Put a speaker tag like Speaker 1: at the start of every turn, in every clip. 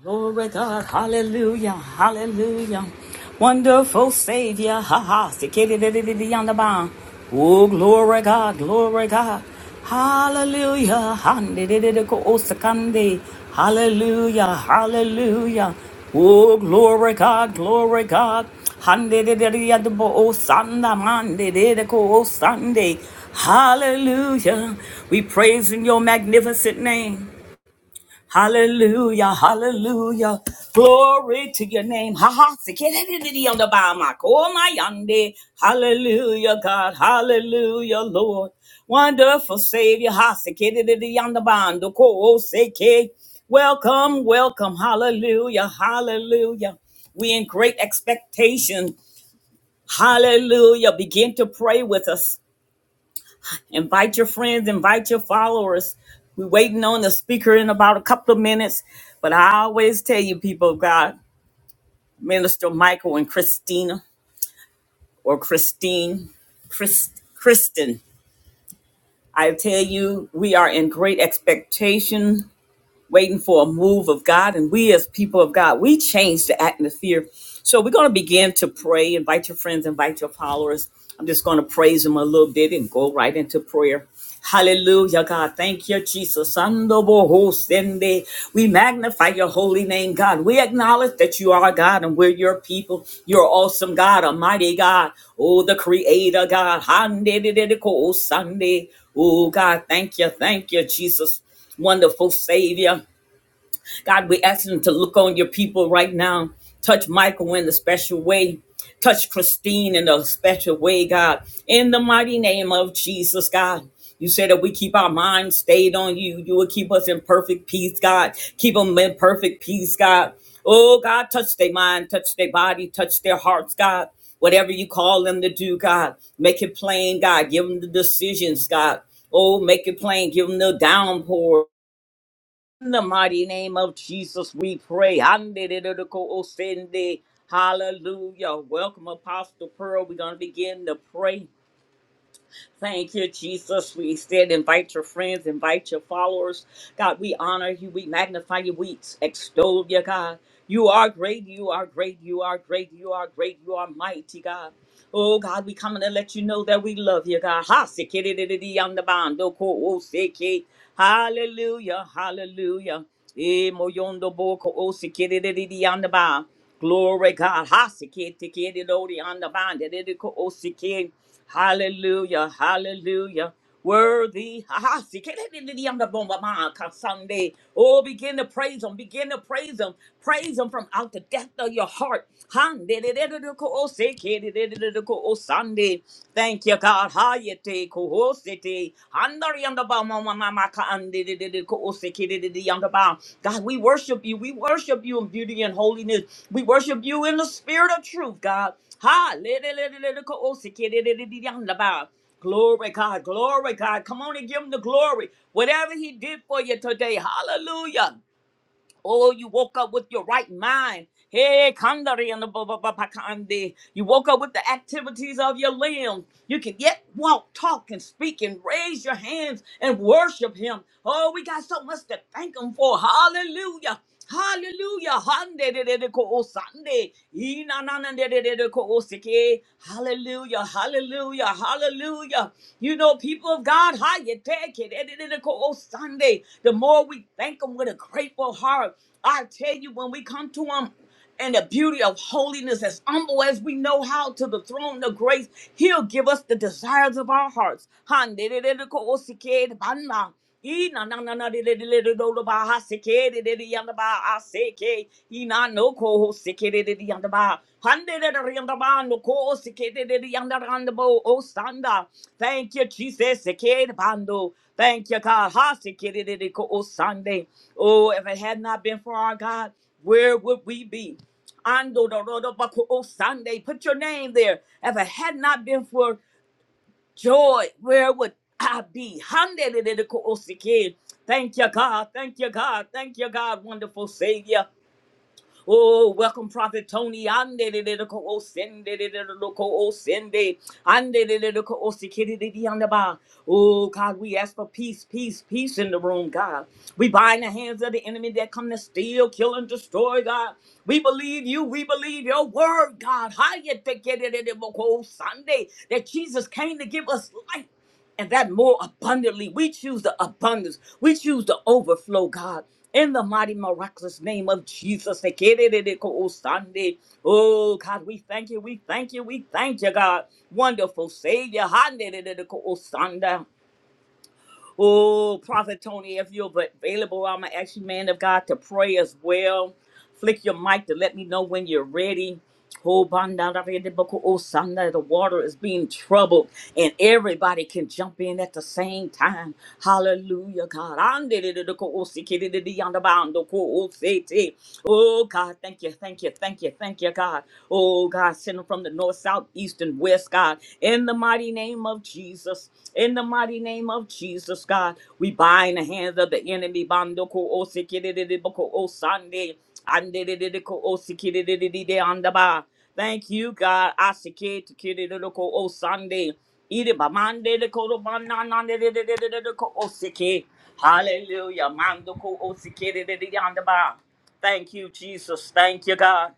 Speaker 1: Glory God, hallelujah, hallelujah. Wonderful Savior, ha ha, sikidididididiyandaba. Oh, glory God, glory God, hallelujah, handidididikoosakande. hallelujah, hallelujah. Oh, glory God, glory God, handidididiyadiboosanamandididikoosande. hallelujah. We praise in your magnificent name. Hallelujah, hallelujah. Glory to your name. Ha ha. Sikiriri on the Bahamak. Oh my yande. Hallelujah, God. Hallelujah, Lord. Wonderful Savior. Ha sikiriri on the bando. Ko seke. Welcome, welcome. Hallelujah, hallelujah. We in great expectation. Hallelujah. Begin to pray with us. Invite your friends, invite your followers. We're waiting on the speaker in about a couple of minutes. But I always tell you, people of God, Minister Michael and Christina or Christine, Chris, Kristen, I tell you, we are in great expectation waiting for a move of God. And we, as people of God, we change the atmosphere. So we're going to begin to pray. Invite your friends, invite your followers. I'm just going to praise them a little bit and go right into prayer. Hallelujah, God. Thank you, Jesus. Sando We magnify your holy name, God. We acknowledge that you are God and we're your people. You're awesome, God, Almighty God. Oh, the Creator, God. Sunday. Oh, God. Thank you. Thank you, Jesus wonderful Savior. God, we ask Him to look on your people right now. Touch Michael in a special way. Touch Christine in a special way, God. In the mighty name of Jesus, God. You said that we keep our minds stayed on you. You will keep us in perfect peace, God. Keep them in perfect peace, God. Oh, God, touch their mind, touch their body, touch their hearts, God. Whatever you call them to do, God. Make it plain, God. Give them the decisions, God. Oh, make it plain. Give them the downpour. In the mighty name of Jesus, we pray. Hallelujah. Welcome, Apostle Pearl. We're going to begin to pray. Thank you, Jesus. We instead invite your friends, invite your followers. God, we honor you, we magnify you, we extol you, God. You are great, you are great, you are great, you are great, you are mighty, God. Oh God, we coming to let you know that we love you, God. Ha sikidididi on the bond. Oh, ko- oh, siki. Hallelujah, hallelujah. Eh, moyondo boko, oh, sikidididi on the bond. Glory God. Hallelujah. Hallelujah. Hallelujah. Worthy. Sunday. Oh, begin to praise him. Begin to praise him. Praise him from out the depth of your heart. Sunday. Thank you, God yete koho sete handar yandaba mama mama ka ande de de koho seke de de yandaba. God, we worship you. We worship you in beauty and holiness. We worship you in the spirit of truth, God. Ha le de le de le de koho de de de yandaba. Glory, God. Glory, God. Come on and give him the glory. Whatever he did for you today. Hallelujah. Oh, you woke up with your right mind. Hey, kandari and the ba- ba- ba- ba- kandi. You woke up with the activities of your limbs. You can yet walk, talk, and speak, and raise your hands and worship Him. Oh, we got so much to thank Him for. Hallelujah. Hallelujah. Handededeko Sunday. Ina, na, Inananandededeko osike. Hallelujah. Hallelujah. Hallelujah. You know, people of God, how you take it. Edededeko Sunday. The more we thank Him with a grateful heart, I tell you, when we come to Him, and the beauty of holiness as humble as we know how to the throne of grace he'll give us the desires of our hearts Han de de de de ko o si ke de ban na. E na na na na de de de de de do do ba ha si ke de de de yan da ba a se ke. E na no ko ho si ke de de de yan da ba. Han de de de de yan da ba no ko o si ke de de de yan da ran da bo o san Thank you, Jesus. Si ke de ban do. Thank you, God. Ha si ke de de de ko o san Oh, if it had not been for our God where would we be? Ando do do do bako o Sunday, put your name there. If it had not been for joy, where would I be? Hande de de de ko o sike. Thank you, God. Thank you, God. Thank you, God. Wonderful Savior. Oh, welcome, Prophet Tony. Ande de de de ko o sende de de de de ko o sende. Ande de de de ko o sikiri de de ande ba. Oh, God, we ask for peace, peace, peace in the room, God. We bind the hands of the enemy that come to steal, kill, and destroy, God. We believe you. We believe your word, God. How you think it is in the book Sunday that Jesus came to give us life? and that more abundantly. We choose the abundance. We choose the overflow, God. In the mighty, miraculous name of Jesus. Sunday. Oh, God, we thank you. We thank you. We thank you, God. Wonderful Savior. Oh, Prophet Tony, if you're available, I'm going to ask you, man of God, to pray as well. Flick your mic to let me know when you're ready. Oh, Banda da Vida Boko, oh, Sanda, the water is being troubled, and everybody can jump in at the same time. Hallelujah, God. Ande de de de ko, oh, si ki de de de yanda ba, ando ko, oh, si ti. Oh, God, thank you, thank you, thank you, thank you, God. Oh, God, send them from the north, south, east, and west, God. God, in the mighty name of Jesus. In the mighty name of Jesus, God, we bind the hands of the enemy. Bandoko o sikidididiboko o sande, andidididiko o sikidididide andaba. Thank you, God. I sikididididiko o sande. Ide bamande diko do bananandididididiko o siki. Hallelujah. Mandoko o sikidididide andaba. Thank you, Jesus. Thank you, God.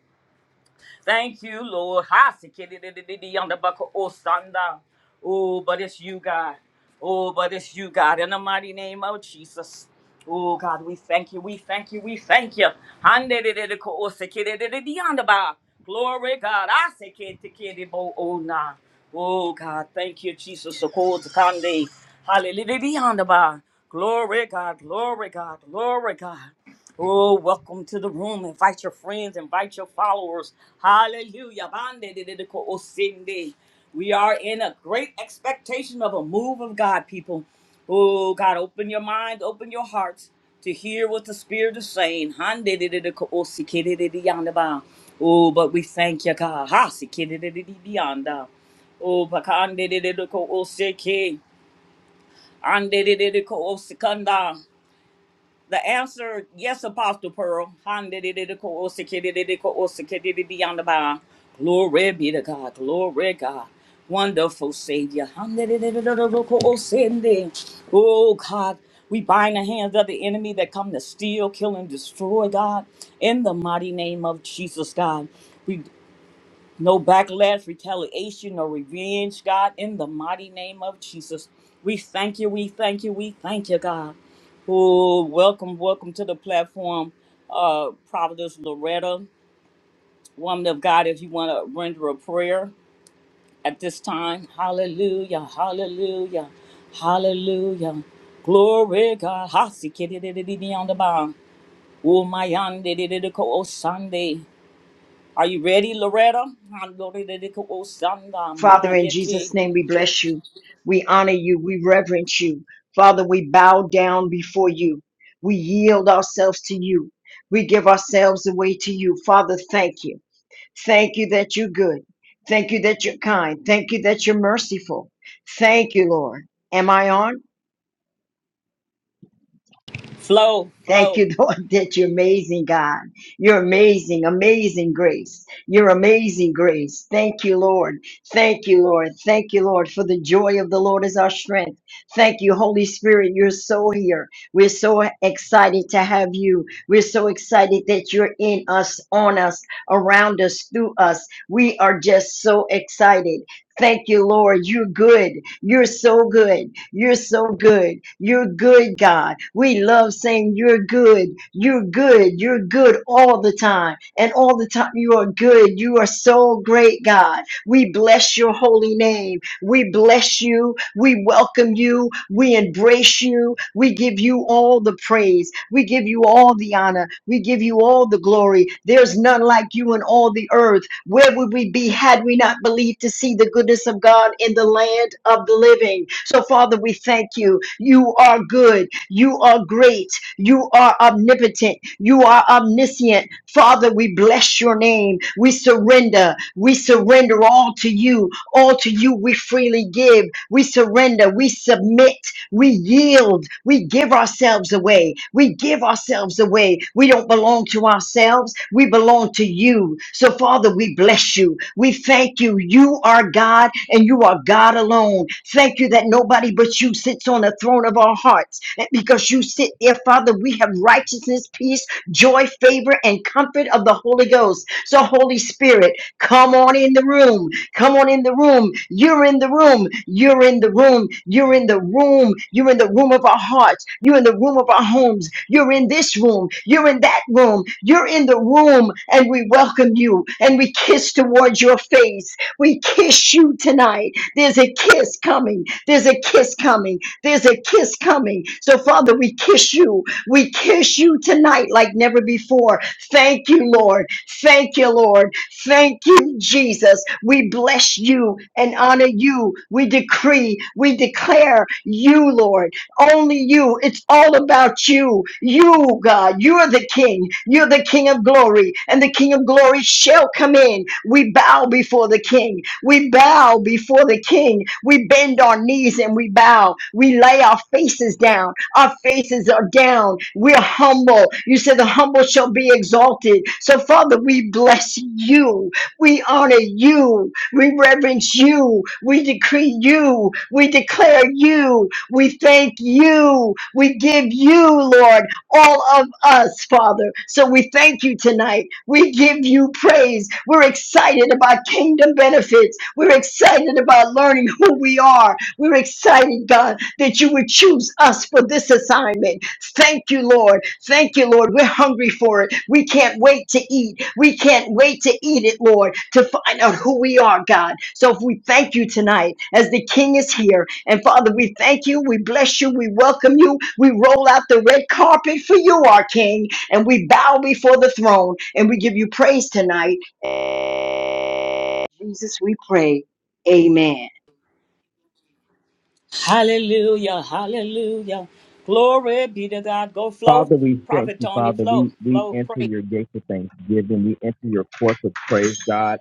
Speaker 1: Thank you, Lord. Hasikididididi on the buckle, oh, Sanda. Oh, but it's you, God. Oh, but it's you, God, in the mighty name of Jesus. Oh, God, we thank you. We thank you. We thank you. Handidididiko, oh, sikididididi on the bar. Glory, God. I say, ki, ti, ki, di, bo, oh, nah. Oh, God, thank you, Jesus. So cold to Hallelujah. on the bar. Glory, God. Glory, God. Glory, God. Oh, welcome to the room. Invite your friends, invite your followers. Hallelujah. Bande de de de ko osinde. We are in a great expectation of a move of God, people. Oh, God, open your mind, open your hearts to hear what the Spirit is saying. Hande de de de ko osike de de de yanda ba. Oh, but we thank you, God. Ha, sike de de de de de yanda. Oh, bakande de de de ko osike. Ande de de de ko osikanda. The answer, yes, Apostle Pearl. Handidididikosikidididikosikidididiyandaba. Glory be to God. Glory God. Wonderful Savior. Handidididididikosindi. Oh God, we bind the hands of the enemy that come to steal, kill, and destroy, God, in the mighty name of Jesus, God. No backlash, retaliation, or revenge, God, in the mighty name of Jesus. We thank you, we thank you, we thank you, God. Oh, welcome, welcome to the platform, uh, Providence Loretta, woman of God, if you want to render a prayer at this time. Hallelujah, hallelujah, hallelujah. Glory, God. Hasi kiri di di di di on the bound. Oh, my on di di di yonder, oh, Sunday. Are you ready, Loretta? Hallelujah.
Speaker 2: Father, in Jesus' name, we bless you. We honor you. We reverence you. Father, we bow down before you. We yield ourselves to you. We give ourselves away to you. Father, thank you. Thank you that you're good. Thank you that you're kind. Thank you that you're merciful. Thank you, Lord. Am I on?
Speaker 1: Flow,
Speaker 2: Thank
Speaker 1: flow.
Speaker 2: you, Lord, that you're amazing, God. You're amazing, amazing grace. You're amazing grace. Thank you, Lord. Thank you, Lord. Thank you, Lord, for the joy of the Lord is our strength. Thank you, Holy Spirit. You're so here. We're so excited to have you. We're so excited that you're in us, on us, around us, through us. We are just so excited. Thank you, Lord. You're good. You're so good. You're so good. You're good, God. We love saying you're good. You're good. You're good all the time. And all the time, you are good. You are so great, God. We bless your holy name. We bless you. We welcome you. We embrace you. We give you all the praise. We give you all the honor. We give you all the glory. There's none like you in all the earth. Where would we be had we not believed to see the goodness of God in the land of the living? So, Father, we thank you. You are good. You are great. You are omnipotent. You are omniscient. Father, we bless your name. We surrender. We surrender all to you. All to you we freely give. We surrender. We submit. We yield. We give ourselves away. We give ourselves away. We don't belong to ourselves. We belong to you. So, Father, we bless you. We thank you. You are God and you are God alone. Thank you that nobody but you sits on the throne of our hearts. And because you sit there, Father, we have righteousness, peace, joy, favor, and comfort of the Holy Ghost. So, Holy Spirit, come on in the room. Come on in the room. You're in the room. You're in the room. You're in the room. You're in the room of our hearts. You're in the room of our homes. You're in this room. You're in that room. You're in the room. And we welcome you and we kiss towards your face. We kiss you tonight. There's a kiss coming. There's a kiss coming. There's a kiss coming. So, Father, we kiss you. We kiss you tonight like never before. Thank you, Lord. Thank you, Lord. Thank you, Jesus. We bless you and honor you. We decree, we declare you, Lord. Only you. It's all about you. You, God, you're the King. You're the King of glory, and the King of glory shall come in. We bow before the King. We bow before the King. We bend our knees and we bow. We lay our faces down. Our faces are down. We're humble. You said the humble shall be exalted. So, Father, we bless you. We honor you. We reverence you. We decree you. We declare you. We thank you. We give you, Lord, all of us, Father. So we thank you tonight. We give you praise. We're excited about kingdom benefits. We're excited about learning who we are. We're excited, God, that you would choose us for this assignment. Thank you, Lord. Thank you, Lord. We're hungry for it. We can't wait to eat. We can't wait to eat it, Lord, to find out who we are, God. So if we thank you tonight as the King is here. And Father, we thank you. We bless you. We welcome you. We roll out the red carpet for you, our King. And we bow before the throne and we give you praise tonight. Jesus, we pray. Amen.
Speaker 1: Hallelujah, hallelujah. Glory be to God. Go flow.
Speaker 3: Father, we thank
Speaker 1: Prophet
Speaker 3: you,
Speaker 1: Tony,
Speaker 3: Father.
Speaker 1: flow,
Speaker 3: We we
Speaker 1: flow,
Speaker 3: enter
Speaker 1: pray.
Speaker 3: your gates of thanksgiving. We enter your courts of praise, God.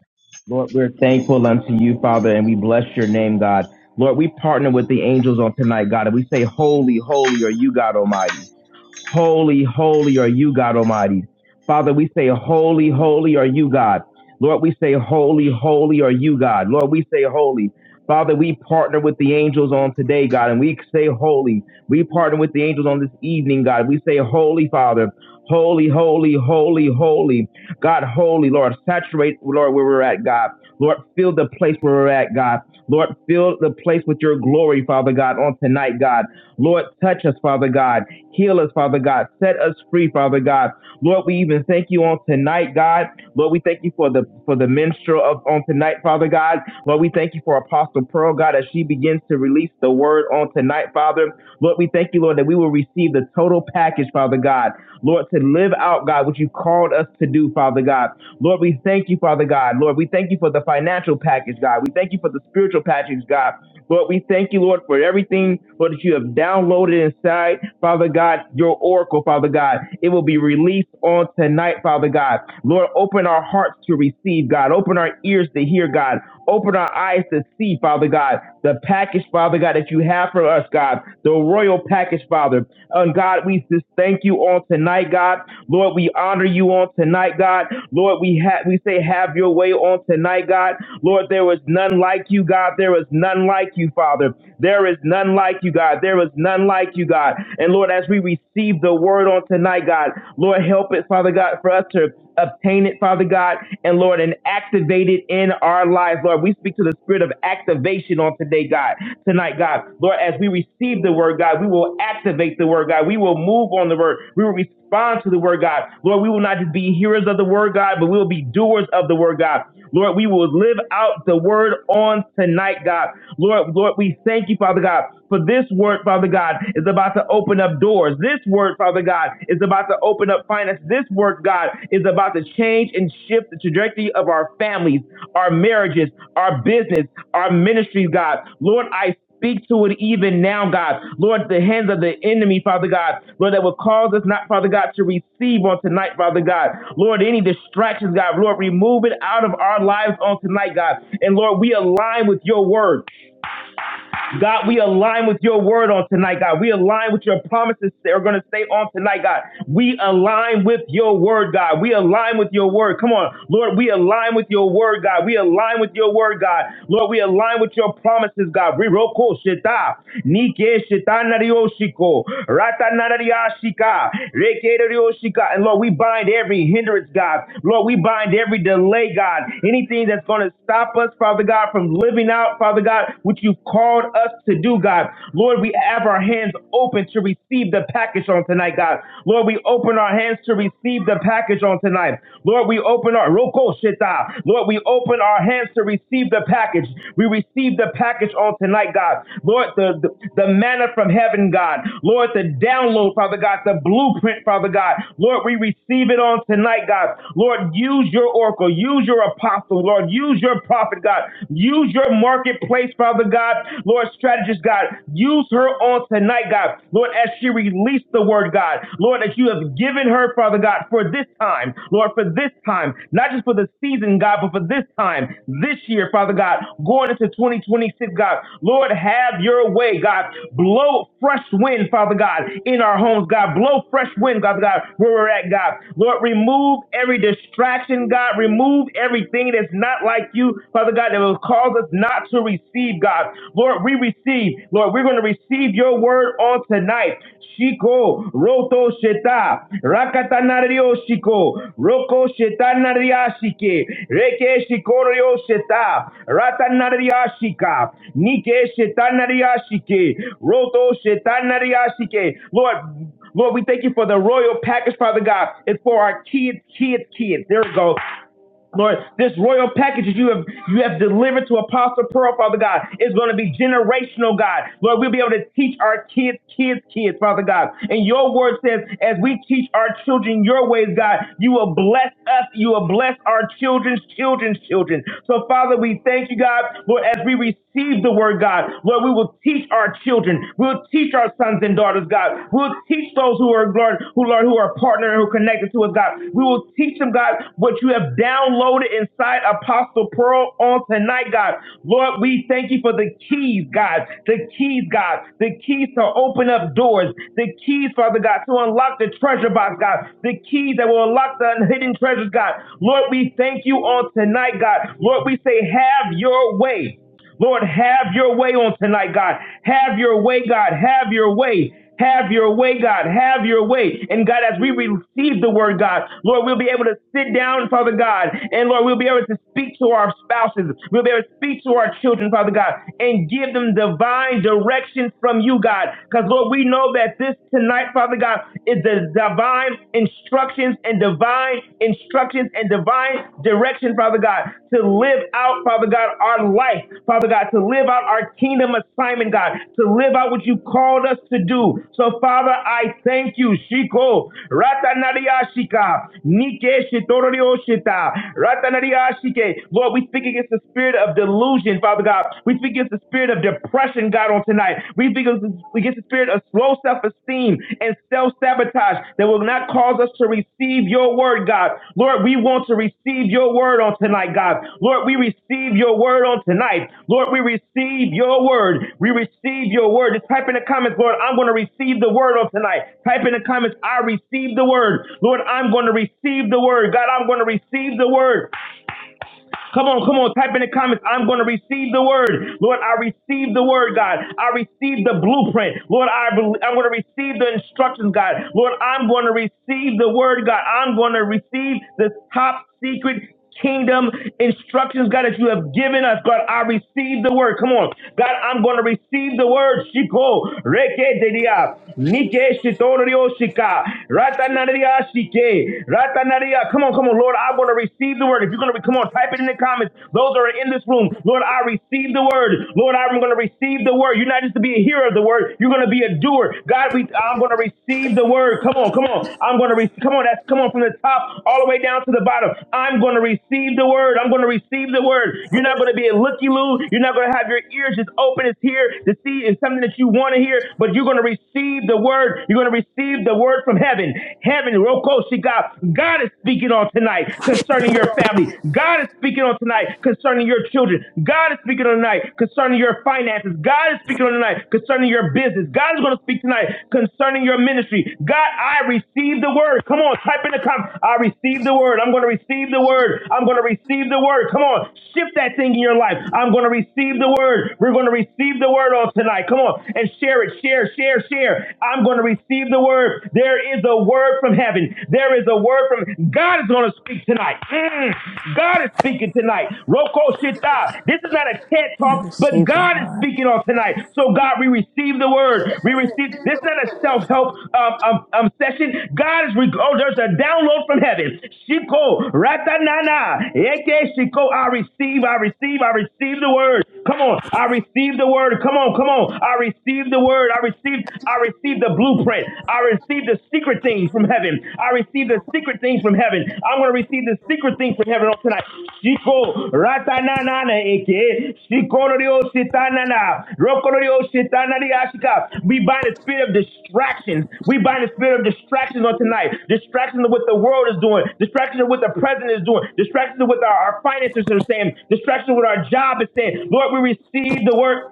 Speaker 3: Lord, we're thankful unto you, Father, and we bless your name, God. Lord, we partner with the angels on tonight, God, and we say, Holy, holy are you, God Almighty. Holy, holy are you, God Almighty. Father, we say, Holy, holy are you, God. Lord, we say, Holy, holy are you, God. Lord, we say, Holy. Father, we partner with the angels on today, God, and we say, Holy. We partner with the angels on this evening, God. We say, Holy, Father. Holy, holy, holy, holy. God, holy, Lord. Saturate, Lord, where we're at, God. Lord, fill the place where we're at, God. Lord, fill the place with your glory, Father God, on tonight, God. Lord, touch us, Father God. Heal us, Father God. Set us free, Father God. Lord, we even thank you on tonight, God. Lord, we thank you for the for the minstrel of on tonight, Father God. Lord, we thank you for Apostle Pearl, God, as she begins to release the word on tonight, Father. Lord, we thank you, Lord, that we will receive the total package, Father God. Lord, to live out, God, what you called us to do, Father God. Lord, we thank you, Father God. Lord, we thank you for the financial package, God. We thank you for the spiritual package, God. Lord, we thank you, Lord, for everything, Lord, that you have downloaded inside, Father God, your oracle, Father God. It will be released on tonight, Father God. Lord, open our hearts to receive, God. Open our ears to hear, God. Open our eyes to see, Father God, the package, Father God, that you have for us, God, the royal package, Father. And God, we just thank you on tonight, God. Lord, we honor you on tonight, God. Lord, we have we say have your way on tonight, God. Lord, there was none like you, God. There was none like like you, Father. There is none like you, God. There is none like you, God. And Lord, as we receive the word on tonight, God, Lord, help it, Father God, for us to obtain it, Father God, and Lord, and activate it in our lives, Lord. We speak to the spirit of activation on today, God, tonight, God. Lord, as we receive the word, God, we will activate the word, God. We will move on the word. We will respond to the word, God. Lord, we will not just be hearers of the word, God, but we will be doers of the word, God. Lord, we will live out the word on tonight, God. Lord, Lord, we thank you, Father God, for this word, Father God, is about to open up doors. This word, Father God, is about to open up finance. This word, God, is about to change and shift the trajectory of our families, our marriages, our business, our ministries, God. Lord, I Speak to it even now, God. Lord, the hands of the enemy, Father God. Lord, that will cause us not, Father God, to receive on tonight, Father God. Lord, any distractions, God. Lord, remove it out of our lives on tonight, God. And Lord, we align with your word. God, we align with your word on tonight, God. We align with your promises that are going to stay on tonight, God. We align with your word, God. We align with your word. Come on, Lord, we align with your word, God. We align with your word, God. Lord, we align with your promises, God. We roko shita, nike shita narioshiko, rata nariyashika, reke narioshika. And Lord, we bind every hindrance, God. Lord, we bind every delay, God. Anything that's going to stop us, Father God, from living out, Father. Father God, which you've called us to do, God. Lord, we have our hands open to receive the package on tonight, God. Lord, we open our hands to receive the package on tonight. Lord, we open our Roko Shita. Lord, we open our hands to receive the package. We receive the package on tonight, God. Lord, the, the, the manna from heaven, God. Lord, the download, Father God, the blueprint, Father God. Lord, we receive it on tonight, God. Lord, use your oracle, use your apostle, Lord, use your prophet, God. God. Use your marketplace, Father God. Lord, strategist, God. Use her on tonight, God. Lord, as she released the word, God. Lord, that you have given her, Father God, for this time. Lord, for this time, not just for the season, God, but for this time, this year, Father God, going into 2026, God. Lord, have your way, God. Blow fresh wind, Father God, in our homes, God. Blow fresh wind, God, God, where we're at, God. Lord, remove every distraction, God. Remove everything that's is not like you, Father God, that will cause us not to receive, God. Lord, we receive. Lord, we're going to receive your word on tonight. Shiko, Roto Sheta, Rakatanario Shiko, Roko Shetanariashike, Reke Shikorio Sheta, Ratanariashika, Nike Shetanariashike, Roto Shetanariashike. Lord, Lord, we thank you for the royal package, Father God. It's for our kids, kids, kids. There we go. Lord, this royal package that you have you have delivered to Apostle Pearl, Father God, is going to be generational, God. Lord, we'll be able to teach our kids, kids, kids, Father God. And your word says, as we teach our children your ways, God, you will bless us, you will bless our children's children's children. So, Father, we thank you, God, Lord, as we receive the word, God, Lord, we will teach our children, we'll teach our sons and daughters, God, We'll will teach those who are Lord, who Lord, who are partner and who are connected to us, God. We will teach them, God, what you have downloaded inside Apostle Pearl on tonight, God. Lord, we thank you for the keys, God. The keys, God. The keys to open up doors. The keys, Father God, to unlock the treasure box, God. The keys that will unlock the hidden treasures, God. Lord, we thank you on tonight, God. Lord, we say, have your way. Lord, have your way on tonight, God. Have your way, God. Have your way. Have your way, God. Have your way. And God, as we receive the word, God, Lord, we'll be able to sit down, Father God. And Lord, we'll be able to speak to our spouses. We'll be able to speak to our children, Father God, and give them divine directions from you, God. Because, Lord, we know that this tonight, Father God, is the divine instructions and and divine instructions and divine direction, Father God, to live out, Father God, our life, Father God, to live out our kingdom assignment, God, to live out what you called us to do. So, Father, I thank you. Shiko, Ratanariashika, Nike Shitorioshita, Ratanariashike. Lord, we speak against the spirit of delusion, Father God. We speak against the spirit of depression, God, on tonight pride. We begin against the spirit of low self esteem and self sabotage that will not cause us to receive your word, God. Lord, we want to receive your word on tonight, God. Lord, we receive your word on tonight. Lord, we receive your word. We receive your word. Just type in the comments, Lord, I'm going to receive the word on tonight. Type in the comments, I receive the word. Lord, I'm going to receive the word. God, I'm going to receive the word. Come on, come on, type in the comments. I'm going to receive the word. Lord, I receive the word, God. I receive the blueprint. Lord, I bel- I'm going to receive the instructions, God. Lord, I'm going to receive the word, God. I'm going to receive the top secret kingdom instructions, God, that you have given us. God, I receive the word. Come on. God, I'm going to receive the word. Shiko, reke de dia. Nikesh-torio-shika, Ratanaria-shike, Ratanaria. Shike. Ratanaria. Come on, come on, Lord. I want to receive the word. If you're going to be, come on, type it in the comments. Those that are in this room, Lord, I receive the word. Lord, I'm going to receive the word. You're not just to be a hearer of the word, you're going to be a doer. God, we, I'm going to receive the word. Come on, come on. I'm going to receive. Come on, that's come on from the top all the way down to the bottom. I'm going to receive the word. I'm going to receive the word. You're not going to be a looky loo. You're not going to have your ears just open. It's here to see it's something that you want to hear, but you're going to receive to receive the word. You're going to receive the word from heaven. Heaven, Rokoshi God. God is speaking on tonight concerning your family. God is speaking on tonight concerning your children. God is speaking on tonight concerning your finances. God is speaking on tonight concerning your business. God is going to speak tonight concerning your ministry. God, I receive the word. Come on, type in the comment. I receive the word. I'm going to receive the word. I'm going to receive the word. Come on, shift that thing in your life. I'm going to receive the word. We're going to receive the word on tonight. Come on and share it. Share share, share, share. I'm going to receive the word. There is a word from heaven. There is a word from God is going to speak tonight. Mm. God is speaking tonight. Roko Shita. This is not a TED
Speaker 4: I
Speaker 3: talk, but
Speaker 4: receive the
Speaker 3: God is
Speaker 4: word.
Speaker 3: speaking on tonight. So God, we receive the word. We receive. This is not a self-help um, um, um, session. God is. Re- oh, there's a download from heaven. Shiko Ratanana. Eke Shiko. I receive. I receive. I receive the word. Come on. I receive the word. Come on. Come on. I receive the word the word. I received, I received the blueprint. I received the secret things from heaven. I received the secret things from heaven. I'm going to receive the secret things from heaven on tonight. Shiko ratanana eke shikorio shitanana rokorio shitanari ashika. We bind the spirit of distractions. We bind the spirit of distractions on tonight. Distractions of what the world is doing. Distractions of what the president is doing. Distractions of what our, our finances are saying. Distractions of what our job is saying. Lord, we receive the word.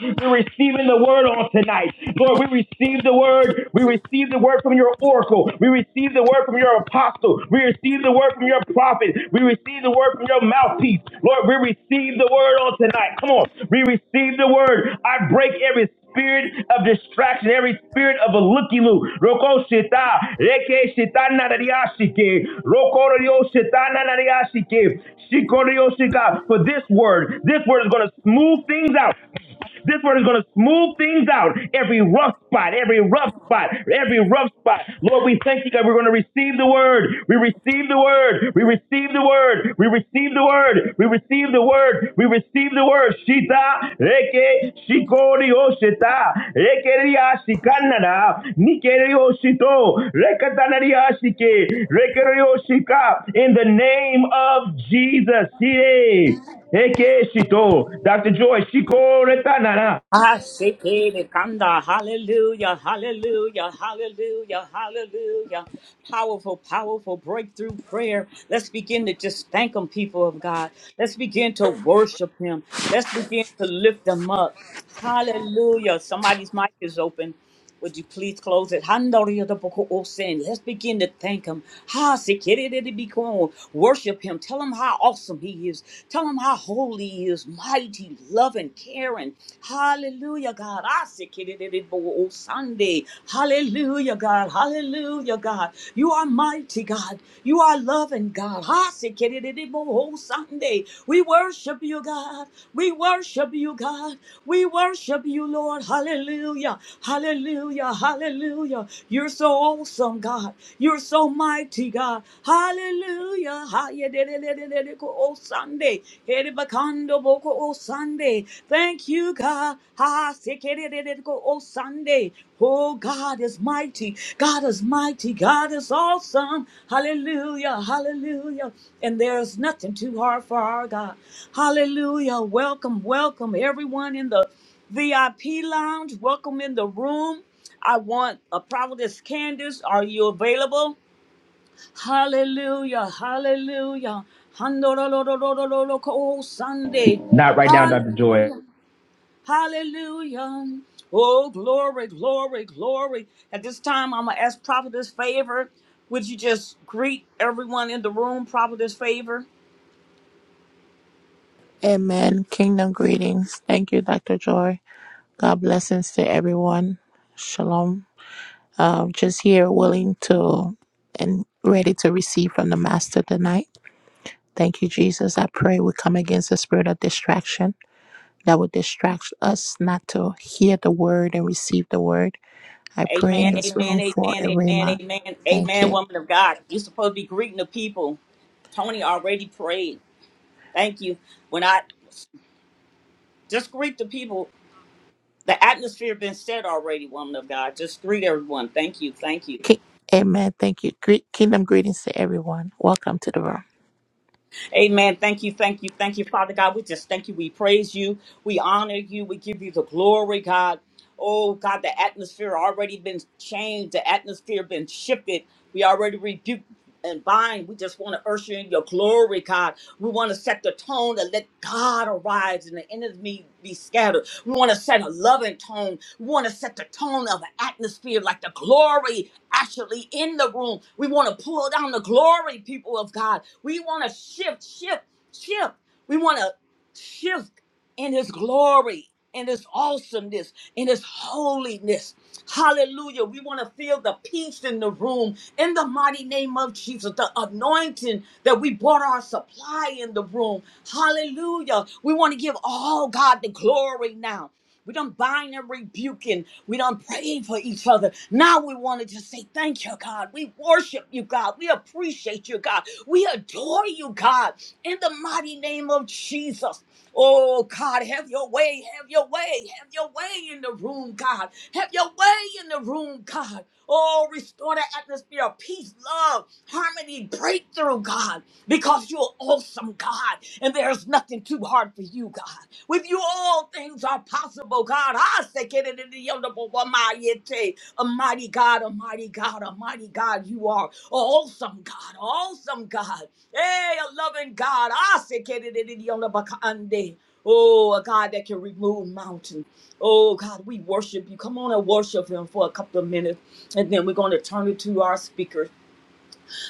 Speaker 3: We're receiving the word word on tonight. Lord, we receive the word. We receive the word from your oracle. We receive the word from your apostle. We receive the word from your prophet. We receive the word from your mouthpiece. Lord, we receive the word on tonight. Come on. We receive the word. I break every spirit of distraction, every spirit of a looky loo. Roko shita, reke shita narariashike, roko ryo shita narariashike, shiko ryo shika. For this word, this word is going to smooth things out. This word is going to smooth things out. Every rough spot, every rough spot, every rough spot. Lord, we thank you, God. We're going to receive the word. We receive the word. We receive the word. We receive the word. We receive the word. We receive the word. Shita, reke, shikori, oshita, rekeria, shikanada, nikeri, oshito, rekatanaria, shike, rekeri, oshika. In the name of Jesus. Yay. Eke Shito. Dr. Joy, Shiko Retanana.
Speaker 1: Ah, sikiri kanda, Hallelujah, hallelujah, hallelujah, hallelujah. Powerful, powerful breakthrough prayer. Let's begin to just thank Him, people of God. Let's begin to worship Him. Let's begin to lift Him up. Hallelujah. Somebody's mic is open. Would you please close it? Handoriyodoboko'osen. Let's begin to thank him. Ha sekerededebikon. Worship him. Tell him how awesome he is. Tell him how holy he is, mighty, loving, caring. Hallelujah, God. I Sekiridiboko Sunday. Hallelujah, God. Hallelujah, God. You are mighty, God. You are loving, God. Ha Sekiridiboko Sunday. We worship you, God. We worship you, God. We worship you, Lord. Hallelujah. Hallelujah. Hallelujah. You're so awesome, God. You're so mighty, God. Hallelujah. Hayedededededeko O Sunday. Hedebakando boko O Sunday. Thank you, God. Ha sekededededeko O Sunday. Oh, God is mighty. God is mighty. God is awesome. Hallelujah. Hallelujah. And there's nothing too hard for our God. Hallelujah. Welcome, welcome, everyone in the VIP Lounge, welcome in the room. I want a prophetess Candace. Are you available? Hallelujah, hallelujah. Handoroloroloroloko Sunday.
Speaker 3: Not right now, Dr. Joy.
Speaker 1: Hallelujah, hallelujah. Oh, glory, glory, glory. At this time, I'm going to ask prophetess favor. Would you just greet everyone in the room, prophetess favor?
Speaker 4: Amen. Kingdom greetings. Thank you, Dr. Joy. God blessings to everyone. Shalom. Um, just here willing to and ready to receive from the Master tonight. Thank you, Jesus. I pray we come against the spirit of distraction that would distract us not to hear the word and receive the word. I pray
Speaker 1: Amen,
Speaker 4: in this
Speaker 1: amen,
Speaker 4: room
Speaker 1: amen,
Speaker 4: for a
Speaker 1: amen,
Speaker 4: rhema.
Speaker 1: amen,
Speaker 4: Thank
Speaker 1: amen,
Speaker 4: you.
Speaker 1: woman of God. You're supposed to be greeting the people. Tony already prayed. Thank you. When I just greet the people, the atmosphere been set already, woman of God. Just greet everyone. Thank you, thank you.
Speaker 4: Ki- Amen. Thank you. Gre- Kingdom greetings to everyone. Welcome to the room.
Speaker 1: Amen. Thank you, thank you, thank you, Father God. We just thank you. We praise you. We honor you. We give you the glory, God. Oh God, the atmosphere already been changed. The atmosphere been shifted. We already rebuked and bind. We just want to usher in your glory, God. We want to set the tone and let God arise and the enemy be scattered. We want to set a loving tone. We want to set the tone of an atmosphere like the glory actually in the room. We want to pull down the glory, people of God. We want to shift, shift, shift. We want to shift in His glory, in His awesomeness, in His holiness. Hallelujah. We want to feel the peace in the room in the mighty name of Jesus, the anointing that we brought our supply in the room. Hallelujah. We want to give all God the glory now. We don't bind and rebuking. we don't pray for each other. Now we want to just say, Thank you, God. We worship you, God. We appreciate you, God. We adore you, God, in the mighty name of Jesus. Oh God, have your way, have your way, have your way in the room, God. Have your way in the room, God. Oh, restore the atmosphere of peace, love, harmony, breakthrough, God, because you're awesome, God, and there's nothing too hard for you is you, God. With you, all things are possible, God. I say, "Get it in the end of a woman, you take." Almighty God, Almighty God, Almighty God, you are awesome, God, awesome, God. Hey, a loving God. I say, "Get it in the end of a Bakande. Oh, a God that can remove mountains. Oh, God, we worship you. Come on and worship Him for a couple of minutes, and then we're going to turn it to our speakers.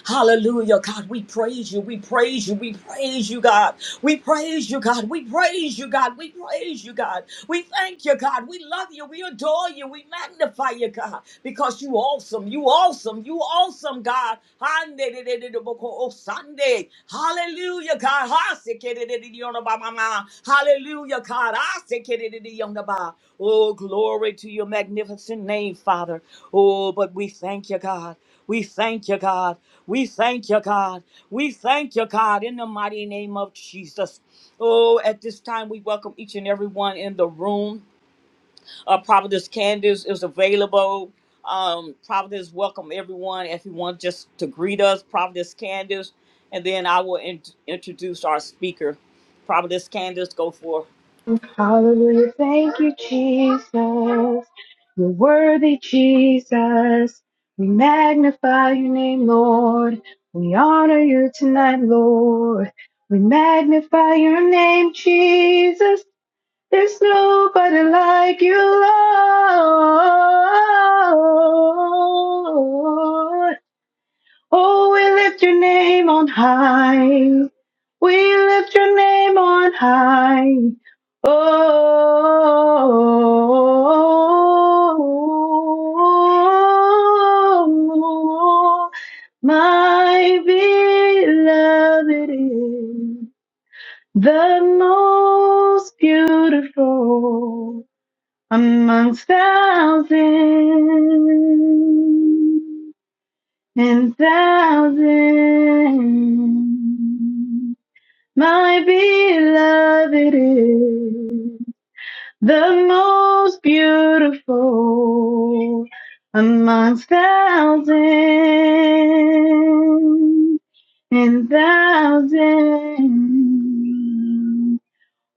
Speaker 1: Hallelujah, God. We praise you. We praise you. We praise you, God. We praise you, God. We praise you, God. We praise you, God. We thank you, God. We love you. We adore you. We magnify you, God, because you awesome. You awesome. You awesome, God. Hallelujah, God. Hallelujah, God. Hallelujah, God. I say, Oh, glory to your magnificent name, Father. Oh, but we thank you, God. We thank you, God. We thank you, God. We thank you, God, in the mighty name of Jesus. Oh, at this time, we welcome each and every one in the room uh, Providence Candace is available. Um, Providence welcome everyone. If you want just to greet us, Providence Candace, and then I will in- introduce our speaker. Providence Candace, go for
Speaker 5: Hallelujah. Thank you, Jesus. You're worthy, Jesus. We magnify your name, Lord. We honor you tonight, Lord. We magnify your name, Jesus. There's nobody like you, Lord. Oh, we lift your name on high. We lift your name on high. Oh, my beloved is the most beautiful amongst thousands and thousand. My beloved is the most beautiful amongst thousands and thousands.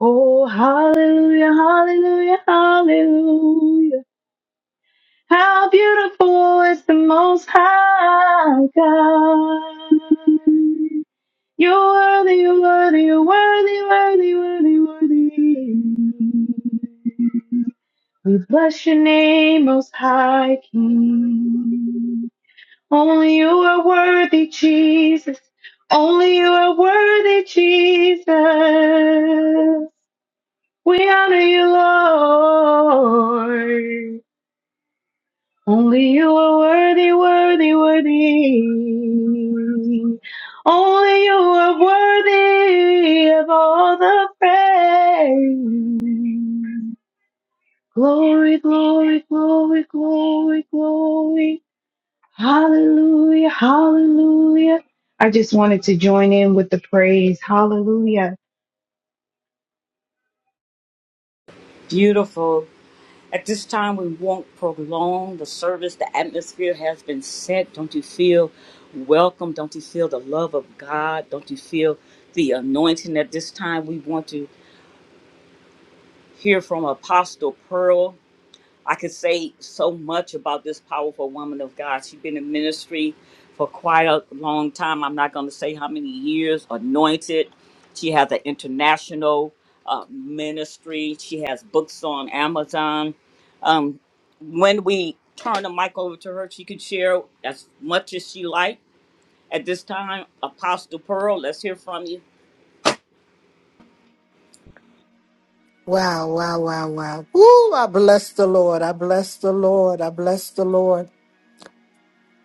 Speaker 5: Oh, hallelujah, hallelujah, hallelujah. How beautiful is the most high God. You're worthy, you're worthy, you're worthy, worthy, worthy, worthy. We bless your name, most high King. Only you are worthy, Jesus. Only you are worthy, Jesus. We honor you, Lord. Only you are worthy, worthy, worthy. Only you are worthy of all the praise. Glory, glory, glory, glory, glory. Hallelujah, hallelujah. I just wanted to join in with the praise. Hallelujah.
Speaker 1: Beautiful. At this time, we won't prolong the service. The atmosphere has been set. Don't you feel welcome? Don't you feel the love of God? Don't you feel the anointing? At this time, we want to hear from Apostle Pearl. I could say so much about this powerful woman of God. She's been in ministry for quite a long time. I'm not going to say how many years, anointed. She has an international uh, ministry. She has books on Amazon. Um, when we turn the mic over to her, she can share as much as she like. At this time, Apostle Pearl, let's hear from you.
Speaker 6: Wow, wow, wow, wow. Woo, I bless the Lord. I bless the Lord. I bless the Lord.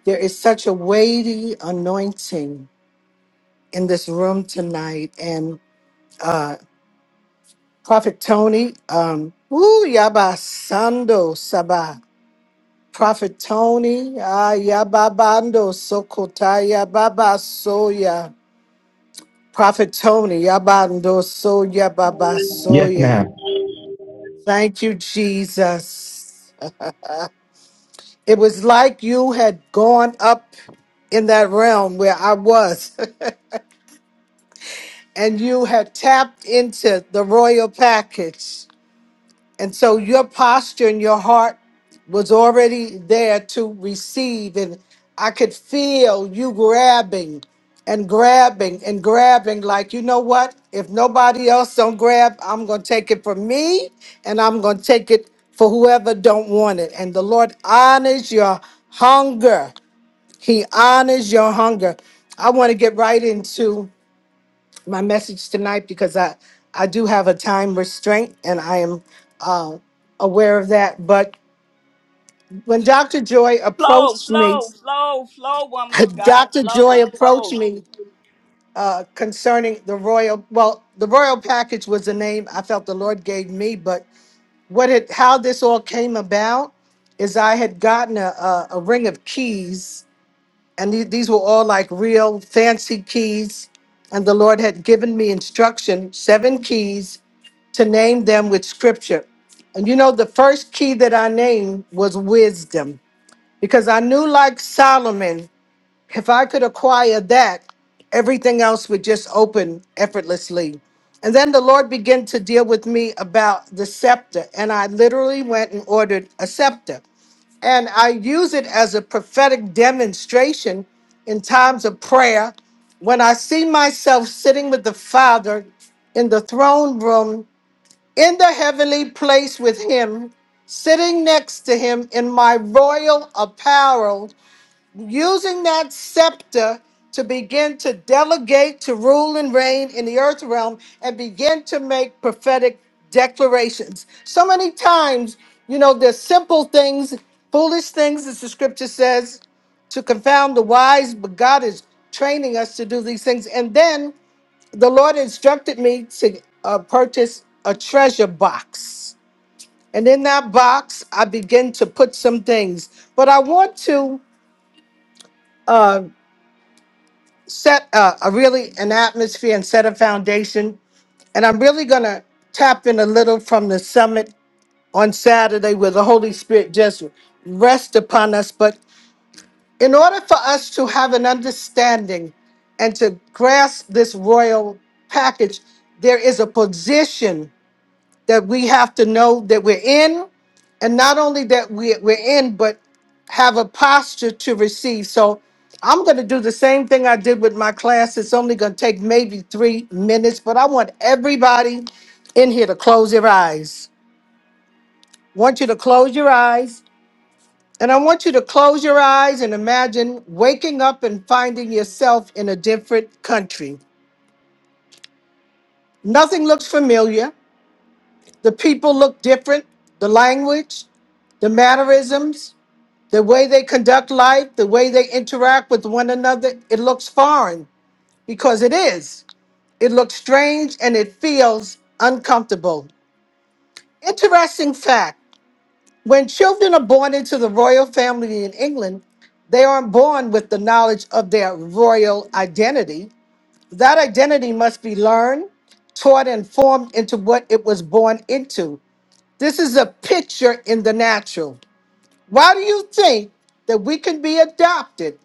Speaker 6: There is such a weighty anointing in this room tonight. And uh Prophet Tony, um, woo, yaba sando sabah. Prophet Tony, ah yababando sokotaya baba soya. Prophet Tony, yabando soya baba
Speaker 3: Yes,
Speaker 6: soya.
Speaker 3: ma'am.
Speaker 6: Thank you, Jesus. It was like you had gone up in that realm where I was, and you had tapped into the royal package. And so your posture and your heart was already there to receive. And I could feel you grabbing and grabbing and grabbing like you know what if nobody else don't grab i'm going to take it for me and i'm going to take it for whoever don't want it and the lord honors your hunger He honors your hunger. I want to get right into my message tonight because I, I do have a time restraint and I am uh, aware of that. But when Dr. Joy
Speaker 1: Flow,
Speaker 6: approached me,
Speaker 1: flow, flow, flow, woman of God,
Speaker 6: Dr.
Speaker 1: flow,
Speaker 6: Joy approached
Speaker 1: flow.
Speaker 6: me uh, concerning the royal, well, the royal package was the name I felt the Lord gave me, but what it, how this all came about is I had gotten a, a, a ring of keys and the- these were all like real fancy keys. And the Lord had given me instruction, seven keys, to name them with scripture. And you know, the first key that I named was wisdom, because I knew, like Solomon, if I could acquire that, everything else would just open effortlessly. And then the Lord began to deal with me about the scepter, and I literally went and ordered a scepter. And I use it as a prophetic demonstration in times of prayer when I see myself sitting with the Father in the throne room, in the heavenly place with Him, sitting next to Him in my royal apparel using that scepter to begin to delegate, to rule and reign in the earth realm, and begin to make prophetic declarations. So many times, you know, there's simple things, foolish things, as the scripture says, to confound the wise, but God is training us to do these things. And then the Lord instructed me to uh, purchase a treasure box. And in that box, I begin to put some things. But I want to. uh, set a, a really an atmosphere and set a foundation. And I'm really gonna tap in a little from the summit on Saturday where the Holy Spirit just rest upon us. But in order for us to have an understanding and to grasp this royal package, there is a position that we have to know that we're in, and not only that we, we're in, but have a posture to receive. So I'm going to do the same thing I did with my class. It's only going to take maybe three minutes, but I want everybody in here to close their eyes. I want you to close your eyes, and I want you to close your eyes and imagine waking up and finding yourself in a different country. Nothing looks familiar. The people look different, the language, the mannerisms, The way they conduct life, the way they interact with one another, it looks foreign because it is. It looks strange and it feels uncomfortable. Interesting fact when children are born into the royal family in England, they aren't born with the knowledge of their royal identity. That identity must be learned, taught, and formed into what it was born into. This is a picture in the natural. Why do you think that we can be adopted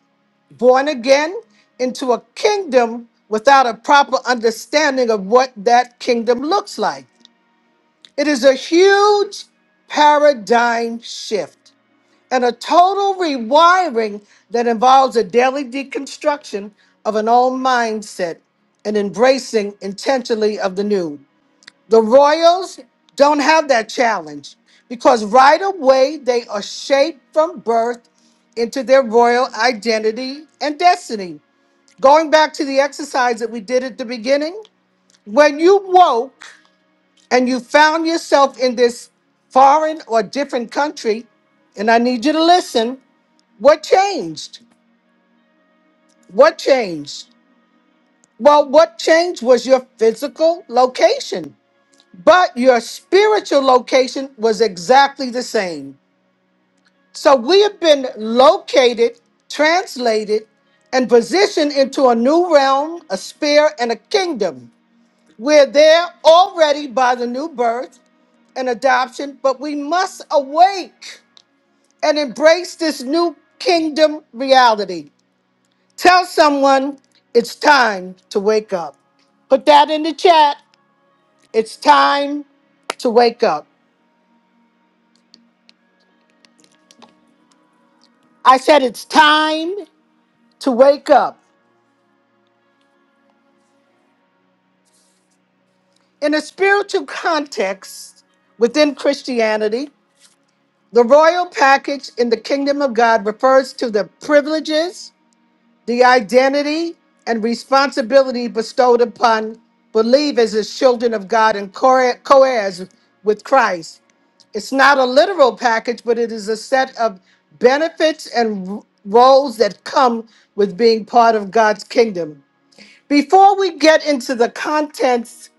Speaker 6: born again into a kingdom without a proper understanding of what that kingdom looks like. It is a huge paradigm shift and a total rewiring that involves a daily deconstruction of an old mindset and embracing intentionally of the new. The Royals don't have that challenge because right away they are shaped from birth into their royal identity and destiny. Going back to the exercise that we did at the beginning, when you woke and you found yourself in this foreign or different country, and I need you to listen, what changed? What changed? Well, what changed was your physical location, but your spiritual location was exactly the same. So we have been located, translated, and positioned into a new realm, a sphere, and a kingdom. We're there already by the new birth and adoption, but we must awake and embrace this new kingdom reality. Tell someone it's time to wake up. Put that in the chat. It's time to wake up. I said it's time to wake up. In a spiritual context within Christianity, the royal package in the kingdom of God refers to the privileges The identity and responsibility bestowed upon believers as children of God and co heirs with Christ. It's not a literal package, but it is a set of benefits and r- roles that come with being part of God's kingdom. Before we get into the contents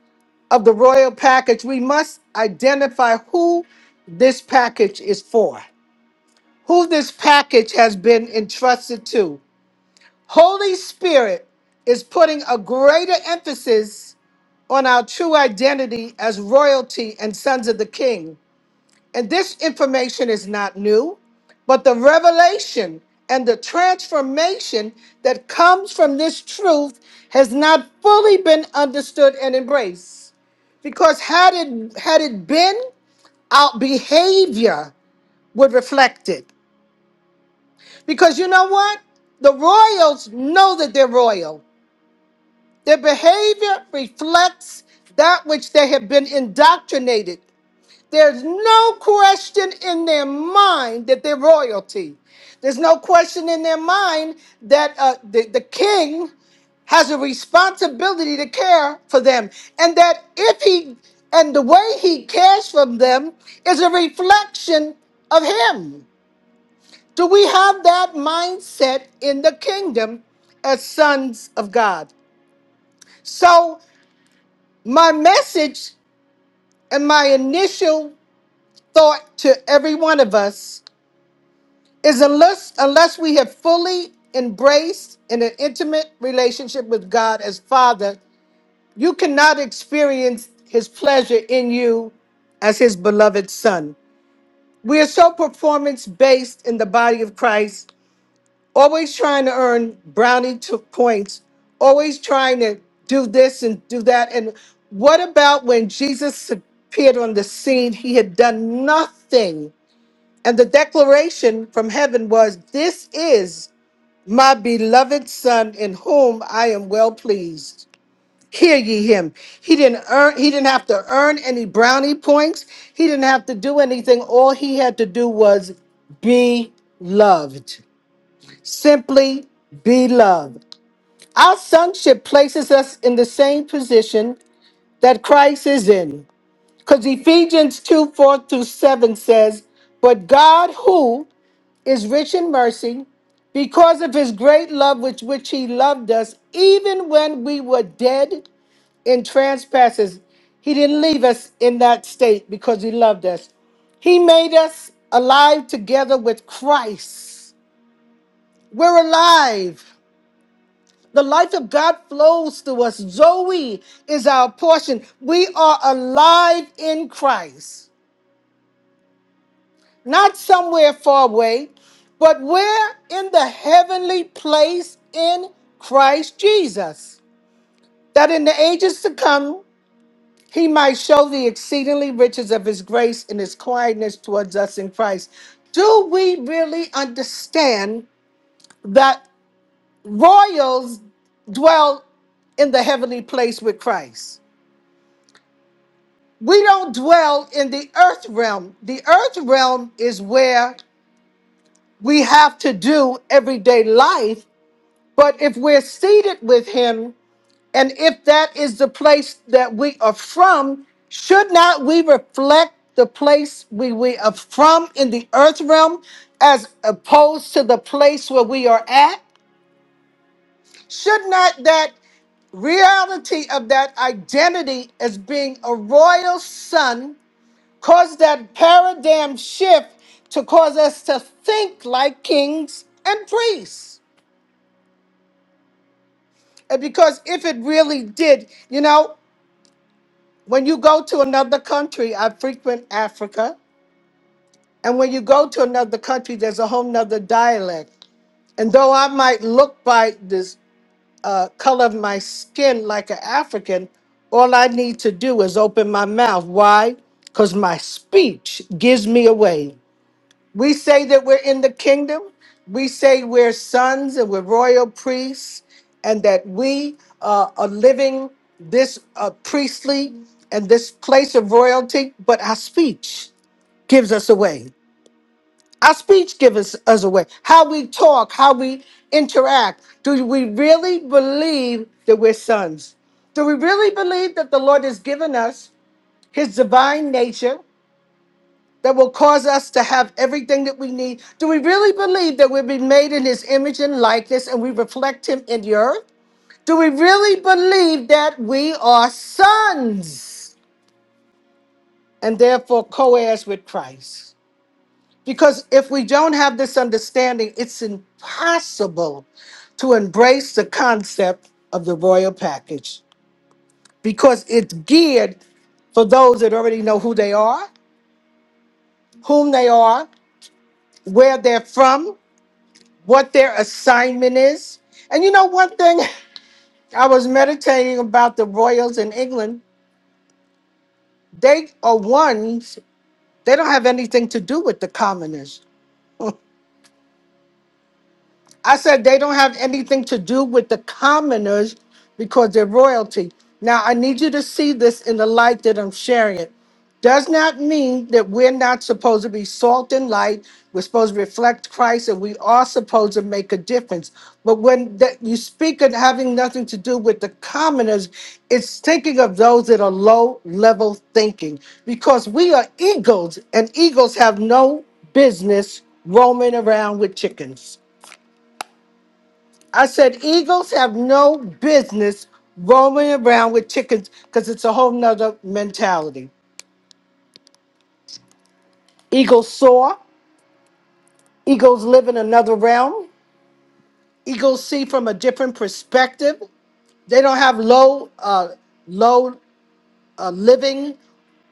Speaker 6: of the royal package, we must identify who this package is for, who this package has been entrusted to. Holy Spirit is putting a greater emphasis on our true identity as royalty and sons of the King. And this information is not new, but the revelation and the transformation that comes from this truth has not fully been understood and embraced. Because had it had it been, our behavior would reflect it. Because you know what? The royals know that they're royal. Their behavior reflects that which they have been indoctrinated. There's no question in their mind that they're royalty. There's no question in their mind that uh, the, the king has a responsibility to care for them. And that if he, and the way he cares for them is a reflection of him. Do we have that mindset in the kingdom as sons of God? So my message and my initial thought to every one of us is unless unless we have fully embraced in an intimate relationship with God as Father, you cannot experience his pleasure in you as his beloved son. We are so performance based in the body of Christ always trying to earn brownie to points, always trying to do this and do that. And what about when Jesus appeared on the scene? He had done nothing. And the declaration from heaven was, This is my beloved son in whom I am well pleased. Hear ye him. He didn't earn he didn't have to earn any brownie points. He didn't have to do anything. All he had to do was be loved. Simply be loved. Our sonship places us in the same position that Christ is in. Because Ephesians 2 4 through 7 says, But God, who is rich in mercy, because of his great love with which he loved us, even when we were dead in trespasses, he didn't leave us in that state because he loved us. He made us alive together with Christ. We're alive. The life of God flows through us. Zoe is our portion. We are alive in Christ, not somewhere far away, but we're in the heavenly place in Christ Jesus, that in the ages to come, he might show the exceedingly riches of his grace and his kindness towards us in Christ. Do we really understand that royals dwell in the heavenly place with Christ? we don't dwell in the earth realm. The earth realm is where we have to do everyday life. But if we're seated with Him, and if that is the place that we are from, should not we reflect the place we, we are from in the earth realm as opposed to the place where we are at? Should not that reality of that identity as being a royal son? Cause that paradigm shift to cause us to think like kings and priests. And because if it really did, you know, when you go to another country, I frequent Africa, and when you go to another country, there's a whole nother dialect. And though I might look by this uh, color of my skin like an African, all I need to do is open my mouth. Why? Because my speech gives me away. We say that we're in the kingdom. We say we're sons and we're royal priests, and that we uh, are living this uh, priestly and this place of royalty. But our speech gives us away. Our speech gives us, us away. How we talk, how we interact. Do we really believe that we're sons? Do we really believe that the Lord has given us His divine nature? that will cause us to have everything that we need? Do we really believe that we've been made in his image and likeness and we reflect him in the earth? Do we really believe that we are sons and therefore co heirs with Christ? Because if we don't have this understanding, it's impossible to embrace the concept of the royal package because it's geared for those that already know who they are, whom they are, where they're from, what their assignment is. And you know, one thing I was meditating about the royals in England, they are ones, they don't have anything to do with the commoners. I said they don't have anything to do with the commoners because they're royalty. Now, I need you to see this in the light that I'm sharing it. Does not mean that we're not supposed to be salt and light. We're supposed to reflect Christ and we are supposed to make a difference. But when that you speak of having nothing to do with the commoners, it's thinking of those that are low level thinking because we are eagles and eagles have no business roaming around with chickens. I said eagles have no business roaming around with chickens because it's a whole nother mentality. Eagles soar, eagles live in another realm, eagles see from a different perspective. They don't have low uh low uh, living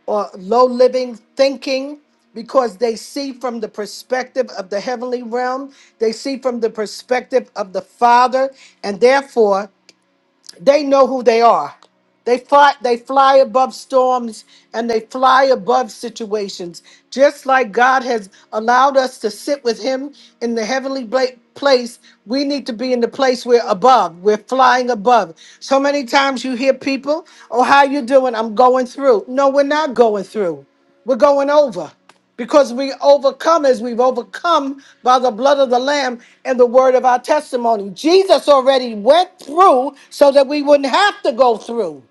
Speaker 6: or low living thinking because they see from the perspective of the heavenly realm, they see from the perspective of the Father, and therefore They know who they are. They fly, they fly above storms and they fly above situations. Just like God has allowed us to sit with Him in the heavenly bla- place, we need to be in the place we're above. We're flying above. So many times you hear people, "Oh, how you doing? I'm going through." No, we're not going through. We're going over. Because we overcome as we've overcome by the blood of the Lamb and the word of our testimony. Jesus already went through so that we wouldn't have to go through.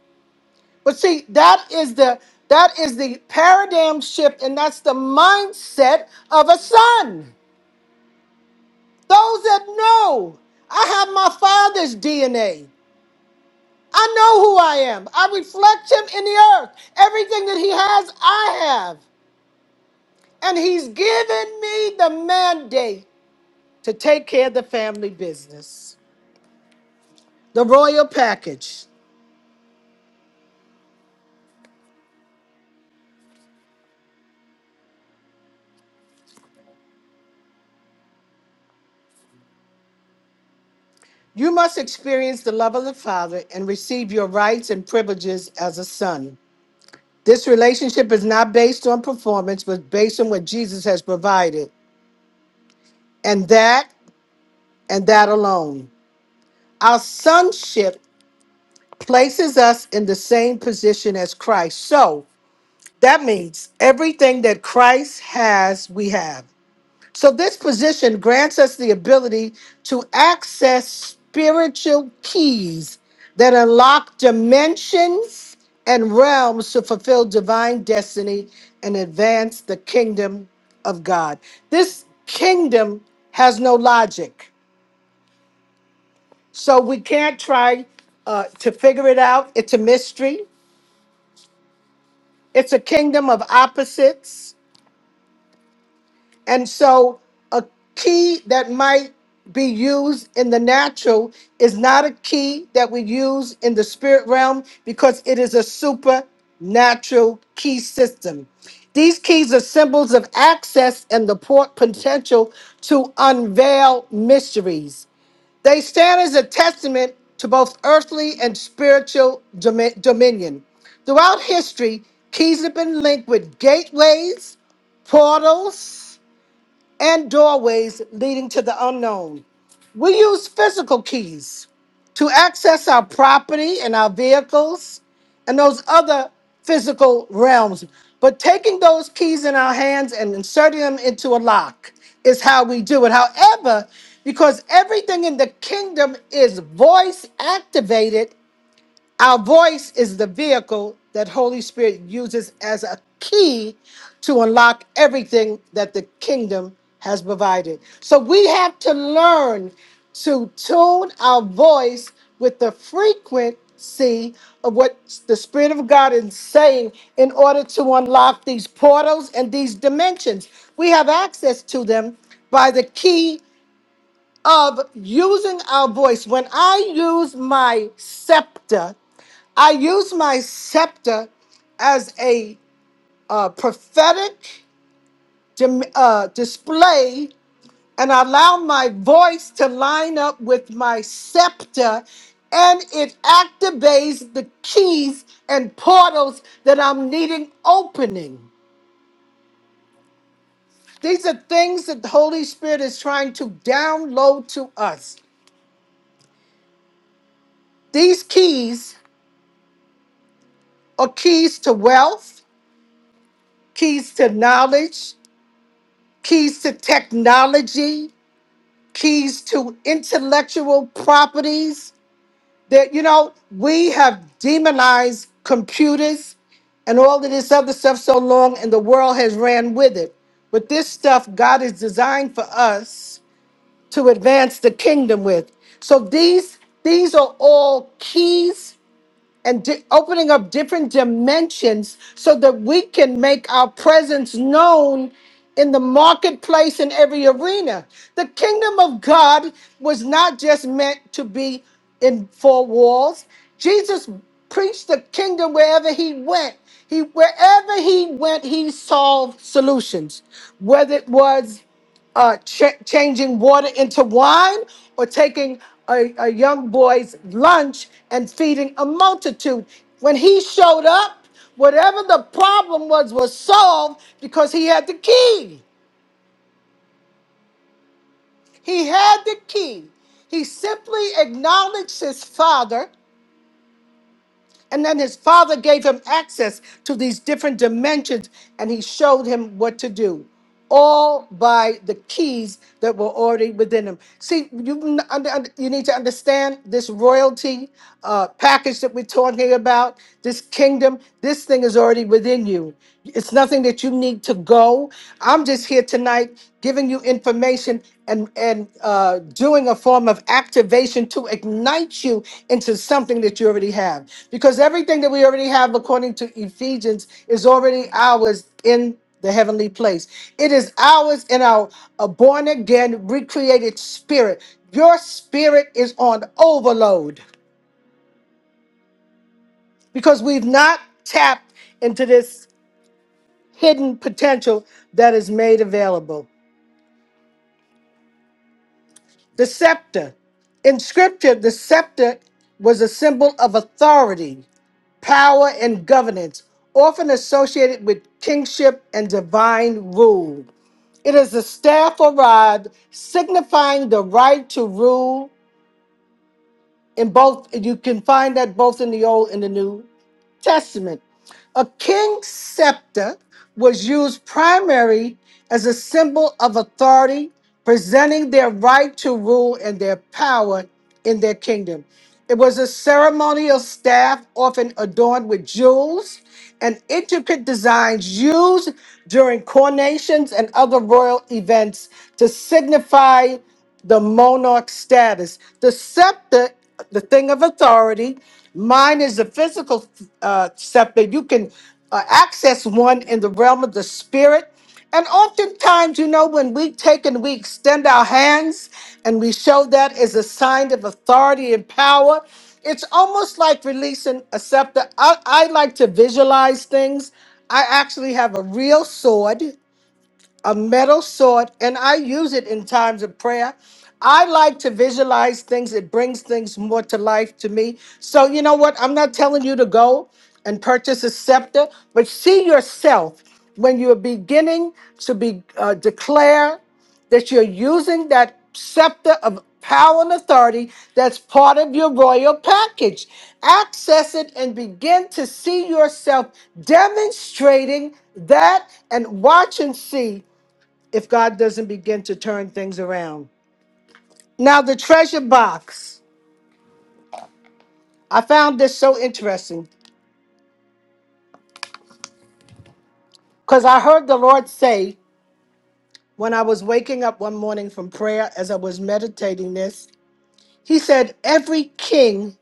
Speaker 6: But see, that is the that is the paradigm shift, and that's the mindset of a son. Those that know I have my father's DNA. I know who I am. I reflect him in the earth. Everything that he has, I have. And he's given me the mandate to take care of the family business. The royal package. You must experience the love of the Father and receive your rights and privileges as a son. This relationship is not based on performance, but based on what Jesus has provided, and that and that alone. Our sonship places us in the same position as Christ. So that means everything that Christ has, we have. So, this position grants us the ability to access spiritual keys that unlock dimensions and realms to fulfill divine destiny and advance the kingdom of God. This kingdom has no logic. So, we can't try uh, to figure it out. It's a mystery, it's a kingdom of opposites And so, a key that might be used in the natural is not a key that we use in the spirit realm because it is a supernatural key system. These keys are symbols of access and the port potential to unveil mysteries. They stand as a testament to both earthly and spiritual domi- dominion. Throughout history, keys have been linked with gateways, portals, and doorways leading to the unknown. We use physical keys to access our property and our vehicles and those other physical realms. But taking those keys in our hands and inserting them into a lock is how we do it. However, because everything in the kingdom is voice activated, our voice is the vehicle that Holy Spirit uses as a key to unlock everything that the kingdom has provided. So we have to learn to tune our voice with the frequency of what the Spirit of God is saying in order to unlock these portals and these dimensions. We have access to them by the key of using our voice. When I use my scepter, I use my scepter as a uh, prophetic dim- uh, display and allow my voice to line up with my scepter, and it activates the keys and portals that I'm needing opening. These are things that the Holy Spirit is trying to download to us. These keys or keys to wealth, keys to knowledge, keys to technology, keys to intellectual properties. That you know, we have demonized computers and all of this other stuff so long, and the world has ran with it. But this stuff God is designed for us to advance the kingdom with. So these these are all keys and di- opening up different dimensions so that we can make our presence known in the marketplace in every arena. The kingdom of God was not just meant to be in four walls. Jesus preached the kingdom wherever he went. He wherever he went, he solved solutions. Whether it was uh, ch- changing water into wine or taking a, a young boy's lunch and feeding a multitude. When he showed up, whatever the problem was was solved because he had the key. He had the key. He simply acknowledged his father And then his father gave him access to these different dimensions and he showed him what to do, all by the keys that were already within him. See, you, n- under- under- you need to understand this royalty uh, package that we're talking about, this kingdom, this thing is already within you. It's nothing that you need to go. I'm just here tonight giving you information and and uh, doing a form of activation to ignite you into something that you already have because everything that we already have according to ephesians is already ours in the heavenly place it is ours in our uh, born again recreated spirit your spirit is on overload because we've not tapped into this hidden potential that is made available The scepter. In scripture, the scepter was a symbol of authority, power, and governance, often associated with kingship and divine rule. It is a staff or rod signifying the right to rule in both you can find that both in the old and the new testament a king's scepter was used primarily as a symbol of authority presenting their right to rule and their power in their kingdom it was a ceremonial staff often adorned with jewels and intricate designs used during coronations and other royal events to signify the monarch status. The scepter, the thing of authority. Mine is the physical uh, scepter. You can uh, access one in the realm of the spirit. And oftentimes, you know, when we take and we extend our hands and we show that as a sign of authority and power, it's almost like releasing a scepter. I, I like to visualize things. I actually have a real sword a metal sword and i use it in times of prayer i like to visualize things it brings things more to life to me so you know what i'm not telling you to go and purchase a scepter but see yourself when you're beginning to be uh, declare that you're using that scepter of power and authority that's part of your royal package. Access it and begin to see yourself demonstrating that and watch and see if God doesn't begin to turn things around. Now, the treasure box, I found this so interesting because I heard the Lord say when I was waking up one morning from prayer as I was meditating this, He said, Every king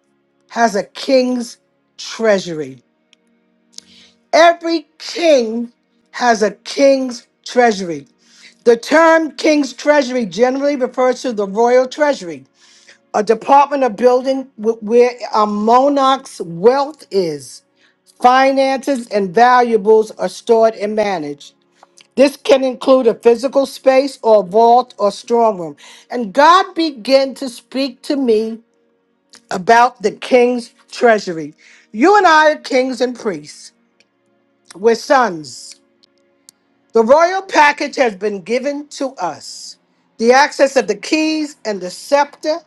Speaker 6: has a king's treasury. Every king has a king's treasury. The term king's treasury generally refers to the royal treasury, a department or building wh- where a monarch's wealth is. Finances and valuables are stored and managed. This can include a physical space or vault or strong room. And God began to speak to me about the king's treasury. You and I are kings and priests. We're sons. The royal package has been given to us the access of the keys and the scepter,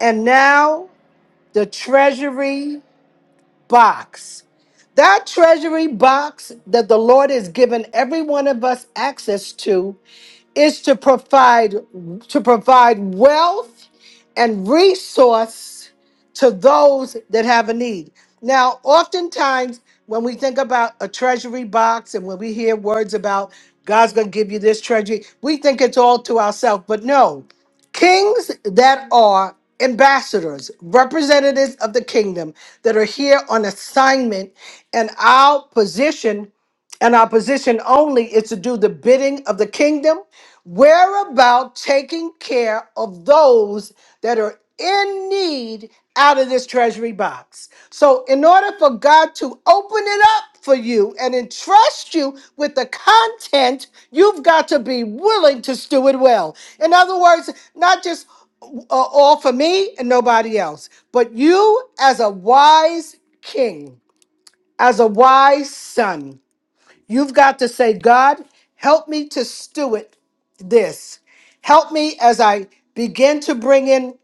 Speaker 6: and now the treasury box. That treasury box that the Lord has given every one of us access to is to provide to provide wealth and resource to those that have a need. Now, oftentimes when we think about a treasury box and when we hear words about God's going to give you this treasury, we think it's all to ourselves. But no, kings that are ambassadors, representatives of the kingdom that are here on assignment, and our position and our position only is to do the bidding of the kingdom. We're about taking care of those that are in need out of this treasury box. So, in order for God to open it up for you and entrust you with the content, you've got to be willing to steward well. In other words, not just uh, all for me and nobody else, but you as a wise king, as a wise son. You've got to say, God, help me to steward this. Help me as I begin to bring in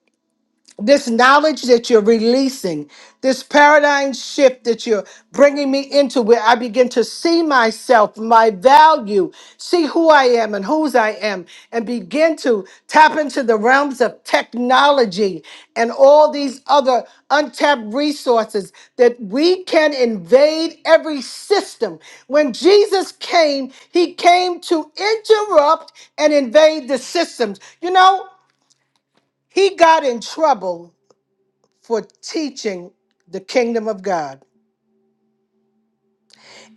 Speaker 6: this knowledge that you're releasing, this paradigm shift that you're bringing me into, where I begin to see myself, my value, see who I am and whose I am, and begin to tap into the realms of technology and all these other untapped resources that we can invade every system. When Jesus came, he came to interrupt and invade the systems. You know, he got in trouble for teaching the kingdom of God.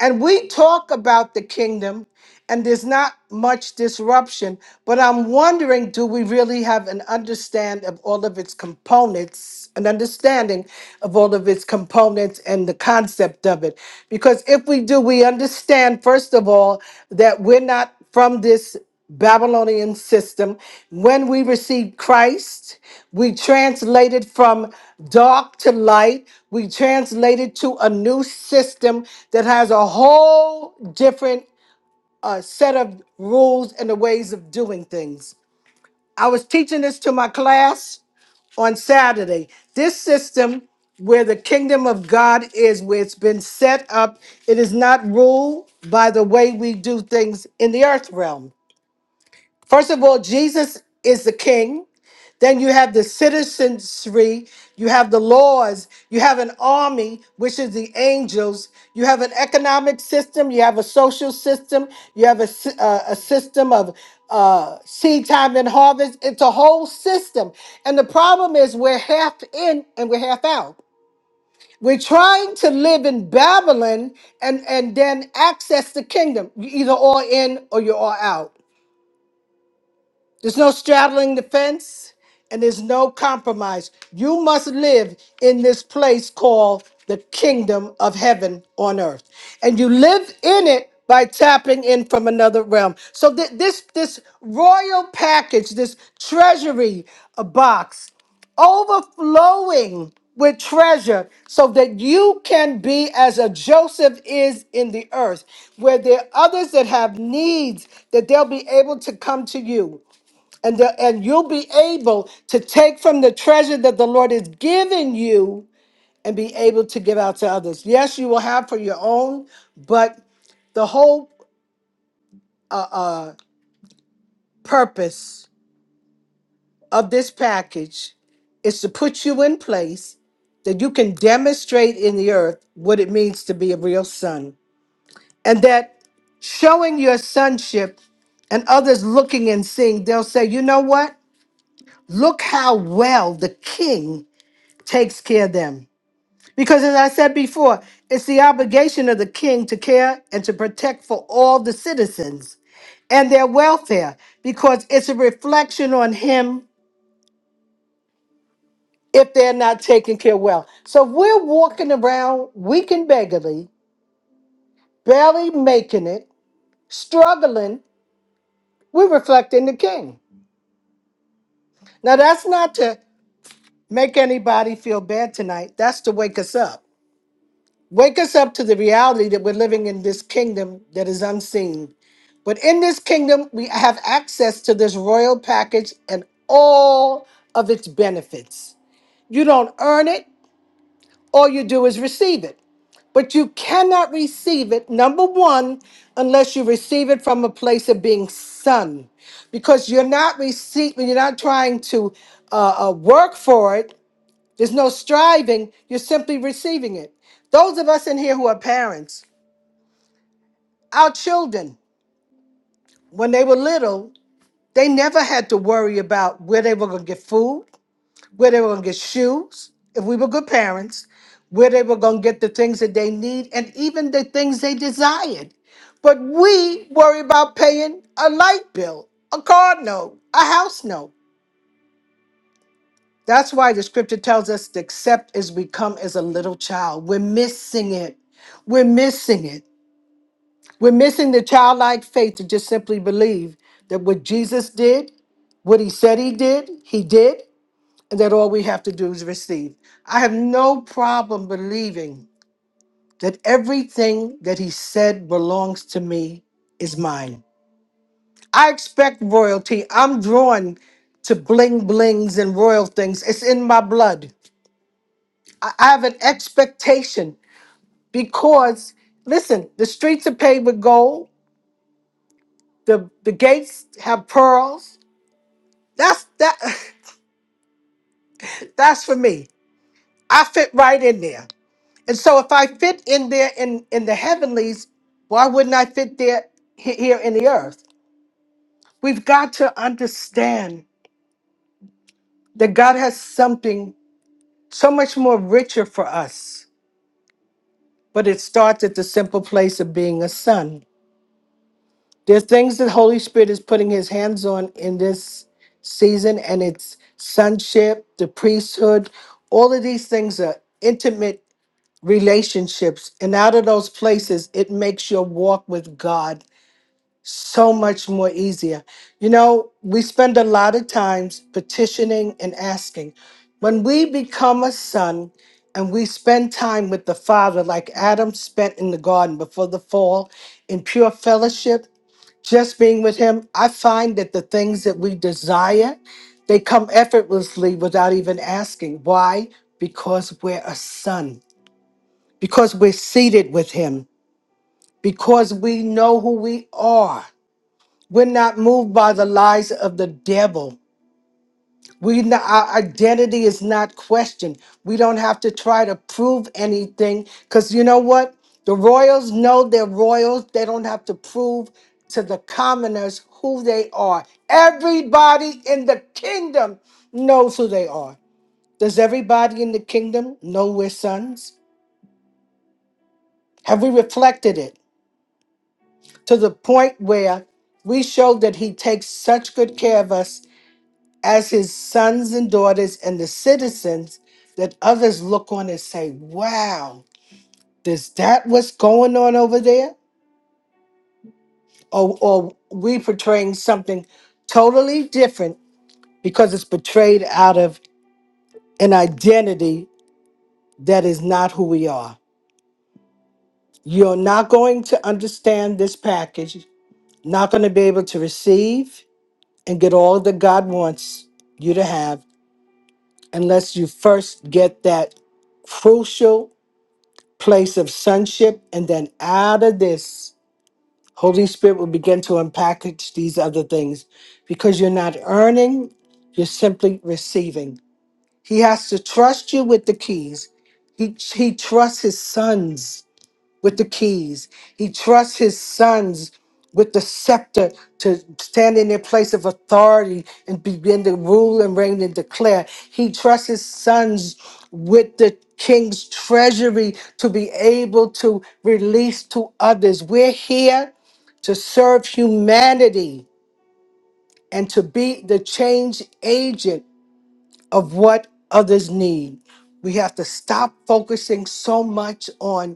Speaker 6: And we talk about the kingdom, and there's not much disruption, but I'm wondering do we really have an understand of all of its components, an understanding of all of its components and the concept of it? Because if we do, we understand, first of all, that we're not from this. Babylonian system. When we received Christ, we translated from dark to light. We translated to a new system that has a whole different uh, set of rules and the ways of doing things. I was teaching this to my class on Saturday. This system, where the kingdom of God is, where it's been set up, it is not ruled by the way we do things in the earth realm. First of all, Jesus is the king. Then you have the citizenry, you have the laws, you have an army, which is the angels, you have an economic system, you have a social system, you have a, sy- uh, a system of uh, seed time and harvest. It's a whole system. And the problem is we're half in and we're half out. We're trying to live in Babylon and, and then access the kingdom. You're either all in or you're all out. There's no straddling the fence and there's no compromise. You must live in this place called the kingdom of heaven on earth. And you live in it by tapping in from another realm. So th- this this royal package, this treasury uh, box overflowing with treasure so that you can be as a Joseph is in the earth, where there are others that have needs, that they'll be able to come to you and the, and you'll be able to take from the treasure that the Lord has given you and be able to give out to others. Yes, you will have for your own, but the whole uh, uh, purpose of this package is to put you in place that you can demonstrate in the earth what it means to be a real son, and that showing your sonship and others looking and seeing, they'll say, you know what? Look how well the king takes care of them. Because as I said before, it's the obligation of the king to care and to protect for all the citizens and their welfare because it's a reflection on him if they're not taken care well. So if we're walking around weak and beggarly, barely making it, struggling, we're reflecting the king. Now that's not to make anybody feel bad tonight. That's to wake us up. Wake us up to the reality that we're living in this kingdom that is unseen But in this kingdom, we have access to this royal package and all of its benefits. You don't earn it, all you do is receive it. But you cannot receive it, number one, unless you receive it from a place of being son, because you're not receiving, you're not trying to uh, uh, work for it. There's no striving, you're simply receiving it. Those of us in here who are parents, our children, when they were little, They never had to worry about where they were going to get food, where they were going to get shoes, if we were good parents, where they were going to get the things that they need and even the things they desired. But we worry about paying a light bill, a car note, a house note. That's why the scripture tells us to accept as we come as a little child. We're missing it. We're missing it. We're missing the childlike faith to just simply believe that what Jesus did, what he said he did, he did. that all we have to do is receive. I have no problem believing that everything that he said belongs to me is mine. I expect royalty. I'm drawn to bling blings and royal things. It's in my blood. I I have an expectation because, listen, the streets are paved with gold. The, the gates have pearls. That's that. That's for me. I fit right in there. And so if I fit in there in, in the heavenlies, why wouldn't I fit there he- here in the earth? We've got to understand that God has something so much more richer for us, but it starts at the simple place of being a son. There are things that Holy Spirit is putting his hands on in this season, and it's sonship, the priesthood, all of these things are intimate relationships. And out of those places, it makes your walk with God so much more easier. You know, we spend a lot of times petitioning and asking. When we become a son and we spend time with the Father, like Adam spent in the garden before the fall, in pure fellowship, just being with Him, I find that the things that we desire, they come effortlessly without even asking. Why? Because we're a son, because we're seated with Him, because we know who we are we're not moved by the lies of the devil. We n- our identity is not questioned. We don't have to try to prove anything because you know what? The royals know they're royals. They don't have to prove to the commoners who they are. Everybody in the kingdom knows who they are. Does everybody in the kingdom know we're sons? Have we reflected it to the point where we show that He takes such good care of us as his sons and daughters and the citizens that others look on and say, wow, is that what's going on over there? Or, or we portraying something totally different because it's portrayed out of an identity that is not who we are. You're not going to understand this package, not going to be able to receive and get all that God wants you to have unless you first get that crucial place of sonship. And then out of this, Holy Spirit will begin to unpackage these other things because you're not earning, you're simply receiving. He has to trust you with the keys. He, he trusts his sons with the keys. He trusts his sons with the scepter to stand in their place of authority and begin to rule and reign and declare. He trusts his sons with the king's treasury to be able to release to others. We're here to serve humanity and to be the change agent of what others need. We have to stop focusing so much on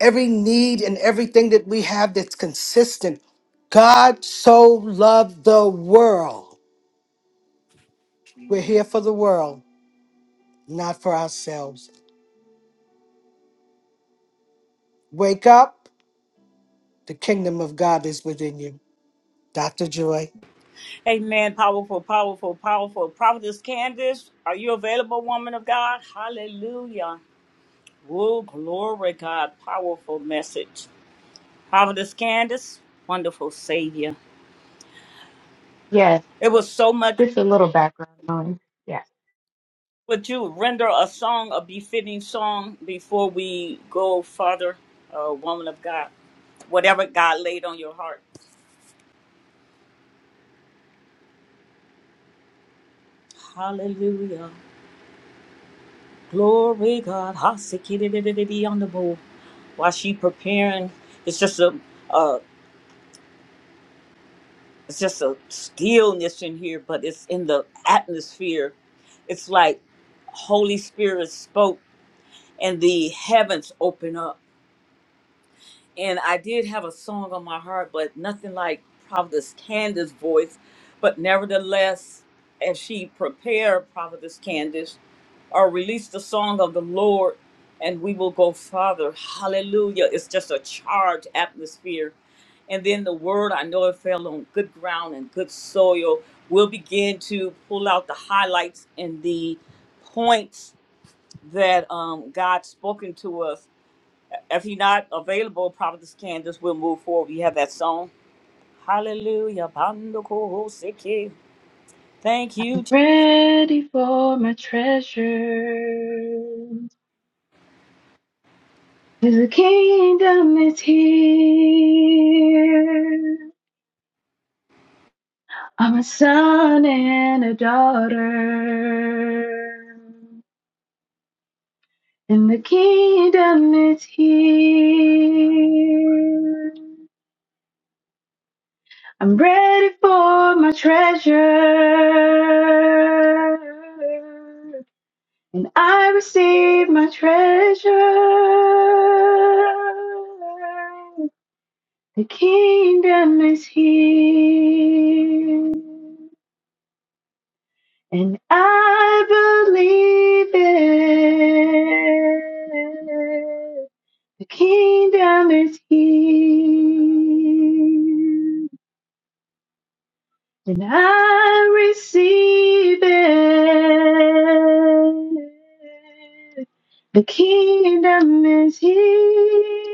Speaker 6: every need and everything that we have that's consistent. God so loved the world. We're here for the world, not for ourselves. Wake up. The kingdom of God is within you. Dr. Joy.
Speaker 1: Amen. Powerful, powerful, powerful. Prophetess Candace, are you available, woman of God? Hallelujah. Woo, glory, God. Powerful message. Prophetess Candace, wonderful Savior.
Speaker 5: Yes,
Speaker 1: It was so much.
Speaker 5: just a little background noise. Yes.
Speaker 1: Would you render a song, a befitting song, before we go further, uh, woman of God? Whatever God laid on your heart. Hallelujah. Glory, God. Hallelujah. on the board while she preparing. It's just a, it's just a stillness in here, but it's in the atmosphere. It's like Holy Spirit spoke and the heavens open up and I did have a song on my heart, but nothing like Providence Candace's voice. But nevertheless, as she prepared Providence Candace, or released the song of the Lord, and we will go farther. Hallelujah. It's just a charged atmosphere. And then the word, I know it fell on good ground and good soil. We'll begin to pull out the highlights and the points that um, God spoken to us if he not available, Providence Candace will move forward. We have that song. Hallelujah. Bando koho Thank you. Je-
Speaker 5: Ready for my treasure. The kingdom is here. I'm a son and a daughter. And the kingdom is here. I'm ready for my treasure and I receive my treasure. The kingdom is here, and I believe it. The kingdom is here, and I receive it. The kingdom is here.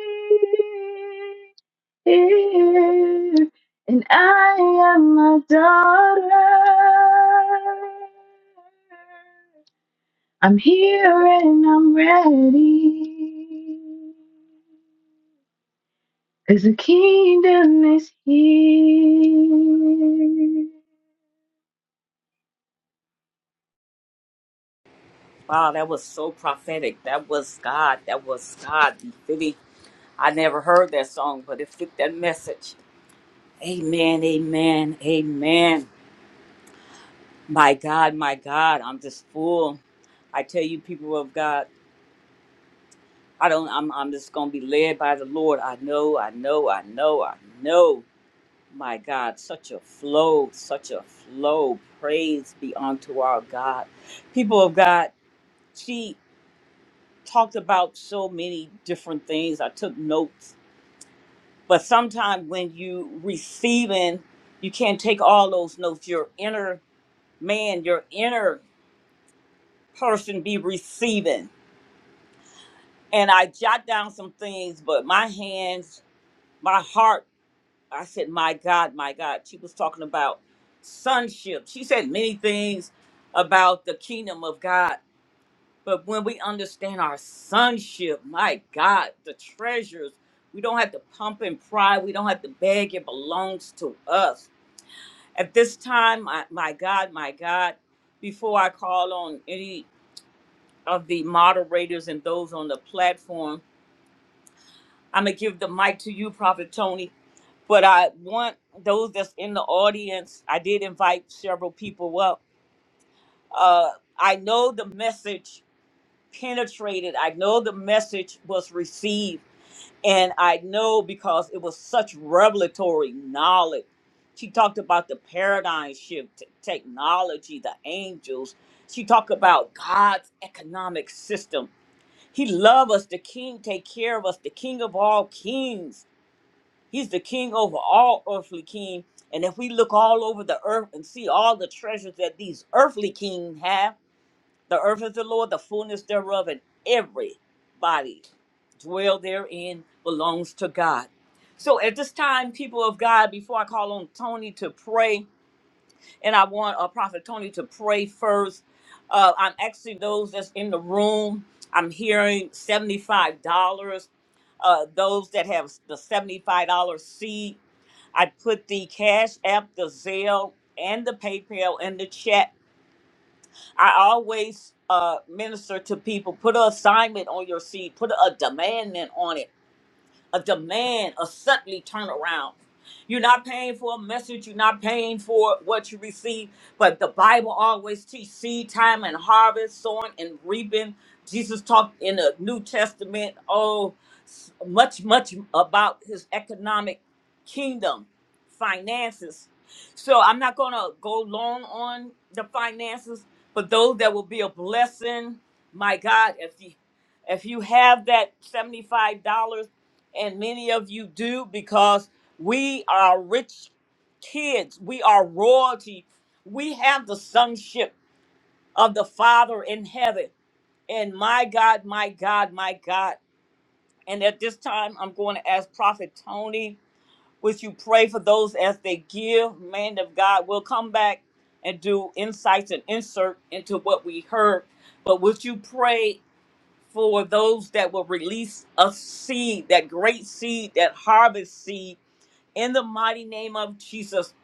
Speaker 5: here, and I am a daughter. I'm here and I'm ready. Cause the kingdom is here.
Speaker 1: Wow, that was so prophetic. That was God. That was God. Really, I never heard that song, but it fit that message. Amen, amen, amen. My God, my God, I'm just full. I tell you, people of God, I don't I'm I'm just gonna be led by the Lord. I know, I know, I know, I know. My God, such a flow, such a flow. Praise be unto our God. People of God, she talked about so many different things. I took notes, but sometimes when you receiving, you can't take all those notes. Your inner man, your inner person be receiving. And I jot down some things, but my hands, my heart I said, My God, my God. She was talking about sonship. She said many things about the kingdom of God. But when we understand our sonship, my God, the treasures, we don't have to pump and pry. We don't have to beg. It belongs to us. At this time, my, my God, my God, before I call on any of the moderators and those on the platform, I'm going to give the mic to you, Prophet Tony. but I want those that's in the audience. I did invite several people up. Uh, I know the message penetrated. I know the message was received, and I know because it was such revelatory knowledge. She talked about the paradigm shift, t- technology, the angels. She talked about God's economic system. He loves us. The King take care of us. The King of all kings He's the king over all earthly king. And if we look all over the earth and see all the treasures that these earthly kings have, the earth is the Lord, the fullness thereof, and everybody dwell therein belongs to God. So at this time, people of God, before I call on Tony to pray, and I want uh, Prophet Tony to pray first. Uh, I'm asking those that's in the room. I'm hearing seventy-five dollars. Uh, those that have the seventy-five dollars seed I put the Cash App, the Zelle, and the PayPal in the chat. I always uh, minister to people. Put an assignment on your seed. Put a demand in on it a demand, a suddenly turnaround. You're not paying for a message, you're not paying for what you receive, but the Bible always teach seed time and harvest, sowing and reaping. Jesus talked in the New Testament, oh, s- much, much about his economic kingdom, finances. So I'm not going to go long on the finances, but those that will be a blessing, my God, if you if you have that $75 and many of you do because we are rich kids. We are royalty. We have the sonship of the Father in heaven. And my God, my God, my God. And at this time, I'm going to ask Prophet Tony, would you pray for those as they give? Man of God, we'll come back and do insights and insert into what we heard. But would you pray for those that will release a seed, that great seed, that harvest seed? In the mighty name of Jesus,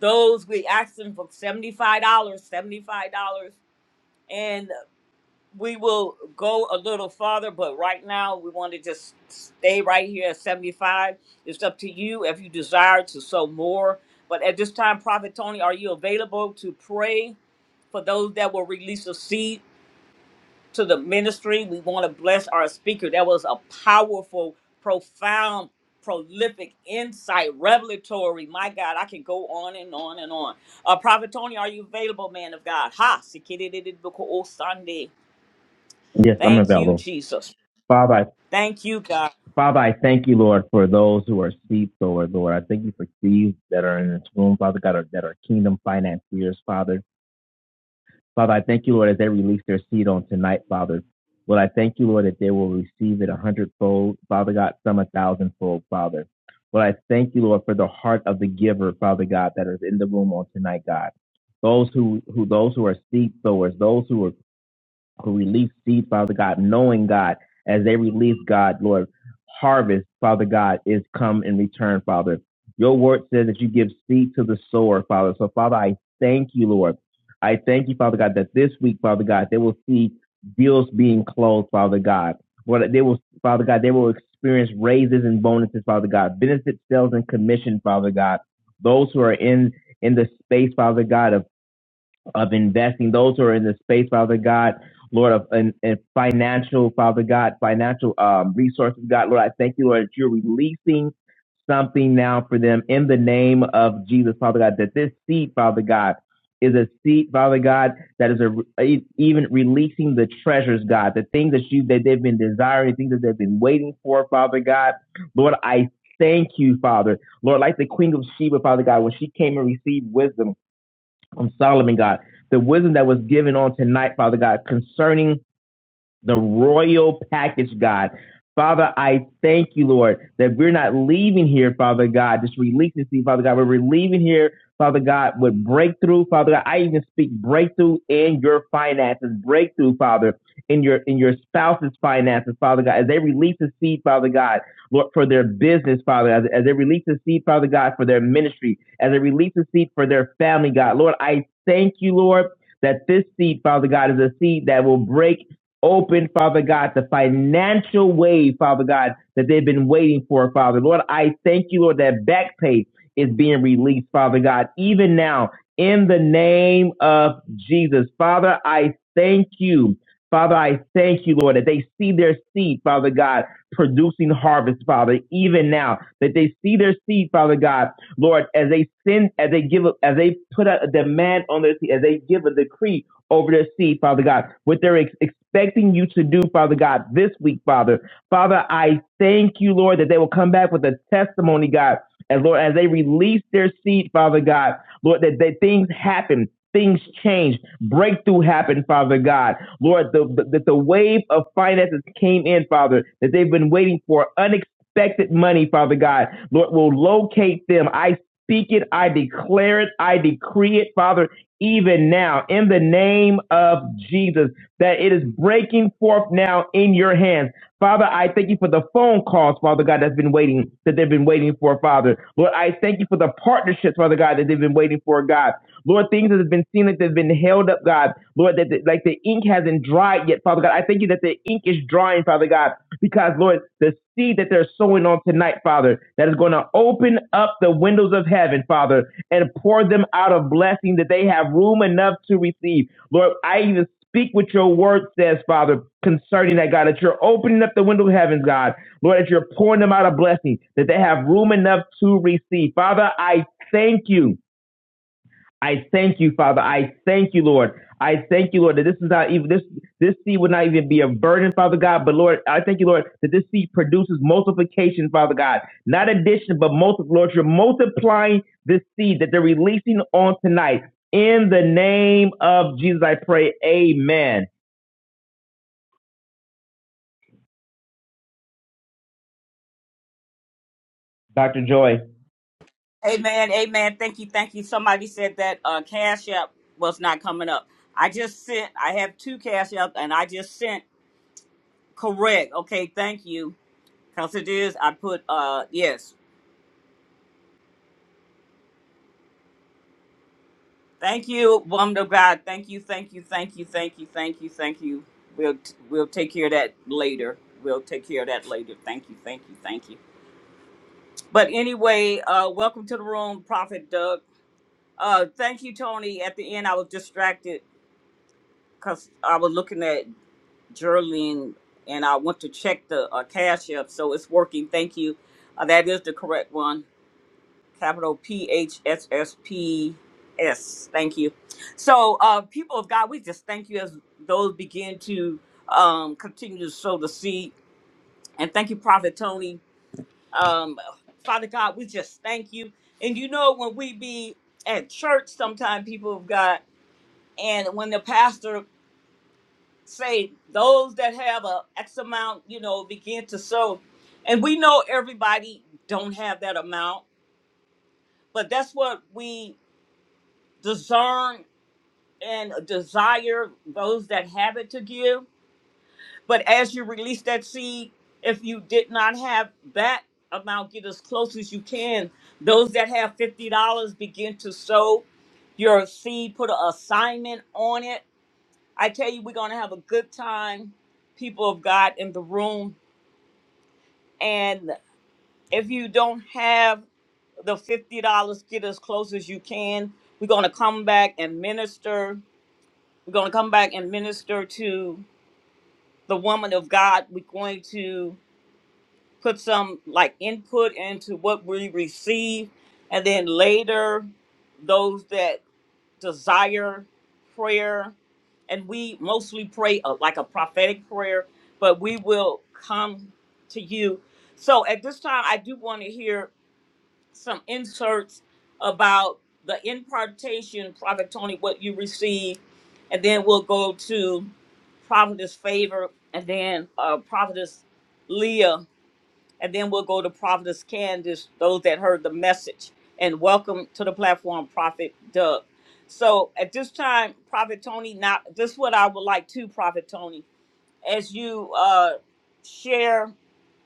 Speaker 1: those we ask them for seventy-five dollars, seventy-five dollars, and we will go a little farther. But right now, we want to just stay right here at seventy-five. It's up to you if you desire to sow more. But at this time, Prophet Tony, are you available to pray for those that will release a seed? to the ministry. We want to bless our speaker. That was a powerful, profound, prolific insight, revelatory. My God, I can go on and on and on. Uh, Prophet Tony, are you available, man of God? Ha, sikididididiboko Sunday.
Speaker 3: Yes, I'm
Speaker 1: Thank you,
Speaker 3: available.
Speaker 1: Jesus.
Speaker 3: Father, I,
Speaker 1: Thank you, God.
Speaker 3: Father, I thank you, Lord, for those who are asleep, Lord. Lord, I thank you for thieves that are in this room, Father God, are, that are kingdom financiers, Father. Father, I thank you, Lord, as they release their seed on tonight, Father. Lord, I thank you, Lord, that they will receive it a hundredfold, Father God, some a thousandfold, Father. Lord, I thank you, Lord, for the heart of the giver, Father God, that is in the room on tonight, God. Those who, who those who are seed sowers, those who are who release seed, Father God, knowing God, as they release God, Lord, harvest, Father God, is come in return, Father. Your word says that you give seed to the sower, Father. So, Father, I thank you, Lord. I thank you, Father God, that this week, Father God, they will see deals being closed, Father God. Lord, they will, Father God, they will experience raises and bonuses, Father God, benefit sales and commission, Father God. Those who are in in the space, Father God, of of investing, those who are in the space, Father God, Lord, of and, and financial, Father God, financial um, resources, God, Lord, I thank you, Lord, that you're releasing something now for them in the name of Jesus, Father God, that this seed, Father God, is a seed, Father God, that is a, e- even releasing the treasures, God, the things that you that they've been desiring, things that they've been waiting for, Father God. Lord, I thank you, Father. Lord, like the Queen of Sheba, Father God, when she came and received wisdom, on Solomon, God, the wisdom that was given on tonight, Father God, concerning the royal package, God. Father, I thank you, Lord, that we're not leaving here, Father God, just relentlessly, Father God. We're leaving here, Father God, with breakthrough, Father God. I even speak breakthrough in your finances, breakthrough, Father, in your in your spouse's finances, Father God, as they release the seed, Father God, Lord, for their business, Father, as, as they release the seed, Father God, for their ministry, as they release the seed for their family, God. Lord, I thank you, Lord, that this seed, Father God, is a seed that will break Open, Father God, the financial way, Father God, that they've been waiting for, Father. Lord, I thank you, Lord, that back pay is being released, Father God, even now in the name of Jesus. Father, I thank you. Father, I thank you, Lord, that they see their seed, Father God, producing harvest, Father, even now. That they see their seed, Father God, Lord, as they send, as they give, a- as they put out a demand on their seed, as they give a decree over their seed, Father God, what they're ex- expecting you to do, Father God, this week, Father. Father, I thank you, Lord, that they will come back with a testimony, God. And Lord, as they release their seed, Father God, Lord, that, that things happen. Things change, breakthrough happened, Father God. Lord, the, the, that the wave of finances came in, Father, that they've been waiting for unexpected money, Father God. Lord, will locate them. I speak it, I declare it, I decree it, Father, even now in the name of Jesus, that it is breaking forth now in your hands. Father, I thank you for the phone calls, Father God, that's been waiting, that they've been waiting for, Father. Lord, I thank you for the partnerships, Father God, that they've been waiting for, God. Lord, things that have been seen like they've been held up, God. Lord, that that- like the ink hasn't dried yet, Father God. I thank you that the ink is drying, Father God, because Lord, the seed that they're sowing on tonight, Father, that is going to open up the windows of heaven, Father and pour them out a blessing that they have room enough to receive. Lord, I even speak what your word says, Father, concerning that, God, that you're opening up the window of heavens, God. Lord, that you're pouring them out a blessing that they have room enough to receive. Father, I thank you I thank you, Father. I thank you, Lord. I thank you, Lord, that this is not even this this seed would not even be a burden, Father God. But Lord, I thank you, Lord, that this seed produces multiplication, Father God. Not addition, but multiple. Lord, you're multiplying this seed that they're releasing on tonight. In the name of Jesus, I pray. Amen. Dr. Joy,
Speaker 1: Amen. Amen. Thank you. Thank you. Somebody said that uh, Cash App was not coming up. I just sent, I have two Cash App and I just sent correct. Okay. Thank you. Because it is, I put, uh, yes. Thank you, woman of God. Thank you, thank you, thank you, thank you, thank you, thank you. We'll t- we'll take care of that later. We'll take care of that later. Thank you, thank you, thank you. But anyway, uh, welcome to the room, Prophet Doug. Uh, thank you, Tony. At the end, I was distracted because I was looking at Geraldine and I went to check the uh, cash app, so it's working. Thank you. Uh, that is the correct one. capital P H S S P S. Thank you. So, uh, people of God, we just thank you as those begin to um, continue to sow the seed. And thank you, Prophet Tony. Um, Father God, we just thank you. And you know, when we be at church, sometimes people of God, and when the pastor say those that have a X amount, you know, begin to sow, and we know everybody don't have that amount, but that's what we discern and desire those that have it to give. But as you release that seed, if you did not have that amount, get as close as you can. Those that have $50 begin to sow your seed, put an assignment on it. I tell you, we're going to have a good time, people of God, in the room. And if you don't have the $50, get as close as you can. We're going to come back and minister. We're going to come back and minister to the woman of God, we're going to put some like input into what we receive, and then later, those that desire prayer, and we mostly pray uh, like a prophetic prayer, but we will come to you. So at this time, I do want to hear some inserts about the impartation, Prophet Tony, what you received, and then we'll go to Prophetess Favor, and then uh, Prophetess Leah, and then we'll go to Prophetess Candace, those that heard the message. And welcome to the platform, Prophet Doug. So at this time, Prophet Tony, now this is what I would like to, Prophet Tony as you uh, share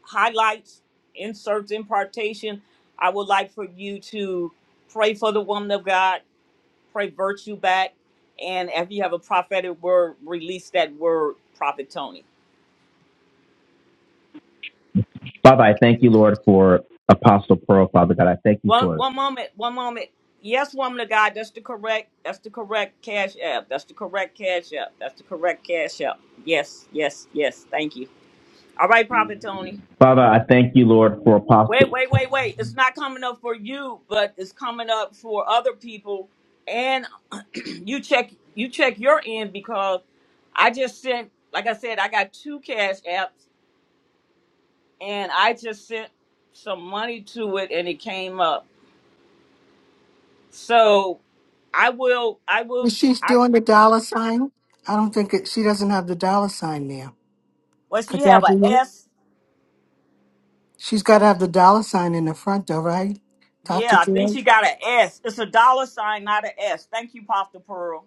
Speaker 1: highlights, inserts, impartation, I would like for you to pray for the woman of God, pray virtue back, and if you have a prophetic word, release that word, Prophet Tony.
Speaker 3: Father, I thank you, Lord, for Apostle Pearl, Father God. I thank you
Speaker 1: One
Speaker 3: for it.
Speaker 1: one moment, one moment. Yes, woman of God, that's the correct, that's the correct cash app. That's the correct cash app. That's the correct cash app. Yes, yes, yes. Thank you. All right, Prophet Tony.
Speaker 3: Father, I thank you, Lord, for
Speaker 1: Wait,
Speaker 3: Apostle.
Speaker 1: wait, wait, wait. It's not coming up for you, but it's coming up for other people. And you check you check your end because I just sent like I said, I got two cash apps and I just sent some money to it and it came up. So I will I will
Speaker 6: Is she
Speaker 1: I
Speaker 6: doing the dollar sign? I don't think it, she doesn't have the dollar sign there.
Speaker 1: well she
Speaker 6: Could
Speaker 1: have
Speaker 6: that be
Speaker 1: a
Speaker 6: it?
Speaker 1: S.
Speaker 6: She's got to have the dollar sign in the front, though, right? Dr.
Speaker 1: Yeah, I think
Speaker 6: Joy?
Speaker 1: she got a S. It's a dollar sign, not a S. Thank you, Pop the Pearl.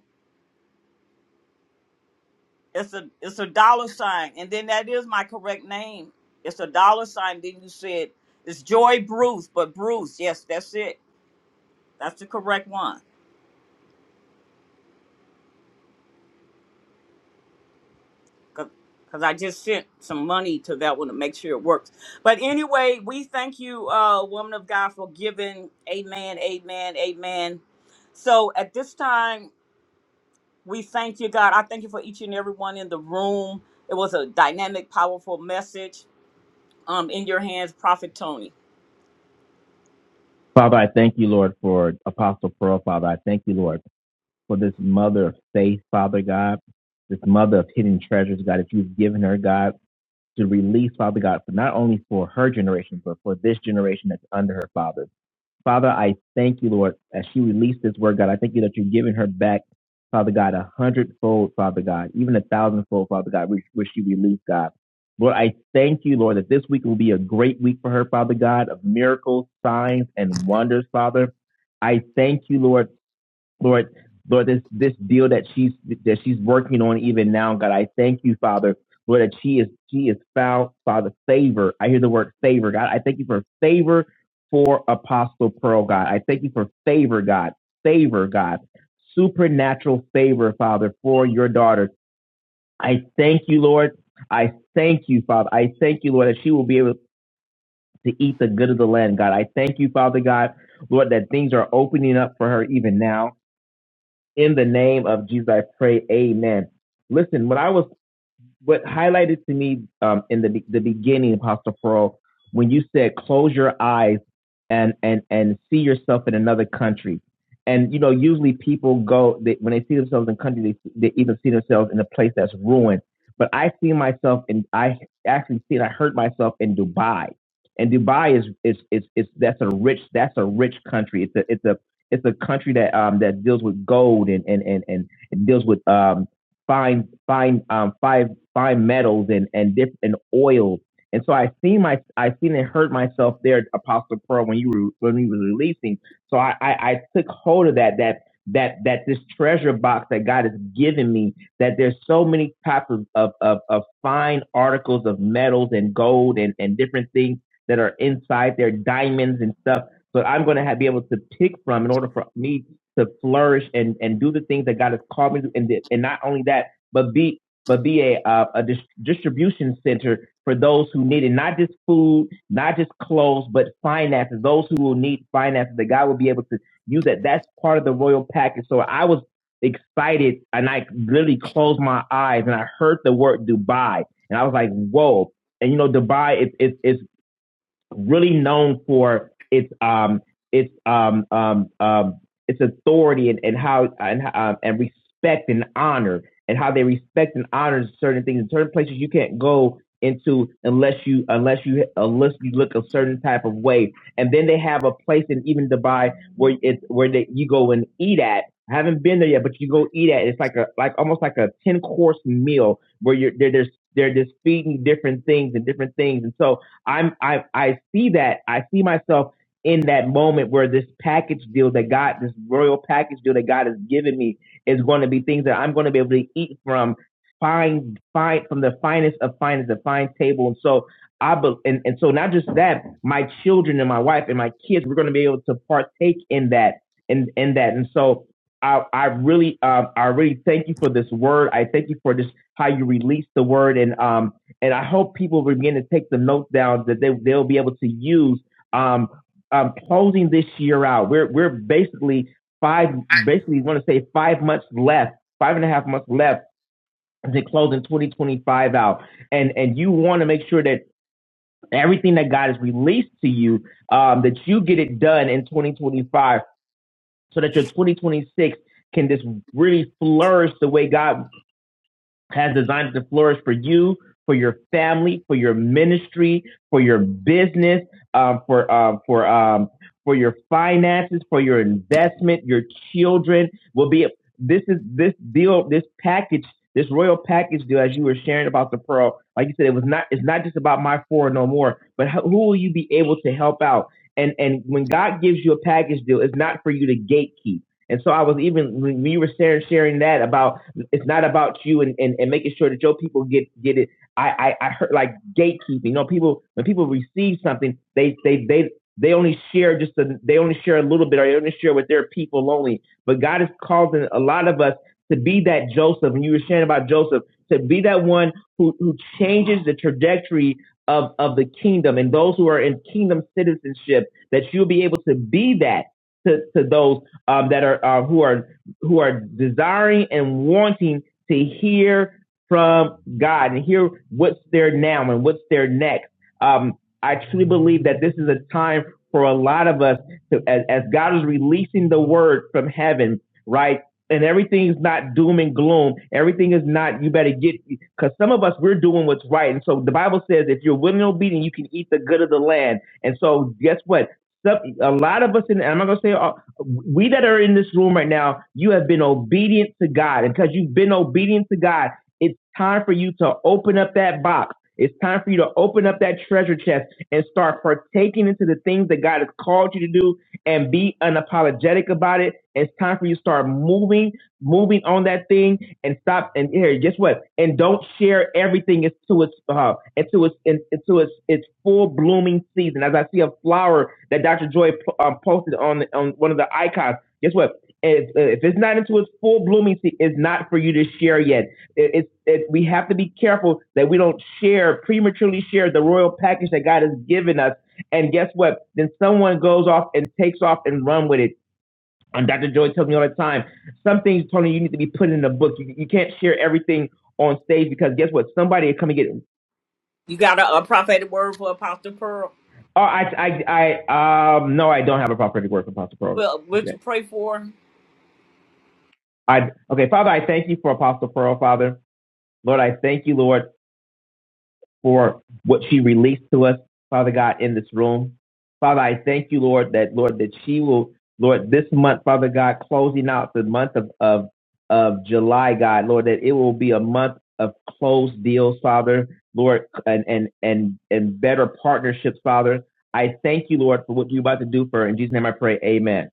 Speaker 1: It's a it's a dollar sign, and then that is my correct name. It's a dollar sign. Then you said it's Joy Bruce, but Bruce, yes, that's it. That's the correct one. Cause, 'cause I just sent some money to that one to make sure it works. But anyway, we thank you, uh, woman of God, for giving. Amen. Amen. Amen. So at this time, we thank you, God. I thank you for each and every one in the room. It was a dynamic, powerful message. Um, in your hands, Prophet Tony.
Speaker 3: Father, I thank you, Lord, for Apostle Pearl, Father. I thank you, Lord. for this mother of faith, Father God, this mother of hidden treasures, God, if you've given her, God, to release, Father God, for not only for her generation, but for this generation that's under her, Father. Father, I thank you, Lord, as she released this word, God, I thank you that you've given her back, Father God, a hundredfold, Father God, even a thousandfold, Father God, which, she released, God. Lord, I thank you, Lord, that this week will be a great week for her, Father God, of miracles, signs, and wonders, Father. I thank you, Lord, Lord, Lord, this this deal that she's that she's working on even now, God, I thank you, Father, Lord, that she is she is found, Father, favor. I hear the word favor, God. I thank you for favor for Apostle Pearl, God. I thank you for favor, God, favor, God, supernatural favor, Father, for your daughter. I thank you, Lord. I thank you, Father. I thank you, Lord, that she will be able to eat the good of the land, God. I thank you, Father God, Lord, that things are opening up for her even now. In the name of Jesus, I pray. Amen. Listen, when I was what highlighted to me um, in the the beginning, Apostle Pearl, when you said close your eyes and and and see yourself in another country, and you know usually people go they, when they see themselves in country, they, they either see themselves in a place that's ruined. But I see myself, and I actually see, and I heard myself in Dubai, and Dubai is is is, is that's a rich that's a rich country. It's a it's a it's a country that um that deals with gold and and and and, and deals with um fine fine um fi bimetals and and different and oils. And so I seen my I seen and heard myself there, Apostle Pearl, when you were when you was releasing. So I, I I took hold of that that that that this treasure box that God has given me. That there's so many types of of of, of fine articles of metals and gold and and different things that are inside there, diamonds and stuff. So I'm going to have, be able to pick from in order for me to flourish and and do the things that God has called me to. And and not only that, but be but be a, uh, a dis- distribution center for those who need it, not just food, not just clothes, but finances, those who will need finances, that God will be able to use that. That's part of the royal package. So I was excited and I literally closed my eyes and I heard the word Dubai and I was like, whoa. And you know, Dubai, it's, it's, really known for its um its um um um its authority and, and how and um, and respect and honor and how they respect and honor certain things in certain places you can't go into unless you unless you unless you look a certain type of way and then they have a place in even Dubai where it's where they, you go and eat at I haven't been there yet but you go eat at it's like a like almost like a 10 course meal where you're there there's they're just feeding you different things and different things. And so I'm I I see that I see myself in that moment where this package deal that God, this royal package deal that God has given me, is going to be things that I'm going to be able to eat from fine fine from the finest of finest, the fine table, and so. I bel and, and so not just that, my children and my wife and my kids, we're going to be able to partake in that, in in that, and so I I really um I really thank you for this word. I thank you for just how you release the word, and um and I hope people begin to take the notes down that they, they'll be able to use um, um, closing this year out. We're, we're basically five, basically want to say five months left, five and a half months left to closing 2025 out. And, and you want to make sure that everything that God has released to you, um, that you get it done in 2025 so that your 2026 can just really flourish the way God has designed it to flourish for you, for your family, for your ministry, for your business, uh, for uh, for um, for your finances, for your investment. Your children will be. This is this deal, this package, this royal package deal. As you were sharing about the pearl, like you said, it was not. It's not just about my four no more, but how, who will you be able to help out? And and when God gives you a package deal, it's not for you to gatekeep. And so I was even when you were sharing sharing that about it's not about you and, and, and making sure that your people get get it. I, I I heard like gatekeeping. You know, people when people receive something, they they they they only share just a, they only share a little bit, or they only share with their people only. But God is causing a lot of us to be that Joseph, and you were sharing about Joseph to be that one who who changes the trajectory of of the kingdom and those who are in kingdom citizenship. That you'll be able to be that to, to those um, that are uh, who are who are desiring and wanting to hear from God and hear what's there now and what's there next. Um, I truly believe that this is a time for a lot of us to, as, as God is releasing the word from heaven, right? And everything is not doom and gloom. Everything is not, you better get, because some of us, we're doing what's right. And so the Bible says, if you're willing and obedient, you can eat the good of the land. And so guess what? Some, a lot of us, in, and I'm not going to say all, we that are in this room right now, you have been obedient to God. And because you've been obedient to God, it's time for you to open up that box. It's time for you to open up that treasure chest and start partaking into the things that God has called you to do and be unapologetic about it. It's time for you to start moving moving on that thing and stop and here guess what and don't share everything into its uh into its into its its full blooming season as i see a flower that dr joy um, posted on on one of the icons guess what if, if it's not into its full blooming season it's not for you to share yet it, it's it, we have to be careful that we don't share prematurely share the royal package that god has given us and guess what then someone goes off and takes off and run with it and Dr. Joy tells me all the time, some things, Tony, you need to be put in the book. You, you can't share everything on stage because guess what? Somebody is coming to get. it.
Speaker 1: You got a, a prophetic word for Apostle Pearl?
Speaker 3: Oh, I, I, I, um, no, I don't have a prophetic word for Apostle Pearl.
Speaker 1: Well, would you
Speaker 3: Shit.
Speaker 1: pray for? her?
Speaker 3: I, okay, Father, I thank you for Apostle Pearl, Father. Lord, I thank you, Lord. for what she released to us, Father God, in this room. Father, I thank you, Lord, that Lord, that she will, Lord, this month, Father God, closing out the month of of, of July, God, Lord, that it will be a month of closed deals, Father, Lord, and and and and better partnerships, Father. I thank you, Lord, for what you're about to do for her. In Jesus' name I pray, Amen.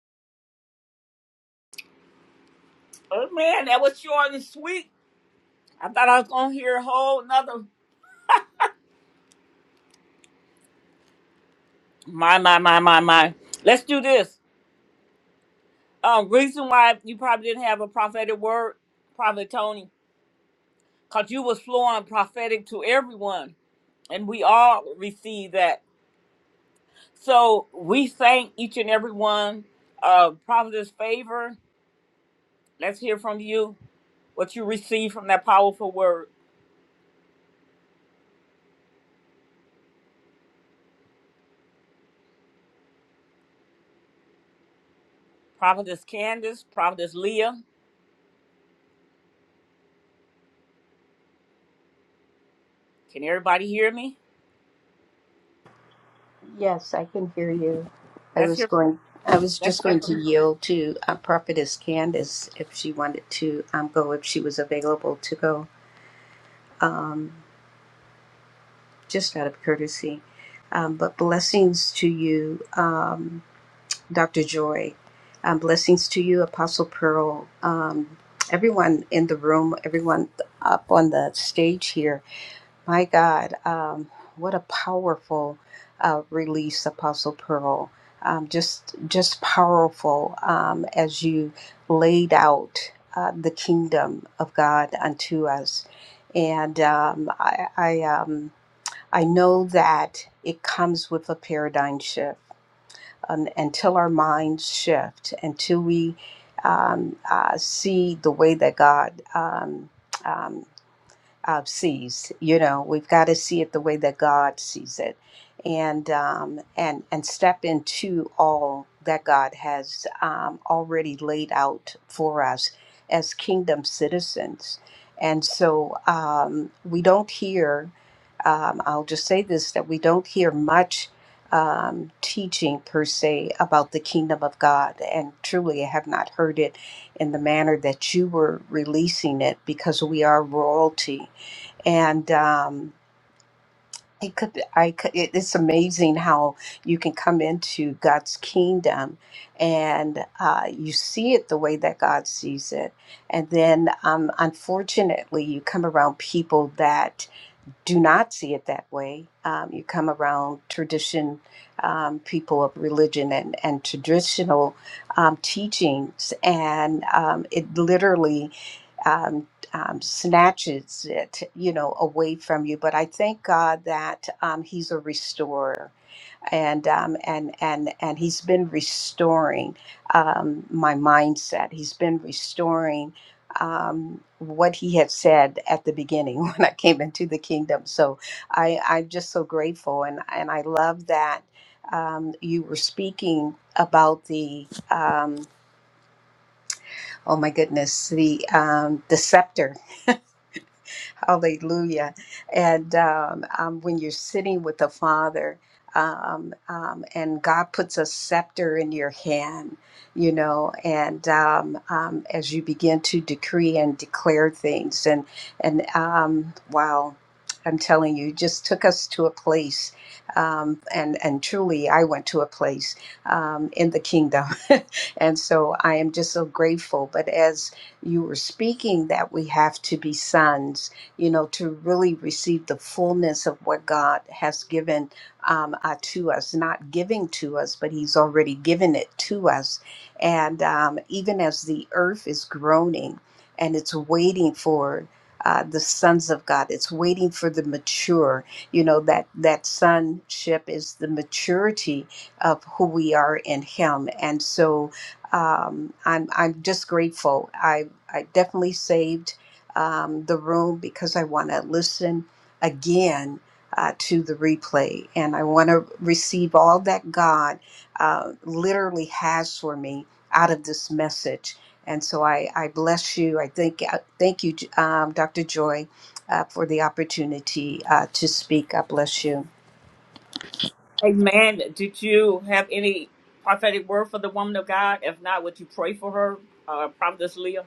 Speaker 1: Oh man, that was short and sweet. I thought I was gonna hear a whole nother. My my my my my. Let's do this. Um, reason why you probably didn't have a prophetic word, Prophet Tony, cause you was flowing prophetic to everyone, and we all receive that. So we thank each and every one. Uh, Prophet's favor. Let's hear from you what you received from that powerful word. Prophetess Candace, Prophetess Leah. Can everybody hear me?
Speaker 7: Yes, I can hear you. I
Speaker 1: Let's
Speaker 7: was
Speaker 1: hear from
Speaker 7: going, I was
Speaker 1: let's
Speaker 7: just
Speaker 1: hear
Speaker 7: going to
Speaker 1: from
Speaker 7: yield to uh, Prophetess Candace if she wanted to um, go, if she was available to go, um, just out of courtesy. Um, but blessings to you, um, Dr. Joy. Um, blessings to you, Apostle Pearl. Um, everyone in the room, everyone up on the stage here. My God, um, what a powerful uh, release, Apostle Pearl. Um, just, just powerful um, as you laid out uh, the kingdom of God unto us, and um, I, I, um, I know that it comes with a paradigm shift. Um, until our minds shift, until we um, uh, see the way that God um, um, uh, sees. You know, we've got to see it the way that God sees it, and um, and and step into all that God has um, already laid out for us as kingdom citizens. And so um, we don't hear. Um, I'll just say this: that we don't hear much. Um, teaching per se about the kingdom of God, and truly I have not heard it in the manner that you were releasing it because we are royalty and um, it could be- I could, it, it's amazing how you can come into God's kingdom and uh, you see it the way that God sees it, and then um, unfortunately you come around people that do not see it that way. Um, you come around tradition, um, people of religion and and traditional um, teachings, and um, it literally um, um, snatches it, you know, away from you. But I thank God that um, He's a restorer, and um, and and and He's been restoring um, my mindset. He's been restoring um, what He had said at the beginning when I came into the kingdom. So I, I'm just so grateful, and and I love that. Um, you were speaking about the um, oh my goodness the um, the scepter Hallelujah. And um, um, when you're sitting with the Father, um, um, and God puts a scepter in your hand, you know, and um, um, as you begin to decree and declare things, and and um, wow, I'm telling you, just took us to a place, um, and and truly, I went to a place um, in the kingdom, and so I am just so grateful. But as you were speaking, that we have to be sons, you know, to really receive the fullness of what God has given um, uh, to us, not giving to us, but He's already given it to us. And um, even as the earth is groaning and it's waiting for uh, the sons of God, it's waiting for the mature. You know that that sonship is the maturity of who we are in Him, and so um, I'm I'm just grateful. I I definitely saved um, the room because I want to listen again uh, to the replay. And I want to receive all that God uh, literally has for me out of this message. And so I, I bless you. I thank, I thank you, um, Dr. Joy, uh, for the opportunity uh, to speak. I bless you.
Speaker 1: Amen. Did you have any prophetic word for the woman of God? If not, would you pray for her? Uh Prophetess Leah.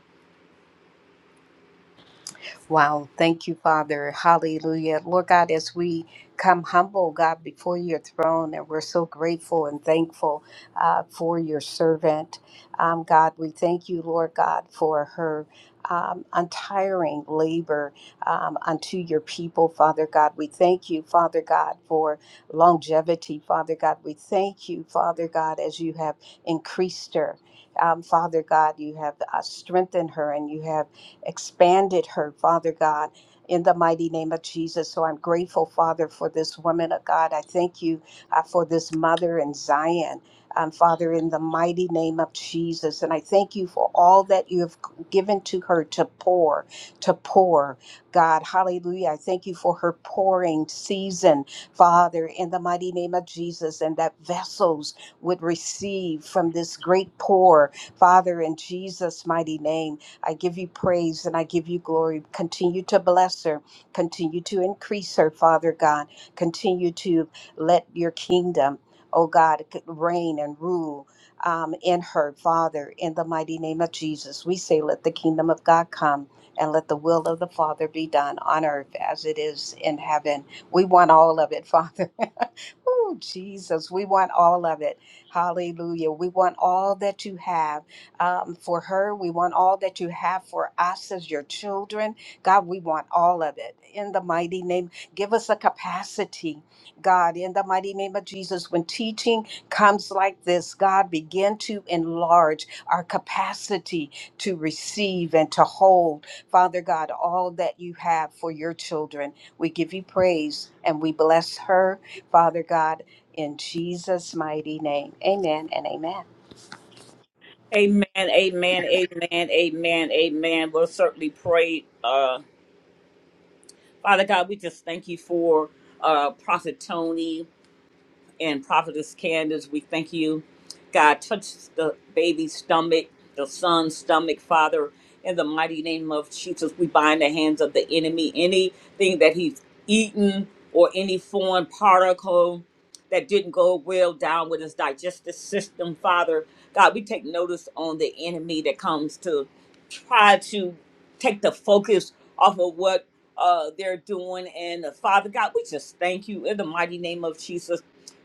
Speaker 7: Wow. Thank you, Father. Hallelujah. Lord God, as we come humble, God, before your throne, and we're so grateful and thankful uh, for your servant. Um, God, we thank you, Lord God, for her. Um, untiring labor um, unto your people, Father God. We thank you, Father God, for longevity, Father God. We thank you, Father God, as you have increased her. Um, Father God, you have uh, strengthened her and you have expanded her, Father God, in the mighty name of Jesus. So I'm grateful, Father, for this woman of God. I thank you uh, for this mother in Zion. Um, Father, in the mighty name of Jesus. And I thank you for all that you have given to her to pour, to pour. God, hallelujah. I thank you for her pouring season, Father, in the mighty name of Jesus, and that vessels would receive from this great pour, Father, in Jesus' mighty name. I give you praise and I give you glory. Continue to bless her. Continue to increase her, Father God. Continue to let your kingdom, oh God, reign and rule um, in her, Father, in the mighty name of Jesus. We say, let the kingdom of God come and let the will of the Father be done on earth as it is in heaven. We want all of it, Father. oh, Jesus, we want all of it. Hallelujah. We want all that you have um, for her. We want all that you have for us as your children. God, we want all of it. In the mighty name, give us a capacity, God, in the mighty name of Jesus. When teaching comes like this, God, begin to enlarge our capacity to receive and to hold, Father God, all that you have for your children. We give you praise and we bless her, Father God, in Jesus' mighty name. Amen and amen.
Speaker 1: Amen, amen, amen, amen, amen. We'll certainly pray. Uh Father God, we just thank you for uh Prophet Tony. and Prophetess Candace, we thank you. God, touch the baby's stomach, the son's stomach, Father. In the mighty name of Jesus, we bind the hands of the enemy. Anything that he's eaten or any foreign particle that didn't go well down with his digestive system, Father. God, we take notice on the enemy that comes to try to take the focus off of what uh, they're doing. And uh, Father God, we just thank you in the mighty name of Jesus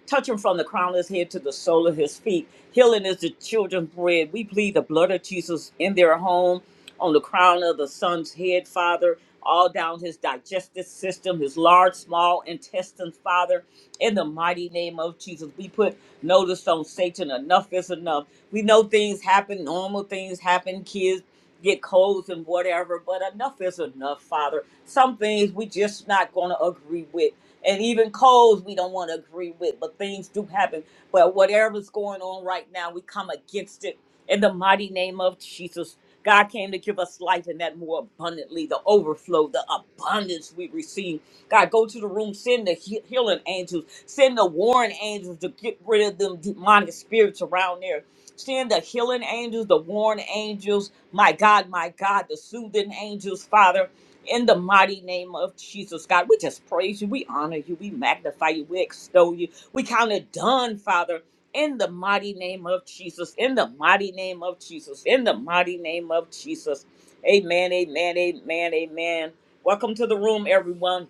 Speaker 1: Touch him from the crown of his head to the sole of his feet. Healing is the children's bread. We plead the blood of Jesus in their home, on the crown of the son's head, Father, all down his digestive system, his large, small intestines, Father. In the mighty name of Jesus, we put notice on Satan. Enough is enough. We know things happen, normal things happen, kids get colds and whatever, but enough is enough, Father. Some things we just not gonna agree with and even codes we don't want to agree with, but things do happen. But whatever's going on right now, we come against it in the mighty name of Jesus. God came to give us life and that more abundantly, the overflow, the abundance we receive. God, go to the room, send the he- healing angels, send the warring angels to get rid of them demonic spirits around there. Send the healing angels, the warring angels, my God, my God, the soothing angels, Father. In the mighty name of Jesus, God, we just praise you. We honor you. We magnify you. We extol you. We count it done, Father. In the mighty name of Jesus. In the mighty name of Jesus. In the mighty name of Jesus. Amen. Amen. Amen. Amen. Welcome to the room, everyone.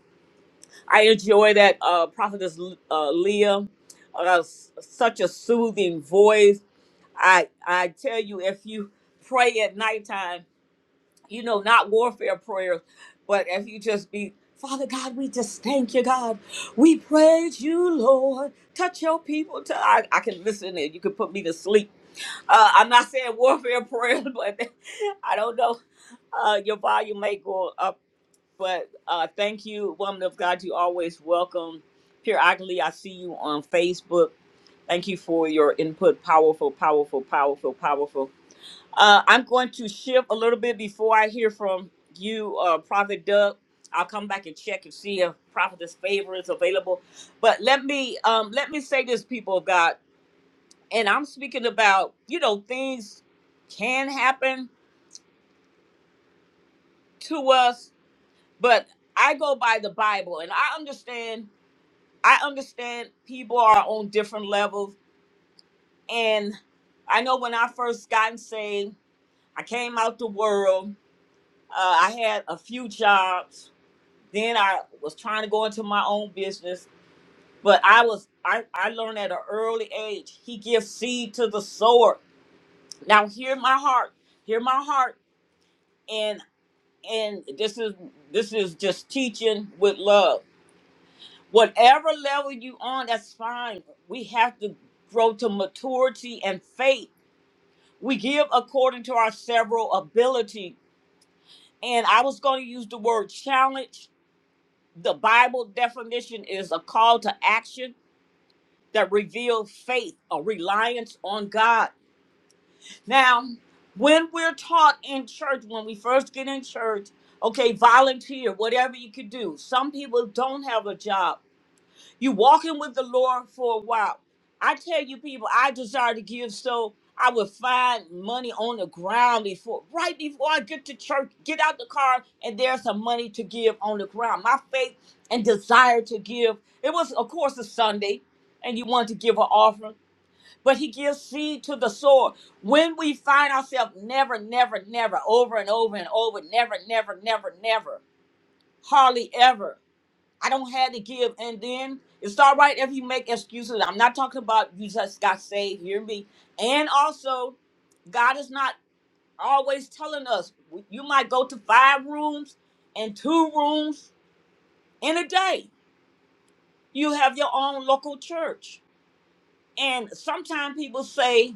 Speaker 1: I enjoy that uh, prophetess uh, Leah. Uh, s- such a soothing voice. I I tell you, if you pray at nighttime you know, not warfare prayers, but if you just be, Father God, we just thank you, God. We praise you, Lord. Touch your people. To, I, I can listen and you can put me to sleep. Uh, I'm not saying warfare prayer, but I don't know. Uh, your volume may go up, but uh, thank you, woman of God. You always welcome. Periodically, I see you on Facebook. Thank you for your input. Powerful, powerful, powerful, powerful. Uh, I'm going to shift a little bit before I hear from you, uh, Prophet Doug. I'll come back and check and see if Prophet's favor is available. But let me um, let me say this, people of God, and I'm speaking about you know things can happen to us, but I go by the Bible, and I understand. I understand people are on different levels, and I know when I first gotten saved, I came out the world. Uh, I had a few jobs Then I was trying to go into my own business, but I was I, I learned at an early age. He gives seed to the sower. Now hear my heart. Hear my heart. And and this is this is just teaching with love. Whatever level you on, that's fine. We have to grow to maturity and faith. We give according to our several ability. And I was going to use the word challenge. The Bible definition is a call to action that reveal faith, a reliance on God. Now, when we're taught in church, when we first get in church, okay, volunteer, whatever you could do. Some people don't have a job. You walking with the Lord for a while. I tell you people, I desire to give so I would find money on the ground before right before I get to church, get out the car, and there's some money to give on the ground. My faith and desire to give. It was, of course, a Sunday, and you wanted to give an offering but he gives seed to the sower. When we find ourselves never, never, never, over and over and over, never, never, never, never, hardly ever. I don't have to give. And then it's all right if you make excuses. I'm not talking about you just got saved, hear me. And also, God is not always telling us you might go to five rooms and two rooms in a day. You have your own local church. And sometimes people say,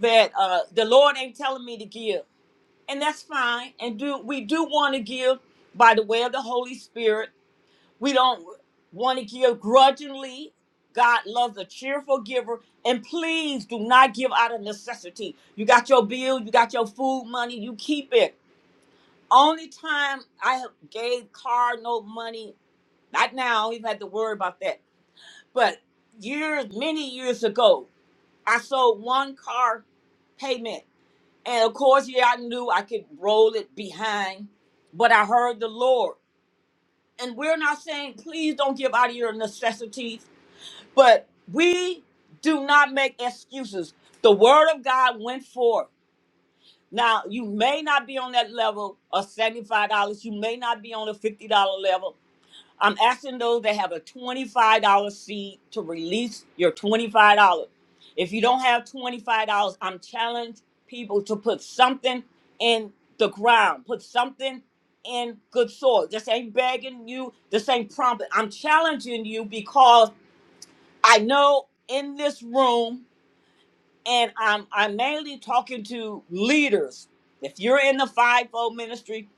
Speaker 1: that uh, the Lord ain't telling me to give, and that's fine. And do we do want to give by the way of the Holy Spirit? We don't want to give grudgingly. God loves a cheerful giver, and please do not give out of necessity. You got your bill, you got your food money, you keep it. Only time I have gave card no money, not now. I don't even have to worry about that, but years, many years ago, I sold one car payment and of course, yeah, I knew I could roll it behind, but I heard the Lord. And we're not saying, please don't give out of your necessities, but we do not make excuses. The word of God went forth. Now, you may not be on that level of $75. You may not be on a $50 level. I'm asking those that have a $25 seed to release your $25. If you don't have $25, I'm challenging people to put something in the ground, put something in good soil. This ain't begging you, this ain't prompting. I'm challenging you because I know in this room, and I'm I'm mainly talking to leaders. If you're in the fivefold ministry,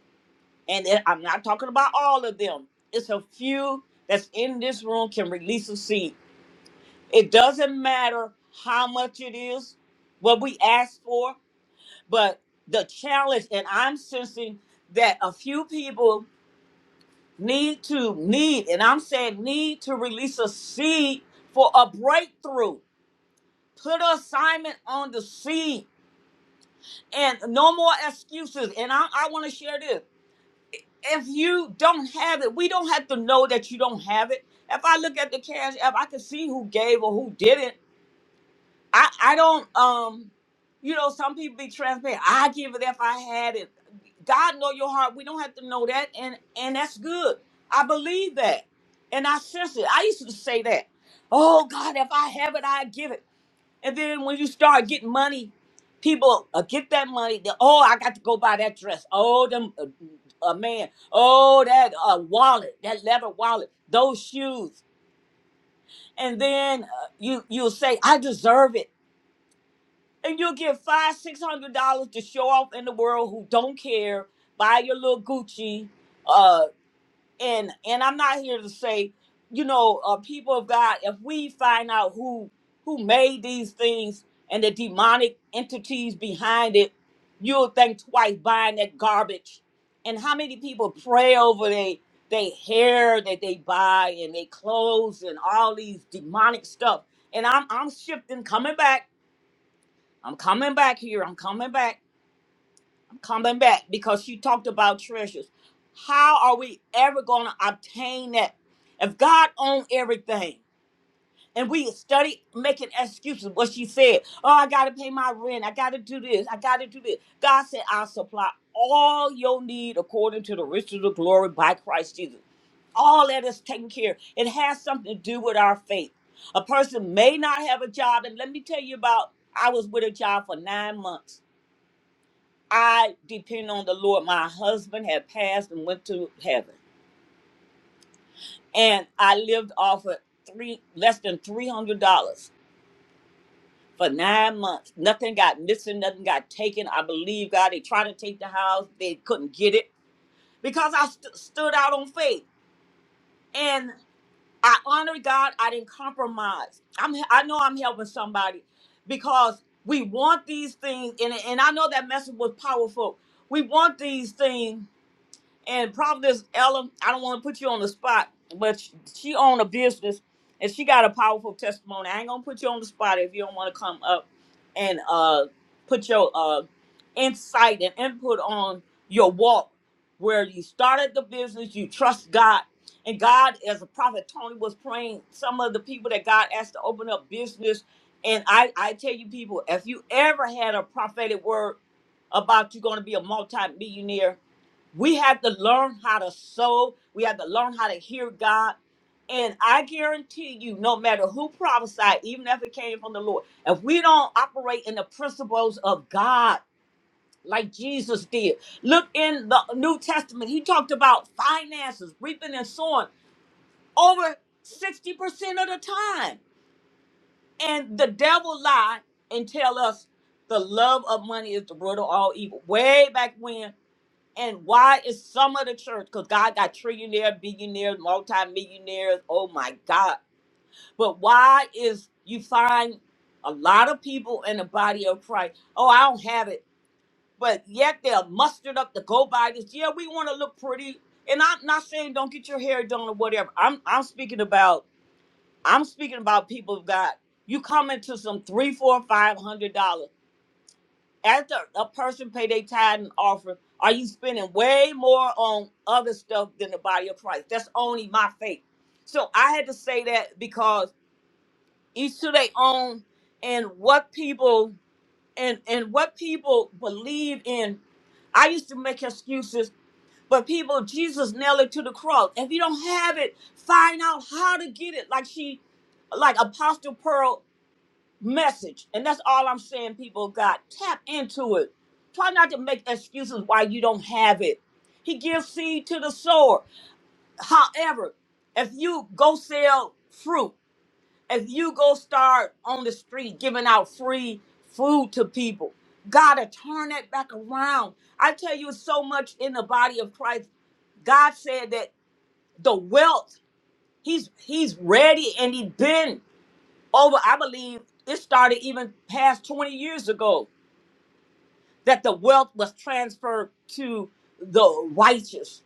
Speaker 1: and it- I'm not talking about all of them. It's a few that's in this room can release a seed. It doesn't matter how much it is, what we ask for, but the challenge, and I'm sensing that a few people need to need, and I'm saying need to release a seed for a breakthrough. Put an assignment on the seed and no more excuses. And I, I want to share this. if you don't have it, we don't have to know that you don't have it. If I look at the cash app, I can see who gave or who didn't. I, I don't um you know, some people be transparent. I give it if I had it. God know your heart. We don't have to know that and and that's good. I believe that. And I sense it. I used to say that. Oh God, if I have it, I give it. And then when you start getting money, people uh, get that money. They, oh, I got to go buy that dress. Oh, them a uh, uh, man. Oh, that uh, wallet, that leather wallet, those shoes. And then uh, you you'll say, I deserve it. And you'll get five, six hundred dollars to show off in the world who don't care. Buy your little Gucci. uh, and and I'm not here to say, you know, uh, people of God, if we find out who who made these things and the demonic entities behind it, you'll think twice buying that garbage. And how many people pray over they they hair that they buy and they clothes and all these demonic stuff. And I'm I'm shifting, coming back. I'm coming back here. I'm coming back coming back because she talked about treasures. How are we ever going to obtain that if God owns everything? And we study making excuses. What she said, oh, I got to pay my rent. I got to do this. I got to do this. God said, I'll supply all your need according to the riches of the glory by Christ Jesus. All that is taken care. of. It has something to do with our faith. A person may not have a job. And let me tell you about, I was with a job for nine months I depend on the Lord. My husband had passed and went to heaven, and I lived off of three less than three hundred dollars for nine months. Nothing got missing, nothing got taken. I believe God. They tried to take the house, they couldn't get it because I st- stood out on faith and I honored God. I didn't compromise. I'm I know I'm helping somebody because we want these things, and and I know that message was powerful. We want these things And Providence Ella, I don't want to put you on the spot, but sh- she own a business and she got a powerful testimony. I ain't gonna put you on the spot if you don't want to come up and uh put your uh insight and input on your walk where you started the business, you trust God, and God, as a prophet Tony was praying, some of the people that God asked to open up business. And I, I tell you people, if you ever had a prophetic word about you're gonna be a multi-millionaire we have to learn how to sow. We have to learn how to hear God. And I guarantee you, no matter who prophesied, even if it came from the Lord, if we don't operate in the principles of God like Jesus did, look in the New Testament, he talked about finances, reaping and sowing over 60% of the time. And the devil lied and tell us the love of money is the root of all evil. Way back when and why is some of the church, because God got trillionaire, billionaires, multimillionaires, oh my God. But why is you find a lot of people in the body of Christ, oh, I don't have it, but yet they're mustered up to go by this. Yeah, we want to look pretty. And I'm not saying don't get your hair done or whatever. I'm I'm speaking about I'm speaking about people of God. You come into some three, four, five hundred dollars after a person pay their tithe and offering, are you spending way more on other stuff than the body of Christ? That's only my faith. So I had to say that because each to their own and what people and and what people believe in. I used to make excuses, but people, Jesus nailed it to the cross. If you don't have it, find out how to get it. Like she, like Apostle Pearl message. And that's all I'm saying, people of God. Tap into it. Try not to make excuses why you don't have it. He gives seed to the sower. However, if you go sell fruit, if you go start on the street giving out free food to people, God to turn that back around. I tell you it's so much in the body of Christ. God said that the wealth, He's He's ready and He's been over i believe it started even past 20 years ago that the wealth was transferred to the righteous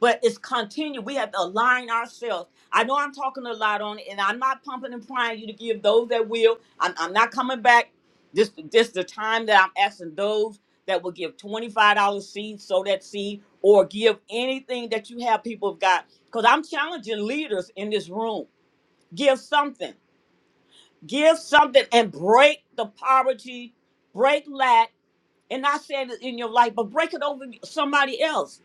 Speaker 1: but it's continued we have to align ourselves i know i'm talking a lot on it and i'm not pumping and prying you to give those that will i'm, I'm not coming back this this the time that i'm asking those that will give $25 seed sow that seed or give anything that you have people have got because i'm challenging leaders in this room give something give something and break the poverty, break lack, and not saying it in your life, but break it over somebody else.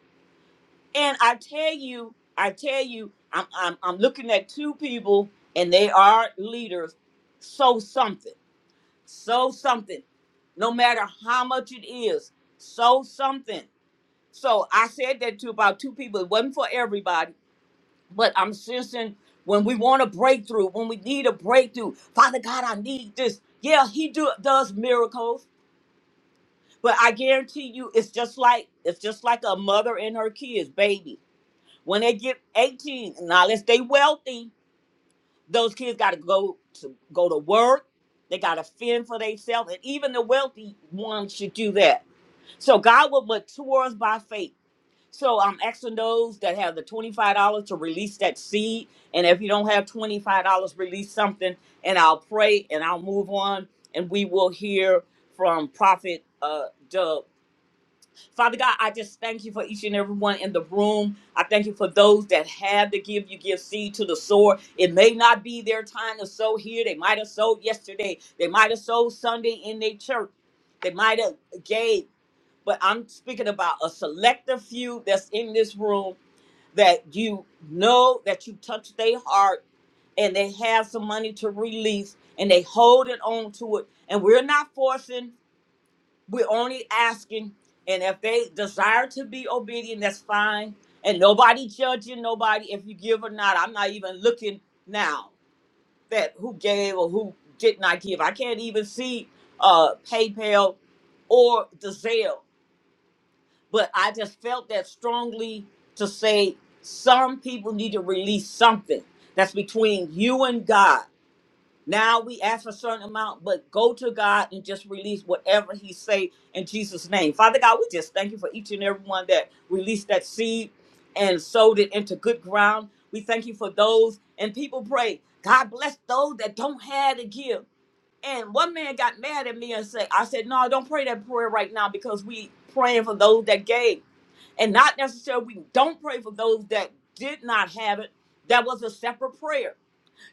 Speaker 1: And I tell you, I tell you, I'm I'm, I'm looking at two people, and they are leaders. Sow something, sow something, no matter how much it is, sow something. So I said that to about two people. It wasn't for everybody but I'm sensing when we want a breakthrough, when we need a breakthrough, Father God, I need this. Yeah, He do, does miracles, but I guarantee you, it's just like it's just like a mother and her kids, baby. When they get 18, now let's stay wealthy. Those kids got to go to go to work. They got to fend for themselves, and even the wealthy ones should do that. So God will mature us by faith. So I'm asking those that have the twenty-five dollars to release that seed, and if you don't have twenty-five dollars, release something, and I'll pray and I'll move on, and we will hear from Prophet uh, Doug. Father God, I just thank you for each and every one in the room. I thank you for those that have to give. You give seed to the sower. It may not be their time to sow here. They might have sowed yesterday. They might have sowed Sunday in their church. They might have gave but I'm speaking about a selective few that's in this room that you know that you touch their heart and they have some money to release and they hold it on to it. And we're not forcing, we're only asking. And if they desire to be obedient, that's fine. And nobody judging nobody if you give or not. I'm not even looking now that who gave or who did not give. I can't even see uh PayPal or the Zelle but I just felt that strongly to say some people need to release something that's between you and God. Now we ask for a certain amount, but go to God and just release whatever He say in Jesus' name. Father God, we just thank you for each and every one that released that seed and sowed it into good ground. We thank you for those and people pray. God bless those that don't have to give. And one man got mad at me and said, I said, no, don't pray that prayer right now because we praying for those that gave and not necessarily we don't pray for those that did not have it. That was a separate prayer.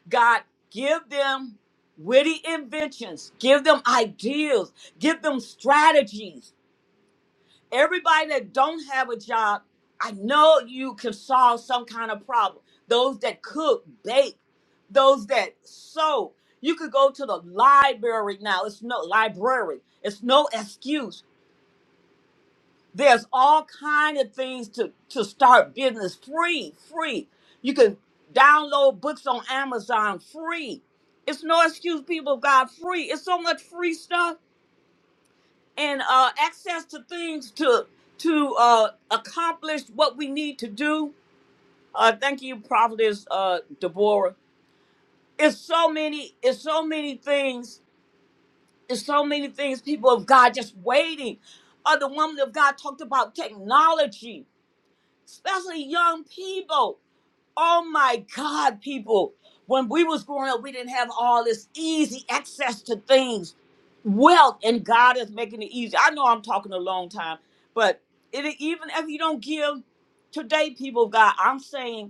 Speaker 1: God, give them witty inventions, give them ideas, give them strategies. Everybody that don't have a job, I know you can solve some kind of problem. Those that cook, bake, those that sew. You could go to the library now. It's no library. It's no excuse there's all kind of things to to start business free, free. You can download books on Amazon free. It's no excuse, people of God, free. It's so much free stuff and uh, access to things to to uh, accomplish what we need to do. Uh, thank you, Prophetess uh, Deborah. It's so many, it's so many things, it's so many things. People of God just waiting. Uh, the woman of God talked about technology especially young people. Oh my God, people. When we was growing up, we didn't have all this easy access to things, wealth, and God is making it easy. I know I'm talking a long time, but it, even if you don't give today, people, of God, I'm saying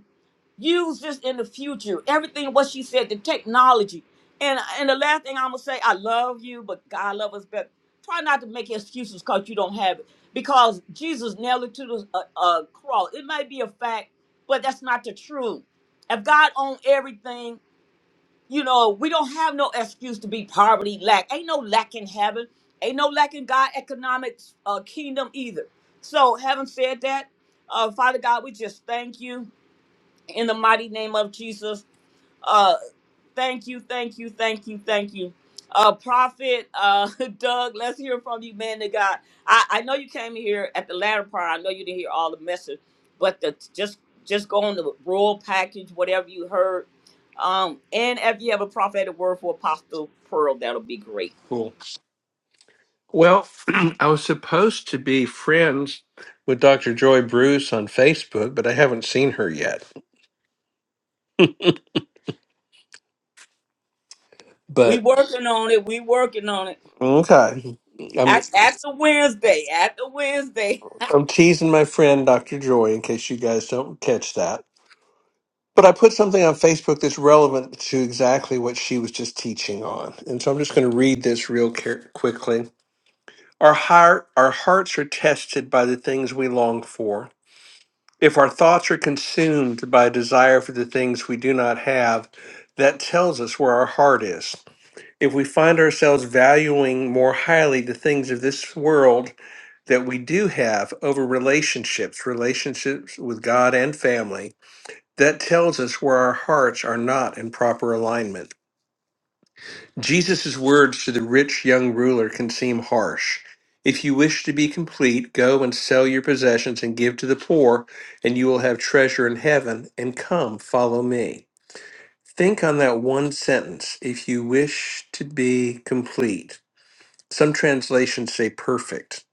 Speaker 1: Use this in the future. Everything what she said, the technology. And and the last thing I'm gonna say, I love you, but God love us better. Try not to make excuses because you don't have it. Because Jesus nailed it to the uh, uh, cross. It may be a fact, but that's not the truth. If God owned everything, you know, we don't have no excuse to be poverty, lack. Ain't no lack in heaven. Ain't no lack in God economics uh, kingdom either. So having said that, uh, Father God, we just thank you in the mighty name of Jesus. Uh, thank you, thank you, thank you, thank you. Uh, Prophet uh, Doug, let's hear from you, man of God. I, I know you came here at the latter part. I know you didn't hear all the message, but the, just just go on the royal package, whatever you heard. Um, and if you have a prophetic word for Apostle Pearl, that'll be great.
Speaker 8: Cool. Well, I was supposed to be friends with Dr. Joy Bruce on Facebook, but I haven't seen her yet.
Speaker 1: We
Speaker 8: But
Speaker 1: working on it. We working on it.
Speaker 8: okay, I'm
Speaker 1: At, at the Wednesday, at the Wednesday,
Speaker 8: I'm teasing my friend Dr. Joy in case you guys don't catch that. But I put something on Facebook that's relevant to exactly what she was just teaching on, and so I'm just going to read this real care- quickly. Our heart, our hearts are tested by the things we long for. if our thoughts are consumed by desire for the things we do not have, that tells us where our heart is. If we find ourselves valuing more highly the things of this world that we do have over relationships, relationships with God and family, that tells us where our hearts are not in proper alignment. Jesus' words to the rich young ruler can seem harsh. If you wish to be complete, go and sell your possessions and give to the poor, and you will have treasure in heaven, and come, follow me. Think on that one sentence, if you wish to be complete. Some translations say perfect.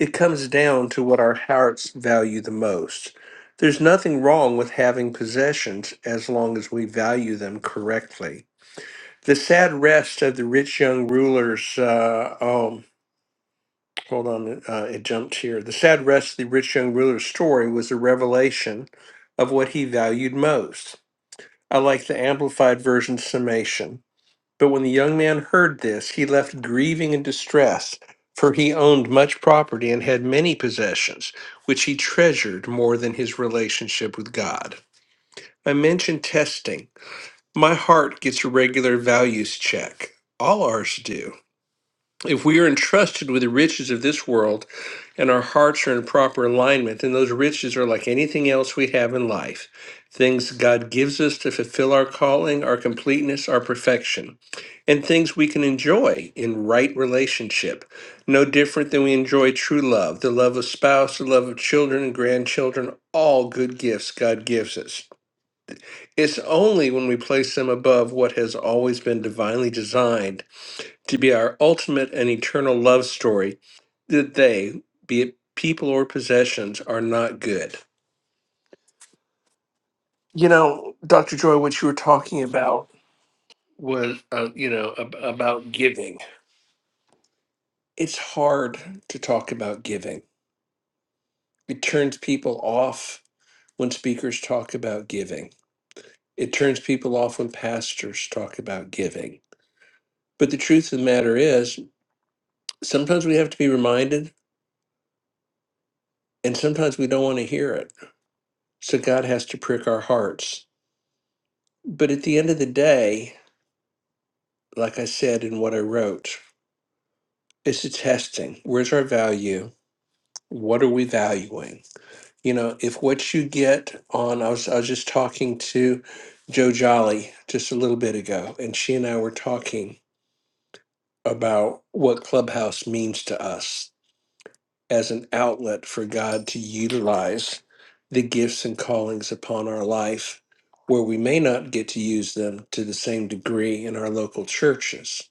Speaker 8: It comes down to what our hearts value the most. There's nothing wrong with having possessions as long as we value them correctly. The sad rest of the rich young rulers. Uh, oh, hold on, uh, it jumped here. The sad rest of the rich young ruler's story was a revelation of what he valued most. I like the amplified version summation. But when the young man heard this, he left grieving and distressed, for he owned much property and had many possessions, which he treasured more than his relationship with God. I mentioned testing. My heart gets a regular values check. All ours do. if we are entrusted with the riches of this world and our hearts are in proper alignment, then those riches are like anything else we have in life things God gives us to fulfill our calling, our completeness, our perfection, and things we can enjoy in right relationship. No different than we enjoy true love, the love of spouse, the love of children and grandchildren, all good gifts God gives us. It's only when we place them above what has always been divinely designed to be our ultimate and eternal love story, that they, be it people or possessions, are not good. You know, Dr. Joy, what you were talking about was, uh, you know, ab- about giving. It's hard to talk about giving. It turns people off when speakers talk about giving. It turns people off when pastors talk about giving. But the truth of the matter is, sometimes we have to be reminded, and sometimes we don't want to hear it. So God has to prick our hearts But at the end of the day, like I said in what I wrote, it's a testing. Where's our value? What are we valuing? You know, if what you get on, I was, I was just talking to Joe Jolly just a little bit ago, and she and I were talking about what Clubhouse means to us as an outlet for God to utilize the gifts and callings upon our life, where we may not get to use them to the same degree in our local churches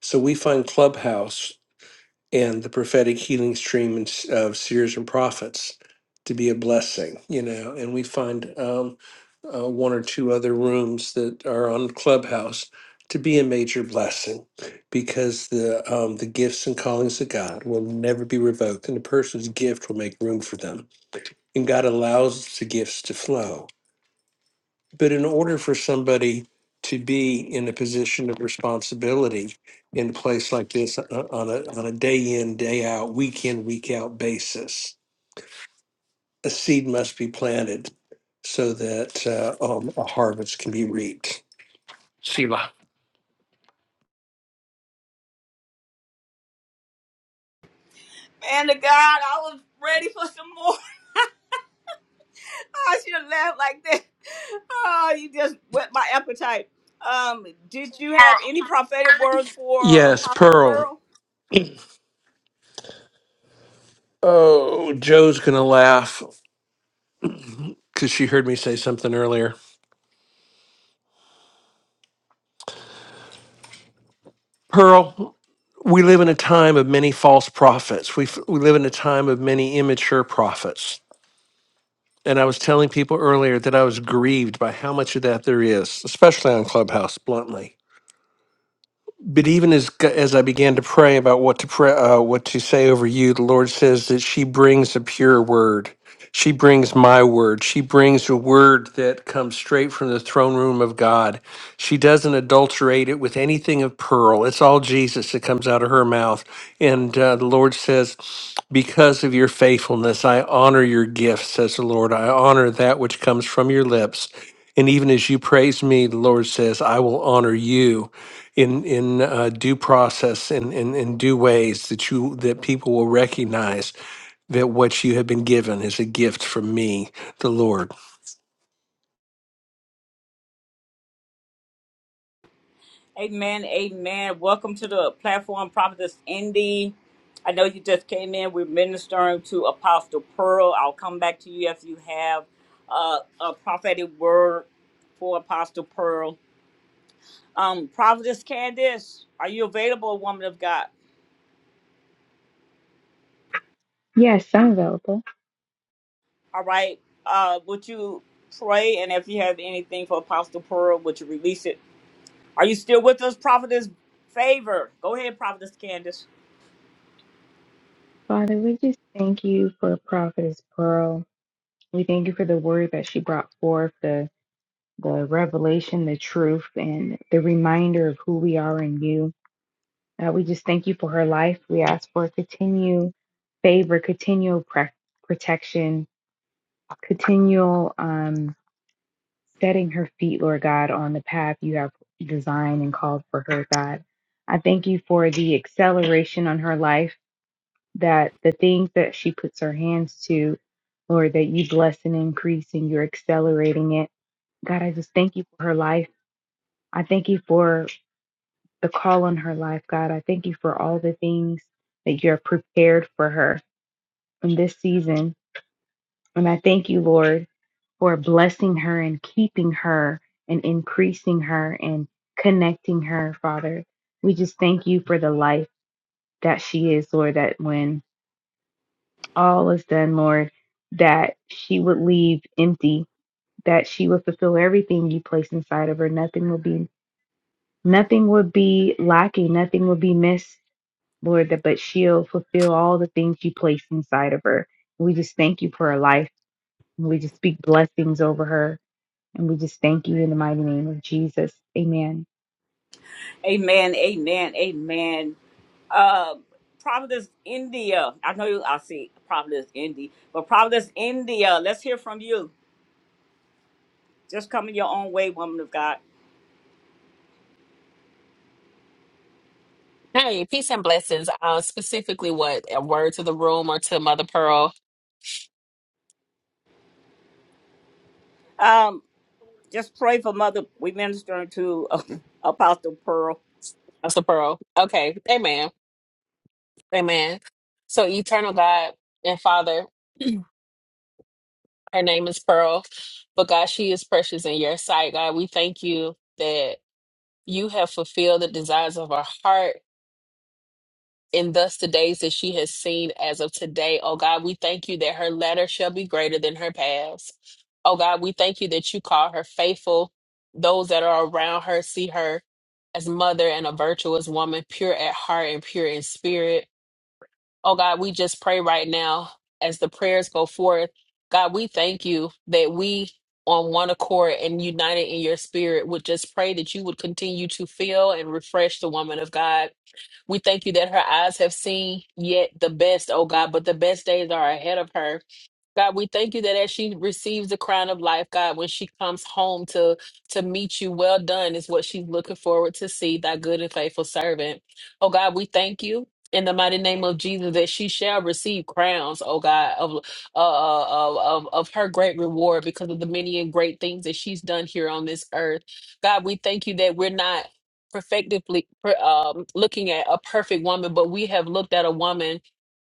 Speaker 8: So we find Clubhouse and the prophetic healing stream and s- of seers and prophets to be a blessing, you know, and we find um, uh, one or two other rooms that are on Clubhouse to be a major blessing because the um, the gifts and callings of God will never be revoked, and the person's gift will make room for them, and God allows the gifts to flow but in order for somebody to be in a position of responsibility in a place like this uh, uh, on a, on a day in, day out, week in, week out basis, a seed must be planted so that uh, um, a harvest can be reaped. Selah.
Speaker 1: man of God, I was ready for some more. I should have laughed like that. Oh, you just whet my appetite. Um, did you have any prophetic words for
Speaker 8: Yes,
Speaker 1: Apostle
Speaker 8: Pearl.
Speaker 1: Pearl?
Speaker 8: Oh, Joe's going to laugh because she heard me say something earlier. Pearl, we live in a time of many false prophets. We, f- we live in a time of many immature prophets And I was telling people earlier that I was grieved by how much of that there is, especially on Clubhouse, bluntly but even as g- as I began to pray about what to pray, uh, what to say over you, the Lord says that she brings a pure word. She brings my word. She brings a word that comes straight from the throne room of God. She doesn't adulterate it with anything of pearl. It's all Jesus that comes out of her mouth. And uh, the Lord says, Because of your faithfulness, I honor your gifts, says the Lord. I honor that which comes from your lips. And even as you praise me, the Lord says, I will honor you in in uh, due process and in, in, in due ways that you that people will recognize that what you have been given is a gift from me, the Lord.
Speaker 1: Amen, amen. Welcome to the platform, Prophetess Indy. I know you just came in. We're ministering to Apostle Pearl. I'll come back to you if you have uh, a prophetic word for Apostle Pearl. Um, Prophetess Candace, are you available, woman of God?
Speaker 5: Yes, I'm available.
Speaker 1: All right. Uh, would you pray? And if you have anything for Apostle Pearl, would you release it? Are you still with us, Prophetess Favor? Go ahead, Prophetess Candace.
Speaker 5: Father, we just thank you for Prophetess Pearl. We thank you for the word that she brought forth, the the revelation, the truth, and the reminder of who we are in you. Uh, we just thank you for her life. We ask for continued favor, continual pre- protection, continual um, setting her feet, Lord God, on the path you have designed and called for her, God. I thank you for the acceleration on her life, that the things that she puts her hands to, Lord, that you bless and increase and you're accelerating it. God, I just thank you for her life. I thank you for the call on her life, God. I thank you for all the things that you're prepared for her in this season. And I thank you, Lord, for blessing her and keeping her and increasing her and connecting her, Father. We just thank you for the life that she is, Lord, that when all is done, Lord, that she would leave empty, that she would fulfill everything you place inside of her. Nothing will be nothing would be lacking, nothing will be missed Lord, that but she'll fulfill all the things you place inside of her. We just thank you for her life. And we just speak blessings over her. And we just thank you in the mighty name of Jesus. Amen.
Speaker 1: Amen. Amen. Amen. Uh, Prophetess India. I know you, I see Prophetess Indy, but Prophetess India, let's hear from you. Just coming your own way, woman of God.
Speaker 9: Hey, peace and blessings. Uh, specifically, what a word to the room or to Mother Pearl,
Speaker 1: Um, just pray for Mother. We ministering to uh, Apostle Pearl.
Speaker 9: Mother Pearl. Okay, Amen, Amen. So, Eternal God and Father, her name is Pearl, but God, she is precious in Your sight. God, we thank You that You have fulfilled the desires of our heart and thus the days that she has seen as of today. Oh God, we thank you that her latter shall be greater than her past. Oh God, we thank you that you call her faithful. Those that are around her see her as mother and a virtuous woman, pure at heart and pure in spirit. Oh God, we just pray right now as the prayers go forth. God, we thank you that we on one accord and united in your spirit would just pray that you would continue to fill and refresh the woman of God we thank you that her eyes have seen yet the best, oh God, but the best days are ahead of her. God, we thank you that as she receives the crown of life, God, when she comes home to to meet you, well done is what she's looking forward to see, thy good and faithful servant. Oh God, we thank you in the mighty name of Jesus that she shall receive crowns, oh God, of uh, uh, of, of of her great reward because of the many and great things that she's done here on this earth. God, we thank you that we're not perfectively per- um, looking at a perfect woman, but we have looked at a woman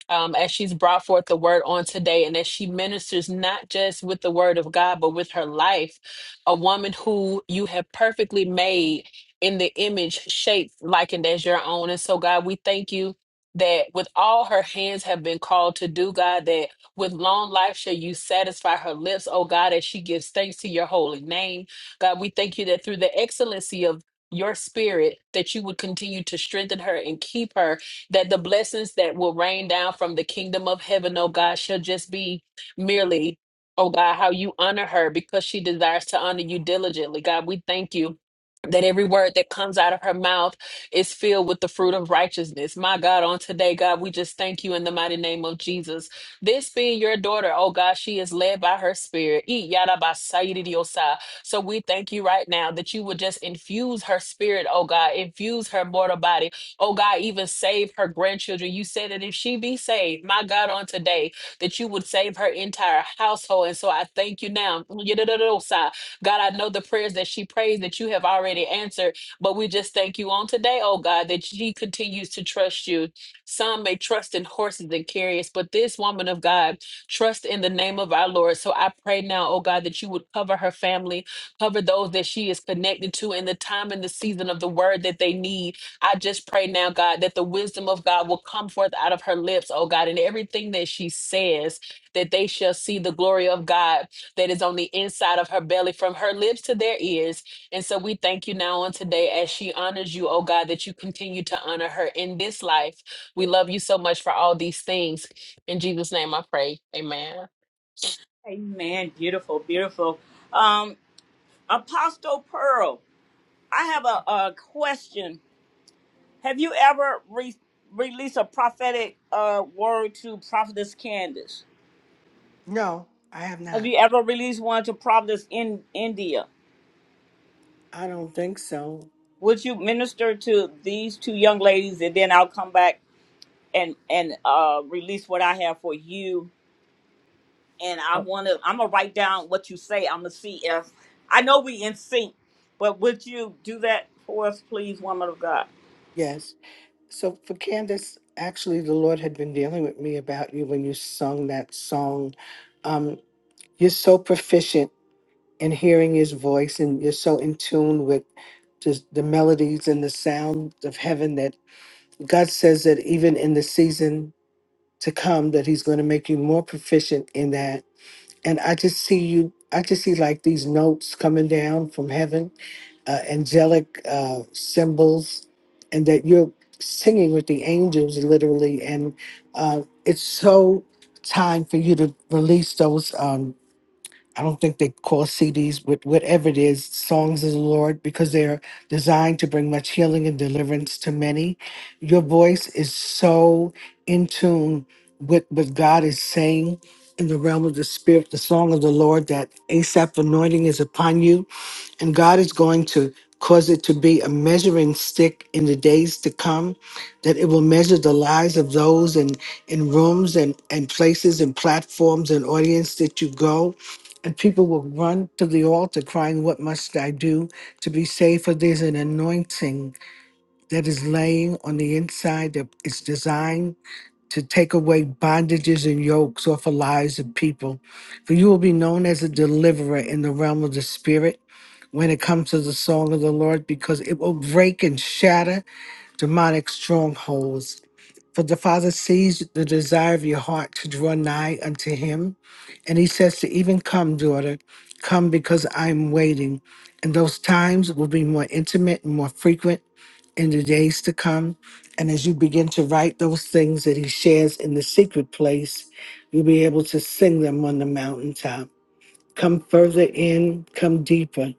Speaker 9: um, as she's brought forth the word on today, and as she ministers not just with the word of God, but with her life, a woman who you have perfectly made in the image, shaped, likened as your own. And so, God, we thank you that with all her hands have been called to do, God, that with long life shall you satisfy her lips, oh God, as she gives thanks to your holy name. God, we thank you that through the excellency of your spirit, that you would continue to strengthen her and keep her that the blessings that will rain down from the kingdom of heaven, oh God, shall just be merely, oh God, how you honor her because she desires to honor you diligently. God, we thank you. That every word that comes out of her mouth is filled with the fruit of righteousness. My God, on today, God, we just thank you in the mighty name of Jesus. This being your daughter, oh God, she is led by her spirit. Ee yada ba sa yi di di o sa. So we thank you right now that you would just infuse her spirit, oh God, infuse her mortal body Oh God, even save her grandchildren. You said that if she be saved, my God, on today, that you would save her entire household. And so I thank you now. God, I know the prayers that she prays that you have already answered, but we just thank you on today, oh God, that she continues to trust you. Some may trust in horses and chariots, but this woman of God, trust in the name of our Lord. So I pray now, oh God, that you would cover her family, cover those that she is connected to in the time and the season of the word that they need. I just pray now, God, that the wisdom of God will come forth out of her lips, oh God, and everything that she says, that they shall see the glory of God that is on the inside of her belly, from her lips to their ears. And so we thank you now on today as she honors you, oh God, that you continue to honor her in this life. We love you so much for all these things. In Jesus' name I pray. Amen.
Speaker 1: Amen. Beautiful, beautiful. Um, Apostle Pearl. I have a, a question. Have you ever re- released a prophetic uh, word to Prophetess Candace?
Speaker 6: No, I have
Speaker 1: Have
Speaker 6: not.
Speaker 1: you ever released one to Prophetess in India?
Speaker 6: I don't think so.
Speaker 1: Would you minister to these two young ladies, and then I'll come back and and uh, release what I have for you? And I want to. I'm gonna write down what you say. I'm gonna see if I know we in sync. But would you do that for us, please, woman of God,
Speaker 6: Yes. So for Candace, actually, the Lord had been dealing with me about you when you sung that song. Um, you're so proficient in hearing His voice, and you're so in tune with just the melodies and the sound of heaven that God says that even in the season to come, that He's going to make you more proficient in that. And I just see you. I just see like these notes coming down from heaven uh, angelic uh, symbols and that you're singing with the angels literally and uh, it's so time for you to release those um, i don't think they call cds but whatever it is songs of the lord because they're designed to bring much healing and deliverance to many your voice is so in tune with what god is saying in the realm of the spirit the song of the lord that asap anointing is upon you and God is going to cause it to be a measuring stick in the days to come, that it will measure the lives of those in, in rooms and, and places and platforms and audience that you go. And people will run to the altar crying, What must I do to be saved? For there's an anointing that is laying on the inside that is designed to take away bondages and yokes off the lives of people. For you will be known as a deliverer in the realm of the spirit when it comes to the song of the Lord because it will break and shatter demonic strongholds. For the Father sees the desire of your heart to draw nigh unto Him. And He says to even come, daughter, come because I'm waiting. And those times will be more intimate and more frequent in the days to come. And as you begin to write those things that He shares in the secret place, you'll be able to sing them on the mountaintop. Come further in, come deeper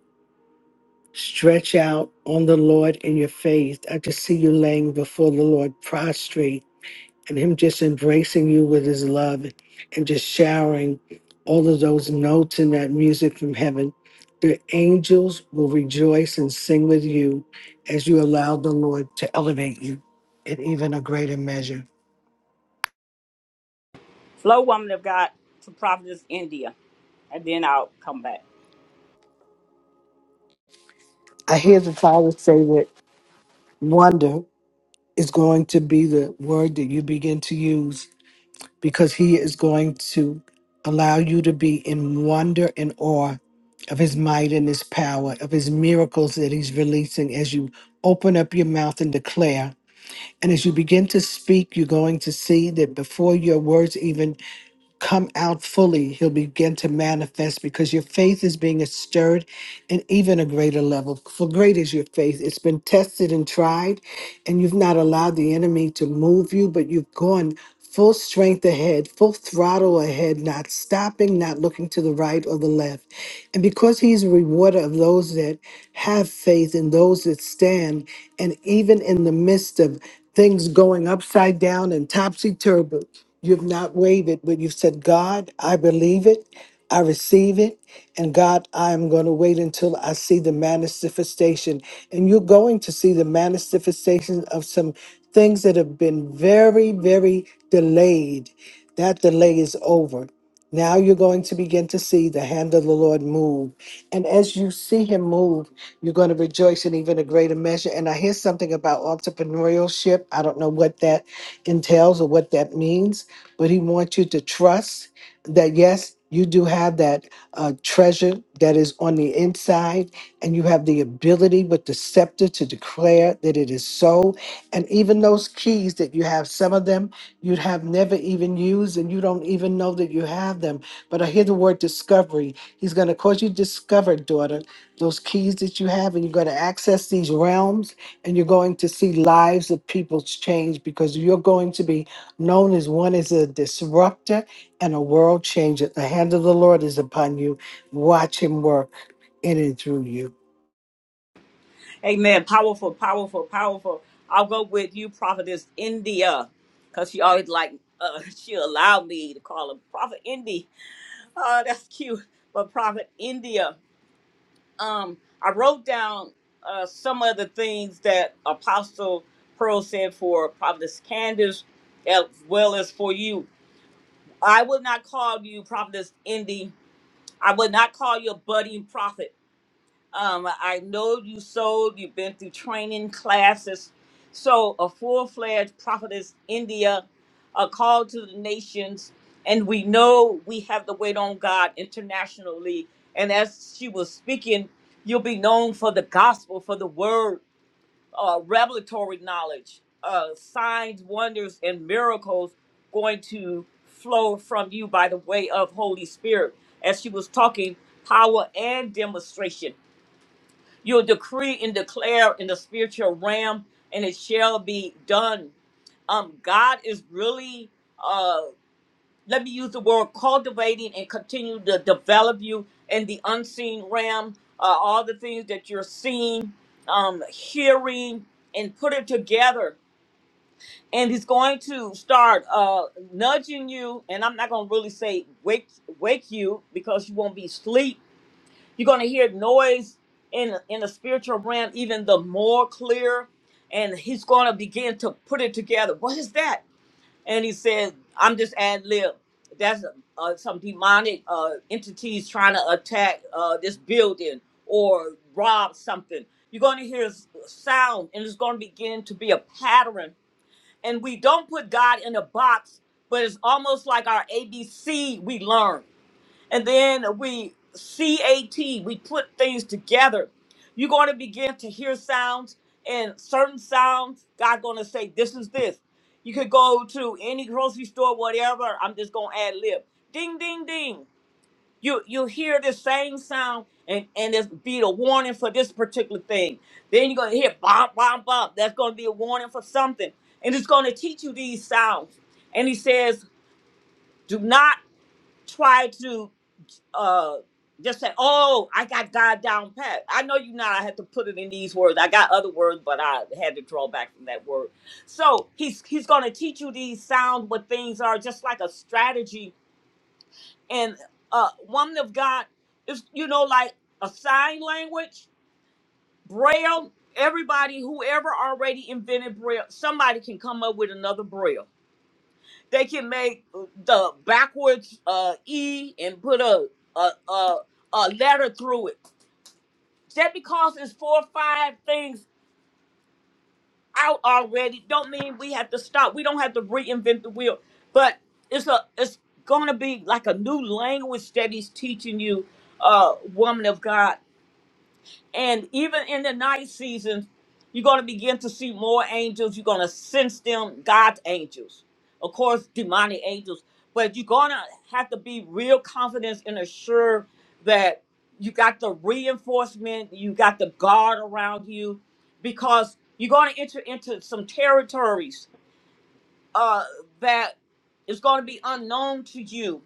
Speaker 6: Stretch out on the Lord in your faith. I just see you laying before the Lord prostrate and Him just embracing you with His love and just showering all of those notes and that music from heaven. The angels will rejoice and sing with you as you allow the Lord to elevate you in even a greater measure.
Speaker 1: flow, woman of God, to Prophetess India, and then I'll come back.
Speaker 6: I hear the Father say that wonder is going to be the word that you begin to use because he is going to allow you to be in wonder and awe of his might and his power, of his miracles that he's releasing as you open up your mouth and declare. And as you begin to speak, you're going to see that before your words even come out fully, he'll begin to manifest because your faith is being stirred and even a greater level. For great is your faith. It's been tested and tried, and you've not allowed the enemy to move you, but you've gone full strength ahead, full throttle ahead, not stopping, not looking to the right or the left. And because he's a rewarder of those that have faith and those that stand, and even in the midst of things going upside down and topsy turvy, you've not wavered, but you've said, God, I believe it. I receive it. And God, I am going to wait until I see the manifestation. And you're going to see the manifestation of some things that have been very, very delayed. That delay is over. Now you're going to begin to see the hand of the Lord move. And as you see him move, you're going to rejoice in even a greater measure. And I hear something about entrepreneurship. I don't know what that entails or what that means, but he wants you to trust that yes, you do have that uh, treasure that is on the inside, and you have the ability with the scepter to declare that it is so. And even those keys that you have, some of them you have never even used, and you don't even know that you have them. But I hear the word discovery. He's going to cause you to discover, daughter, those keys that you have, and you're going to access these realms, and you're going to see lives of people change because you're going to be known as one as a disruptor and a world changer. The hand of the Lord is upon you. Watch him work in and through you.
Speaker 1: Amen. Powerful, powerful, powerful. I'll go with you, Prophetess India, because she always like, uh, she allowed me to call her Prophet Indy. Oh, that's cute. But Prophet India, um, I wrote down uh, some of the things that Apostle Pearl said for Prophetess Candace, as well as for you. I would not call you Prophetess Indy. I would not call you a budding prophet. Um, I know you sold, you've been through training classes. So, a full fledged prophetess, India, a call to the nations. And we know we have to wait on God internationally. And as she was speaking, you'll be known for the gospel, for the word, uh, revelatory knowledge, uh, signs, wonders, and miracles going to flow from you by the way of Holy Spirit. As she was talking, power and demonstration. You'll decree and declare in the spiritual realm, and it shall be done. Um, God is really, uh, let me use the word cultivating and continue to develop you in the unseen realm. Uh, all the things that you're seeing, um, hearing, and put it together. And He's going to start uh, nudging you. And I'm not going to really say wake wake you because you won't be asleep you're going to hear noise in in the spiritual realm even the more clear, and he's going to begin to put it together. What is that? And he said, "I'm just ad lib. That's uh, some demonic uh, entities trying to attack uh, this building or rob something." You're going to hear s- sound, and it's going to begin to be a pattern. And we don't put God in a box, but it's almost like our ABC we learn and then we cat we put things together you're going to begin to hear sounds and certain sounds god going to say this is this you could go to any grocery store whatever i'm just going to add lib ding ding ding you you hear this same sound and and it's be a warning for this particular thing then you're going to hear bop bop bop that's going to be a warning for something and it's going to teach you these sounds and he says do not try to uh just say, "Oh, I got God down pat." I know you not. I had to put it in these words. I got other words, but I had to draw back from that word. So he's he's going to teach you these sound what things are, just like a strategy. And uh, woman of God is you know like a sign language, braille. Everybody, whoever already invented braille, somebody can come up with another braille. They can make the backwards uh, E and put a a a, a letter through it Just because it's four or five things out already, don't mean we have to stop. We don't have to reinvent the wheel. But it's a it's gonna be like a new language that he's teaching you, uh, woman of God. And even in the night seasons, you're going to begin to see more angels. You're going to sense them, God's angels, of course, demonic angels. But you're going to have to be real confident and assured that you got the reinforcement, you got the guard around you, because you're going to enter into some territories uh, that is going to be unknown to you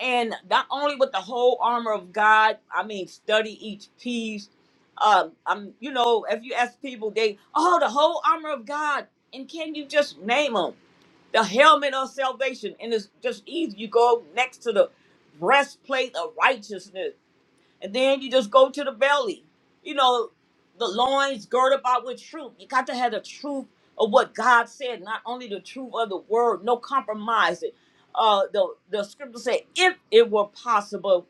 Speaker 1: and not only with the whole armor of God, I mean, study each piece. Um, I'm, you know, if you ask people, they, oh, the whole armor of God, and can you just name them? The helmet of salvation, and it's just easy. You go next to the breastplate of righteousness. And then you just go to the belly. You know, the loins girt about with truth. You got to have the truth of what God said, not only the truth of the word, no compromising. Uh, the, the scripture said, if it were possible,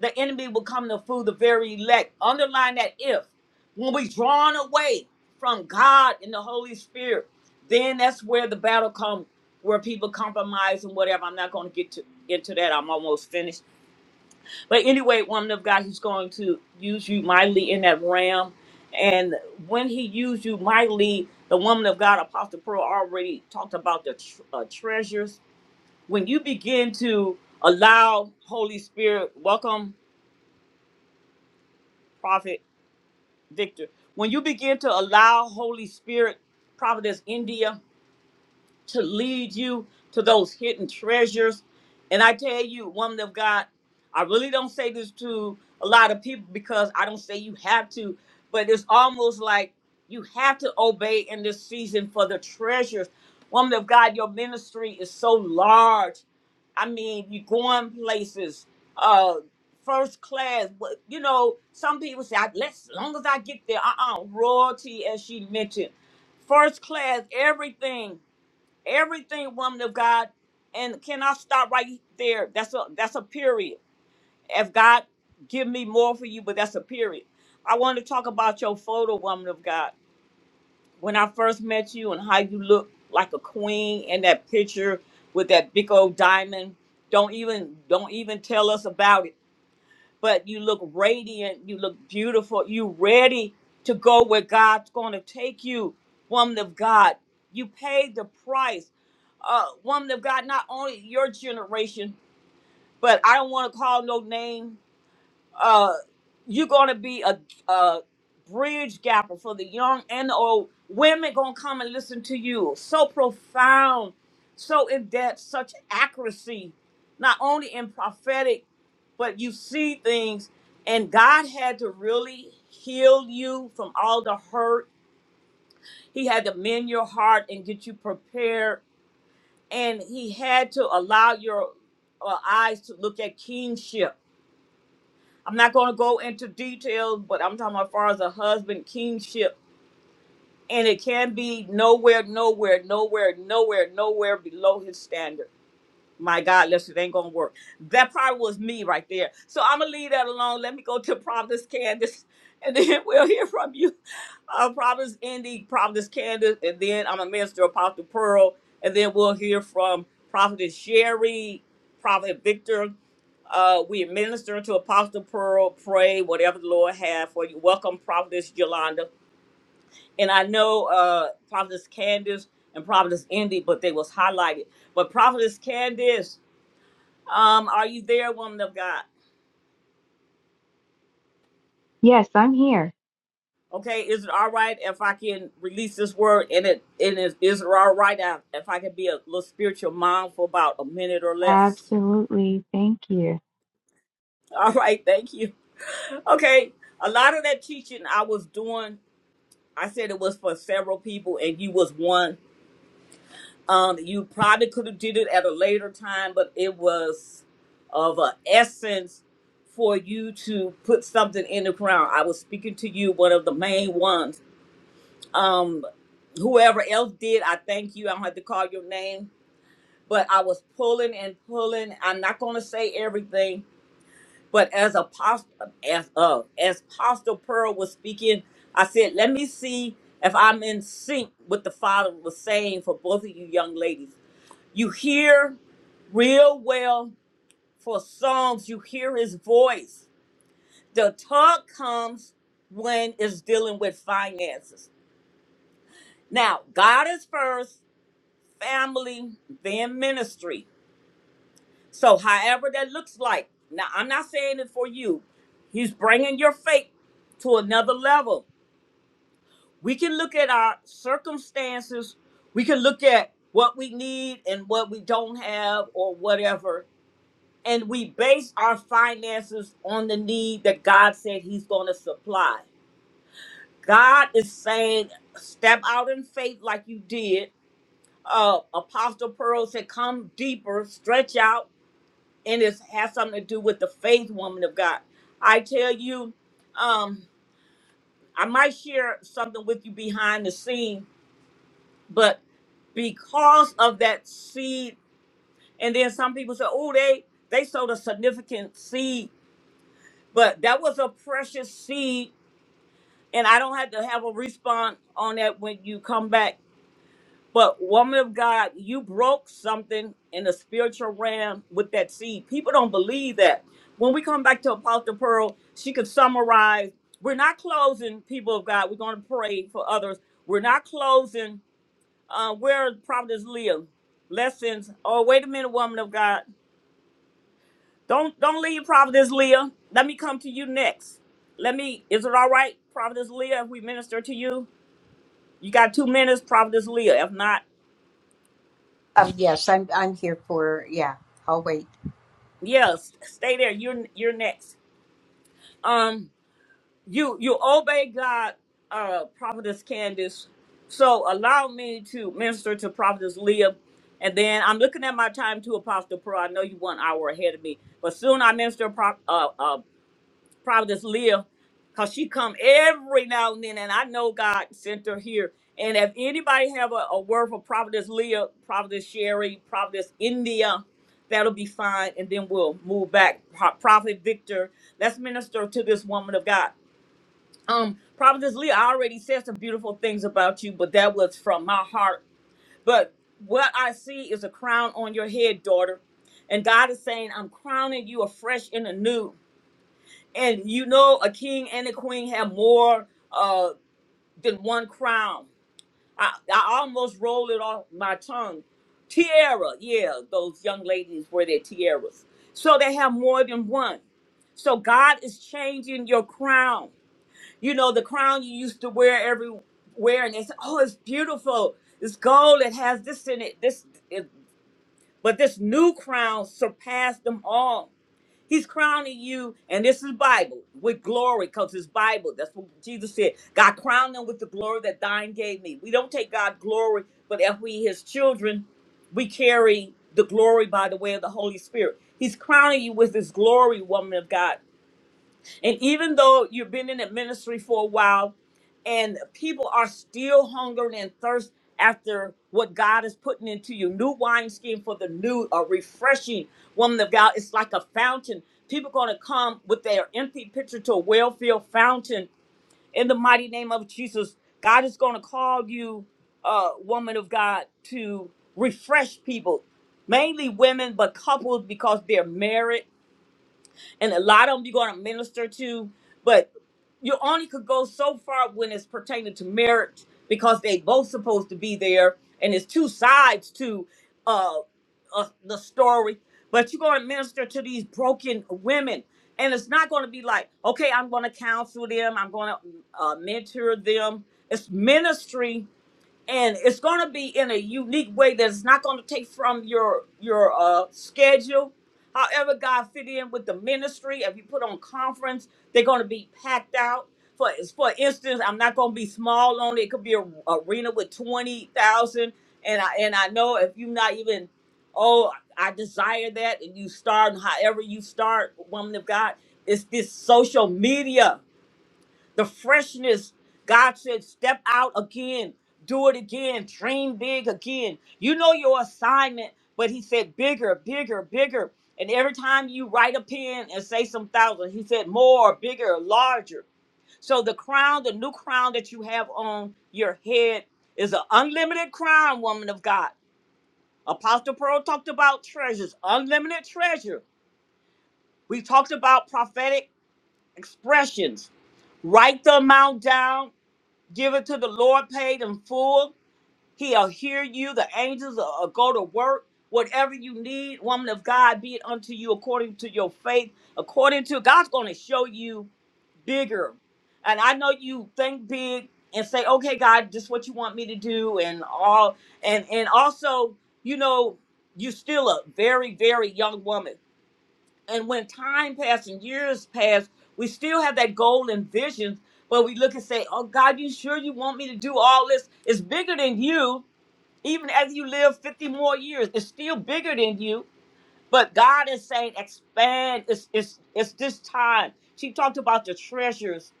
Speaker 1: the enemy will come to fool the very elect. Underline that if. When we drawn away from God and the Holy Spirit, then that's where the battle comes, where people compromise and whatever. I'm not going to get to into that. I'm almost finished but anyway, woman of God, he's going to use you mightily in that realm. And when he used you mightily, the woman of God, Apostle Pearl, already talked about the tr- uh, treasures. When you begin to allow Holy Spirit, welcome, Prophet Victor. When you begin to allow Holy Spirit, Prophetess India, to lead you to those hidden treasures. And I tell you, woman of God, I really don't say this to a lot of people because I don't say you have to, but it's almost like you have to obey in this season for the treasures. Woman of God, your ministry is so large. I mean, you're going places, uh, first class. But you know, some people say, "I- "Let's, as long as I get there." Uh, uh royalty, as she mentioned, first class, everything everything woman of God. And can I stop right there? That's a that's a period. If God give me more for you, but that's a period. I want to talk about your photo, woman of God. When I first met you and how you look like a queen in that picture with that big old diamond. Don't even don't even tell us about it. But you look radiant, you look beautiful, you ready to go where God's gonna take you, woman of God. You paid the price uh, woman of God, not only your generation, but I don't want to call no name. Uh, you're gonna be a, a bridge gapper for the young and the old. Women gonna come and listen to you. So profound, so in depth, such accuracy, not only in prophetic, but you see things. And God had to really heal you from all the hurt. He had to mend your heart and get you prepared and he had to allow your uh, eyes to look at kingship. I'm not going to go into details, but I'm talking about as far as a husband kingship, and it can be nowhere, nowhere, nowhere, nowhere, nowhere below his standard my God, listen, it ain't gonna work. That probably was me right there. So I'm gonna leave that alone. Let me go to Providence, Candace, and then we'll hear from you. Uh, Providence, Indy, Providence, Candace, and then I'm a minister, Apostle Pearl, and then we'll hear from Prophet Sherry, Prophet Victor. Uh, we administer to Apostle Pearl, pray whatever the Lord have for you. Welcome, Providence Yolanda, and I know uh, Providence Candace and Providence Indy, but they was highlighted. But Providence Candace. Um, are you there, woman of God?
Speaker 5: Yes, I'm here.
Speaker 1: Okay, is it all right if I can release this word and it and is, is it all right if I can be a little spiritual mom for about a minute or less?
Speaker 5: Absolutely. Thank you.
Speaker 1: All right, thank you. Okay, a lot of that teaching I was doing, I said it was for several people and you was one. Um, you probably could have did it at a later time, but it was of a essence for you to put something in the ground. I was speaking to you, one of the main ones um whoever else did i thank you i don't have to call your name but i was pulling and pulling i'm not going to say everything but as apostle as uh as apostle pearl was speaking i said let me see if i'm in sync with the father was saying for both of you young ladies you hear real well for songs you hear his voice the talk comes when it's dealing with finances now god is first family, then ministry. So, however that looks like. Now, I'm not saying it for you. He's bringing your faith to another level. We can look at our circumstances. We can look at what we need and what we don't have or whatever. And we base our finances on the need that God said He's going to supply. God is saying, step out in faith like you did. Uh, Apostle Pearl said, come deeper, stretch out and it has something to do with the faith woman of God. I tell you, um, I might share something with you behind the scene, but because of that seed, and then some people say, "Oh, they they sowed a significant seed," but that was a precious seed, and I don't have to have a response on that when you come back But woman of God, you broke something in the spiritual realm with that seed. People don't believe that. When we come back to Apostle Pearl, she could summarize. We're not closing, people of God. We're going to pray for others. We're not closing. Uh, where is Providence Leah? Lessons. Oh, wait a minute, woman of God. Don't don't leave Providence Leah. Let me come to you next. Let me. Is it all right, Providence Leah? If we minister to you, you got two minutes, Providence Leah. If not.
Speaker 7: Um, yes, I'm I'm here for yeah. I'll wait.
Speaker 1: Yes, stay there. You're you're next. Um, you you obey God, uh, Prophetess Candace. So allow me to minister to Prophetess Leah, and then I'm looking at my time to Apostle Pearl. I know you one hour ahead of me, but soon I minister Prop, uh, uh, Providence Leah, cause she come every now and then, and I know God sent her here. And if anybody have a, a word for Providence Leah, Providence Sherry, Providence India, that'll be fine, and then we'll move back. Pro- Prophet Victor, let's minister to this woman of God. Um, Providence Leah, I already said some beautiful things about you, but that was from my heart. But what I see is a crown on your head, daughter, and God is saying, "I'm crowning you afresh and anew." And you know, a king and a queen have more uh, than one crown. I, I almost rolled it off my tongue. Tiara, yeah, those young ladies wear their tiaras. So they have more than one. So God is changing your crown. You know, the crown you used to wear everywhere, and they say, oh, it's beautiful. It's gold. It has this in it. This, it, but this new crown surpassed them all. He's crowning you, and this is Bible with glory, because it's Bible. That's what Jesus said. God crowned them with the glory that thine gave me. We don't take God glory, but if we his children, we carry the glory by the way of the Holy Spirit. He's crowning you with his glory, woman of God. And even though you've been in that ministry for a while and people are still hungering and thirst after what God is putting into you, new wineskin for the new, a refreshing woman of God. It's like a fountain. People going to come with their empty pitcher to a well-filled fountain in the mighty name of Jesus. God is going to call you, uh, woman of God, to refresh people, mainly women, but couples because they're married and a lot of them you're going to minister to, but you only could go so far when it's pertaining to marriage because they both supposed to be there, and it's two sides to uh, uh the story. But you're going to minister to these broken women, and it's not going to be like, okay, I'm going to counsel them, I'm going to uh, mentor them. It's ministry and it's going to be in a unique way that's not going to take from your your uh schedule however god fit in with the ministry if you put on conference they're going to be packed out for for instance i'm not going to be small on it It could be a arena with 20,000 and i and i know if you're not even oh i desire that and you start and however you start woman of god it's this social media the freshness. God said, step out again, do it again, dream big again. You know your assignment, but He said, bigger, bigger, bigger. And every time you write a pen and say some thousand, He said, more, bigger, larger. So the crown, the new crown that you have on your head is an unlimited crown, woman of God. Apostle Pearl talked about treasures, unlimited treasure. We talked about prophetic expressions write the amount down Give it to the Lord, paid in full. He'll hear you. The angels will will go to work. Whatever you need, woman of God, be it unto you according to your faith. According to God's going to show you bigger. And I know you think big and say, okay, God, this is what you want me to do and all and and also, you know, you are still a very, very young woman and when time passed and years passed, we still have that goal and vision, but we look and say, Oh God, you sure you want me to do all this? It's bigger than you. Even as you live 50 more years, it's still bigger than you. But God is saying, expand. It's it's it's this time. She talked about the treasures.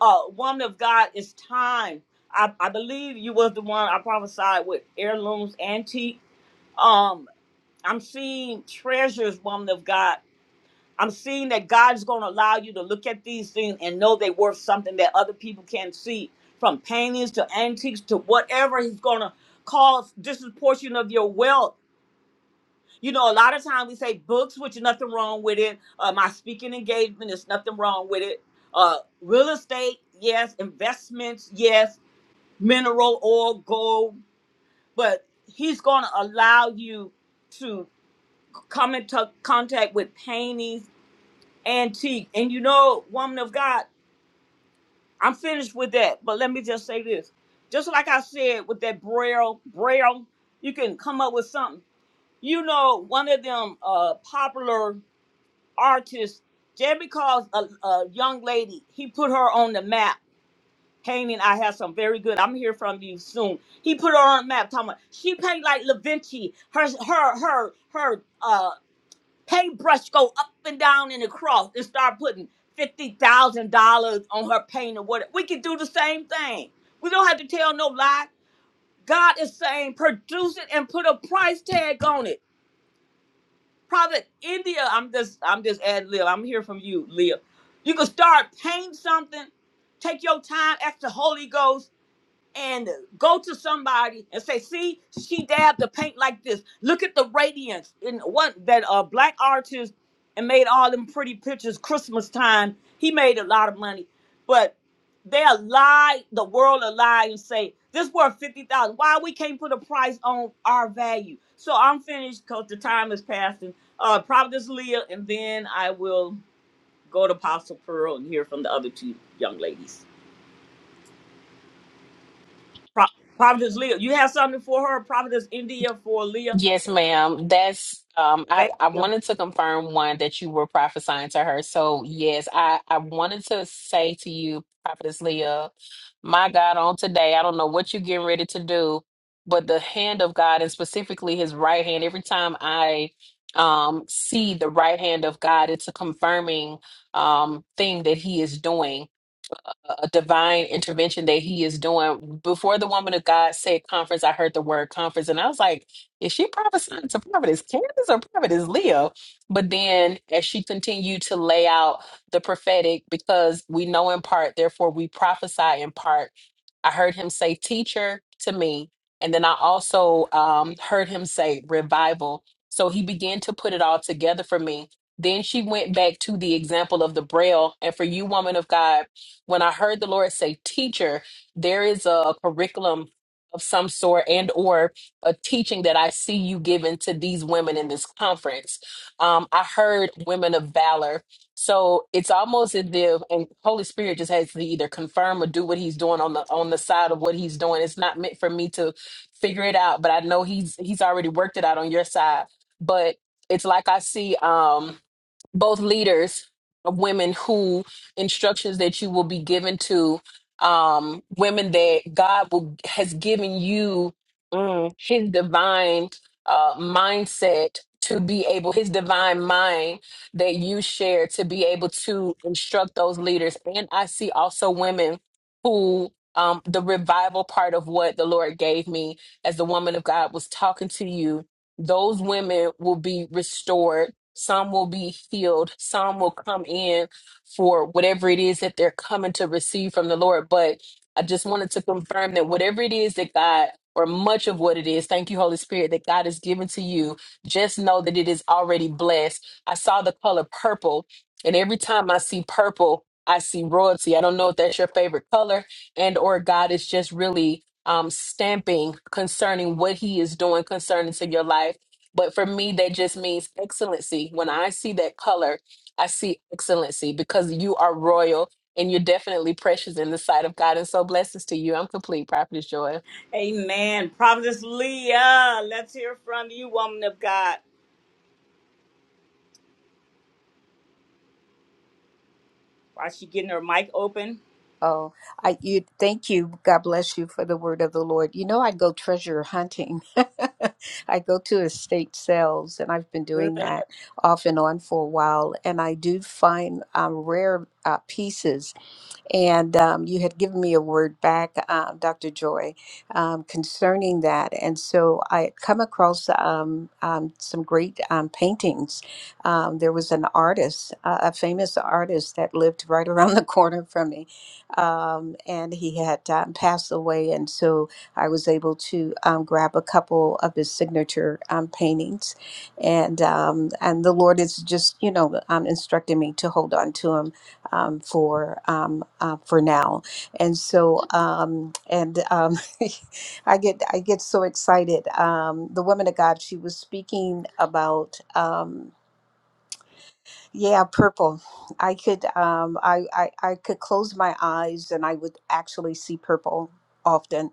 Speaker 1: Uh woman of God, it's time. I, I believe you was the one I prophesied with heirlooms, antique. Um, I'm seeing treasures, woman of God I'm seeing that God's going to allow you to look at these things and know they're worth something that other people can not see, from paintings to antiques to whatever He's going to cause this is portion of your wealth. You know, a lot of times we say books, which is nothing wrong with it. Uh, my speaking engagement, there's nothing wrong with it. Uh, real estate, yes. Investments, yes. Mineral oil, gold. But He's going to allow you to come into contact with paintings antique. And you know, woman of God, I'm finished with that. But let me just say this. Just like I said with that braille, braille, you can come up with something. You know, one of them uh popular artists, just because a, a young lady, he put her on the map. Painting, I have some very good. I'm here from you soon. He put her on the map. Talking about she paint like Da Vinci. Her, her, her, her. uh, paintbrush go up and down in the cross and start putting fifty thousand dollars on her paint or whatever. We can do the same thing. We don't have to tell no lie. God is saying produce it and put a price tag on it. Prophet India, I'm just I'm just ad lib. I'm here from you, Leah. You can start paint something. Take your time, ask the Holy Ghost and go to somebody and say, "See, she dabbed the paint like this. Look at the radiance." And what that uh black artist and made all them pretty pictures Christmas time. He made a lot of money, but they'll lie the world a lie and say this worth fifty thousand. Why we can't put a price on our value? So I'm finished because the time is passing. Uh, Providence Leah, and then I will go to Apostle Pearl and hear from the other two young ladies. Pro- Providence Leah. You have something for her? Providence India for Leah.
Speaker 9: Yes, ma'am. That's um I,
Speaker 1: Thank
Speaker 9: I
Speaker 1: you.
Speaker 9: wanted to confirm one that you were prophesying to her. So yes, I, I wanted to say to you, Prophetess Leah, my God, on today, I don't know what you're getting ready to do, but the hand of God and specifically his right hand, every time I um see the right hand of God, it's a confirming um thing that he is doing a a divine intervention that he is doing. Before the woman of God said conference, I heard the word conference, and I was like, is she prophesying to Providence Candace or Providence Leo? But then as she continued to lay out the prophetic, because we know in part, therefore we prophesy in part. I heard him say teacher to me. And then I also um, heard him say revival. So he began to put it all together for me. Then she went back to the example of the braille. And for you, woman of God, when I heard the Lord say teacher, there is a curriculum of some sort and or a teaching that I see you giving to these women in this conference. Um, I heard women of valor so it's almost as if and Holy Spirit just has to either confirm or do what he's doing on the on the side of what he's doing. It's not meant for me to figure it out, but I know he's he's already worked it out on your side. But it's like I see um both leaders of women who instructions that you will be given to um women that god will has given you mm, his divine uh mindset to be able his divine mind that you share to be able to instruct those leaders and i see also women who um the revival part of what the lord gave me as the woman of god was talking to you those women will be restored some will be healed. Some will come in for whatever it is that they're coming to receive from the Lord. But I just wanted to confirm that whatever it is that God, or much of what it is, thank you, Holy Spirit, that God has given to you, just know that it is already blessed. I saw the color purple, and every time I see purple, I see royalty. I don't know if that's your favorite color, and or God is just really um stamping concerning what he is doing concerning to your life but for me, that just means excellency. When I see that color, I see excellency because you are royal and you're definitely precious in the sight of God. And so blessings to you. I'm complete, Prophetess Joy.
Speaker 1: Amen. Providence Leah. Let's hear from you, woman of God. Why she getting her mic open?
Speaker 7: Oh, I you thank you. God bless you for the word of the Lord. You know, I go treasure hunting. I go to estate sales, and I've been
Speaker 1: Good.
Speaker 7: doing that off and on for a while. And I do find um, rare uh, pieces And um, you had given me a word back, uh, Dr. Joy, um, concerning that. And so I had come across um, um, some great um, paintings. Um, there was an artist, uh, a famous artist that lived right around the corner from me, um, and he had um, passed away. And so I was able to um, grab a couple of his signature um, paintings, and um, and the Lord is just you know um, instructing me to hold on to him um, for um, uh, for now. And so um, and um, I get I get so excited. Um, the woman of God, she was speaking about. Um, yeah, purple. I could um I, I I could close my eyes and I would actually see purple often.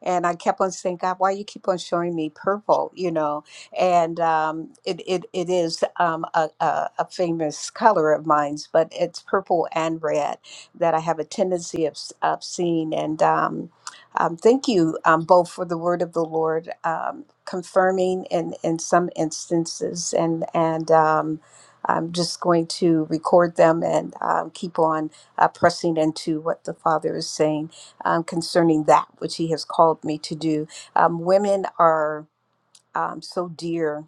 Speaker 7: And I kept on saying, God, why you keep on showing me purple, you know? And um it it, it is um a, a, a famous color of mine's, but it's purple and red that I have a tendency of s- of seeing and um um, thank you um, both for the word of the Lord, um, confirming in, in some instances, and and um, I'm just going to record them and um, keep on uh, pressing into what the Father is saying um, concerning that which He has called me to do. Um, women are um, so dear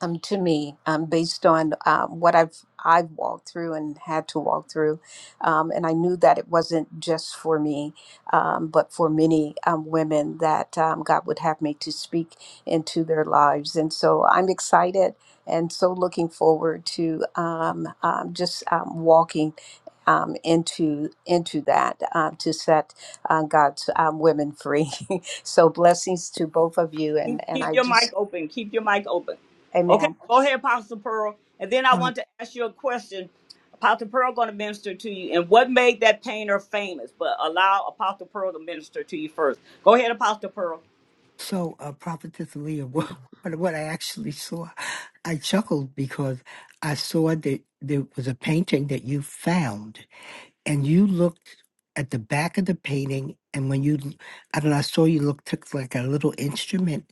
Speaker 7: um, to me um, based on um, what I've I've walked through and had to walk through, um, and I knew that it wasn't just for me, um, but for many um, women that um, God would have me to speak into their lives, and so I'm excited and so looking forward to um, um, just um, walking. Um, into into that uh, to set uh, God's um, women free. so blessings to both of you,
Speaker 1: Keep,
Speaker 7: and and
Speaker 1: keep
Speaker 7: I
Speaker 1: your mic
Speaker 7: just,
Speaker 1: open. Keep your mic open. Okay,
Speaker 7: Amen.
Speaker 1: go ahead, Apostle Pearl. And then I
Speaker 6: Um,
Speaker 1: want to ask you a question. Apostle Pearl going to minister to you. And what made that painter famous? But allow Apostle Pearl to minister to you first. Go ahead, Apostle Pearl.
Speaker 6: so, uh, Prophetess Leah, what, what I actually saw, I chuckled because I saw that there was a painting that you found, and you looked at the back of the painting, and when you, I don't know, I saw you look took like a little instrument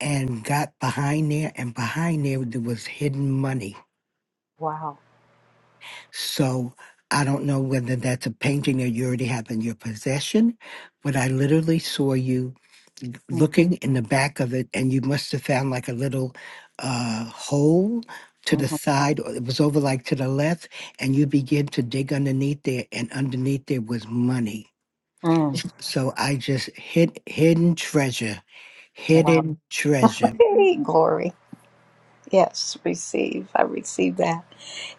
Speaker 6: and got behind there, and behind there there was hidden money
Speaker 7: Wow.
Speaker 6: So I don't know whether that's a painting that you already have in your possession, but I literally saw you looking in the back of it, and you must have found like a little uh, hole to the
Speaker 7: Mm-hmm.
Speaker 6: side, or it was over like to the left, and you begin to dig underneath there, and underneath there was money.
Speaker 7: Mm.
Speaker 6: So I just hid hidden treasure,
Speaker 7: Wow.
Speaker 6: hidden treasure.
Speaker 7: Hey, glory. Yes, receive. I receive that.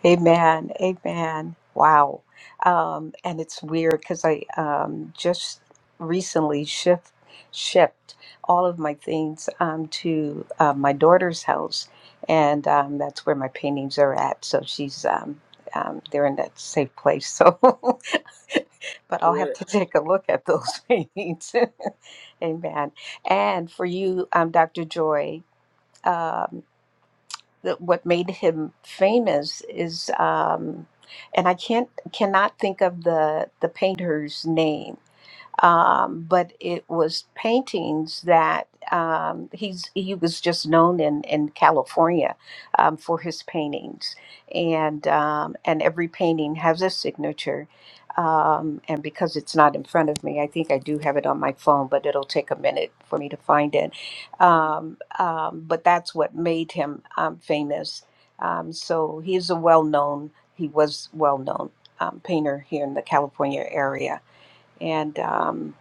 Speaker 7: Amen. Amen. Wow. Um, and it's weird because I um, just recently shift shipped all of my things um, to uh, my daughter's house, and um, that's where my paintings are at. So she's um, um, they're in that safe place. So, but I'll
Speaker 1: Good.
Speaker 7: have to take a look at those paintings. Amen. And for you, um, Dr. Joy. Um, that what made him famous is um and i can't cannot think of the the painter's name um, but it was paintings that um, he's he was just known in in California um, for his paintings, and um, and every painting has a signature. Um, and because it's not in front of me, I think I do have it on my phone, but it'll take a minute for me to find it. Um, um, but that's what made him um, famous. Um, so he's a well known, he was well known um, painter here in the California area. And um,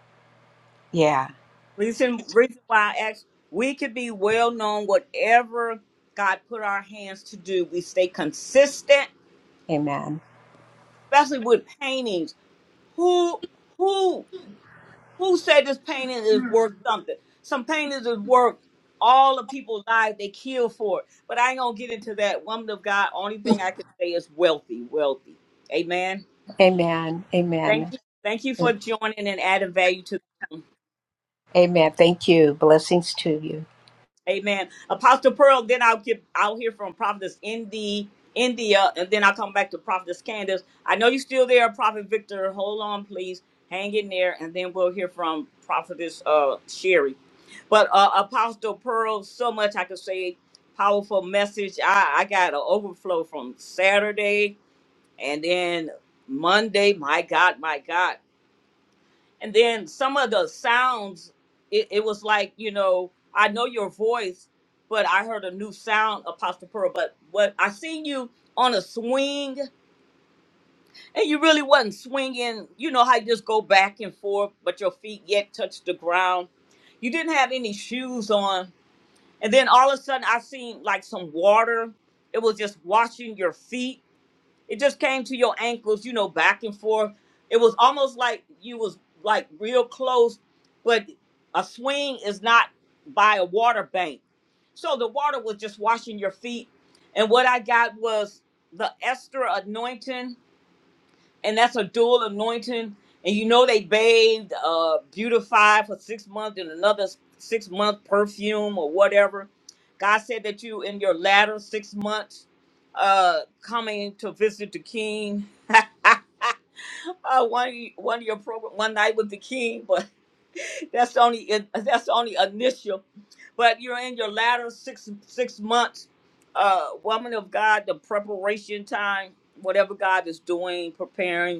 Speaker 7: yeah.
Speaker 1: Reason reason why I asked, we could be well known whatever God put our hands to do. We stay consistent,
Speaker 7: Amen.
Speaker 1: especially with paintings. Who who who said this painting is worth something? Some paintings is worth all the people's lives they kill for it. But I ain't gonna get into that. Woman of God, only thing I can say is wealthy, wealthy. Amen.
Speaker 7: Amen.
Speaker 1: Thank
Speaker 7: Amen.
Speaker 1: you. Thank you for joining and adding value to the room.
Speaker 7: Amen. Thank you. Blessings to you.
Speaker 1: Amen. Apostle Pearl, then I'll give I'll hear from Prophetess Indy India, and then I'll come back to Prophetess Candace. I know you're still there, Prophet Victor. Hold on, please. Hang in there, and then we'll hear from Prophetess uh Sherry. But uh Apostle Pearl, so much I could say, powerful message. I, I got an overflow from Saturday and then Monday. My God, my God and then some of the sounds it, it was like you know i know your voice but i heard a new sound apostle pearl but what i seen you on a swing and you really wasn't swinging you know how you just go back and forth but your feet yet touch the ground you didn't have any shoes on and then all of a sudden i seen like some water it was just washing your feet it just came to your ankles, you know, back and forth. It was almost like you was like real close, but a swing is not by a water bank. So the water was just washing your feet. And what I got was the Esther anointing and that's a dual anointing. And you know they bathed, uh, beautified for six months and another s- six month perfume or whatever. God said that you in your latter six months, uh, coming to visit the King. uh, one of you- one of your program one night with the King, but that's the only it- that's the only initial. But you're in your latter six six months, uh, woman of God, the preparation time, whatever God is doing, preparing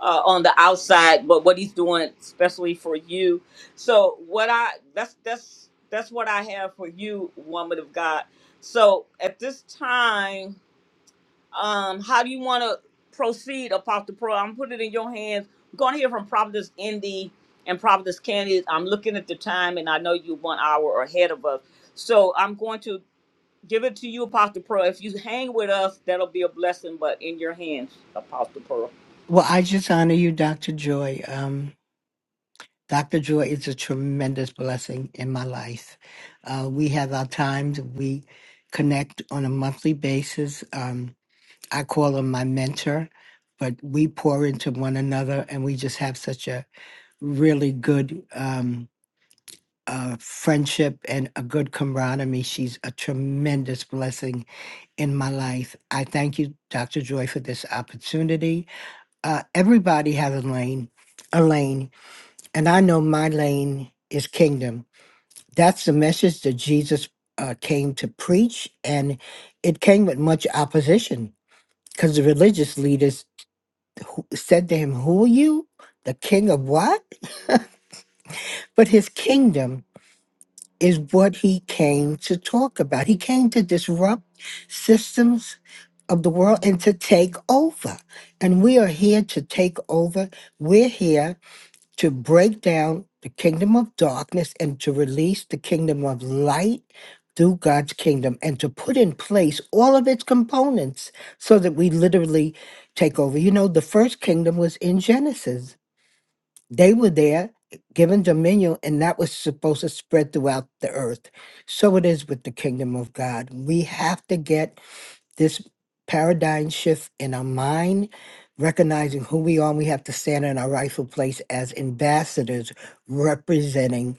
Speaker 1: uh, on the outside, but what he's doing especially for you. So what I that's that's that's what I have for you, woman of God. So at this time, um, how do you want to proceed, Apostle Pro? I'm putting it in your hands. We're going to hear from Providence Indy and Providence Candy. I'm looking at the time, and I know you one hour ahead of us. So I'm going to give it to you, Apostle Pro. If you hang with us, that'll be a blessing. But in your hands, Apostle Pro.
Speaker 6: Well, I just honor you, Dr. Joy. Um, Dr. Joy is a tremendous blessing in my life. Uh, we have our times. We connect on a monthly basis. Um, I call him my mentor, but we pour into one another and we just have such a really good um, uh, friendship and a good camaraderie. She's a tremendous blessing in my life. I thank you, Dr. Joy, for this opportunity. Uh, everybody has a lane, a lane, and I know my lane is kingdom that's the message that Jesus uh, came to preach, and it came with much opposition because the religious leaders who said to him, Who are you? The king of what? But his kingdom is what he came to talk about. He came to disrupt systems of the world and to take over. And we are here to take over. We're here to break down the kingdom of darkness and to release the kingdom of light through God's kingdom and to put in place all of its components so that we literally take over. You know, the first kingdom was in Genesis, they were there given dominion, and that was supposed to spread throughout the earth. So it is with the kingdom of God. We have to get this paradigm shift in our mind, recognizing who we are, and we have to stand in our rightful place as ambassadors representing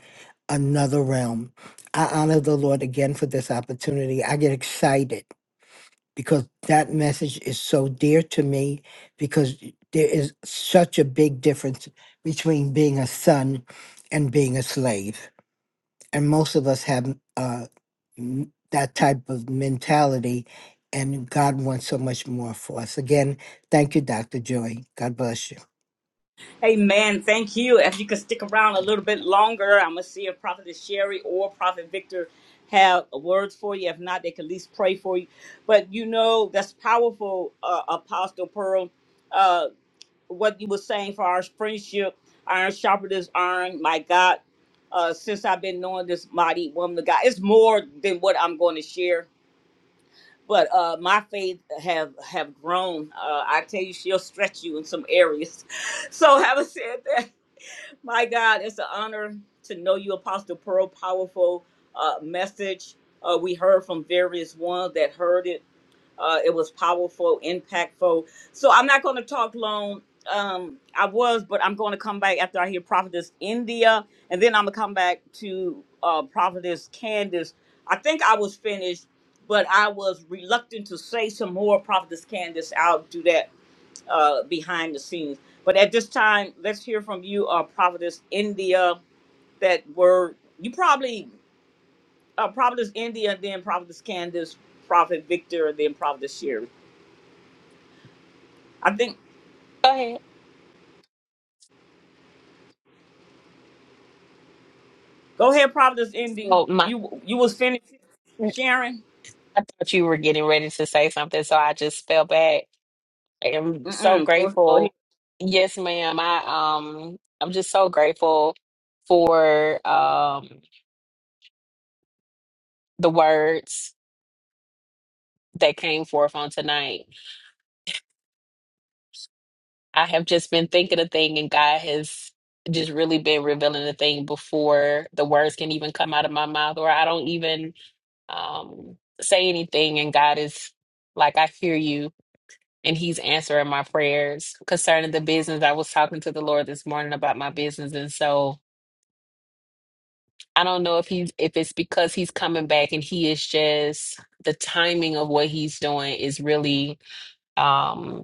Speaker 6: another realm. I honor the Lord again for this opportunity. I get excited because that message is so dear to me because there is such a big difference between being a son and being a slave and most of us have uh, m- that type of mentality, and God wants so much more for us. Again, thank you, Dr. Joy. God bless you.
Speaker 1: Amen. Thank you. If you could stick around a little bit longer, I'm gonna see if Prophet Sherry or Prophet Victor have words for you. If not, they can at least pray for you. But you know that's powerful, uh, Apostle Pearl. Uh, what you were saying for our friendship, iron sharper this iron. My God, uh, since I've been knowing this mighty woman of God, it's more than what I'm going to share. But uh, my faith have have grown. Uh, I tell you, she'll stretch you in some areas. So having said that. My God, it's an honor to know you, Apostle Pearl. Powerful uh, message. Uh, we heard from various ones that heard it. Uh, it was powerful, impactful. So I'm not going to talk long. Um, I was, but I'm going to come back after I hear Prophetess India, and then I'm going to come back to uh, Prophetess Candace. I think I was finished, but I was reluctant to say some more. Prophetess Candace, I'll do that uh, behind the scenes. But at this time, let's hear from you, uh, Prophetess India. That were you probably uh, Prophetess India, then Prophetess Candace, Prophet Victor, then Prophetess Sherry. I think.
Speaker 9: Go ahead.
Speaker 1: Go ahead, Prophetess Indy.
Speaker 9: Oh, my.
Speaker 1: You you was finished sharing.
Speaker 9: I thought you were getting ready to say something, so I just fell back. I am so
Speaker 1: Mm-mm. Go, go ahead.
Speaker 9: grateful. Yes, ma'am. I um I'm just so grateful for um the words that came forth on tonight I have just been thinking a thing, and God has just really been revealing a thing before the words can even come out of my mouth, or I don't even um, say anything. And God is like, I hear you, and He's answering my prayers concerning the business. I was talking to the Lord this morning about my business, and so I don't know if he's if it's because He's coming back, and He is just the timing of what He's doing is really. um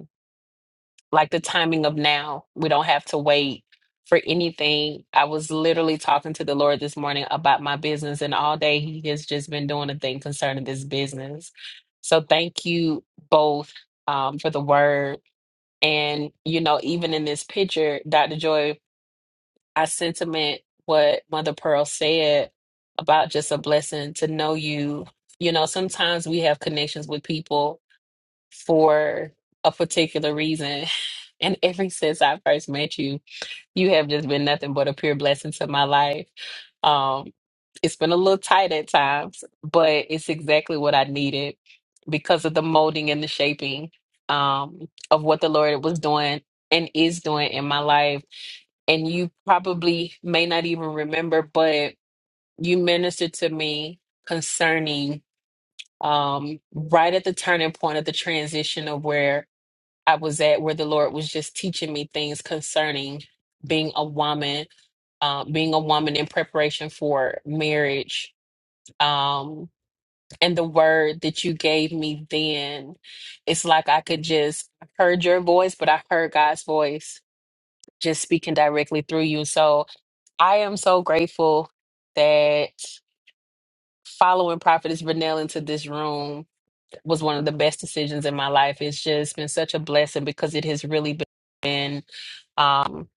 Speaker 9: like the timing of now. We don't have to wait for anything. I was literally talking to the Lord this morning about my business, and all day He has just been doing a thing concerning this business. So thank you both um, for the word. And, you know, even in this picture, Dr. Joy, I sentiment what Mother Pearl said about just a blessing to know you. You know, sometimes we have connections with people for a particular reason. And ever since I first met you, you have just been nothing but a pure blessing to my life. Um, it's been a little tight at times, but it's exactly what I needed because of the molding and the shaping um, of what the Lord was doing and is doing in my life. And you probably may not even remember, but you ministered to me concerning um, right at the turning point of the transition of where. I was at where the Lord was just teaching me things concerning being a woman, uh, being a woman in preparation for marriage. Um, and the word that you gave me then, it's like I could just I heard your voice, but I heard God's voice just speaking directly through you. So I am so grateful that following Prophetess Vernell into this room was one of the best decisions in my life. It's just been such a blessing because it has really been um,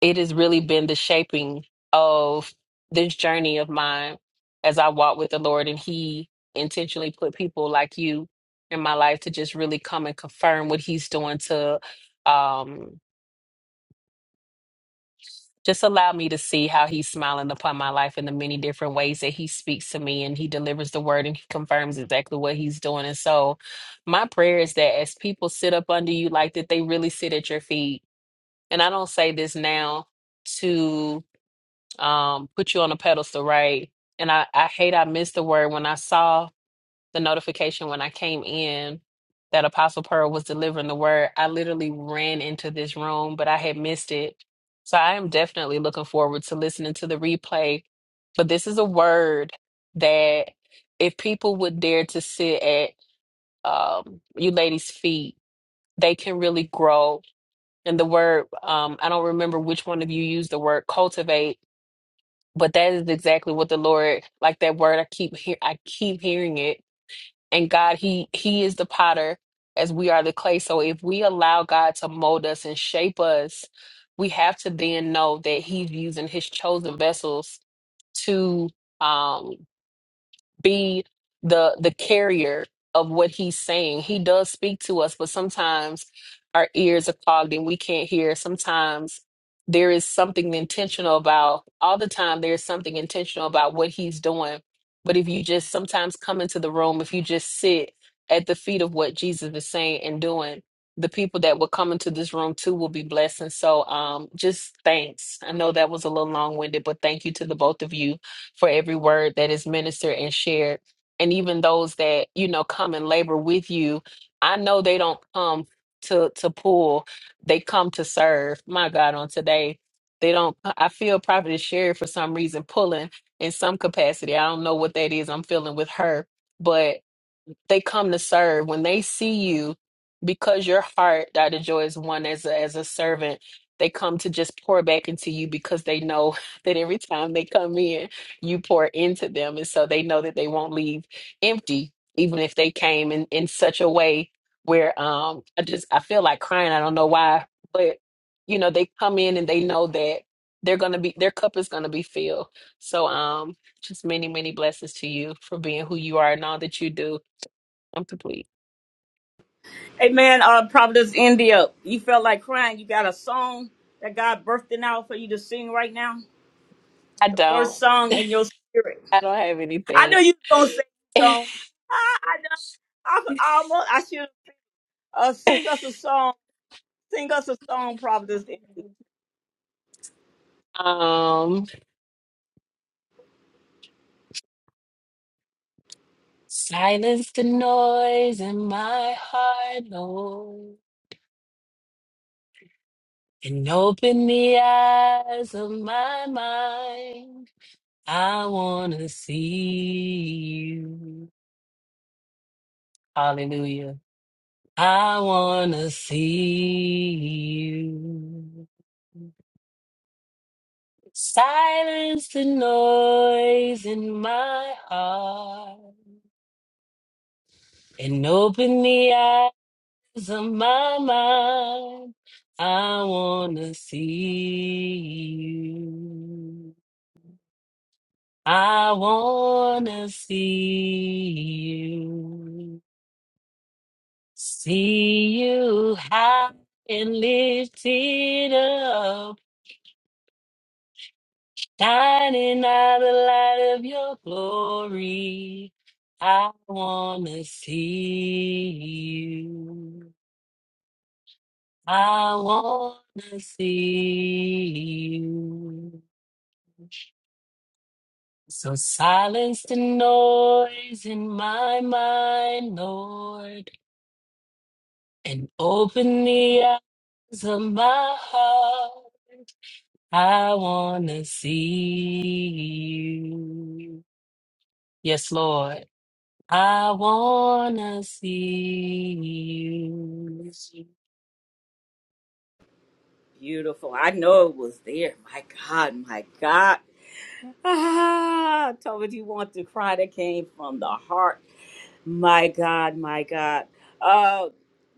Speaker 9: it has really been the shaping of this journey of mine as I walk with the Lord, and He intentionally put people like you in my life to just really come and confirm what He's doing to um, Just allow me to see how he's smiling upon my life in the many different ways that he speaks to me and he delivers the word and he confirms exactly what he's doing. And so, my prayer is that as people sit up under you like that, they really sit at your feet. And I don't say this now to um, put you on a pedestal, right? And I, I hate I missed the word when I saw the notification when I came in that Apostle Pearl was delivering the word, I literally ran into this room, but I had missed it. So I am definitely looking forward to listening to the replay. But this is a word that if people would dare to sit at um, you ladies' feet, they can really grow. And the word, um, I don't remember which one of you used the word cultivate, but that is exactly what the Lord, like that word, I keep hear, I keep hearing it and God, He He is the potter as we are the clay. So if we allow God to mold us and shape us, we have to then know that He's using His chosen vessels to um be the the carrier of what he's saying. He does speak to us, but sometimes our ears are clogged and we can't hear. Sometimes there is something intentional about all the time there's something intentional about what he's doing. But if you just sometimes come into the room, if you just sit at the feet of what Jesus is saying and doing, the people that will come into this room too will be blessed. And so um just thanks. I know that was a little long-winded, but thank you to the both of you for every word that is ministered and shared. And even those that, you know, come and labor with you, I know they don't come to to pull. They come to serve. My God, on today, they don't I feel Prophet is shared for some reason pulling in some capacity. I don't know what that is I'm feeling with her. but they come to serve when they see you because your heart dr joy is one as a, as a servant they come to just pour back into you because they know that every time they come in you pour into them and so they know that they won't leave empty even if they came in in such a way where um i just i feel like crying i don't know why but you know they come in and they know that they're gonna be their cup is gonna be filled so um just many many blessings to you for being who you are and all that you do I'm complete.
Speaker 1: Hey man, uh, Prophetess India. You felt like crying. You got a song that God birthing out for you to sing right now.
Speaker 9: I
Speaker 1: The first
Speaker 9: don't.
Speaker 1: song in your spirit.
Speaker 9: I don't have
Speaker 1: I know
Speaker 9: anything.
Speaker 1: you don't say you don't. i almost. I should uh, sing us a song. Sing us a song, Providence. It's
Speaker 9: um, silence the noise in my heart, Lord, and open the eyes of my mind. I wanna see you. Hallelujah. I wanna see you. Silence the noise in my heart and open the eyes of my mind. I want to see you. I want to see you. See you high and lifted up. Shining out the light of your glory, I wanna see you. I wanna see you. So silence the noise in my mind, Lord, and open the eyes of my heart. I wanna see you. Yes, Lord. I wanna see you.
Speaker 1: beautiful. I know it was there. My God, my God. Ah, told you want to cry that came from the heart. My God, my God. Uh,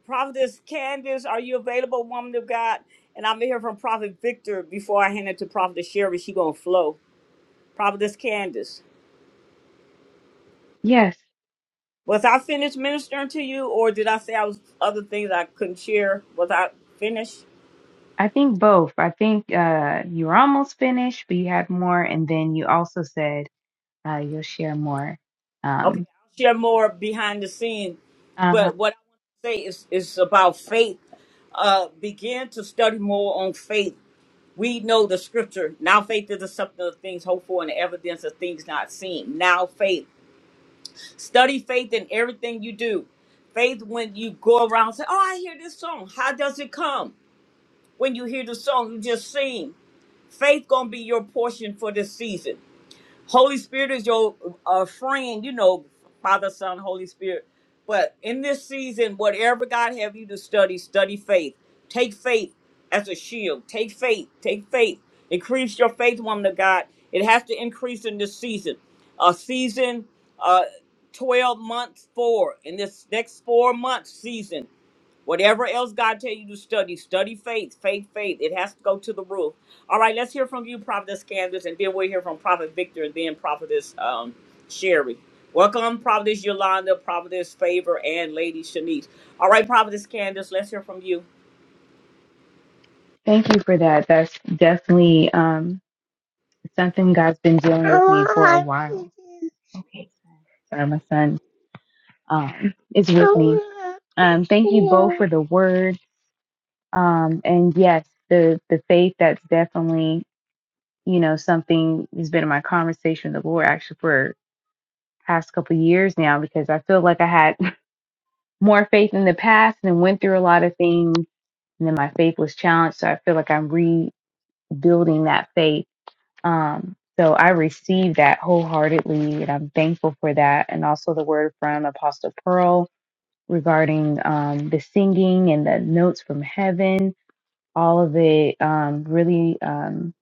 Speaker 1: Providence Candace, are you available, woman of God? And I'm here from Prophet Victor before I hand it to Prophet Sherry. She gonna flow. Providence Candace.
Speaker 5: Yes,
Speaker 1: Was I finished ministering to you, or did I say I was other things I couldn't share? Was I finished?
Speaker 5: I think both. I think uh, you were almost finished, but you had more. And then you also said uh, you'll share more.
Speaker 1: Okay,
Speaker 5: Um,
Speaker 1: I'll share more behind the scene,
Speaker 5: uh-huh.
Speaker 1: but what I want to say is is about faith. Uh, begin to study more on faith. We know the scripture. Now faith is the substance of things hoped for and the evidence of things not seen. Now faith. Study faith in everything you do. Faith when you go around and say, "Oh, I hear this song." How does it come? When you hear the song, you just sing. Faith gonna be your portion for this season. Holy Spirit is your uh, friend, you know, Father, Son, Holy Spirit. But in this season, whatever God have you to study, study faith. Take faith as a shield. Take faith. Take faith. Increase your faith, woman of God. It has to increase in this season. A season, uh, 12 months forward. In this next four months season, Whatever else God tell you to study, study faith, faith, faith. It has to go to the roof. All right, let's hear from you, Prophetess Candace, and then we'll hear from Prophet Victor and then Prophetess um, Sherry. Welcome, Prophetess Yolanda, Prophetess Favor, and Lady Shanice. All right, Prophetess Candace, let's hear from you.
Speaker 5: Thank you for that. That's definitely um, something God's been dealing with me for a while. Okay. or my son um, is with me. Um, thank you both for the word. Um, and yes, the the faith that's definitely you know something has been in my conversation with the Lord actually for past couple of years now because I feel like I had more faith in the past and went through a lot of things and then my faith was challenged. So I feel like I'm rebuilding that faith. Um, so I received that wholeheartedly and I'm thankful for that. And also the word from Apostle Pearl regarding um, the singing and the notes from heaven. All of it um, really um,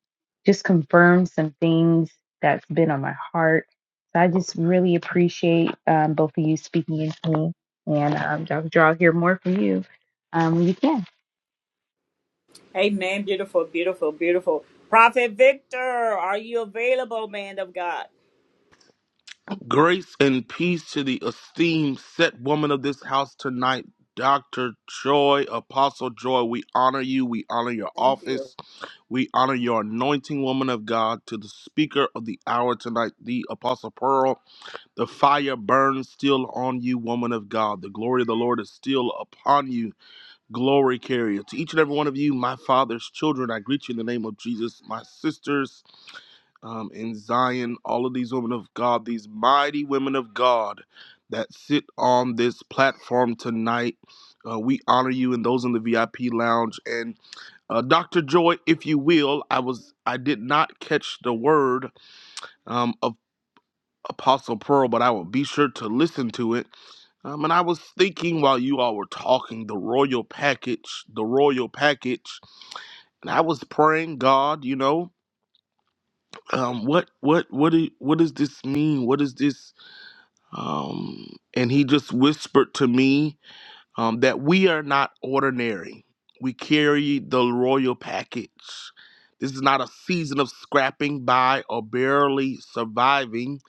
Speaker 5: just confirmed some things that's been on my heart. So I just really appreciate um, both of you speaking into me. And um, Dr. Draw, hear more from you um, when you can.
Speaker 1: Amen. Beautiful, beautiful, beautiful. Prophet Victor, are you available, man of God?
Speaker 10: Grace and peace to the esteemed set woman of this house tonight, Dr. Joy, Apostle Joy. We honor you. We honor your
Speaker 1: Thank you.
Speaker 10: office. We honor your anointing woman of God to the speaker of the hour tonight, the Apostle Pearl. The fire burns still on you, woman of God. The glory of the Lord is still upon you, glory carrier. To each and every one of you, my father's children, I greet you in the name of Jesus, my sisters um, in Zion, all of these women of God, these mighty women of God that sit on this platform tonight. Uh, we honor you and those in the VIP lounge. And uh, Dr. Joy, if you will, I was I did not catch the word um, of Apostle Pearl, but I will be sure to listen to it. Um, and I was thinking while you all were talking, the royal package, the royal package, and I was praying, God, you know, um, what what what do, what does this mean? What is this? Um, and he just whispered to me um, that we are not ordinary. We carry the royal package. This is not a season of scrapping by or barely surviving.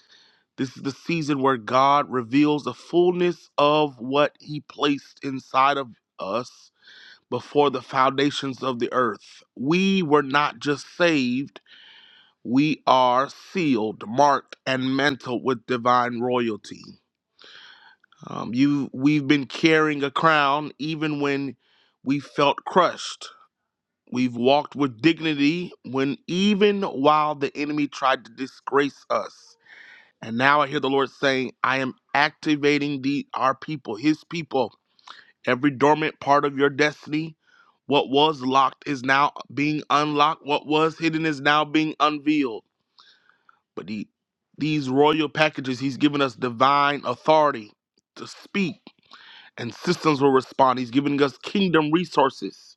Speaker 10: This is the season where God reveals the fullness of what he placed inside of us before the foundations of the earth. We were not just saved, we are sealed, marked, and mantled with divine royalty. Um, you, we've been carrying a crown even when we felt crushed. We've walked with dignity when even while the enemy tried to disgrace us. And now I hear the Lord saying, I am activating the our people, his people. Every dormant part of your destiny, what was locked is now being unlocked. What was hidden is now being unveiled. But the, these royal packages, he's given us divine authority to speak and systems will respond. He's giving us kingdom resources.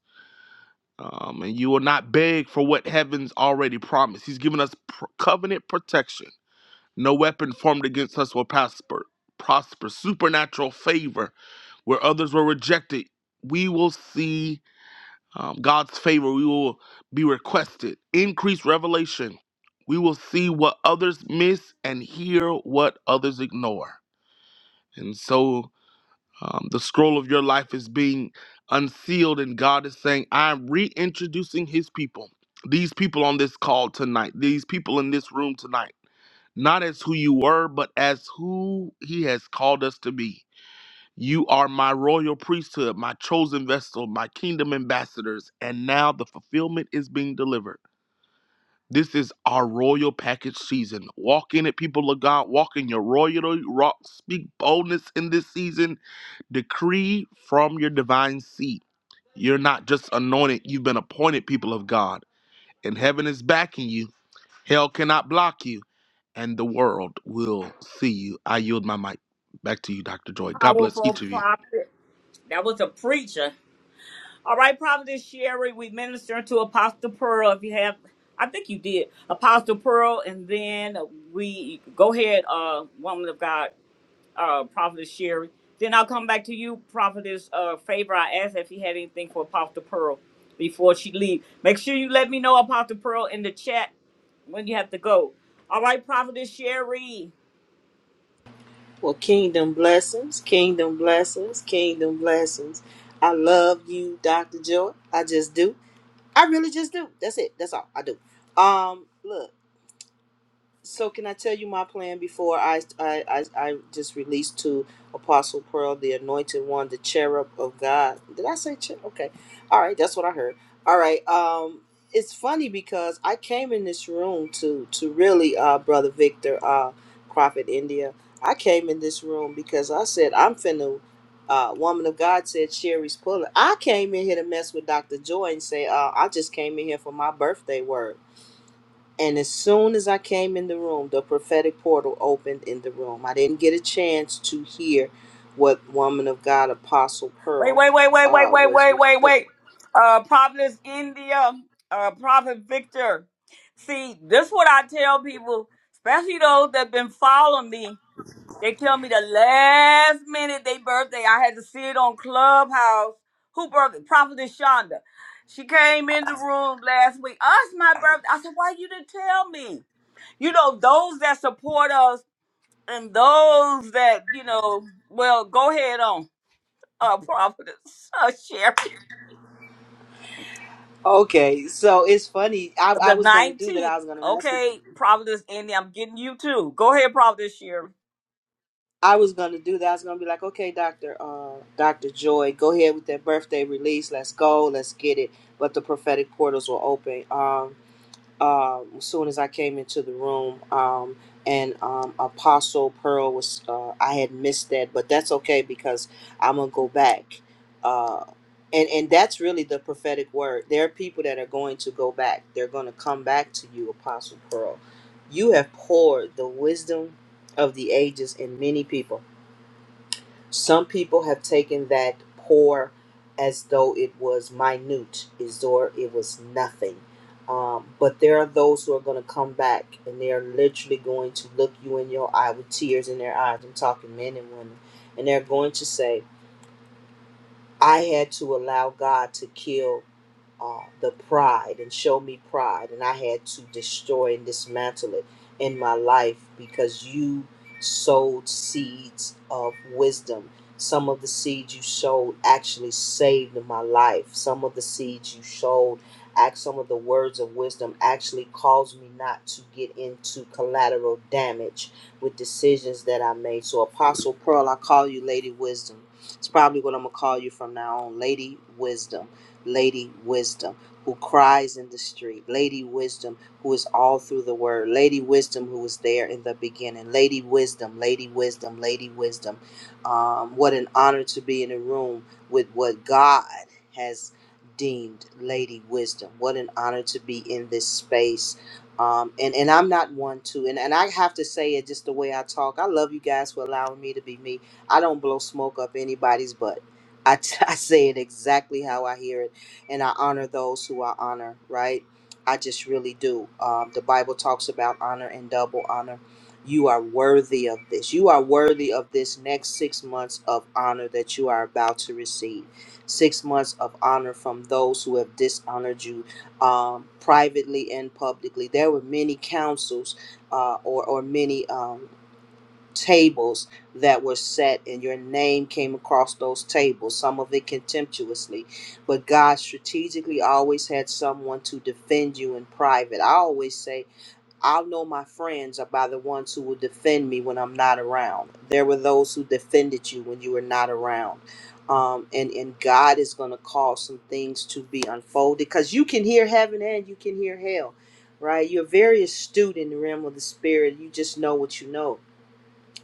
Speaker 10: Um, and you will not beg for what heaven's already promised. He's given us pr- covenant protection. No weapon formed against us will prosper. Prosper. Supernatural favor where others were rejected. We will see um, God's favor. We will be requested. Increased revelation. We will see what others miss and hear what others ignore. And so um, the scroll of your life is being unsealed, and God is saying, I'm reintroducing His people, these people on this call tonight, these people in this room tonight, not as who you were, but as who He has called us to be. You are my royal priesthood, my chosen vessel, my kingdom ambassadors, and now the fulfillment is being delivered. This is our royal package season. Walk in it, people of God. Walk in your royal. ro- Speak boldness in this season decree from your divine seat. You're not just anointed, you've been appointed people of God. And heaven is backing you. Hell cannot block you, and the world will see you. I yield my mic. Back to you, Dr. Joy. God bless each
Speaker 1: Powerful
Speaker 10: of you.
Speaker 1: prophet. That was a preacher. All right, Providence Sherry, we minister to Apostle Pearl. If you have, I think you did, Apostle Pearl, and then we go ahead, uh, woman of God, uh, Providence Sherry. Then I'll come back to you, Prophetess uh, Favor. I asked if you had anything for Apostle Pearl before she leave. Make sure you let me know, Apostle Pearl, in the chat when you have to go. All right, Prophetess Sherry.
Speaker 11: Well, kingdom blessings, kingdom blessings, kingdom blessings. I love you, Dr. Joy. I just do. I really just do. That's it. That's all I do. Um, look. So can I tell you my plan before I I I, I just released to Apostle Pearl, the Anointed One, the Cherub of God? Did I say cherub? Okay, all right, that's what I heard. All right, um, it's funny because I came in this room to to really, uh, brother Victor, uh, Prophet India. I came in this room because I said I'm finna. Uh, woman of God said Sherry's pulling. I came in here to mess with Dr. Joy and say, uh, I just came in here for my birthday word. And as soon as I came in the room, the prophetic portal opened in the room. I didn't get a chance to hear what woman of God, Apostle
Speaker 1: Wait,
Speaker 11: Pearl,
Speaker 1: wait, wait, wait, wait,
Speaker 11: uh,
Speaker 1: wait,
Speaker 11: was,
Speaker 1: wait,
Speaker 11: was.
Speaker 1: wait, wait. Uh, Providence, India, uh, Prophet Victor. See, this what I tell people, especially those that been following me. They tell me the last minute they birthday, I had to see it on Clubhouse. Who birthday? Prophetess Shonda. She came in the room last week. Us, my birthday. I said, why you didn't tell me? You know, those that support us and those that, you know, well, go ahead on, uh, Prophetess, uh, Sherry.
Speaker 11: Okay, so it's funny. I, I
Speaker 1: The
Speaker 11: was gonna do that.
Speaker 1: 19th.
Speaker 11: I was gonna message.
Speaker 1: Okay, Providence, India. I'm getting you too. Go ahead, Providence, Sherry.
Speaker 11: I was gonna do that. I was gonna be like, okay, Doctor, uh, Doctor Joy, go ahead with that birthday release. Let's go. Let's get it. But the prophetic portals were open. Um, um, as soon as I came into the room, um, and um, Apostle Pearl was, uh, I had missed that, but that's okay because I'm gonna go back, uh, and and that's really the prophetic word. There are people that are going to go back. They're going to come back to you, Apostle Pearl. You have poured the wisdom of the ages in many people some people have taken that poor as though it was minute, as though it was nothing. Um, but there are those who are going to come back and they are literally going to look you in your eye with tears in their eyes. I'm talking men and women. And they're going to say, I had to allow God to kill uh, the pride and show me pride. And I had to destroy and dismantle it in my life because you sowed seeds of wisdom. Some of the seeds you sowed actually saved my life. Some of the seeds you sowed, act some of the words of wisdom actually caused me not to get into collateral damage with decisions that I made. So, Apostle Pearl, I call you Lady Wisdom. It's probably what I'm gonna call you from now on, Lady Wisdom Lady Wisdom, who cries in the street, Lady Wisdom, who is all through the word, Lady Wisdom, who was there in the beginning, Lady Wisdom, Lady Wisdom, Lady Wisdom. Um, what an honor to be in a room with what God has deemed Lady Wisdom. What an honor to be in this space. Um, and, and I'm not one to, and, and I have to say it just the way I talk. I love you guys for allowing me to be me. I don't blow smoke up anybody's butt. I I say it exactly how I hear it and I honor those who I honor, right? I just really do. Um, the Bible talks about honor and double honor. You are worthy of this. You are worthy of this next six months of honor that you are about to receive. Six months of honor from those who have dishonored you um, privately and publicly. There were many councils uh, or, or many. Um, tables that were set, and your name came across those tables, some of it contemptuously. But God strategically always had someone to defend you in private. I always say, I'll know my friends are by the ones who will defend me when I'm not around. There were those who defended you when you were not around. Um, and, and God is going to cause some things to be unfolded because you can hear heaven and you can hear hell, right? You're very astute in the realm of the spirit. You just know what you know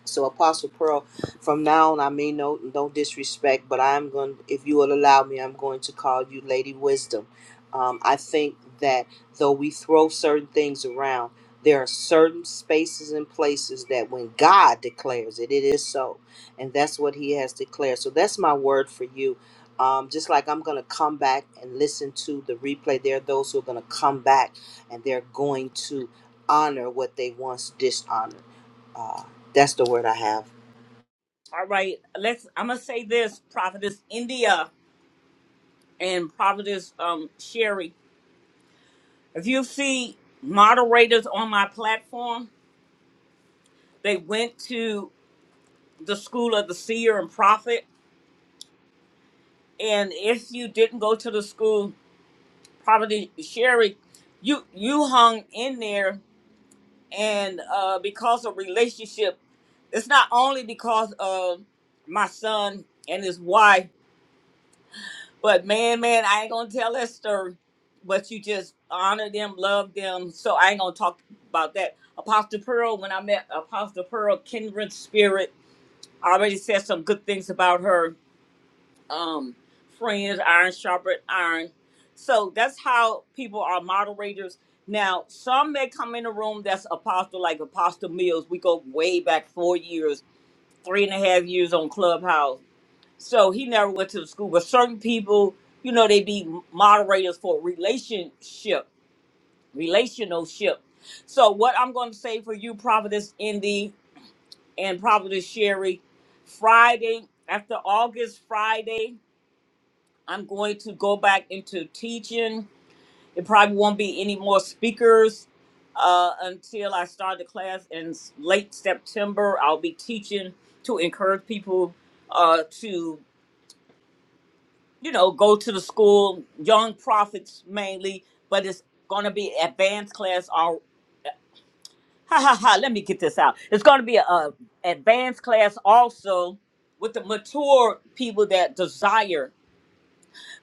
Speaker 11: so, Apostle Pearl, from now on, I mean no, no disrespect, but I'm going. If you will allow me, I'm going to call you Lady Wisdom. Um, I think that though we throw certain things around, there are certain spaces and places that when God declares it, it is so, and that's what He has declared. So that's my word for you. Um, just like I'm going to come back and listen to the replay, there are those who are going to come back and they're going to honor what they once dishonored Uh, that's the word I have.
Speaker 1: All right, let's. I'm gonna say this, Providence, India, and Providence, um, Sherry. If you see moderators on my platform, they went to the school of the seer and prophet. And if you didn't go to the school, Providence, Sherry, you you hung in there and uh, because of relationship, it's not only because of my son and his wife, but man, man, I ain't gonna tell that story. But you just honor them, love them. So I ain't gonna talk about that. Apostle Pearl, when I met Apostle Pearl, kindred spirit, I already said some good things about her um friends iron sharpened iron so that's how people are moderators now some may come in the room that's apostle like apostle mills we go way back four years three and a half years on clubhouse so he never went to the school but certain people you know they be moderators for relationship relationship so what i'm going to say for you Providence indy and Providence sherry friday after august friday I'm going to go back into teaching. It probably won't be any more speakers uh, until I start the class in s- late September. I'll be teaching to encourage people uh, to, you know, go to the school, young prophets mainly, but it's going to be advanced class. All ha ha ha. Let me get this out. It's going to be a, a advanced class also with the mature people that desire.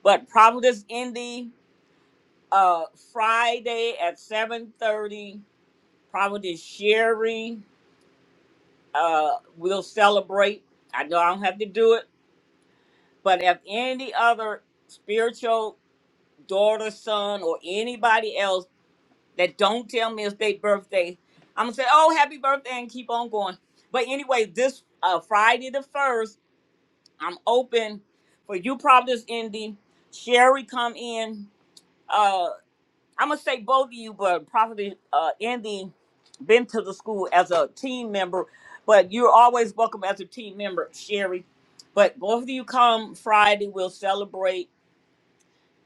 Speaker 1: But Providence, Indy. uh Friday at 7:30, Providence Sherry uh will celebrate. I know I don't have to do it, but if any other spiritual daughter, son, or anybody else that don't tell me it's their birthday, I'm gonna say, "Oh, happy birthday!" and keep on going. But anyway, this uh Friday the first, I'm open for you, Providence Indy. Sherry, come in. uh, I'm gonna say both of you, but probably uh, Andy been to the school as a team member, but you're always welcome as a team member, Sherry. But both of you come Friday, we'll celebrate,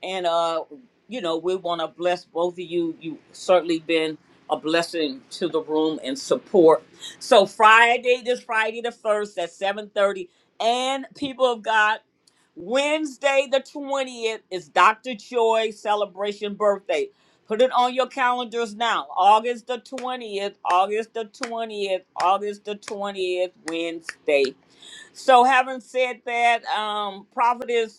Speaker 1: and uh, you know we want to bless both of you. You certainly been a blessing to the room and support. So Friday, this Friday the first at 7:30, and people of God. Wednesday, the 20th, is Dr. Joy celebration birthday. Put it on your calendars now. August the 20th, August the 20th, August the 20th, Wednesday. So, having said that, um, Prophetess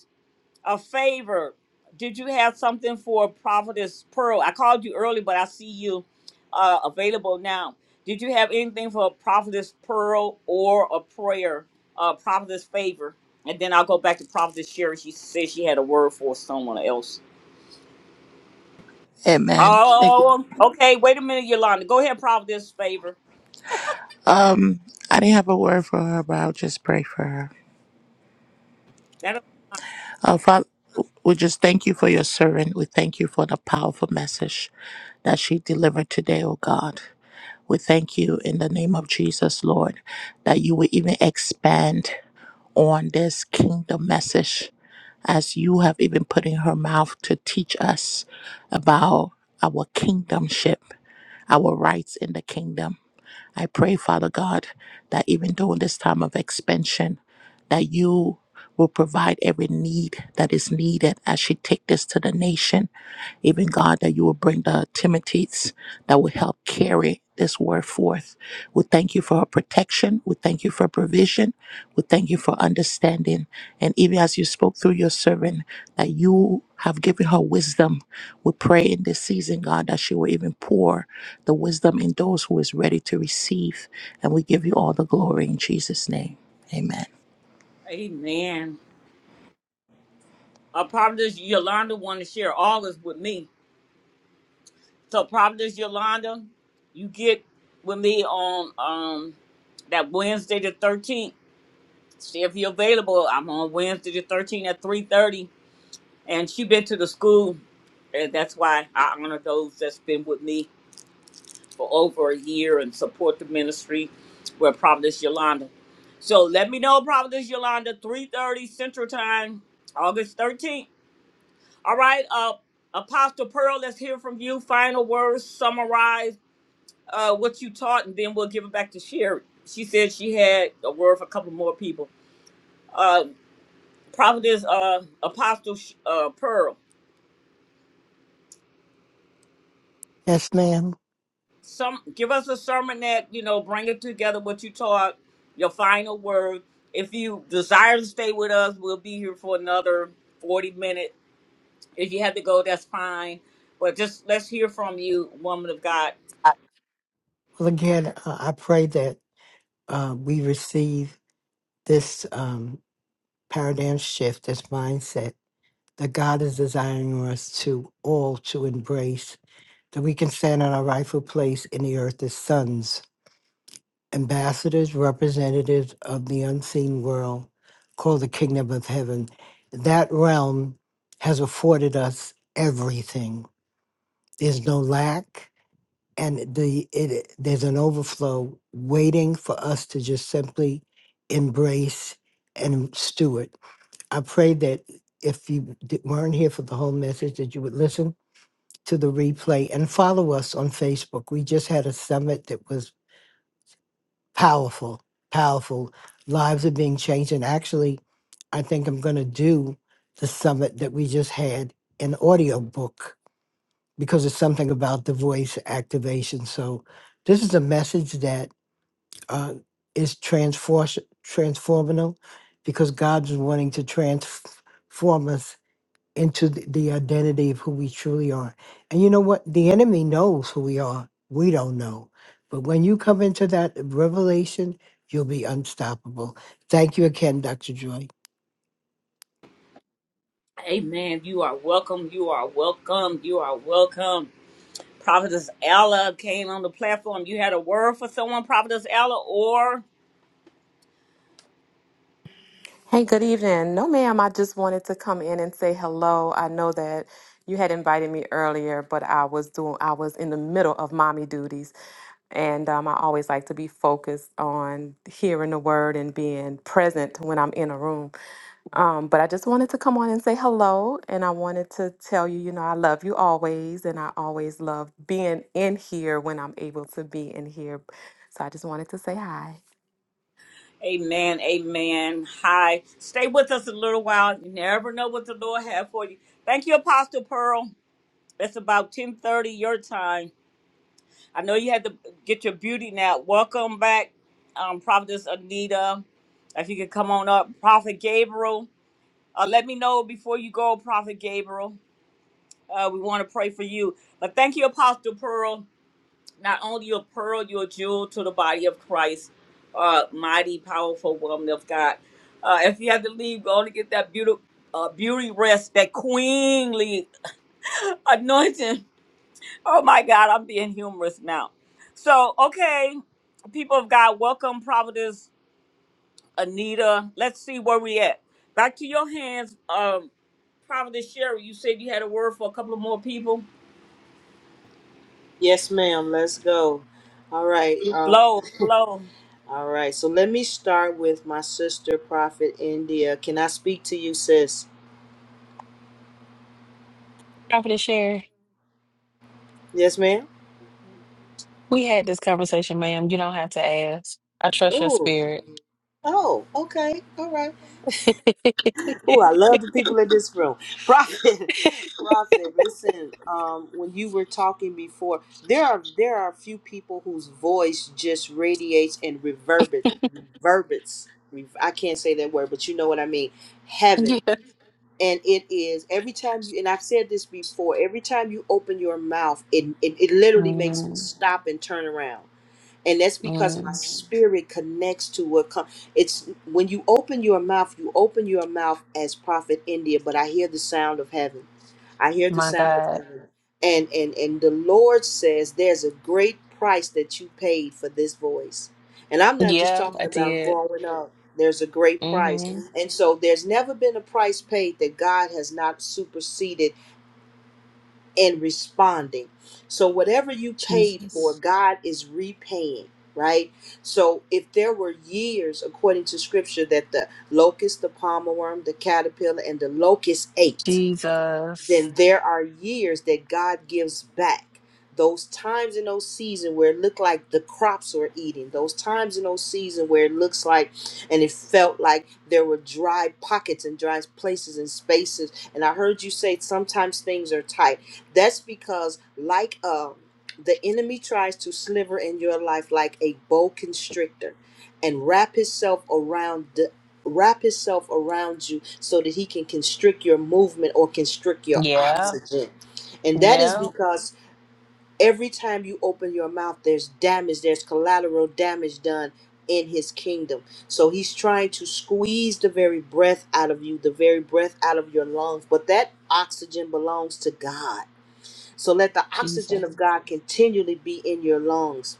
Speaker 1: a favor. Did you have something for Prophetess Pearl? I called you early, but I see you uh, available now. Did you have anything for Prophetess Pearl or a prayer, uh, Prophetess Favor? And then I'll go back to Prophetess Sherry. She said she had a word for someone else.
Speaker 4: Amen. Thank you.
Speaker 1: Oh, okay. Wait a minute, Yolanda. Go ahead, Prophetess Favor.
Speaker 4: Um, I didn't have a word for her, but I'll just pray for her.
Speaker 1: That'll, be
Speaker 4: Uh, Father, we just thank you for your servant. We thank you for the powerful message that she delivered today, oh God. We thank you in the name of Jesus, Lord, that you will even expand on this kingdom message as you have even put in her mouth to teach us about our kingdomship, our rights in the kingdom. I pray, Father God, that even during this time of expansion, that you will provide every need that is needed as she take this to the nation even God, that you will bring the Timothys that will help carry this word forth. We thank you for her protection. We thank you for provision. We thank you for understanding. And even as you spoke through your servant, that you have given her wisdom. We pray in this season, God, that she will even pour the wisdom in those who is ready to receive. And we give you all the glory in Jesus' name. Amen.
Speaker 1: fine. amen. Uh, Prophetess Yolanda wanted to share all this with me. So Providence Yolanda, you get with me on um that Wednesday the thirteenth. See if you're available. I'm on Wednesday the thirteenth at three thirty. And she been to the school. And that's why I honor those that's been with me for over a year and support the ministry with Providence Yolanda. So let me know, Providence Yolanda, 3.30 Central Time, August 13th. All right, uh, Apostle Pearl, let's hear from you. Final words, summarize uh, what you taught, and then we'll give it back to Sherry. She said she had a word for a couple more people. Uh, Prophetess uh, Apostle uh, Pearl,
Speaker 6: Yes, ma'am.
Speaker 1: some give us a sermon that you know bring it together what you taught, your final word. If you desire to stay with us, we'll be here for another forty minutes. If you have to go, that's fine. But just let's hear from you, woman of God.
Speaker 6: I- Well, again, uh, I pray that uh, we receive this um, paradigm shift, this mindset that God is desiring us to all to embrace, that we can stand in our rightful place in the earth as sons ambassadors, representatives of the unseen world called the kingdom of heaven. That realm has afforded us everything. There's no lack, and the it, there's an overflow waiting for us to just simply embrace and steward. I pray that if you d- weren't here for the whole message, that you would listen to the replay and follow us on Facebook. We just had a summit that was powerful, powerful. Lives are being changed. And actually, I think I'm going to do the summit that we just had in audiobook because it's something about the voice activation. So, this is a message that uh, is transfor- transformational because God's wanting to transform us into the, the identity of who we truly are. And you know what? The enemy knows who we are. We don't know. But when you come into that revelation, you'll be unstoppable. Thank you again, Dr. Joy.
Speaker 1: Amen. You are welcome. You are welcome. You are welcome. Prophetess Ella came on the platform. You had a word for someone, Prophetess Ella, or
Speaker 12: Hey, good evening. No, ma'am, I just wanted to come in and say hello. I know that you had invited me earlier, but I was doing I was in the middle of mommy duties. And um, I always like to be focused on hearing the word and being present when I'm in a room. Um, but I just wanted to come on and say hello. And I wanted to tell you, you know, I love you always. And I always love being in here when I'm able to be in here. So I just wanted to say hi.
Speaker 1: Amen, Amen. Hi, stay with us a little while. You never know what the Lord has for you. Thank you, Apostle Pearl. It's about ten thirty your time. I know you had to get your beauty now. Welcome back, um, Prophetess Anita. If you could come on up, Prophet Gabriel. Uh, let me know before you go, Prophet Gabriel. Uh, we want to pray for you. But thank you, Apostle Pearl. not only a pearl, you're a jewel to the body of Christ, uh, mighty, powerful woman of God. Uh, if you have to leave, go to get that beauty, uh, beauty rest, that queenly anointing. Oh my God, I'm being humorous now. So, okay, people of God, welcome, Providence Anita. Let's see where we at. Back to your hands, um, Providence Sherry. You said you had a word for a couple of more people.
Speaker 11: Yes, ma'am. Let's go. All right. Uh,
Speaker 1: Flow, flow.
Speaker 11: all right. So let me start with my sister, Prophet India. Can I speak to you, sis?
Speaker 9: Prophet share.
Speaker 11: Yes, ma'am.
Speaker 9: We had this conversation, ma'am. You don't have to ask. I trust your
Speaker 11: Oh.
Speaker 9: spirit.
Speaker 11: Oh. Okay. All right. Oh, I love the people in this room. Prophet. Prophet. Listen. Um, when you were talking before, there are there are a few people whose voice just radiates and reverberates. Reverberates. Re- I can't say that word, but you know what I mean. Heaven.
Speaker 9: yeah.
Speaker 11: and it is every time you and i've said this before every time you open your mouth it it, it literally makes me
Speaker 9: Mm,
Speaker 11: stop and turn around and that's because my
Speaker 9: mm,
Speaker 11: spirit connects to what comes it's when you open your mouth you open your mouth as prophet india but i hear the sound of heaven I hear the
Speaker 9: my
Speaker 11: sound of
Speaker 9: God.
Speaker 11: heaven. And and and the Lord says there's a great price that you paid for this voice. And I'm not just
Speaker 9: Yeah,
Speaker 11: talking
Speaker 9: I
Speaker 11: about
Speaker 9: did.
Speaker 11: growing up. There's a great price.
Speaker 9: Mm-hmm.
Speaker 11: And so there's never been a price paid that God has not superseded in responding. So whatever you paid for,
Speaker 9: Jesus.
Speaker 11: God is repaying, right? So if there were years, according to scripture, that the locust, the palmer worm, the caterpillar, and the locust ate,
Speaker 9: Jesus.
Speaker 11: then there are years that God gives back. Those times in those seasons where it looked like the crops were eating, those times in those seasons where it looks like and it felt like there were dry pockets and dry places and spaces. And I heard you say sometimes things are tight. That's because, like uh, the enemy tries to sliver in your life like a bow constrictor and wrap himself around wrap himself around you so that he can constrict your movement or constrict your
Speaker 9: Yeah.
Speaker 11: oxygen. And that is
Speaker 9: Yeah.
Speaker 11: because every time you open your mouth, there's damage, there's collateral damage done in his kingdom. So he's trying to squeeze the very breath out of you, the very breath out of your lungs. But that oxygen belongs to God. So let the oxygen of
Speaker 9: Jesus.
Speaker 11: God continually be in your lungs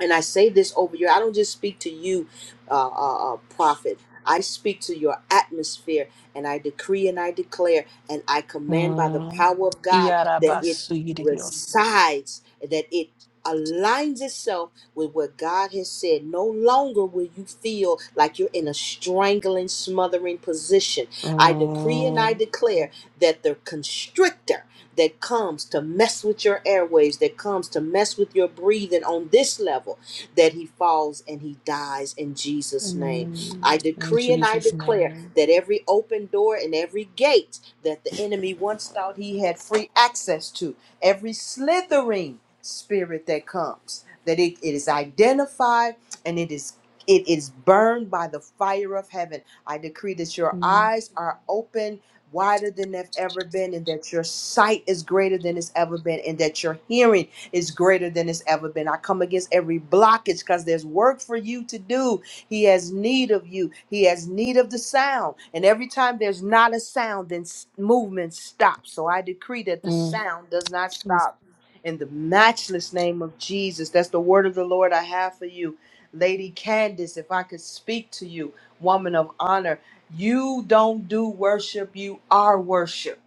Speaker 11: and I say this over you. I don't just speak to you, uh, uh, uh, prophet. I speak to your atmosphere, and I decree and I declare, and I command by the
Speaker 9: Mm.
Speaker 11: power of God that it
Speaker 9: Yarabasu Dios.
Speaker 11: resides, that it aligns itself with what God has said. No longer will you feel like you're in a strangling, smothering position. I decree and I declare that the constrictor that comes to mess with your airways, that comes to mess with your breathing on this level, that he falls and he dies in Jesus' name. I
Speaker 9: Mm, in
Speaker 11: decree and I
Speaker 9: Jesus'
Speaker 11: declare
Speaker 9: name.
Speaker 11: that every open door and every gate that the enemy once thought he had free access to, every slithering spirit that comes, that it, it is identified and it is it is burned by the fire of heaven. I decree that your
Speaker 9: Mm,
Speaker 11: eyes are open wider than they've ever been, and that your sight is greater than it's ever been, and that your hearing is greater than it's ever been. I come against every blockage because there's work for you to do. He has need of you, He has need of the sound. And every time there's not a sound, then s- movement stops. So I decree that the
Speaker 9: mm,
Speaker 11: sound does not
Speaker 9: Jesus.
Speaker 11: stop. In the matchless name of Jesus, that's the word of the Lord I have for you. Lady Candace, if I could speak to you, woman of honor. You don't do worship, you are worship.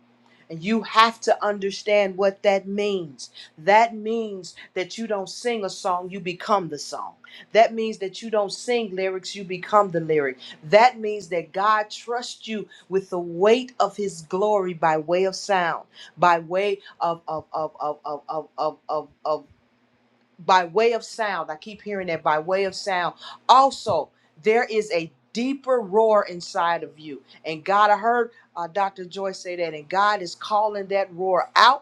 Speaker 11: And you have to understand what that means. That means that you don't sing a song, you become the song. That means that you don't sing lyrics, you become the lyric. That means that God trusts you with the weight of his glory by way of sound, by way of of of of of of of of, of, by way of sound. I keep hearing that by way of sound. Also, there is a deeper roar inside of you. And God, I heard uh, Dr. Joyce say that, and God is calling that roar out.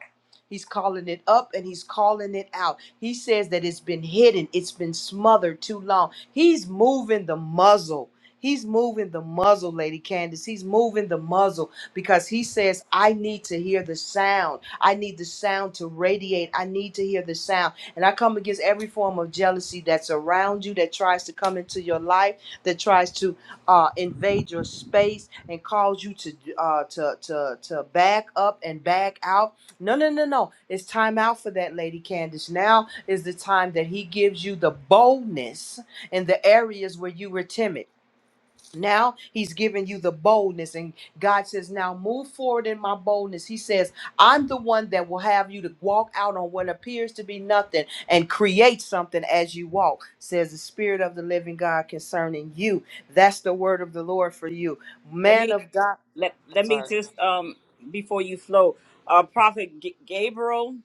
Speaker 11: He's calling it up and he's calling it out. He says that it's been hidden, it's been smothered too long. He's moving the muzzle. He's moving the muzzle, Lady Candace. He's moving the muzzle because he says, I need to hear the sound. I need the sound to radiate. I need to hear the sound. And I come against every form of jealousy that's around you, that tries to come into your life, that tries to uh, invade your space and cause you to, uh, to to to back up and back out. No, no, no, no. It's time out for that, Lady Candace. Now is the time that He gives you the boldness in the areas where you were timid. Now he's giving you the boldness, and God says, Now move forward in my boldness. He says, I'm the one that will have you to walk out on what appears to be nothing and create something as you walk, says the Spirit of the living God concerning you. That's the word of the Lord for you,
Speaker 1: Let me.
Speaker 11: man of God.
Speaker 1: let
Speaker 11: I'm
Speaker 1: let me
Speaker 11: sorry.
Speaker 1: just um before you flow uh prophet G- gabriel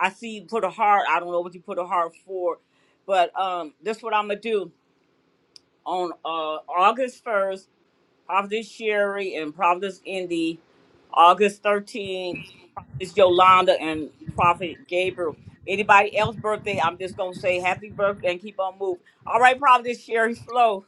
Speaker 1: i see you put a heart i don't know what you put a heart for but um this what i'm gonna do on uh august 1st providence sherry and providence indy august 13th is yolanda and prophet gabriel anybody else birthday i'm just gonna say happy birthday and keep on moving all right providence sherry flow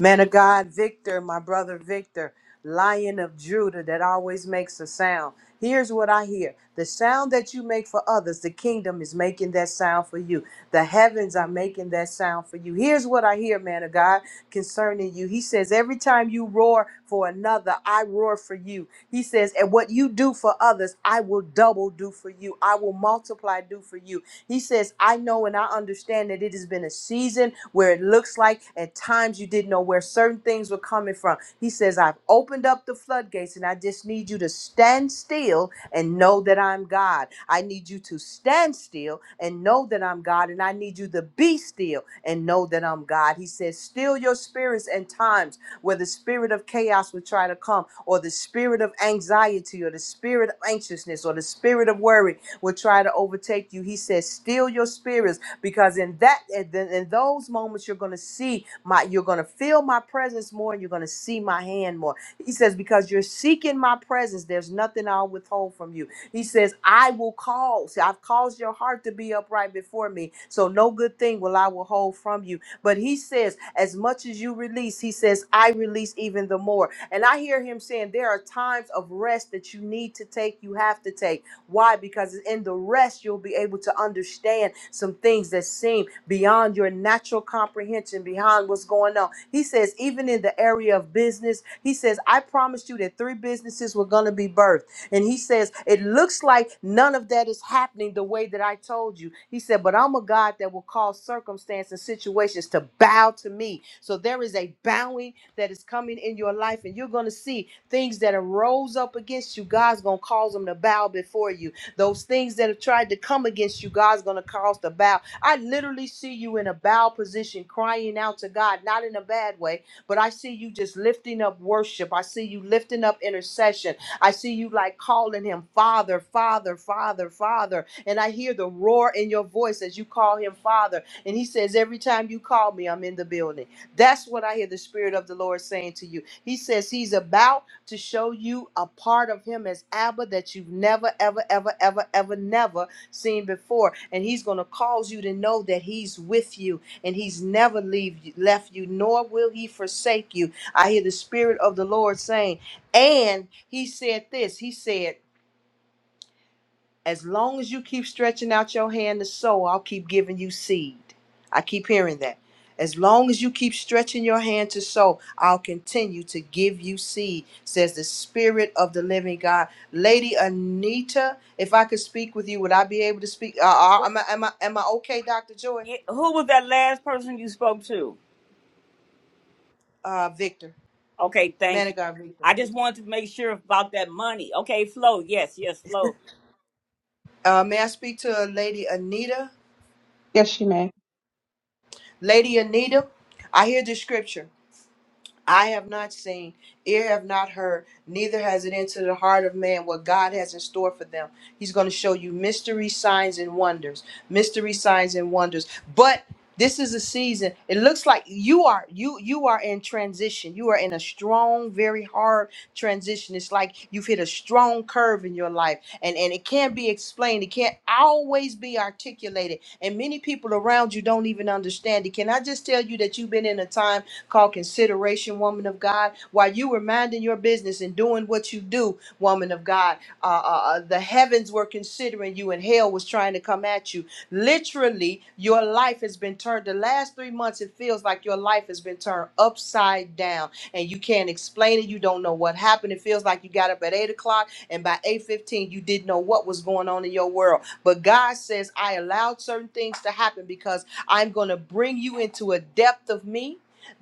Speaker 11: Man of God, Victor, my brother Victor, Lion of Judah that always makes a sound. Here's what I hear the sound that you make for others, the kingdom is making that sound for you. The heavens are making that sound for you. Here's what I hear, man of God, concerning you. He says, Every time you roar for another, I roar for you. He says, And what you do for others, I will double do for you. I will multiply do for you. He says, I know and I understand that it has been a season where it looks like at times you didn't know where certain things were coming from. He says, I've opened up the floodgates and I just need you to stand still and know that I'm God. I need you to stand still and know that I'm God. And I need you to be still and know that I'm God. He says, Still your spirits and times where the spirit of chaos would try to come, or the spirit of anxiety, or the spirit of anxiousness, or the spirit of worry will try to overtake you. He says, "Steal your spirits, because in that in in those moments you're going to see my you're going to feel my presence more, and you're going to see my hand more." He says, "Because you're seeking my presence, there's nothing I'll withhold from you." He says, "I will call. See, i I've caused your heart to be upright before me, so no good thing will I withhold from you." But he says, as much as you release, he says, I release even the more. And I hear him saying, there are times of rest that you need to take, you have to take. Why? Because in the rest, you'll be able to understand some things that seem beyond your natural comprehension, beyond what's going on. He says, even in the area of business, he says, I promised you that three businesses were going to be birthed. And he says, It looks like none of that is happening the way that I told you. He said, But I'm a God that will cause circumstance and situations to bow to me. So there is a bowing that is coming in your life, and you're going to see things that arose up against you, God's going to cause them to bow before you. Those things that have tried to come against you, God's going to cause to bow. I literally see you in a bow position crying out to God, not in a bad way, but I see you just lifting up worship. I see you lifting up intercession. I see you like calling him Father, Father, Father, Father. And I hear the roar in your voice as you call him Father. And he says, Every time you call me, I'm in the building. That's what I hear the Spirit of the Lord saying to you. He says, He's about to show you a part of him as Abba that you've never, ever, ever, ever, ever, never seen before. And he's going to cause you to know that he's with you and he's never leave you, left you, nor will he forsake you. I hear the Spirit of the Lord saying, and he said this, he said, as long as you keep stretching out your hand to sow, I'll keep giving you seed. I keep hearing that. As long as you keep stretching your hand to sow, I'll continue to give you seed, says the Spirit of the Living God. Lady Anita, if I could speak with you, would I be able to speak? Uh, uh,
Speaker 1: what,
Speaker 11: am, I, am, I, am I okay, Dr. Joy?
Speaker 1: who was that last person you spoke to
Speaker 11: Uh, Victor,
Speaker 1: Okay,
Speaker 11: man
Speaker 1: thank you.
Speaker 11: of God, Victor.
Speaker 1: I just wanted to make sure about that money. Okay, flow. Yes, yes, flow.
Speaker 11: Uh, may I speak to Lady Anita?
Speaker 13: Yes, you may.
Speaker 11: Lady Anita, I hear the scripture. I have not seen, ear have not heard, neither has it entered the heart of man what God has in store for them. He's going to show you mystery signs and wonders, mystery signs and wonders. But this is a season. It looks like you are you you are in transition. You are in a strong, very hard transition. It's like you've hit a strong curve in your life, and and it can't be explained. It can't always be articulated, and many people around you don't even understand it. Can I just tell you that you've been in a time? called consideration, woman of God. While you were minding your business and doing what you do, woman of God, uh, uh, uh, the heavens were considering you and hell was trying to come at you. Literally, your life has been turned. The last three months, it feels like your life has been turned upside down and you can't explain it. You don't know what happened. It feels like you got up at 8 o'clock and by 8.15, you didn't know what was going on in your world. But God says, I allowed certain things to happen because I'm going to bring you into a depth of me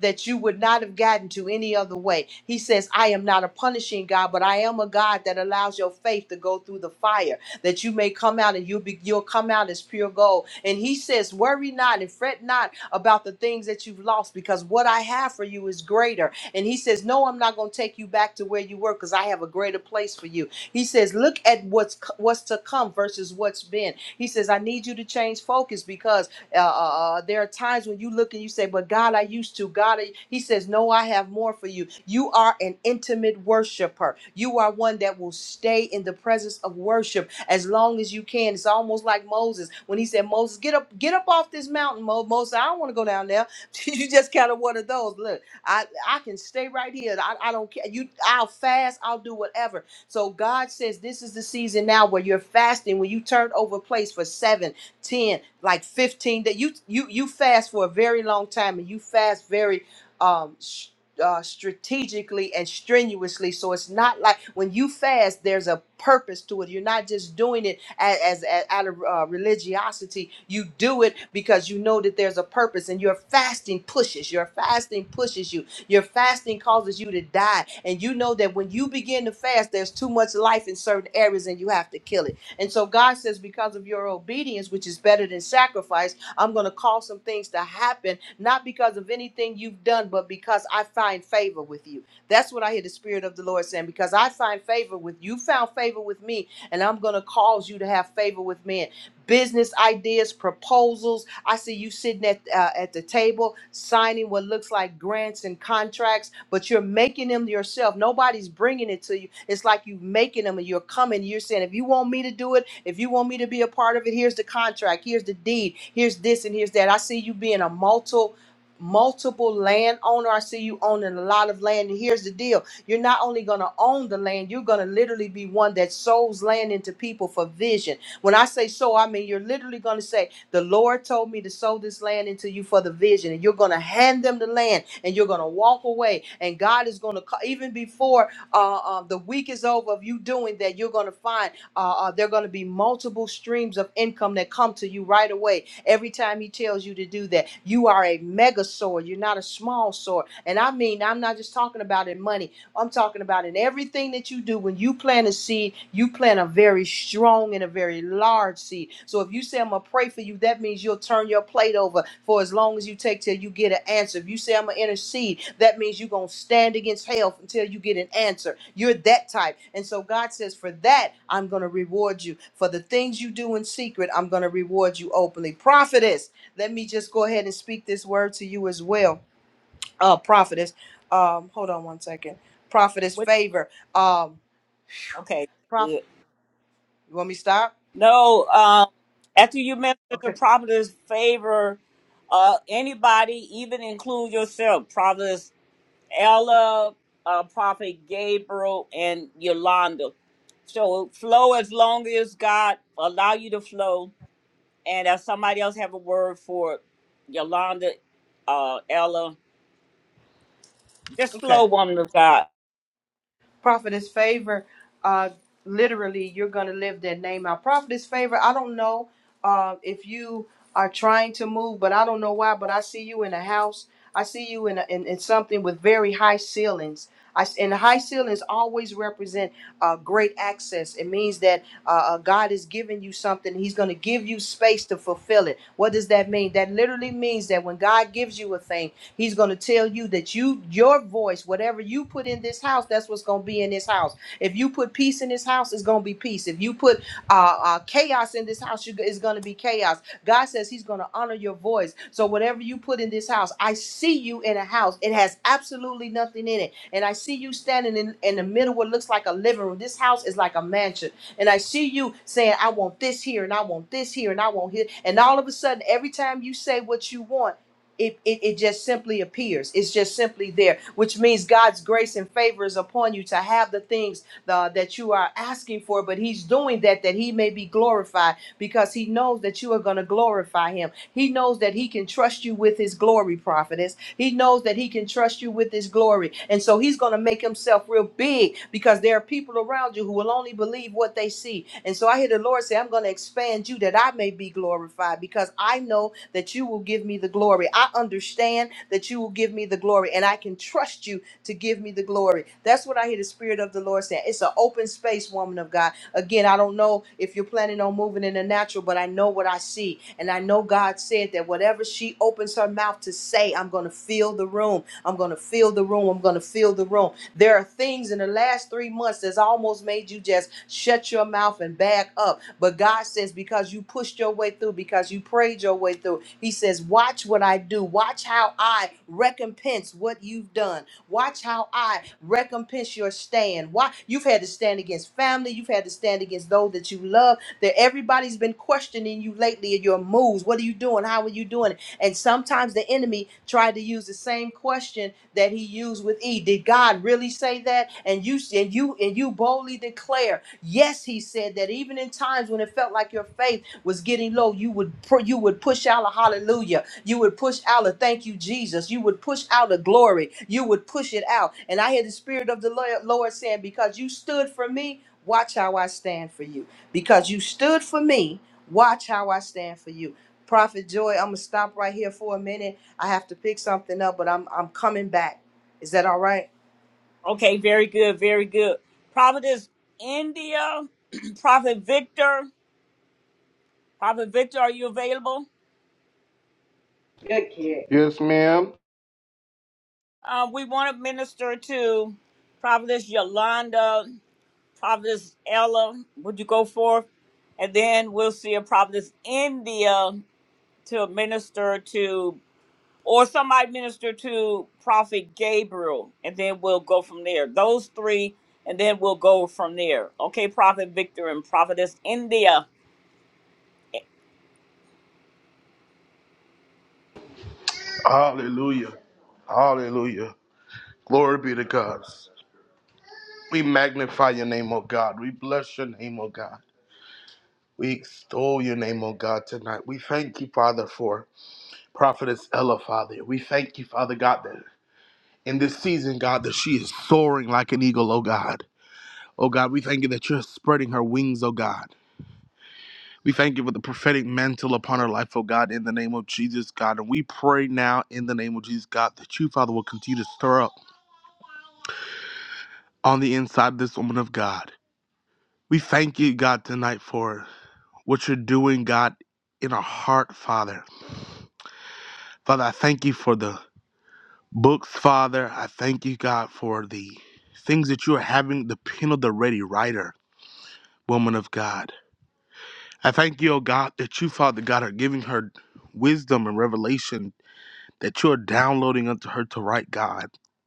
Speaker 11: that you would not have gotten to any other way. He says, I am not a punishing God, but I am a God that allows your faith to go through the fire, that you may come out and you'll be you'll come out as pure gold. And he says, Worry not and fret not about the things that you've lost, because what I have for you is greater. And he says, No, I'm not gonna take you back to where you were, because I have a greater place for you. He says, Look at what's co- what's to come versus what's been. He says, I need you to change focus because uh, uh, uh, there are times when you look and you say, "But God, I used to." God, I, He says, "No, I have more for you." You are an intimate worshiper. You are one that will stay in the presence of worship as long as you can. It's almost like Moses when he said, "Moses, get up, get up off this mountain." Mo- Moses, I don't want to go down there. you just kind of one of those. Look, I I can stay right here. I, I don't care. You, I'll fast. I'll do whatever. So God says, this is the season now where you're fasting. When you turn over place for seven. 10 like 15 that you you you fast for a very long time and you fast very um s- uh, strategically and strenuously so it's not like when you fast there's a purpose to it you're not just doing it as, as, as out of uh, religiosity you do it because you know that there's a purpose and your fasting pushes your fasting pushes you your fasting causes you to die and you know that when you begin to fast there's too much life in certain areas and you have to kill it and so God says, because of your obedience, which is better than sacrifice, I'm going to cause some things to happen, not because of anything you've done, but because I find favor with you. That's what I hear the Spirit of the Lord saying, because I find favor with you, found favor with me, and I'm going to cause you to have favor with men business ideas, proposals. I see you sitting at uh, at the table signing what looks like grants and contracts, but you're making them yourself. Nobody's bringing it to you. It's like you making them, and you're coming. You're saying, if you want me to do it, if you want me to be a part of it, here's the contract, here's the deed, here's this, and here's that. I see you being a multiple multiple landowner i see you owning a lot of land and here's the deal you're not only going to own the land you're going to literally be one that sows land into people for vision when I say sow, I mean you're literally going to say, The Lord told me to sow this land into you for the vision. And you're going to hand them the land and you're going to walk away. And God is going to, even before uh, uh, the week is over of you doing that, you're going to find uh, uh, there are going to be multiple streams of income that come to you right away every time he tells you to do that. You are a mega sower. You're not a small sower. And I mean, I'm not just talking about in money. I'm talking about in everything that you do. When you plant a seed, you plant a very strong and a very large seed. So if you say I'm gonna pray for you, that means you'll turn your plate over for as long as you take till you get an answer. If you say I'm gonna intercede, that means you're gonna stand against hell until you get an answer. You're that type. And so God says, For that, I'm gonna reward you. For the things you do in secret, I'm gonna reward you openly. Prophetess, let me just go ahead and speak this word to you as well uh prophetess um hold on one second prophetess
Speaker 1: What?
Speaker 11: favor um phew,
Speaker 1: Okay,
Speaker 11: prof.
Speaker 1: good.
Speaker 11: you want me to stop
Speaker 1: No, um, after you mentioned the
Speaker 11: okay
Speaker 1: prophetess favor, uh, anybody, even include yourself, prophetess Ella, uh, prophet Gabriel, and Yolanda. So flow as long as God allow you to flow, and if somebody else have a word for Yolanda, uh, Ella, just
Speaker 11: okay
Speaker 1: flow, woman of God.
Speaker 11: prophetess favor uh literally you're gonna live that name out prophetess favor i don't know uh, if you are trying to move but i don't know why but i see you in a house i see you in, a, in, in something with very high ceilings I, s- and high ceilings always represent uh, great access. It means that uh, uh, God is giving you something. He's going to give you space to fulfill it. What does that mean? That literally means that when God gives you a thing, He's going to tell you that you, your voice, whatever you put in this house, that's what's going to be in this house. If you put peace in this house, it's going to be peace. If you put uh, uh, chaos in this house, you, it's going to be chaos. God says He's going to honor your voice. So whatever you put in this house, I see you in a house. It has absolutely nothing in it, and I see you standing in in the middle. of What looks like a living room. This house is like a mansion, and I see you saying, "I want this here, and I want this here, and I want here." And all of a sudden, every time you say what you want it, it, it just simply appears. It's just simply there, which means God's grace and favor is upon you to have the things uh, that you are asking for. But He's doing that that He may be glorified because he knows that you are going to glorify him. He knows that he can trust you with his glory, prophetess. He knows that he can trust you with his glory. And so he's going to make himself real big because there are people around you who will only believe what they see. And so I hear the Lord say, I'm going to expand you that I may be glorified because I know that you will give me the glory. I understand that you will give me the glory and I can trust you to give me the glory. That's what I hear the Spirit of the Lord saying. It's an open space, woman of God. Again, I don't know if you're planning on moving on moving in the natural, but I know what I see. And I know God said that whatever she opens her mouth to say, I'm going to fill the room. I'm going to fill the room. I'm going to fill the room. There are things in the last three months that's almost made you just shut your mouth and back up. But God says, because you pushed your way through, because you prayed your way through, He says, watch what I do. Watch how I recompense what you've done. Watch how I recompense your stand. Why you've had to stand against family, you've had to stand against those that you love, that everybody's been questioning you lately in your moves. What are you doing? How are you doing? And sometimes the enemy tried to use the same question that he used with E. Did God really say that? And you and you and you boldly declare, yes, he said that. Even in times when it felt like your faith was getting low, you would pr- you would push out a hallelujah. You would push out a thank you, Jesus. You would push out a glory. You would push it out. And I hear the spirit of the Lord Lord saying, because you stood for me, watch how I stand for you because you stood for me. Watch how I stand for you. Prophet Joy, I'm gonna stop right here for a minute. I have to pick something up, but I'm I'm coming back. Is that all right?
Speaker 1: Okay, very good, very good. Prophetess India, Prophet Victor, Prophet Victor, are you available?
Speaker 10: Good kid. Yes, ma'am.
Speaker 1: Uh, we want to minister to Prophetess Yolanda, Prophetess Ella. Would you go forth? And then we'll see a Prophetess India to minister to, or somebody minister to Prophet Gabriel, and then we'll go from there. Those three, and then we'll go from there. Okay, Prophet Victor and Prophetess India.
Speaker 10: Hallelujah. Hallelujah. Glory be to God. We magnify your name, O God. We bless your name, O God. We extol your name, O God, tonight. We thank you, Father, for Prophetess Ella, Father. We thank you, Father God, that in this season, God, that she is soaring like an eagle, oh God. Oh God, we thank you that you're spreading her wings, oh God. We thank you for the prophetic mantle upon her life, oh God, in the name of Jesus, God. And we pray now in the name of Jesus, God, that you, Father, will continue to stir up on the inside of this woman of God. We thank you, God, tonight for what you're doing, God, in our heart, Father. Father, I thank you for the books, Father. I thank you, God, for the things that you are having the pen of the ready writer, woman of God. I thank you, O God, that you, Father God, are giving her wisdom and revelation that you are downloading unto her to write, God,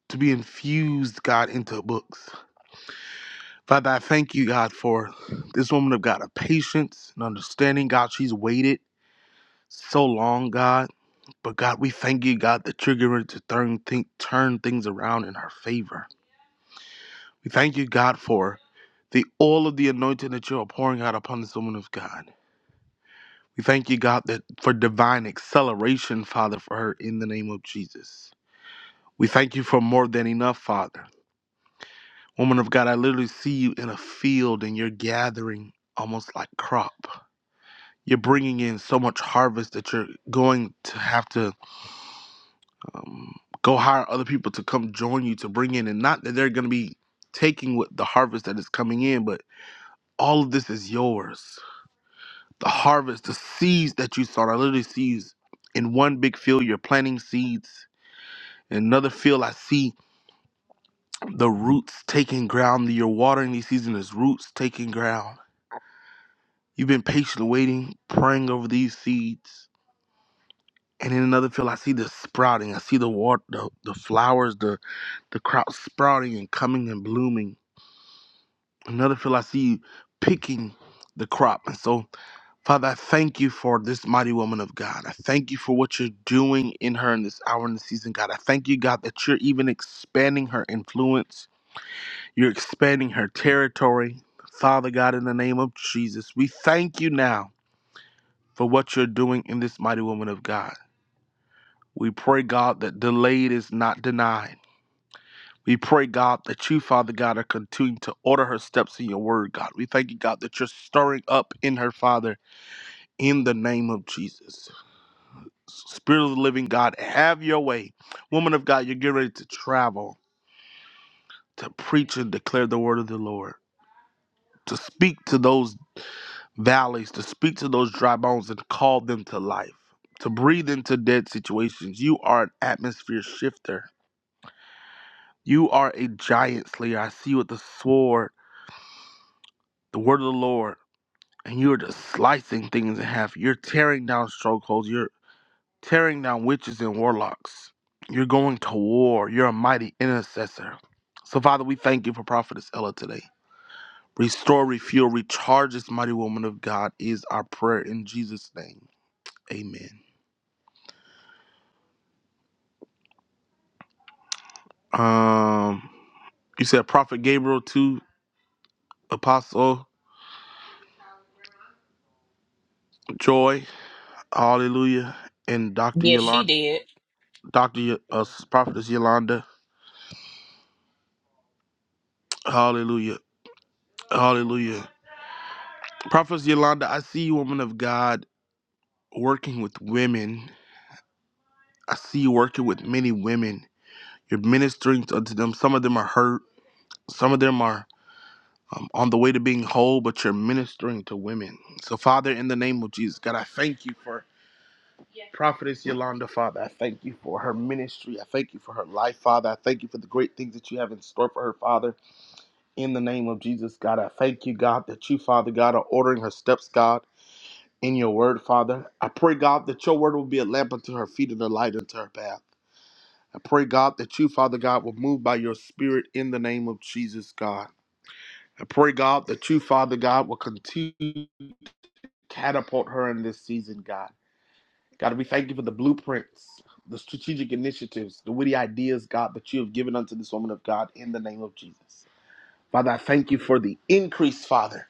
Speaker 10: to be infused, God, into books. Father, I thank you, God, for this woman of God, a patience and understanding, God. She's waited so long, God. But God, we thank you, God, that you're going to turn, think, turn things around in her favor. We thank you, God, for the all of the anointing that you are pouring out upon this woman of God. We thank you, God, that for divine acceleration, Father, for her in the name of Jesus. We thank you for more than enough, Father. Woman of God, I literally see you in a field and you're gathering almost like crop. You're bringing in so much harvest that you're going to have to um, go hire other people to come join you to bring in. And not that they're going to be taking what the harvest that is coming in, but all of this is yours. The harvest, the seeds that you sowed, I literally see you in one big field. You're planting seeds In another field, I see the roots taking ground. You're watering these seeds, and there's roots taking ground. You've been patiently waiting, praying over these seeds. And in another field, I see the sprouting. I see the water, the, the flowers, the, the crop sprouting and coming and blooming. In Another field, I see you picking the crop. And so, Father, I thank you for this mighty woman of God. I thank you for what you're doing in her in this hour in the season, God. I thank you, God, that you're even expanding her influence You're expanding her territory. Father God, in the name of Jesus, we thank you now for what you're doing in this mighty woman of God. We pray, God, that delayed is not denied. We pray, God, that you, Father God, are continuing to order her steps in your word, God. We thank you, God, that you're stirring up in her, Father, in the name of Jesus. Spirit of the living God, have your way. Woman of God, you're getting ready to travel, to preach and declare the word of the Lord, to speak to those valleys to speak to those dry bones and call them to life, to breathe into dead situations. You are an atmosphere shifter. You are a giant slayer. I see you with the sword, the word of the Lord, and you're just slicing things in half. You're tearing down strongholds. You're tearing down witches and warlocks. You're going to war. You're a mighty intercessor. So, Father, we thank you for Prophetess Ella today. Restore, refuel, recharge this mighty woman of God is our prayer in Jesus' name. Amen. Um, you said Prophet Gabriel two, Apostle Joy, Hallelujah, and Doctor
Speaker 9: Yes, she
Speaker 10: Yolanda,
Speaker 9: did.
Speaker 10: Doctor Yo- uh, Prophetess Yolanda, Hallelujah, Hallelujah. Prophetess Yolanda, I see you, woman of God, working with women. I see you working with many women. You're ministering to to them. Some of them are hurt. Some of them are um, on the way to being whole, but you're ministering to women. So, Father, in the name of Jesus, God, I thank you for Prophetess Yolanda, Father, I thank you for her ministry. I thank you for her life, Father. I thank you for the great things that you have in store for her, Father. In the name of Jesus, God, I thank you, God, that you, Father God, are ordering her steps, God, in your word, Father. I pray, God, that your word will be a lamp unto her feet and a light unto her path. I pray, God, that you, Father God, will move by your spirit in the name of Jesus, God. I pray, God, that you, Father God, will continue to catapult her in this season, God. God, we thank you for the blueprints, the strategic initiatives, the witty ideas, God, that you have given unto this woman of God in the name of Jesus. Father, I thank you for the increase, Father,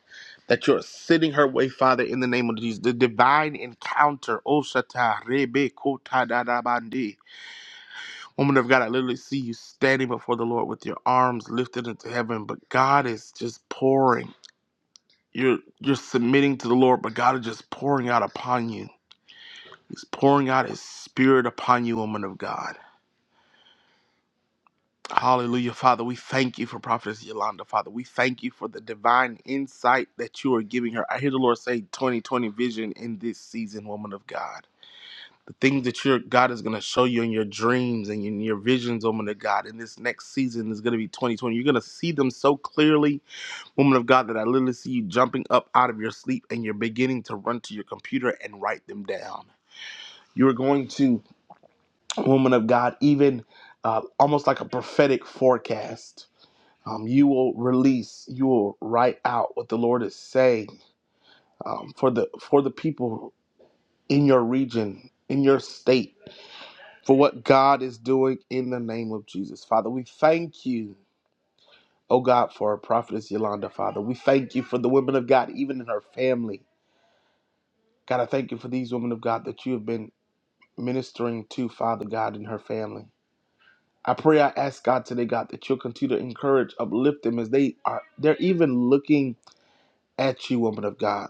Speaker 10: that you're sending her way, Father, in the name of Jesus. The divine encounter. O Shata, Rebe, Kota, Da, Woman of God, I literally see you standing before the Lord with your arms lifted into heaven, but God is just pouring. You're you're submitting to the Lord, but God is just pouring out upon you. He's pouring out his spirit upon you, woman of God. Hallelujah, Father. We thank you for Prophetess Yolanda, Father. We thank you for the divine insight that you are giving her. I hear the Lord say 2020 vision in this season, woman of God. The things that your God is going to show you in your dreams and in your visions, woman of God, in this next season is going to be 2020. You're going to see them so clearly, woman of God, that I literally see you jumping up out of your sleep and you're beginning to run to your computer and write them down. You're going to woman of God, even uh, almost like a prophetic forecast. Um, you will release, you will write out what the Lord is saying um, for the for the people in your region, in your state, for what God is doing in the name of Jesus. Father, we thank you, oh God, for our prophetess Yolanda, Father. We thank you for the women of God, even in her family. God, I thank you for these women of God that you have been ministering to, Father God, in her family. I pray, I ask God today, God, that you'll continue to encourage, uplift them as they are, they're even looking at you, woman of God.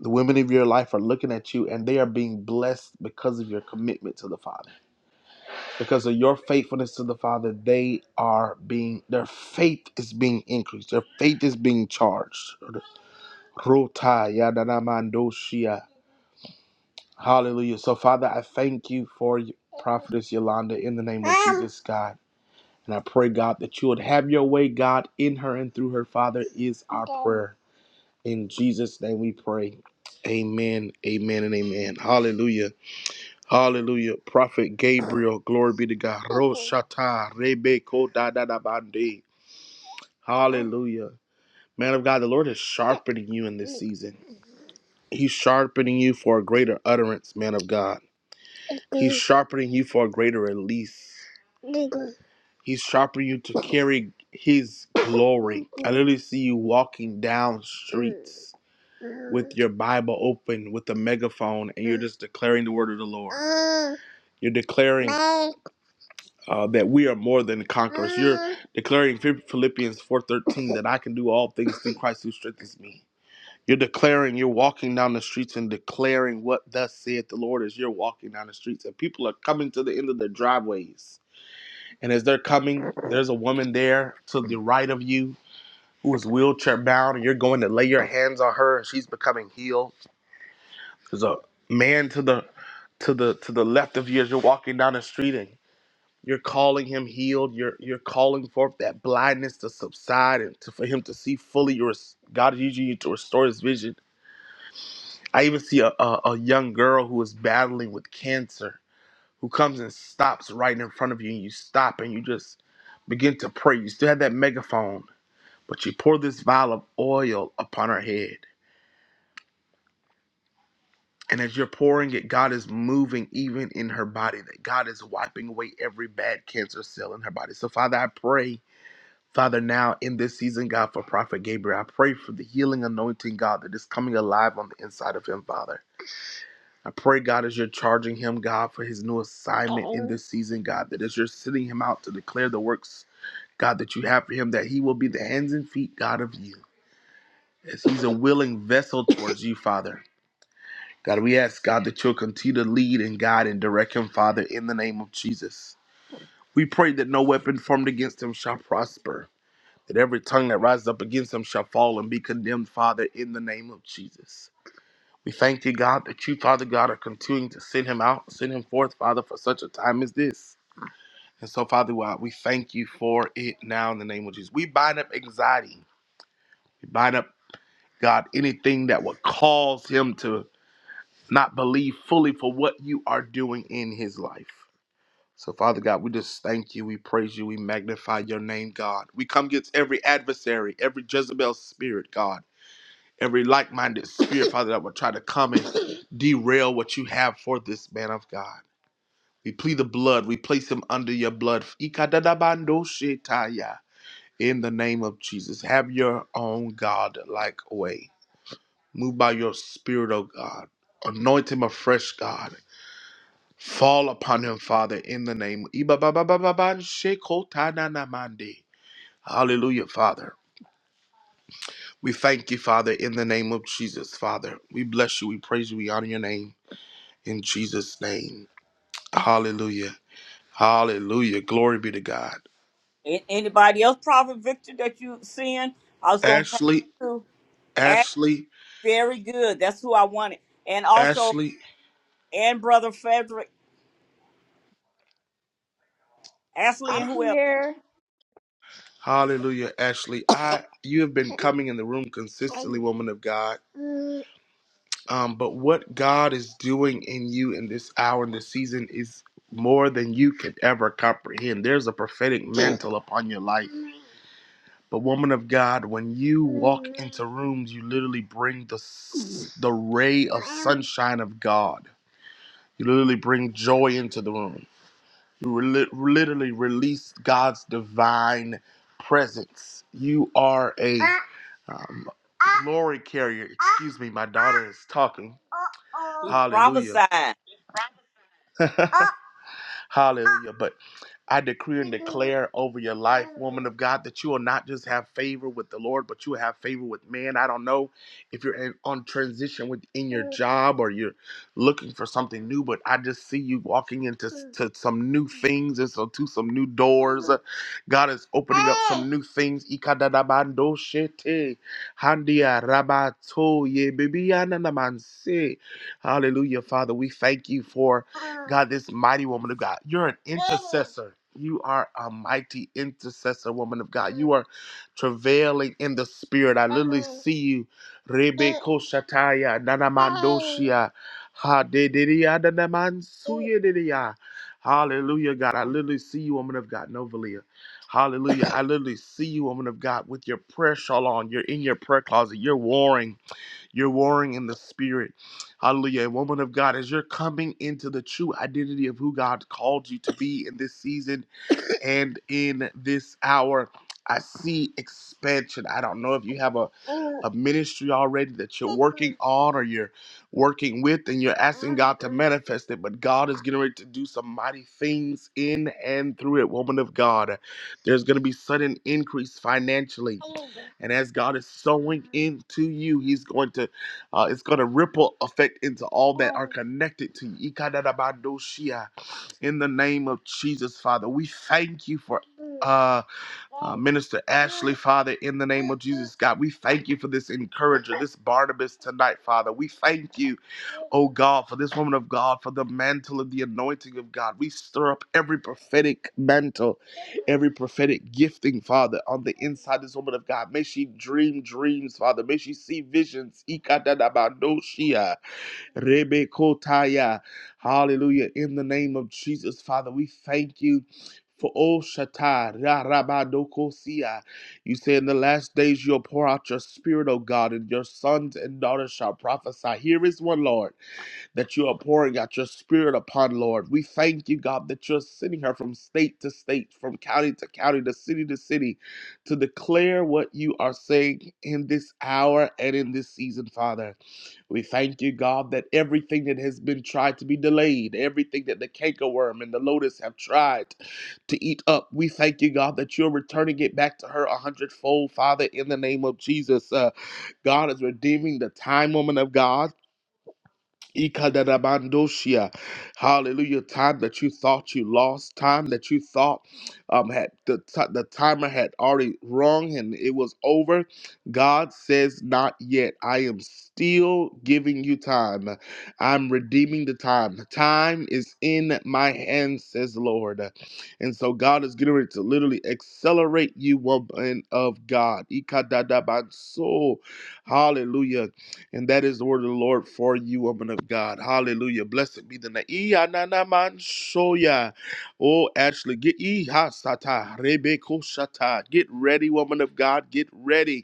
Speaker 10: The women of your life are looking at you and they are being blessed because of your commitment to the Father. Because of your faithfulness to the Father, they are being, their faith is being increased. Their faith is being charged. Hallelujah. So, Father, I thank you for prophetess Yolanda in the name of Jesus, God. And I pray, God, that you would have your way, God, in her and through her, Father, is our prayer. In Jesus' name we pray. Amen, amen, and amen. Hallelujah. Hallelujah. Prophet Gabriel, glory be to God. Roshata, Rebeko, da da da bande. Hallelujah. Man of God, the Lord is sharpening you in this season. He's sharpening you for a greater utterance, man of God. He's sharpening you for a greater release. He's sharpening you to carry His glory. I literally see you walking down streets with your Bible open, with a megaphone, and you're just declaring the word of the Lord. You're declaring uh, that we are more than conquerors. You're declaring Philippians 4:13 that I can do all things through Christ who strengthens me. You're declaring, you're walking down the streets and declaring what thus saith the Lord as you're walking down the streets. And people are coming to the end of their driveways. And as they're coming, there's a woman there to the right of you who is wheelchair bound, and you're going to lay your hand. There's a man to the to the to the left of you as you're walking down the street and you're calling him healed. You're you're calling forth that blindness to subside and to, for him to see fully your God is using you to restore his vision I even see a, a, a young girl who is battling with cancer who comes and stops right in front of you, and you stop and you just begin to pray. You still have that megaphone, but you pour this vial of oil upon her head. And as you're pouring it, God is moving even in her body, that God is wiping away every bad cancer cell in her body. So, Father, I pray, Father, now in this season, God, for Prophet Gabriel, I pray for the healing anointing, God, that is coming alive on the inside of him, Father. I pray, God, as you're charging him, God, for his new assignment in this season, God, that as you're sending him out to declare the works, God, that you have for him, that he will be the hands and feet, God, of you, as he's a willing vessel towards you, Father. God, we ask, God, that you'll continue to lead and guide and direct him, Father, in the name of Jesus. We pray that no weapon formed against him shall prosper, that every tongue that rises up against him shall fall and be condemned, Father, in the name of Jesus. We thank thee, God, that you, Father God, are continuing to send him out, send him forth, Father, for such a time as this. And so, Father God, we thank you for it now in the name of Jesus. We bind up anxiety. We bind up, God, anything that would cause him to not believe fully for what you are doing in his life. So, Father God, we just thank you. We praise you. We magnify your name, God. We come against every adversary, every Jezebel spirit, God. every like-minded spirit, Father, that would try to come and derail what you have for this man of God. We plead the blood. We place him under your blood. Ikadadabando shetaya. In the name of Jesus, have your own God-like way. Move by your spirit, O God. Anoint him afresh, God. Fall upon him, Father, in the name. Ibababababan shekotananamande. Hallelujah, Father. We thank you, Father, in the name of Jesus, Father. We bless you. We praise you. We honor your name. in Jesus' name. Hallelujah. Hallelujah. Glory be to God.
Speaker 1: A- Anybody else, Prophet Victor, that you seeing? I was gonna pass
Speaker 10: Ashley,
Speaker 1: it to. Ash,
Speaker 10: Ashley,
Speaker 1: very good. That's who I wanted. And also,
Speaker 10: Ashley.
Speaker 1: and brother Frederick, Ashley, and
Speaker 14: I'm
Speaker 10: Ah,
Speaker 1: who else?
Speaker 14: here.
Speaker 10: Hallelujah, Ashley. I you have been coming in the room consistently, woman of God. Um, but what God is doing in you in this hour and this season is more than you could ever comprehend. There's a prophetic mantle upon your life. But woman of God, when you walk into rooms, you literally bring the s- the ray of sunshine of God You literally bring joy into the room. You re- literally release God's divine presence. You are a um, glory carrier. Excuse me, my daughter is talking. Hallelujah.
Speaker 1: Prophesy,
Speaker 10: Hallelujah. But. I decree and declare over your life, woman of God, that you will not just have favor with the Lord, but you will have favor with man. I don't know if you're in, on transition within your job or you're looking for something new, but I just see you walking into s- to some new things and so to some new doors. Uh, God is opening up some new things. Ikadadabando handia rabato ye bibiana namanse. Hallelujah, Father. We thank you for God, this mighty woman of God. You're an intercessor. You are a mighty intercessor, woman of God. You are travailing in the spirit. I literally see you. Rebeko Shataya, Nanamandoshia, Hadedidia, Nanamansuya, Didia. Hallelujah, God. I literally see you, woman of God, Novalia. Hallelujah. I literally see you, woman of God, with your prayer shawl on. You're in your prayer closet. You're warring. You're warring in the spirit. Hallelujah. Woman of God, as you're coming into the true identity of who God called you to be in this season, and in this hour i see expansion i don't know if you have a, a ministry already that you're working on or you're working with and you're asking god to manifest it but god is getting ready to do some mighty things in and through it woman of god there's going to be sudden increase financially and as god is sowing into you he's going to uh, it's going to ripple effect into all that are connected to you in the name of Jesus, Father. We thank you for uh, uh, Minister Ashley, Father, in the name of Jesus, God. We thank you for this encourager, this Barnabas tonight, Father. We thank you, oh God, for this woman of God, for the mantle of the anointing of God. We stir up every prophetic mantle, every prophetic gifting, Father, on the inside of this woman of God. May she dream dreams, Father. May she see visions. Rebekotaya. Hallelujah. In the name of Jesus, Father, we thank you for all Shatai. Rabadokosia. You say in the last days you'll pour out your spirit, O God, and your sons and daughters shall prophesy. Here is one, Lord, that you are pouring out your spirit upon, Lord. We thank you, God, that you're sending her from state to state, from county to county, to city to city, to declare what you are saying in this hour and in this season, Father. We thank you, God, that everything that has been tried to be delayed, everything that the cankerworm and the lotus have tried to eat up, we thank you, God, that you're returning it back to her a hundredfold, Father, in the name of Jesus. Uh, God is redeeming the time, woman of God. Ikadadabandosia. Hallelujah. Time that you thought you lost, time that you thought um, had the, ti- the timer had already rung and it was over. God says, Not yet. I am still giving you time. I'm redeeming the time. Time is in my hands, says the Lord. And so God is getting ready to literally accelerate you, woman of God. Ikadadabanso. Hallelujah. And that is the word of the Lord for you, woman of God. Hallelujah. Blessed be the name. Oh, Ashley, get Get ready, woman of God. Get ready.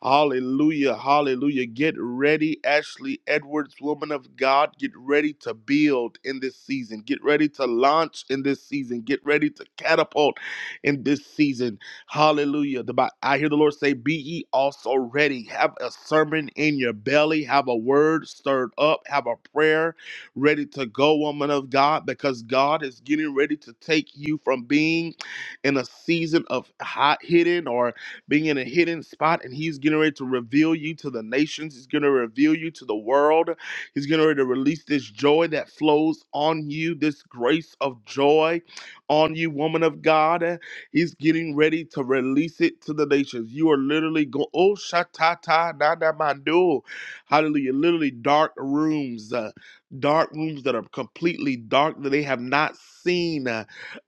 Speaker 10: Hallelujah. Hallelujah. Get ready, Ashley Edwards, woman of God. Get ready to build in this season. Get ready to launch in this season. Get ready to catapult in this season. Hallelujah. The, Bi- I hear the Lord say, Be ye also ready. Have a sermon in your belly. Have a word stirred up. Have a prayer ready to go, woman of God, because God is getting ready to take you from being in a season of hot hitting or being in a hidden spot, and He's getting ready to reveal you to the nations. He's going to reveal you to the world. He's getting ready to release this joy that flows on you, this grace of joy on you, woman of God. He's getting ready to release it to the nations. You are literally going, oh, shatata, da da mandu. Hallelujah. Literally dark rooms, uh, dark rooms that are completely dark that they have not seen. uh,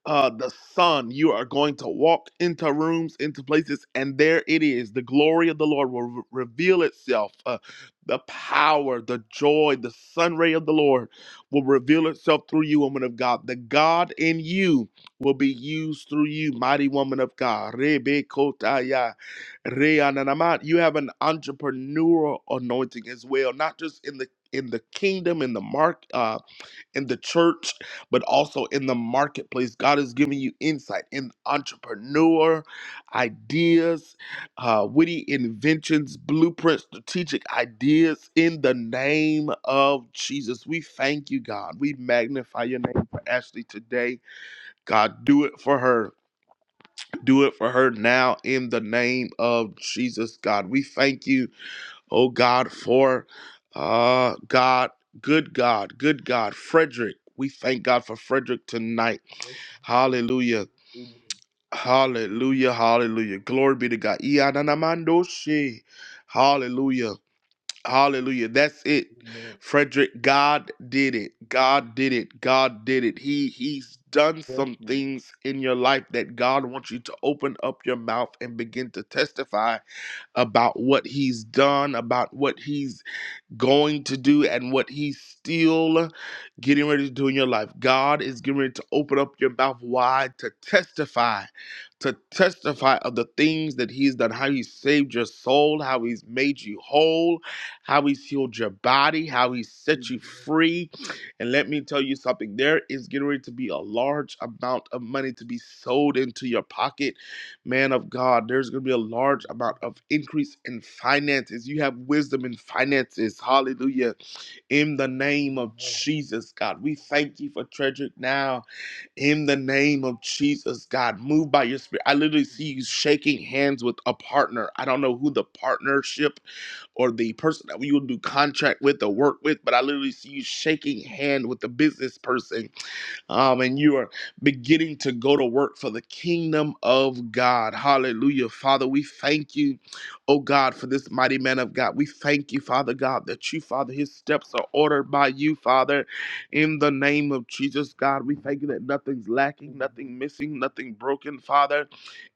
Speaker 10: uh, the sun. You are going to walk into rooms, into places, and there it is. The glory of the Lord will re- reveal itself. Uh, the power, the joy, the sun ray of the Lord will reveal itself through you, woman of God. The God in you will be used through you, mighty woman of God. Rebekotaya, reananamat. You have an entrepreneurial anointing as well, not just in the in the kingdom, in the mark. uh, in the church, but also in the marketplace. God is giving you insight in entrepreneur ideas, uh, witty inventions, blueprints, strategic ideas in the name of Jesus. We thank you, God. We magnify your name for Ashley today. God, do it for her. Do it for her now in the name of Jesus, God. We thank you oh God, for uh, God, good God, good God, Frederick. We thank God for Frederick tonight.
Speaker 15: Yes,
Speaker 10: Hallelujah.
Speaker 15: amen.
Speaker 10: Hallelujah. Hallelujah. Glory be to God. Iyananamandoshe. Hallelujah. Hallelujah. That's it.
Speaker 15: Amen.
Speaker 10: Frederick, God did it. God did it. God did it. He he's done
Speaker 15: Yes,
Speaker 10: some
Speaker 15: Lord.
Speaker 10: things in your life that God wants you to open up your mouth and begin to testify about what he's done, about what he's going to do and what he's still getting ready to do in your life. God is getting ready to open up your mouth wide to testify, to testify of the things that he's done,
Speaker 15: Amen.
Speaker 10: how he saved your soul, how he's made you whole, how he's healed your body, how he set you
Speaker 15: Amen.
Speaker 10: free. And let me tell you something, there is getting ready to be a large amount of money to be sold into your pocket man of God, there's going to be a
Speaker 15: Amen.
Speaker 10: large amount of increase in finances. You have wisdom in finances. Hallelujah. In the
Speaker 15: Amen.
Speaker 10: name of
Speaker 15: Amen.
Speaker 10: Jesus, God, we thank you for treasure now. In the name of Jesus, God, move by your spirit. I literally see you shaking hands with a partner. I don't know who the partnership or the person that we will do contract with or work with, but I literally see you shaking hand with the business person um, and you are beginning to go to work for the kingdom of God. Hallelujah. Father, we thank you, oh God, for this mighty man of God. We thank you, Father God, that you, Father, his steps are ordered by you, Father, in the name of Jesus, God. We thank you that
Speaker 15: Amen.
Speaker 10: nothing's lacking, nothing missing, nothing broken, Father.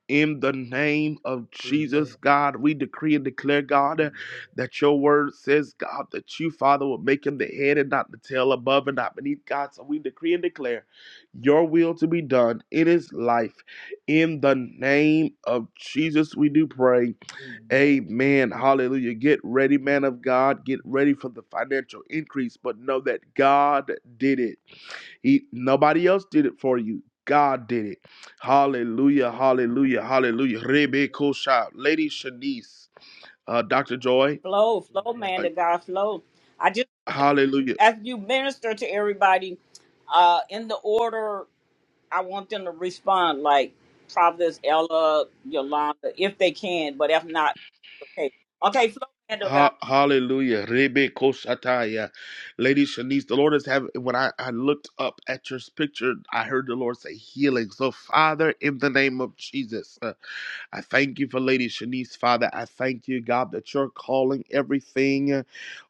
Speaker 10: In the name of Jesus,
Speaker 15: Amen.
Speaker 10: God, we decree and declare, God, uh, that your word says, God, that you, Father, will make him the head and not the tail, above and not beneath, God. So we decree and declare your will to be done in his life. In the name of Jesus, we do pray.
Speaker 15: Amen. Amen.
Speaker 10: Amen. Hallelujah. Get ready, man of God. Get ready for the financial increase, but know that God did it. He nobody else did it for you. God did it. Hallelujah, hallelujah, hallelujah. Rebe Kosha, Lady Shanice, uh, Dr. Joy,
Speaker 1: flow, flow,
Speaker 15: Amen.
Speaker 1: man,
Speaker 10: uh,
Speaker 1: to God, flow. I just
Speaker 10: hallelujah.
Speaker 1: as you minister to everybody, uh, in the order I want them to respond, like Providence, Ella, Yolanda, if they can. But if not, okay, okay, flow, man, to God.
Speaker 10: Ha- hallelujah. Rebe koshataya. Lady Shanice, the Lord is having, when I, I looked up at your picture, I heard the Lord say healing. So, Father, in the name of Jesus, uh, I thank you for Lady Shanice, Father. I thank you, God, that you're calling everything. uh,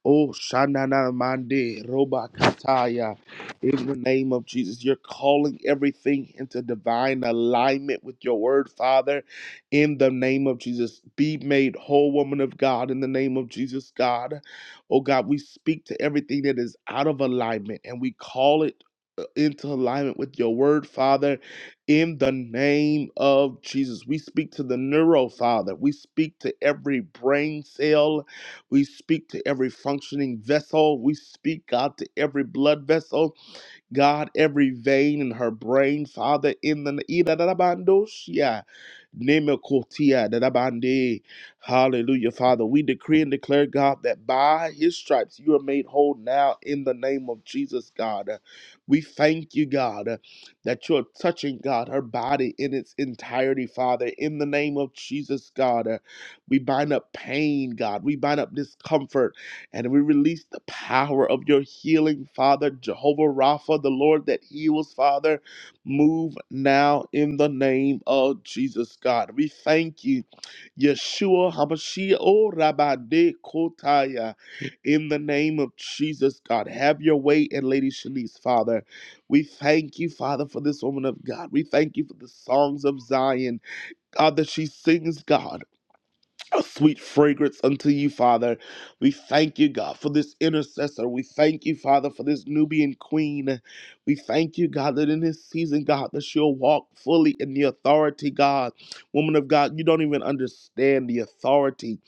Speaker 10: Oh, Shanana Mande, Roba Kataya. In the name of Jesus, you're calling everything into divine alignment with your word, Father in the name of Jesus. Be made whole, woman of God, in the name of Jesus, God. Oh God, we speak to everything that is out of alignment and we call it uh, into alignment with your word, Father, in the name of Jesus. We speak to the neuro, Father. We speak to every brain cell. We speak to every functioning vessel. We speak, God, to every blood vessel. God, every vein in her brain, Father, in the Idadadabandosia, Nemekotia, Dadabande. Hallelujah, Father. We decree and declare, God, that by his stripes you are made whole now in the name of Jesus, God. We thank you, God, that you're touching, God, her body in its entirety, Father, in the name of Jesus, God. We bind up pain, God. We bind up discomfort. And we release the power of your healing, Father, Jehovah Rapha, the Lord that heals, Father. Move now in the name of Jesus, God. We thank you, Yeshua HaMashiach, O Rabbi De Kotaya, in the name of Jesus, God. Have your way and Lady Shanice, Father. We thank you, Father, for this woman of God. We thank you for the songs of Zion, God, that she sings, God a sweet fragrance unto you, Father. We thank you, God, for this intercessor. We thank you, Father, for this Nubian queen. We thank you, God, that in this season, God, that she'll walk fully in the authority, God. Woman of God, you don't even understand the authority.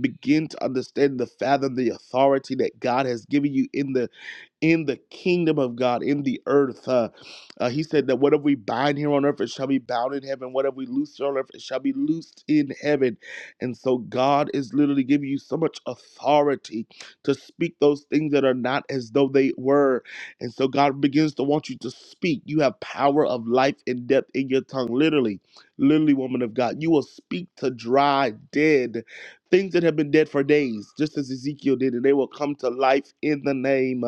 Speaker 10: Begin to understand the fathom, the authority that God has given you in the in the kingdom of God, in the earth. Uh, uh, he said that whatever we bind here on earth, it shall be bound in heaven. Whatever we loose here on earth, it shall be loosed in heaven. And so God is literally giving you so much authority to speak those things that are not as though they were. And so God begins to want you to speak. You have power of life and death in your tongue, literally, literally, woman of God. You will speak to dry, dead things that have been dead for days, just as Ezekiel did, and they will come to life in the name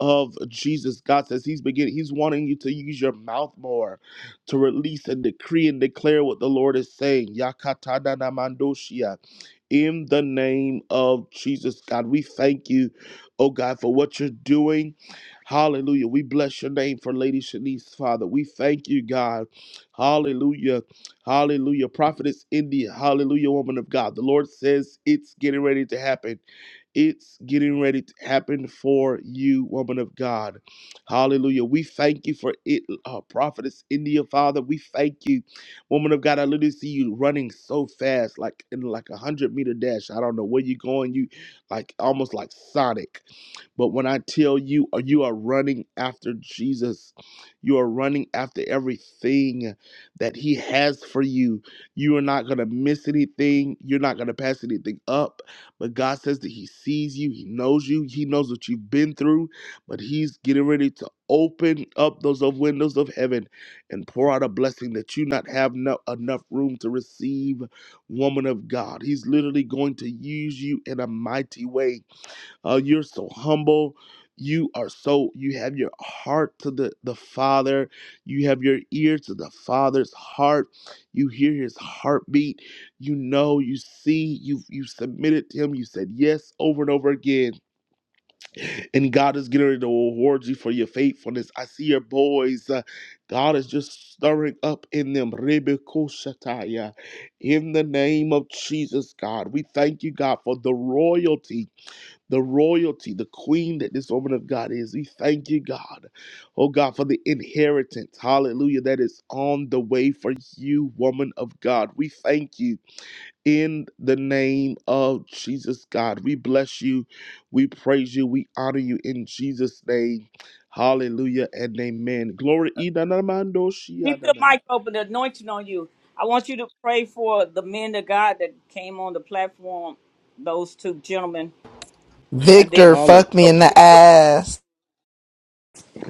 Speaker 10: of Jesus. God says He's beginning, He's wanting you to use your mouth more to release and decree and declare what the Lord is saying. Yakatadanamandoshia in the name of Jesus. God, we thank you, oh God, for what you're doing. Hallelujah. We bless your name for Lady Shanice, Father. We thank you, God. Hallelujah. Hallelujah. Prophetess India. Hallelujah, woman of God. The Lord says it's getting ready to happen. It's getting ready to happen for you, woman of God. Hallelujah. We thank you for it, uh, Prophetess India, Father. We thank you. Woman of God, I literally see you running so fast, like in like a hundred meter dash. I don't know where you're going. You like almost like Sonic. But when I tell you, uh, you are running after Jesus, you are running after everything that He has for you. You are not going to miss anything, you're not going to pass anything up. But God says that He sees you, He knows you, He knows what you've been through, but He's getting ready to open up those of windows of heaven and pour out a blessing that you not have no, enough room to receive woman of god he's literally going to use you in a mighty way uh, you're so humble. You are so you have your heart to the the Father. You have your ear to the Father's heart. You hear His heartbeat. You know. You see. You you submitted to Him. You said yes over and over again. And God is getting ready to reward you for your faithfulness. I see your boys. uh, God is just stirring up in them. Rebekoshataya. In the name of Jesus, God, we thank you, God, for the royalty the royalty, the queen that this woman of God is. We thank you, God. Oh, God, for the inheritance. Hallelujah. That is on the way for you, woman of God. We thank you in the name of Jesus, God. We bless you. We praise you. We honor you in Jesus' name. Hallelujah and amen. Glory.
Speaker 1: Keep the mic open, the anointing on you. I want you to pray for the men of God that came on the platform, those two gentlemen, and then
Speaker 16: Victor
Speaker 10: Hallelujah.
Speaker 16: fuck me
Speaker 1: don't
Speaker 16: in the ass.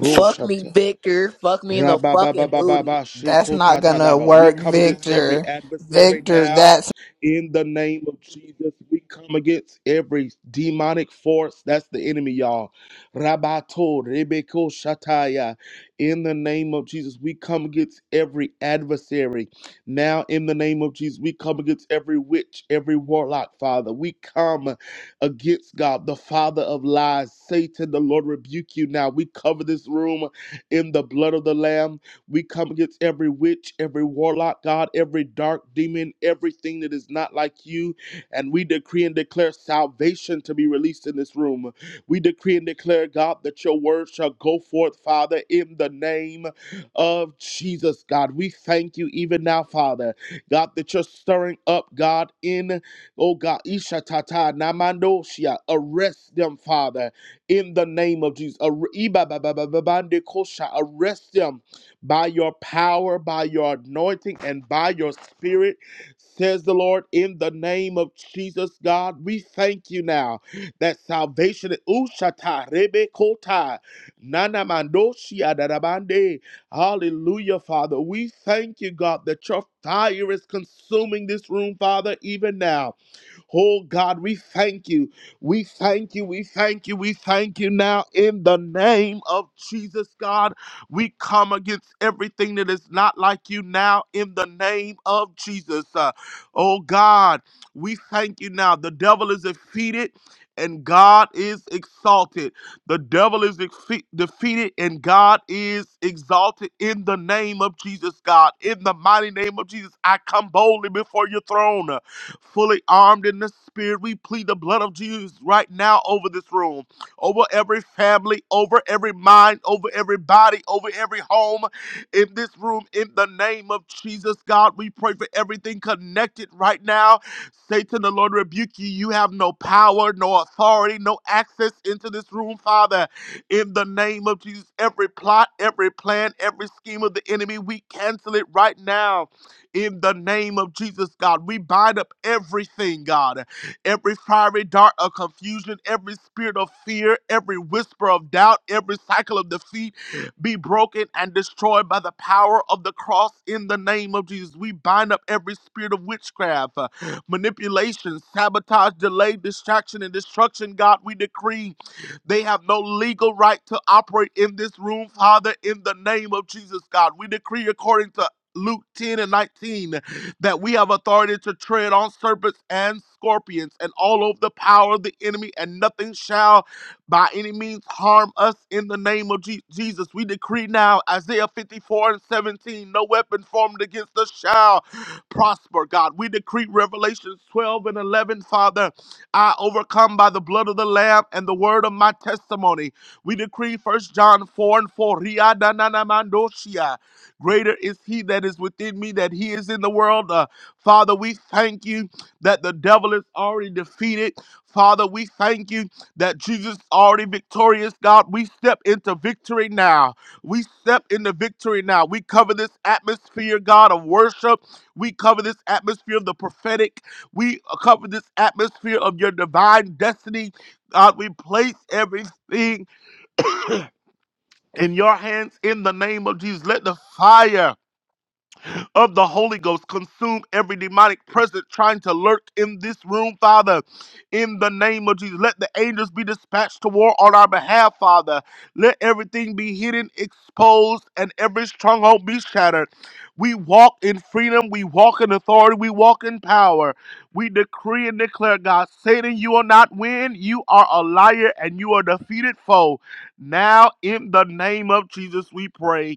Speaker 17: Fuck me, Victor. Fuck me in
Speaker 10: ra
Speaker 17: the
Speaker 10: ba ba ba
Speaker 17: fucking
Speaker 10: ba ba
Speaker 17: booty.
Speaker 16: That's not gonna
Speaker 10: ba We
Speaker 16: work,
Speaker 10: come against every
Speaker 16: Victor.
Speaker 10: adversary
Speaker 16: Victor,
Speaker 10: now
Speaker 16: that's
Speaker 10: in the name of Jesus. We come against every demonic force. That's the enemy, y'all. Rabato Rebeko Shataya. In the name of Jesus, we come against every adversary. Now, in the name of Jesus, we come against every witch, every warlock, Father. We come against God, the Father of lies. Satan, the Lord rebuke you now. We cover this room in the blood of the Lamb. We come against every witch, every warlock, God, every dark demon, everything that is not like you. And we decree and declare salvation to be released in this room. We decree and declare, God, that your word shall go forth, Father, in the name of Jesus, God. We thank you even now, Father, God, that you're stirring up, God, in, oh God, Isha Tata, Namandoshia. Arrest them, Father in the name of Jesus. Ar- Ibababababandekosha, Arrest them by your power, by your anointing, and by your spirit, says the Lord, in the name of Jesus, God. We thank you now that salvation Ushata Rebekota Nana Mandoshia Darabande. Hallelujah, Father. We thank you, God, that your fire is consuming this room, Father, even now. Oh God, we thank you. We thank you. We thank you. We thank you now in the name of Jesus, God. We come against everything that is not like you now in the name of Jesus. Uh, oh God, we thank you now. The devil is defeated and God is exalted. The devil is defe- defeated and God is exalted in the name of Jesus, God. In the mighty name of Jesus, I come boldly before your throne fully armed in the spirit. We plead the blood of Jesus right now over this room, over every family, over every mind, over every body, over every home in this room. In the name of Jesus, God, we pray for everything connected right now. Satan, the Lord rebuke you. You have no power, no authority, no access into this room, Father. In the name of Jesus, every plot, every plan, every scheme of the enemy, we cancel it right now in the name of Jesus, God. We bind up everything, God. Every fiery dart of confusion, every spirit of fear, every whisper of doubt, every cycle of defeat be broken and destroyed by the power of the cross in the name of Jesus. We bind up every spirit of witchcraft, uh, manipulation, sabotage, delay, distraction, and destruction, God. We decree they have no legal right to operate in this room, Father, in the name of Jesus, God. We decree according to Luke 10 and 19 that we have authority to tread on serpents and scorpions and all of the power of the enemy, and nothing shall by any means harm us in the name of Je- Jesus. We decree now, Isaiah 54 and 17, no weapon formed against us shall prosper, God. We decree Revelations 12 and 11, Father, I overcome by the blood of the Lamb and the word of my testimony. We decree First John 4 and 4, Greater is he that is within me that he is in the world. Uh, Father, we thank you that the devil is already defeated. Father, we thank you that Jesus is already victorious. God, we step into victory now. We step into victory now. We cover this atmosphere, God, of worship. We cover this atmosphere of the prophetic. We cover this atmosphere of your divine destiny. God, we place everything in your hands in the name of Jesus. Let the fire of the Holy Ghost. Consume every demonic presence trying to lurk in this room, Father. In the name of Jesus, let the angels be dispatched to war on our behalf, Father. Let everything be hidden, exposed, and every stronghold be shattered. We walk in freedom, we walk in authority, we walk in power. We decree and declare, God, Satan, you will not win. You are a liar and you are a defeated foe. Now, in the name of Jesus, we pray.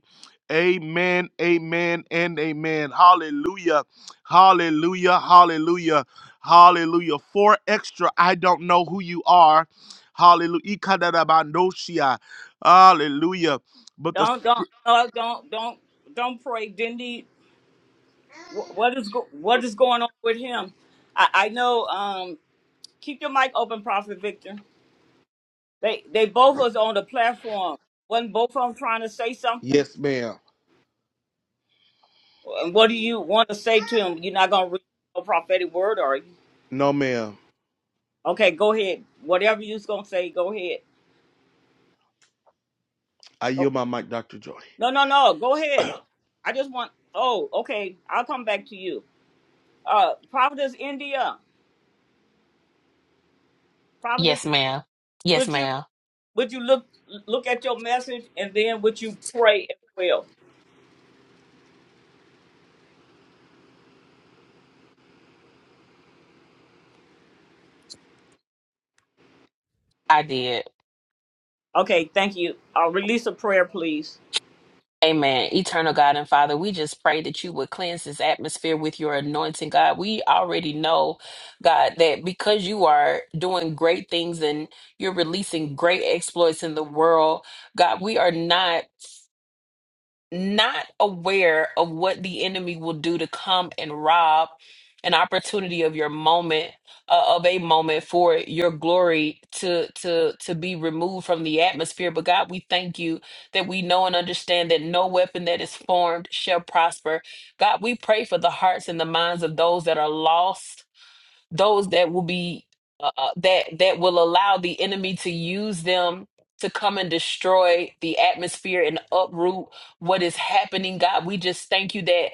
Speaker 10: Amen, amen, and amen. Hallelujah, hallelujah, hallelujah, hallelujah. Four extra, I don't know who you are. Hallelujah. Ikadadabandoshia. Hallelujah. But the.
Speaker 1: don't
Speaker 10: scr-
Speaker 1: no, don't don't don't pray. Dindy, wh- what is go, what is going on with him? I, I know. Um, keep your mic open, Prophet Victor. They they both was on the platform. Wasn't both of them trying to say something?
Speaker 10: Yes, ma'am.
Speaker 1: And what do you want to say to him? You're not gonna read no prophetic word, are you?
Speaker 10: No, ma'am.
Speaker 1: Okay, go ahead. Whatever you's gonna say, go ahead.
Speaker 10: I
Speaker 1: Oh,
Speaker 10: yield my mic, Dr. Joy.
Speaker 1: no, no, no. Go ahead. I just want. Oh, okay. I'll come back to you. Uh, Providence, India. Providence.
Speaker 9: Yes, ma'am. Yes,
Speaker 1: Would you
Speaker 9: ma'am.
Speaker 1: would you look look at your message and then would you pray as well?
Speaker 9: I did.
Speaker 1: Okay. Thank you. I'll release a prayer, please.
Speaker 9: Amen. Eternal God and Father, we just pray that you would cleanse this atmosphere with your anointing, God. We already know, God, that because you are doing great things and you're releasing great exploits in the world, God, we are not. not aware of what the enemy will do to come and rob an opportunity of your moment uh, of a moment for your glory to to to be removed from the atmosphere but God we thank you that we know and understand that no weapon that is formed shall prosper God we pray for the hearts and the minds of those that are lost those that will be uh, uh, that that will allow the enemy to use them to come and destroy the atmosphere and uproot what is happening god we just thank you that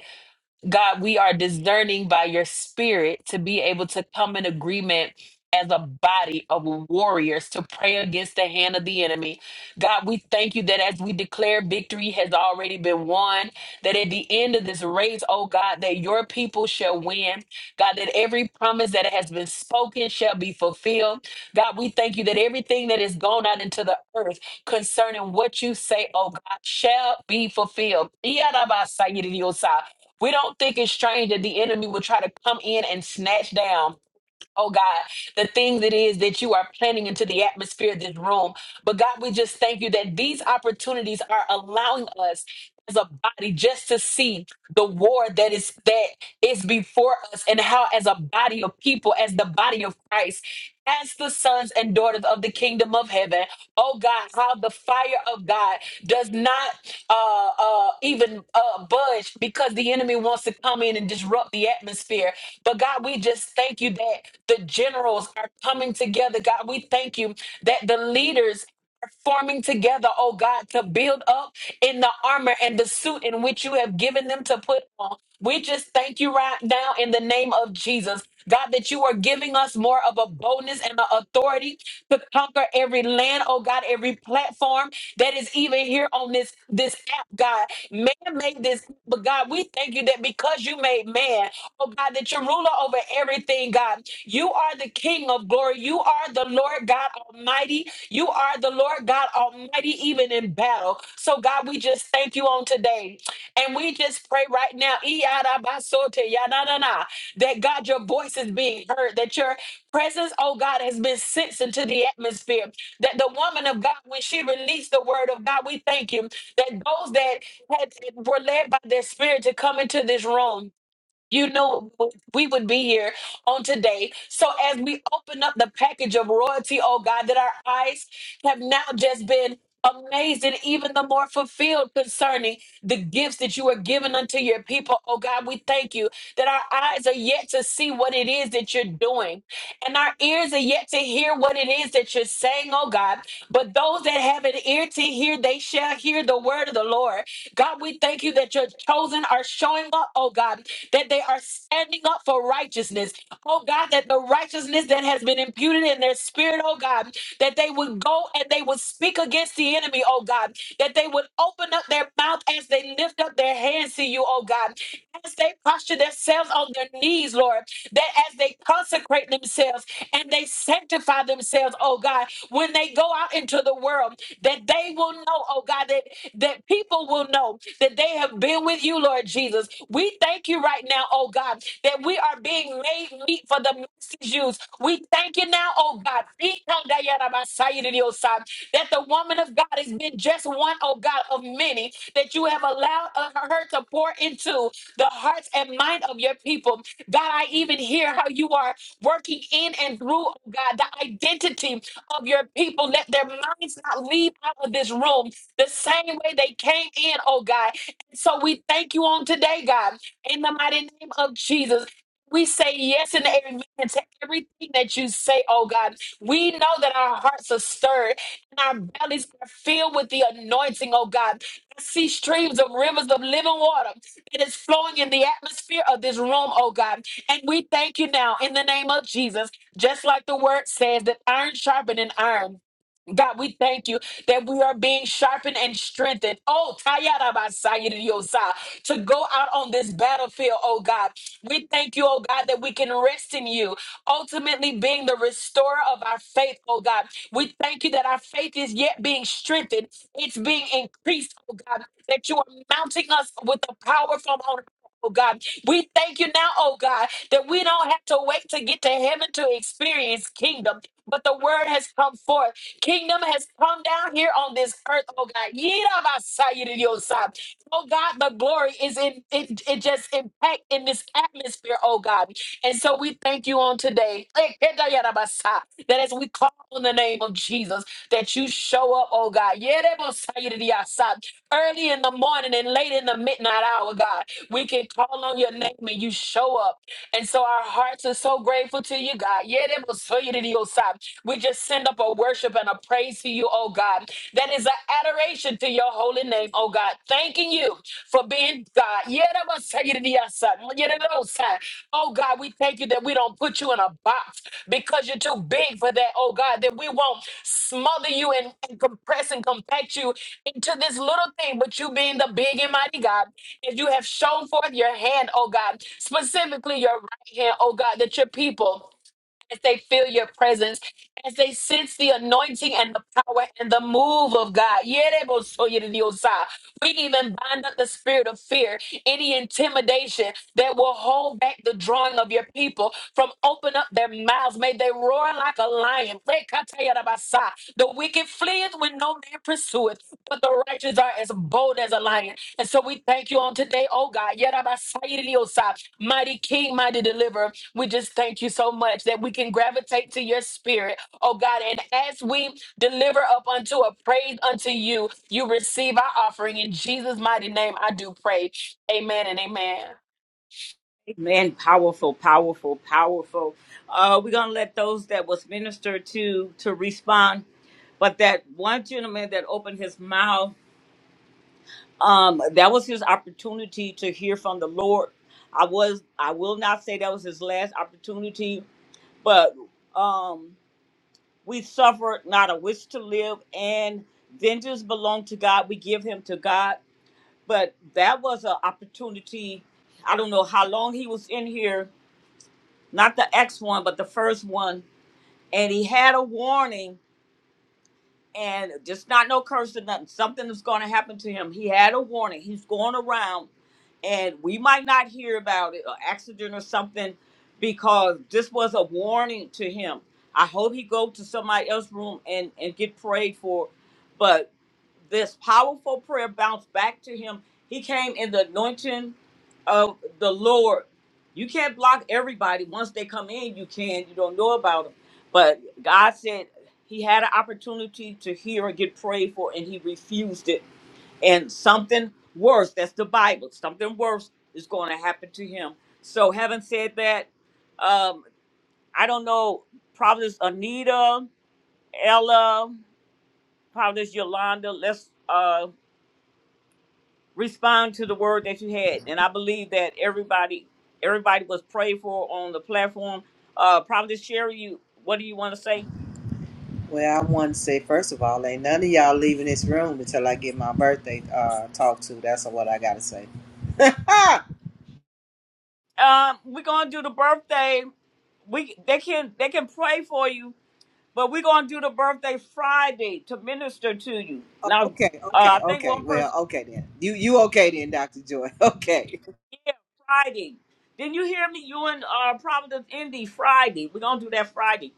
Speaker 9: God, we are discerning by your spirit to be able to come in agreement as a body of warriors to pray against the hand of the enemy. God, we thank you that as we declare victory has already been won, that at the end of this race, oh God, that your people shall win. God, that every promise that has been spoken shall be fulfilled. God, we thank you that everything that has gone out into the earth concerning what you say, oh God, shall be fulfilled. We don't think it's strange that the enemy will try to come in and snatch down, oh God, the things it is that you are planning into the atmosphere of this room. But God, we just thank you that these opportunities are allowing us as a body just to see the war that is that is before us and how as a body of people, as the body of Christ, as the sons and daughters of the kingdom of heaven, oh God, how the fire of God does not uh, uh, even uh, budge because the enemy wants to come in and disrupt the atmosphere. But God, we just thank you that the generals are coming together. God, we thank you that the leaders are forming together, oh God, to build up in the armor and the suit in which you have given them to put on. We just thank you right now in the name of Jesus. God, that you are giving us more of a boldness and an authority to conquer every land, oh God, every platform that is even here on this, this app, God. Man made this, but God, we thank you that because you made man, oh God, that you're ruler over everything, God. You are the King of glory. You are the Lord God Almighty. You are the Lord God Almighty, even in battle. So, God, we just thank you on today. And we just pray right now, Iyadabasote, yananana, that God, your voice is being heard, that your presence, oh God, has been sensed into the atmosphere. That the woman of God, when she released the word of God, we thank you that those that had were led by their spirit to come into this room you know, we would be here on today. So, as we open up the package of royalty, oh God, that our eyes have now just been amazed and even the more fulfilled concerning the gifts that you are giving unto your people. Oh God, we thank you that our eyes are yet to see what it is that you're doing, and our ears are yet to hear what it is that you're saying, oh God. But those that have an ear to hear, they shall hear the word of the Lord. God, we thank you that your chosen are showing up, oh God, that they are standing up for righteousness. Oh God, that the righteousness that has been imputed in their spirit, oh God, that they would go and they would speak against the enemy, oh God, that they would open up their mouth as they lift up their hands to you, oh God, as they posture themselves on their knees, Lord, that as they consecrate themselves and they sanctify themselves, oh God God, when they go out into the world, that they will know, oh God, that, that people will know that they have been with you, Lord Jesus. We thank you right now, oh God, that we are being made meet for the message used. We thank you now, oh God, that the woman of God has been just one, oh God, of many that you have allowed uh, her to pour into the hearts and mind of your people. God, I even hear how you are working in and through, oh God, the identity of your people. Let their minds not leave out of this room the same way they came in, oh God. And so we thank you on today, God, in the mighty name of Jesus. We say yes and amen to everything that you say, oh God. We know that our hearts are stirred and our bellies are filled with the anointing, oh God. I see streams of rivers of living water that is flowing in the atmosphere of this room, oh God. And we thank you now in the name of Jesus. Just like the word says that iron sharpened iron, God, we thank you that we are being sharpened and strengthened. Oh, Tayarabasayiriosa, to go out on this battlefield, oh God. We thank you, oh God, that we can rest in you, ultimately being the restorer of our faith, oh God. We thank you that our faith is yet being strengthened, it's being increased, oh God, that you are mounting us with the power from on high, Oh God, we thank you now, oh God, that we don't have to wait to get to heaven to experience kingdom, but the word has come forth. Kingdom has come down here on this earth, oh God. Yirabasayiriyosab. Oh God, the glory is in it, it just impact in this atmosphere, oh God. And so we thank you on today. Ekedayarabasa. That as we call on the name of Jesus, that you show up, oh God. Yerebosayiriyasab. Early in the morning and late in the midnight hour, God. We can call on your name and you show up. And so our hearts are so grateful to you, God. Yerebosayiriyosab. We just send up a worship and a praise to you, oh God. That is an adoration to your holy name, oh God. Thanking you for being God. Yeremasayiridiasa, yererosa. Oh God, we thank you that we don't put you in a box because you're too big for that, oh God, that we won't smother you and, and compress and compact you into this little thing, but you being the big and mighty God, and you have shown forth your hand, oh God, specifically your right hand, oh God, that your people as they feel your presence, as they sense the anointing and the power and the move of God. Yerebosoyeriosa. We even bind up the spirit of fear, any intimidation that will hold back the drawing of your people from open up their mouths. May they roar like a lion. Rekatayarabasa. The wicked fleeth when no man pursueth, but the righteous are as bold as a lion. And so we thank you on today, oh God. Yerabasayeriosa. Mighty King, mighty deliverer. We just thank you so much that we can gravitate to your spirit, oh God. And as we deliver up unto a praise unto you, you receive our offering. In Jesus' mighty name, I do pray. Amen and amen.
Speaker 1: Amen. Powerful, powerful, powerful. Uh, we're gonna let those that was ministered to to respond, but that one gentleman that opened his mouth um that was his opportunity to hear from the lord i was i will not say that was his last opportunity but um we suffered not a wish to live and vengeance belong to god we give him to god but that was an opportunity i don't know how long he was in here not the x one but the first one and he had a warning and just not no curse or nothing. Something is going to happen to him. He had a warning. He's going around, and we might not hear about it, or accident or something, because this was a warning to him. I hope he go to somebody else's room and and get prayed for, but this powerful prayer bounced back to him. He came in the anointing of the Lord. You can't block everybody. Once they come in, you can. You don't know about them. But God said. He had an opportunity to hear and get prayed for, and he refused it. And something worse, that's the Bible, something worse is going to happen to him. So, having said that, um, I don't know, Providence Anita, Ella, Providence Yolanda, let's uh, respond to the word that you had. And I believe that everybody everybody was prayed for on the platform. Uh, Providence Sherry, you, what do you want to say?
Speaker 11: Well, I want to say first of all, ain't none of y'all leaving this room until I get my birthday uh, talk to. That's what I gotta say. Ah,
Speaker 1: Um, we're going to do the birthday. we they can they can pray for you, but we're gonna do the birthday Friday to minister to you. Now,
Speaker 11: okay,
Speaker 1: uh, I
Speaker 11: okay,
Speaker 1: think
Speaker 11: okay.
Speaker 1: one
Speaker 11: Well,
Speaker 1: person
Speaker 11: okay then. You you okay then, Doctor Joy? Okay.
Speaker 1: yeah Friday. Didn't you hear me? You and uh, Providence Indy Friday. We're gonna do that Friday.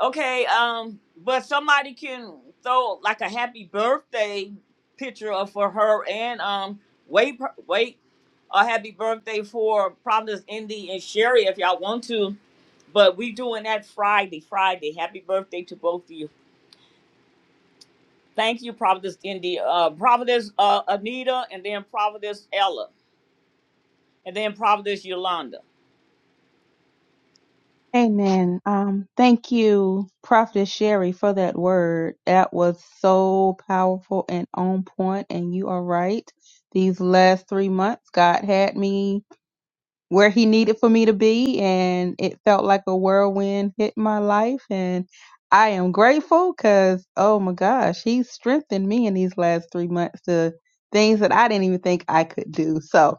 Speaker 1: Okay. Um, but somebody can throw like a happy birthday picture of for her and um wait per- wait a happy birthday for Providence Indy and Sherry if y'all want to. But we doing that Friday. Friday. Happy birthday to both of you. Thank you, Providence India, uh, Providence uh, Anita, and then Providence Ella, and then Providence Yolanda.
Speaker 13: Amen. Um, thank you, Prophet Sherry, for that word. That was so powerful and on point, and you are right. These last three months, God had me. where he needed for me to be and it felt like a whirlwind hit my life and I am grateful cuz oh my gosh, he's strengthened me in these last 3 months to things that I didn't even think I could do. So,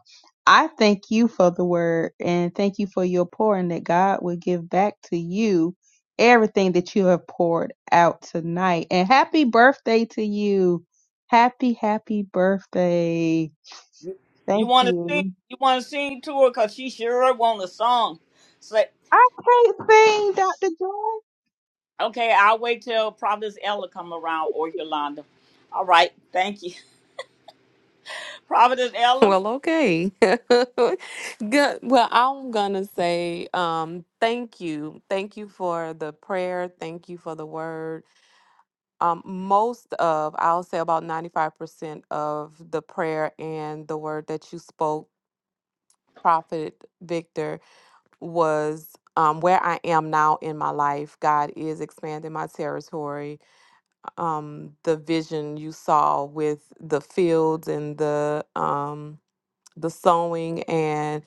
Speaker 13: I thank you for the word and thank you for your pouring that God will give back to you everything that you have poured out tonight. And happy birthday to you. Happy happy birthday.
Speaker 1: You
Speaker 13: Thank
Speaker 1: want to
Speaker 13: you.
Speaker 1: sing? You want to sing to her? Cause she sure want a song. Say,
Speaker 13: I can't sing, Dr. Joy.
Speaker 1: okay, I'll wait till Providence Ella come around or Yolanda. All right, thank you, Providence Ella.
Speaker 12: Well, okay. Good. Well, I'm gonna say um thank you. Thank you for the prayer. Thank you for the word. Um most of I'll say about 95% of the prayer and the word that you spoke, Prophet Victor, was um where I am now in my life. God is expanding my territory. Um the vision you saw with the fields and the um the sowing and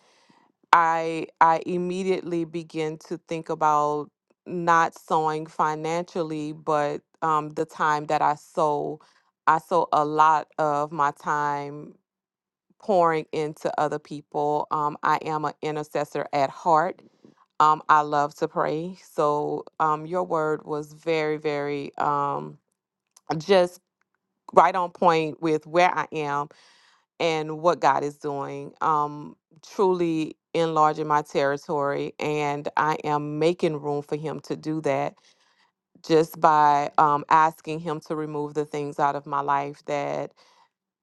Speaker 12: I I immediately begin to think about not sowing financially, but um, the time that I sow, I sow a lot of my time pouring into other people. Um, I am an intercessor at heart. Um, I love to pray. So um, your word was very, very um, just right on point with where I am and what God is doing. Um, truly enlarging my territory, and I am making room for Him to do that just by um, asking Him to remove the things out of my life that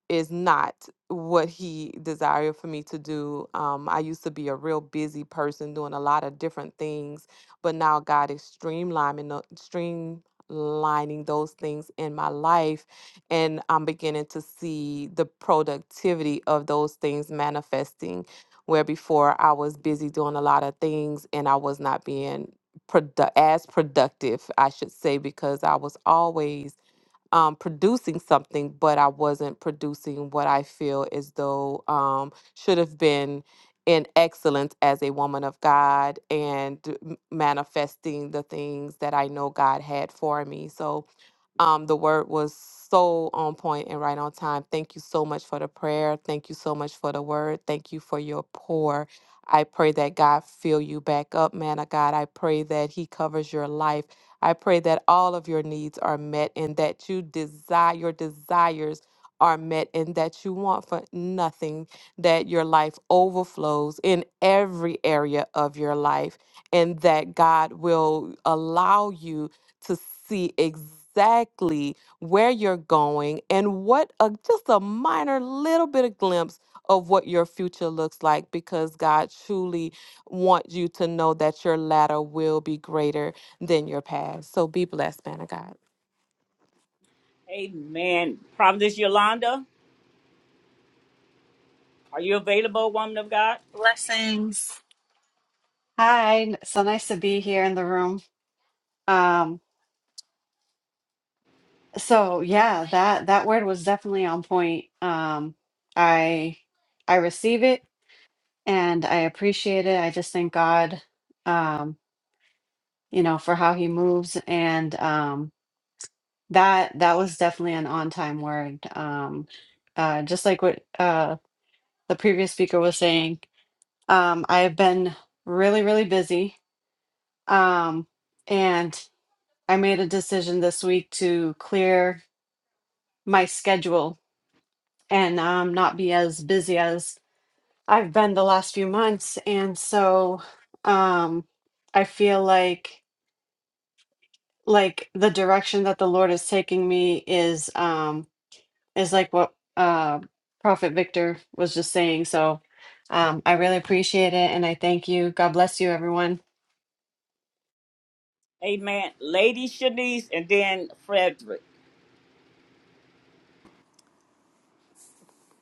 Speaker 12: is not what he desired for me to do. Um, I used to be a real busy person doing a lot of different things, but now God is streamlining, tho- streamlining those things in my life, and I'm beginning to see the productivity of those things manifesting. Where before I was busy doing a lot of things and I was not being produ- as productive, I should say, because I was always um, producing something, but I wasn't producing what I feel as though um, should have been in excellence as a woman of God and m- manifesting the things that I know God had for me. So um, the word was so on point and right on time. Thank you so much for the prayer. Thank you so much for the word. Thank you for your pour. I pray that God fill you back up, man of God. I pray that He covers your life. I pray that all of your needs are met and that you desire your desires are met and that you want for nothing, that your life overflows in every area of your life, and that God will allow you to see exactly where you're going and what a just a minor little bit of glimpse of what your future looks like because God truly wants you to know that your latter will be greater than your past. So be blessed, man of God.
Speaker 1: Amen. Providence Yolanda, are you available, woman of God?
Speaker 18: Blessings. Hi, n- so nice to be here in the room. Um, so yeah, that that word was definitely on point. Um, I I receive it and I appreciate it. I just thank God, um, you know, for how he moves and um that that was definitely an on-time word. Um, uh, just like what uh the previous speaker was saying, um, I have been really, really busy. Um, and I made a decision this week to clear my schedule and um, not be as busy as I've been the last few months. And so um, I feel like like the direction that the Lord is taking me is um, is like what uh, Prophet Victor was just saying. So um, I really appreciate it and I thank you. God bless you, everyone.
Speaker 1: Amen. Lady Shanice, and then Frederick.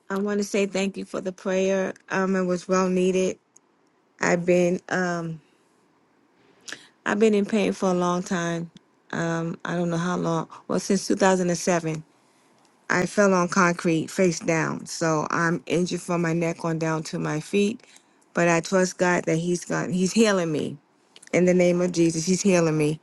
Speaker 19: I want to say thank you for the prayer. Um, it was well needed. I've been um, I've been in pain for a long time. Um, I don't know how long. Well, since 2007. I fell on concrete face down, so I'm injured from my neck on down to my feet. But I trust God that He's gone. He's healing me in the name of Jesus. He's healing me,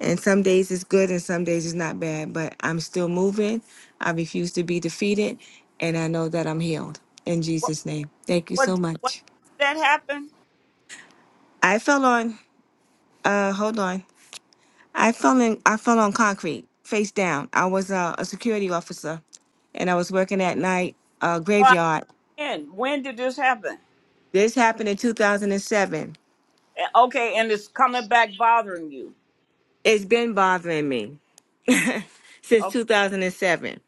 Speaker 19: and some days it's good and some days it's not bad. But I'm still moving. I refuse to be defeated, and I know that I'm healed in
Speaker 1: What?
Speaker 19: Jesus' name. Thank you so
Speaker 1: What? what
Speaker 19: much.
Speaker 1: did that happen?
Speaker 19: I fell on. Uh, hold on. I fell in. I fell on concrete face down. I was uh, a security officer, and I was working at night uh,
Speaker 1: Oh,
Speaker 19: graveyard
Speaker 1: man, when did this happen?
Speaker 19: This happened in 2007.
Speaker 1: Eh, Okay, and it's coming back bothering you.
Speaker 19: It's been bothering me since
Speaker 1: Okay,
Speaker 19: 2007.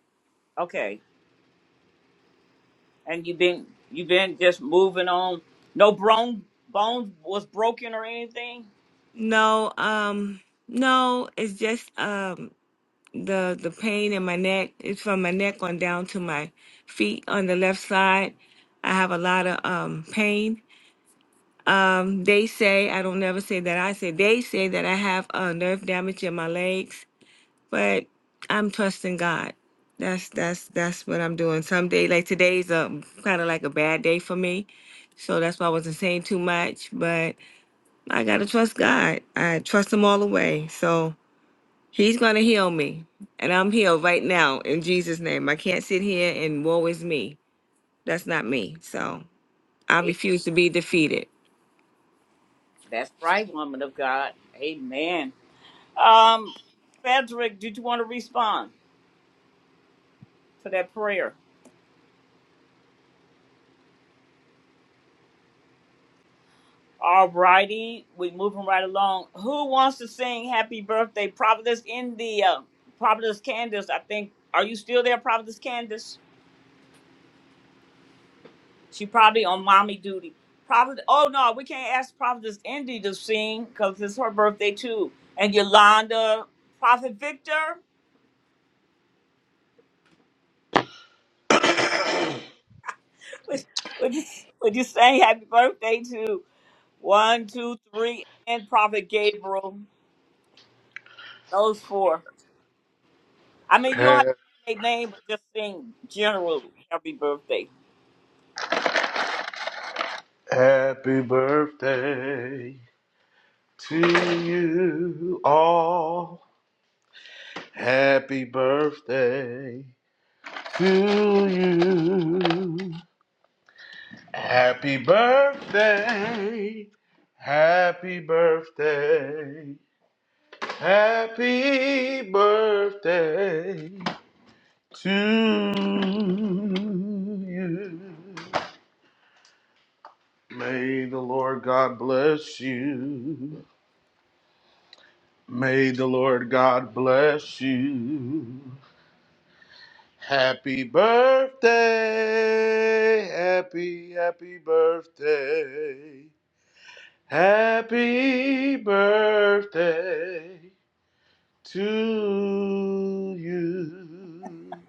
Speaker 1: okay, and you've been you've been just moving on. No bone bone was broken or anything.
Speaker 19: No, um, no, it's just um the the pain in my neck. It's from my neck on down to my feet on the left side. I have a lot of um pain. Um, they say I don't never say that I say they say that I have uh, nerve damage in my legs but I'm trusting God. That's that's that's what I'm doing. Someday, like today's a kind of like a bad day for me, so that's why I wasn't saying too much. But I gotta trust God. I trust Him all the way. So He's gonna heal me, and I'm healed right now in Jesus' name. I can't sit here and woe is me. That's not me. So I
Speaker 1: Hey,
Speaker 19: refuse to be defeated.
Speaker 1: that's right, woman of God. Amen. Um, Frederick, did you want to respond to that prayer? All righty, we moving right along. Who wants to sing "Happy Birthday"? Providence India, Providence Candace. I think. Are you still there, Providence Candace? She probably on mommy duty. Prophet, oh no, we can't ask Prophetess Indy to sing because it's her birthday too. And Yolanda, Prophet Victor, would, would, you, would you sing happy birthday to one, two, three, and Prophet Gabriel? Those four. I mean, you don't have
Speaker 10: Ha-
Speaker 1: to name their name, but just sing general happy birthday.
Speaker 10: Happy birthday to you all. Happy birthday to you. Happy birthday. Happy birthday. Happy birthday to you. May the Lord God bless you. May the Lord God bless you. Happy birthday. Happy, happy birthday. Happy birthday to you.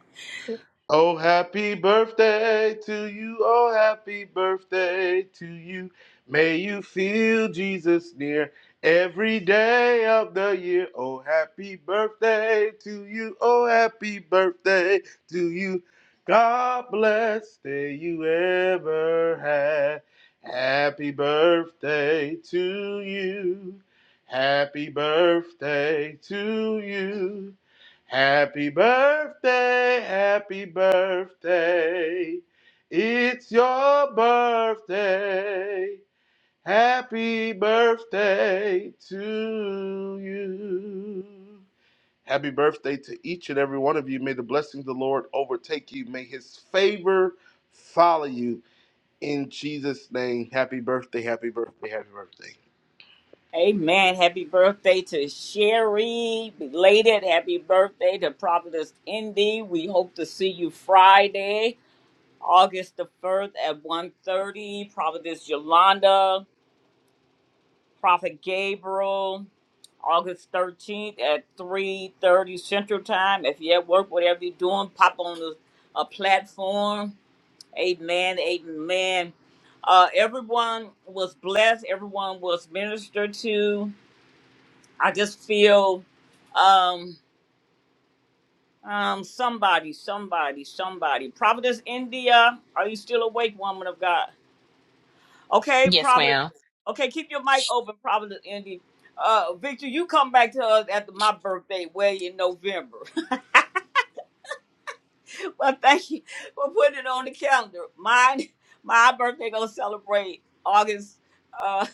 Speaker 10: Oh, happy birthday to you. Oh, happy birthday to you. May you feel Jesus near every day of the year. Oh, happy birthday to you. Oh, happy birthday to you. God bless day you ever had. Happy birthday to you. Happy birthday to you. Happy birthday, happy birthday. It's your birthday. Happy birthday to you. Happy birthday to each and every one of you. May the blessings of the Lord overtake you. May his favor follow you. In Jesus' name, happy birthday, happy birthday, happy birthday.
Speaker 1: Amen. Happy birthday to Sherry. Belated happy birthday to Prophetess Indy. We hope to see you Friday. August the 1st at one thirty, Prophetess Yolanda, Prophet Gabriel, August 13th at 3.30 Central Time. If you're at work, whatever you're doing, pop on the, a platform. Amen, amen. Uh, everyone was blessed. Everyone was ministered to. I just feel um, um, somebody, somebody, somebody. Prophetess India, are you still awake, woman of God? Okay,
Speaker 9: Yes,
Speaker 1: Providence.
Speaker 9: ma'am.
Speaker 1: Okay, keep your mic open, Providence. Indy. Uh, Victor, you come back to us after my birthday, way in November. well, thank you for putting it on the calendar. Mine, my birthday gonna celebrate August uh,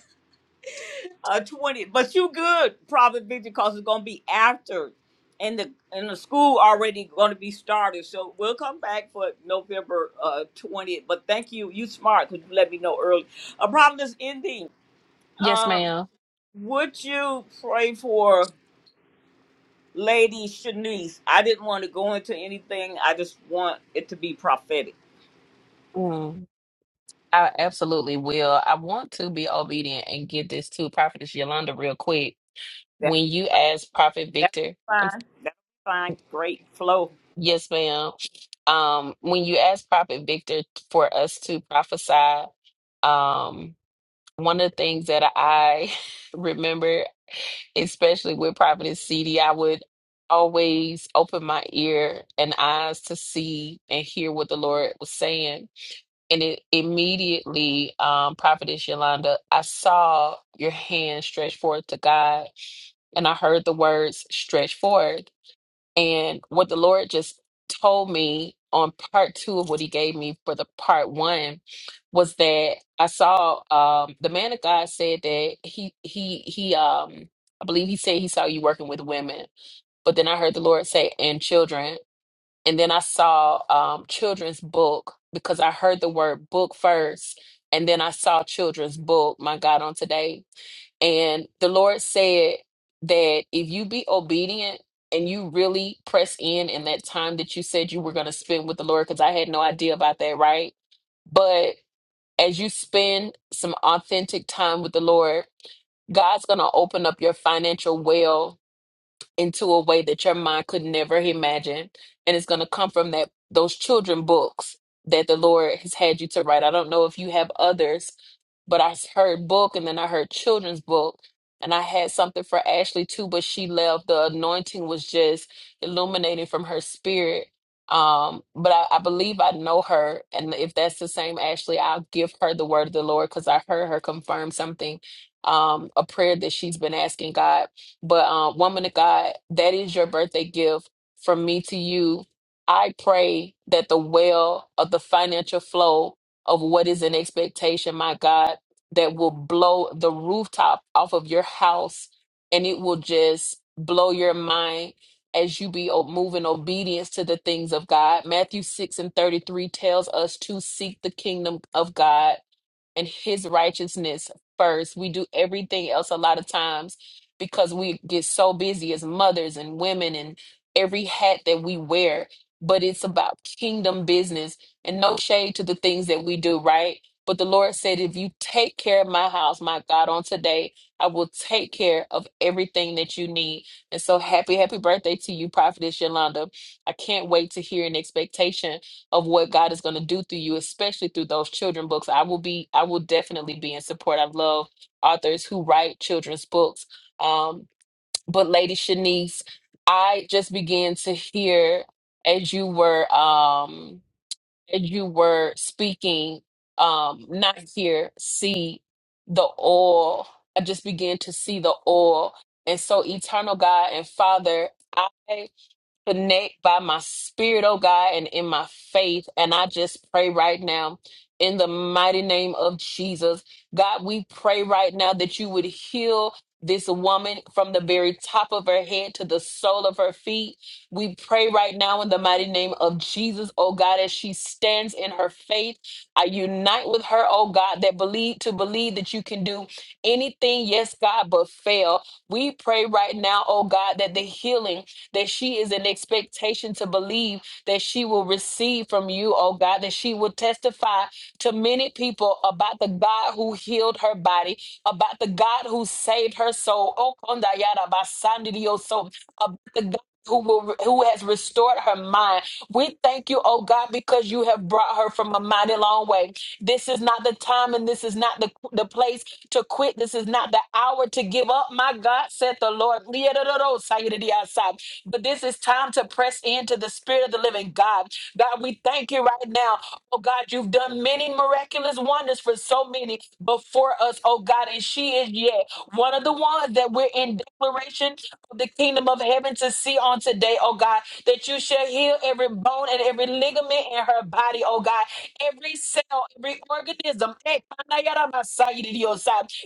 Speaker 1: uh 20. But you good, Providence, Victor, cause it's gonna be after, and the and the school already gonna be started. So we'll come back for November uh 20th. But thank you, you smart, cause you let me know early. A problem is ending.
Speaker 9: Yes, ma'am.
Speaker 1: Would you pray for Lady Shanice? I didn't want to go into anything. I just want it to be prophetic.
Speaker 9: Mm, I absolutely will. I want to be obedient and get this to Prophetess Yolanda real quick.
Speaker 1: That's
Speaker 9: When you
Speaker 1: fine.
Speaker 9: asked Prophet
Speaker 1: That's
Speaker 9: Victor, um,
Speaker 1: fine. That's fine. Great flow.
Speaker 9: yes, ma'am. Um, when you asked Prophet Victor for us to prophesy, um, One of the things that I remember, especially with Providence CD, I would always open my ear and eyes to see and hear what the Lord was saying. And it immediately, um, Prophetess Yolanda, I saw your hand stretch forth to God, and I heard the words stretch forth. And what the Lord just told me on part two of what he gave me for the part one was that I saw um the man of God said that he he he um I believe he said he saw you working with women, but then I heard the Lord say and children, and then I saw um children's book because I heard the word book first, and then I saw children's book, my God, on today and the Lord said that if you be obedient and you really press in in that time that you said you were going to spend with the Lord, because I had no idea about that, right? But as you spend some authentic time with the Lord, God's going to open up your financial well into a way that your mind could never imagine. And it's going to come from that those children books that the Lord has had you to write. I don't know if you have others, but I heard book and then I heard children's book. And I had something for Ashley too, but she left. The anointing was just illuminating from her spirit. Um, but I, I believe I know her. And if that's the same Ashley, I'll give her the word of the Lord because I heard her confirm something, um, a prayer that she's been asking God but um, woman of God, that is your birthday gift from me to you. I pray that the well of the financial flow of what is an expectation, my God, that will blow the rooftop off of your house and it will just blow your mind as you be o- moving obedience to the things of God. Matthew 6 and 33 tells us to seek the kingdom of God and his righteousness first. We do everything else a lot of times because we get so busy as mothers and women and every hat that we wear, but it's about kingdom business and no shade to the things that we do, right? But the Lord said, if you take care of my house, my God, on today, I will take care of everything that you need. And so happy, happy birthday to you, Prophetess Yolanda. I can't wait to hear an expectation of what God is going to do through you, especially through those children books. I will be, I will definitely be in support. I love authors who write children's books. Um, but Lady Shanice, I just began to hear as you were um as you were speaking, um, not hear, see the oil. I just began to see the oil. And so eternal God and Father, connect by my spirit, oh God, and in my faith. And I just pray right now in the mighty name of Jesus. God, we pray right now that you would heal this woman from the very top of her head to the sole of her feet. We pray right now in the mighty name of Jesus, oh God, as she stands in her faith. I unite with her, oh God, that believe to believe that you can do anything, yes, God, but fail. We pray right now, oh God, that the healing that she is an expectation to believe that she will receive from you, oh God, that she will testify to many people about the God who healed her body, about the God who saved her soul, oh, konda yada basandi dio so, about the who will who has restored her mind. We thank you, oh God, because you have brought her from a mighty long way. This is not the time and this is not the, the place to quit. This is not the hour to give up. My God, said the Lord. But this is time to press into the spirit of the living God. God, we thank you right now. Oh God, you've done many miraculous wonders for so many before for us, oh God. And she is yet one of the ones that we're in declaration of the kingdom of heaven to see on today, oh God, that you shall heal every bone and every ligament in her body, oh God, every cell, every organism. Hey,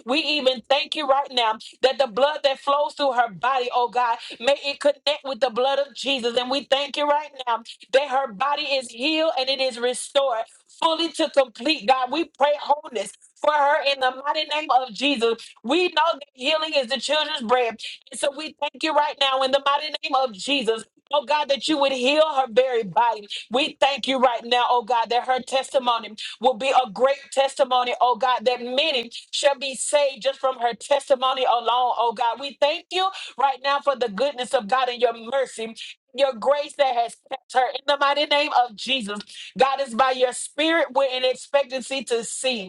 Speaker 9: We even thank you right now that the blood that flows through her body, oh God, may it connect with the blood of Jesus. And we thank you right now that her body is healed and it is restored fully to complete, God. We pray wholeness for her in the mighty name of Jesus. We know that healing is the children's bread. And so we thank you right now in the mighty name of Jesus. Oh God, that you would heal her very body. We thank you right now, oh God, that her testimony will be a great testimony, oh God, that many shall be saved just from her testimony alone, oh God. We thank you right now for the goodness of God and your mercy. Your grace that has kept her in the mighty name of Jesus. God is by your spirit, we're in expectancy to see.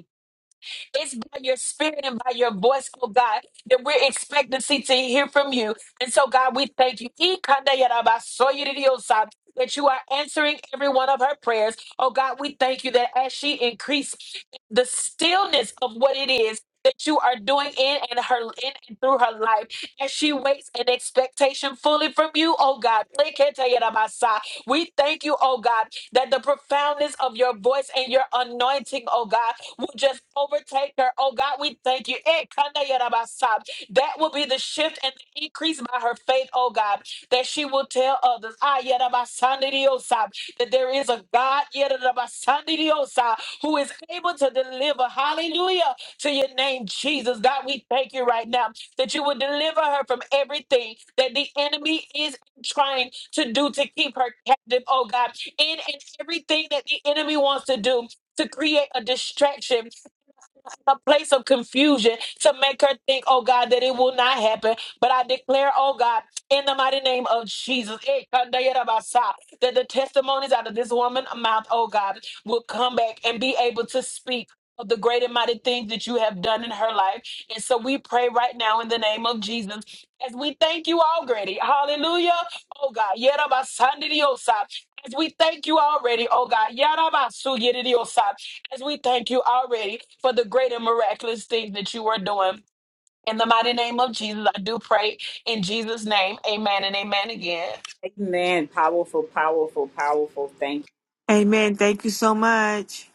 Speaker 9: It's by your spirit and by your voice, oh God, that we're expectancy to hear from you. And so, God, we thank you. Ikandayarabasoyiridiosab, That you are answering every one of her prayers. Oh God, we thank you that as she increased the stillness of what it is that you are doing in and her in and through her life, as she waits in expectation fully from you, oh God. Leketayarabasa. We thank you, oh God, that the profoundness of your voice and your anointing, oh God, will just overtake her. Oh God, we thank you. Eh, kanda yada basa. That will be the shift and the increase by her faith, oh God, that she will tell others ah, yada basa ndi diosa, that there is a God yada basa ndi diosa, who is able to deliver. Hallelujah to your name, Jesus. God, we thank you right now that you will deliver her from everything that the enemy is trying to do to keep her captive, oh God, in and everything that the enemy wants to do to create a distraction, a place of confusion to make her think, oh God, that it will not happen. But I declare, oh God, in the mighty name of Jesus, eh, kandayarabasa, that the testimonies out of this woman's mouth, oh God, will come back and be able to speak. Of the great and mighty things that you have done in her life. And so we pray right now in the name of Jesus as we thank you already. Hallelujah. Oh God. Yerabasandidiosa. As we thank you already. Oh God. Yarabasu as we thank you already for the great and miraculous things that you are doing. In the mighty name of Jesus, I do pray in Jesus' name. Amen and amen again.
Speaker 1: Amen. Powerful, powerful, powerful. Thank you.
Speaker 19: Amen. Thank you so much.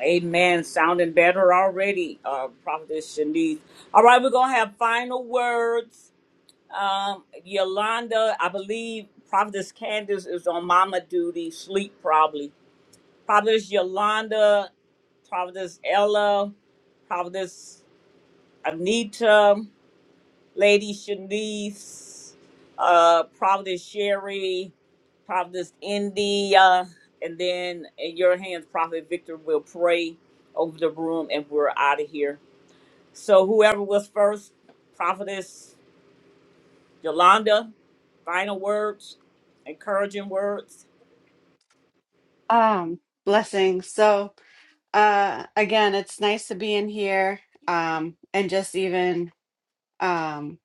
Speaker 1: Amen. Sounding better already, uh, Prophetess Shanice. All right, we're going to have final words. Um, Yolanda, I believe Prophetess Candace is on mama duty, sleep probably. Providence Yolanda, Providence Ella, Providence Anita, Lady Shanice, uh, Providence Sherry, Providence India, and then in your hands, Prophet Victor will pray over the room and we're out of here. So whoever was first, Prophetess Yolanda, final words, encouraging words.
Speaker 18: Um, blessings. So uh, again, it's nice to be in here um, and just even um,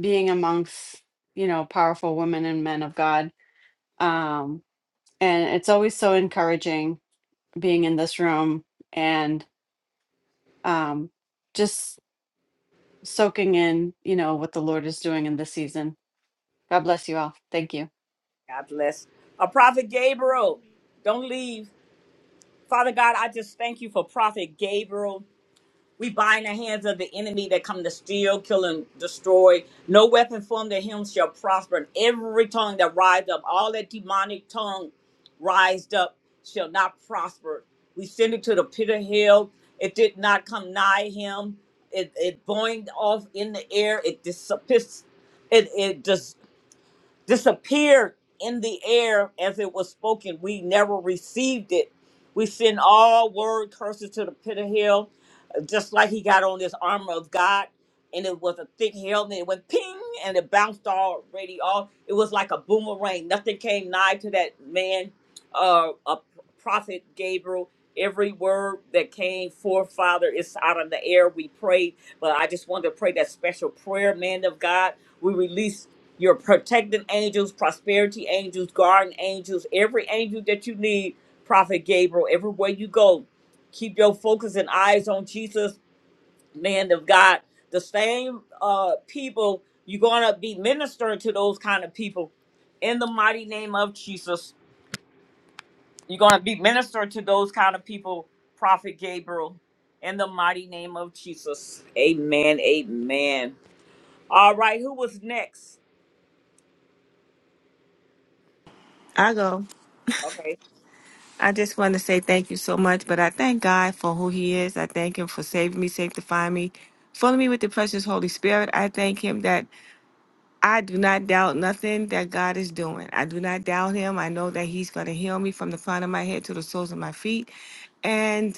Speaker 18: being amongst you know powerful women and men of God. Um, and it's always so encouraging being in this room and um, just soaking in you know what the Lord is doing in this season. God bless you all. Thank you.
Speaker 1: God bless. A Prophet Gabriel, don't leave. Father God, I just thank you for Prophet Gabriel. We bind the hands of the enemy that come to steal, kill, and destroy. No weapon formed to him shall prosper. And every tongue that rise up, all that demonic tongue rised up, shall not prosper. We send it to the pit of hell. It did not come nigh him. It, it boinged off in the air. It dis- it, it, disappeared in the air as it was spoken. We never received it. We send all word curses to the pit of hell just like he got on this armor of God, and it was a thick helmet. It went ping, and it bounced already off. It was like a boomerang. Nothing came nigh to that man, uh, a prophet Gabriel. Every word that came forth, Father, is out of the air. We prayed, but I just wanted to pray that special prayer, man of God. We release your protecting angels, prosperity angels, guardian angels, every angel that you need, Prophet Gabriel, everywhere you go Keep your focus and eyes on Jesus, man of God. The same uh, people, you're going to be ministering to those kind of people in the mighty name of Jesus. You're going to be ministering to those kind of people, Prophet Gabriel, in the mighty name of Jesus. Amen. Amen. All right, who was next?
Speaker 19: I go.
Speaker 1: Okay.
Speaker 19: I just want to say thank you so much, but I thank God for who He is. I thank Him for saving me, sanctifying me, filling me with the precious Holy Spirit. I thank Him that I do not doubt nothing that God is doing. I do not doubt Him. I know that He's going to heal me from the crown of my head to the soles of my feet. and.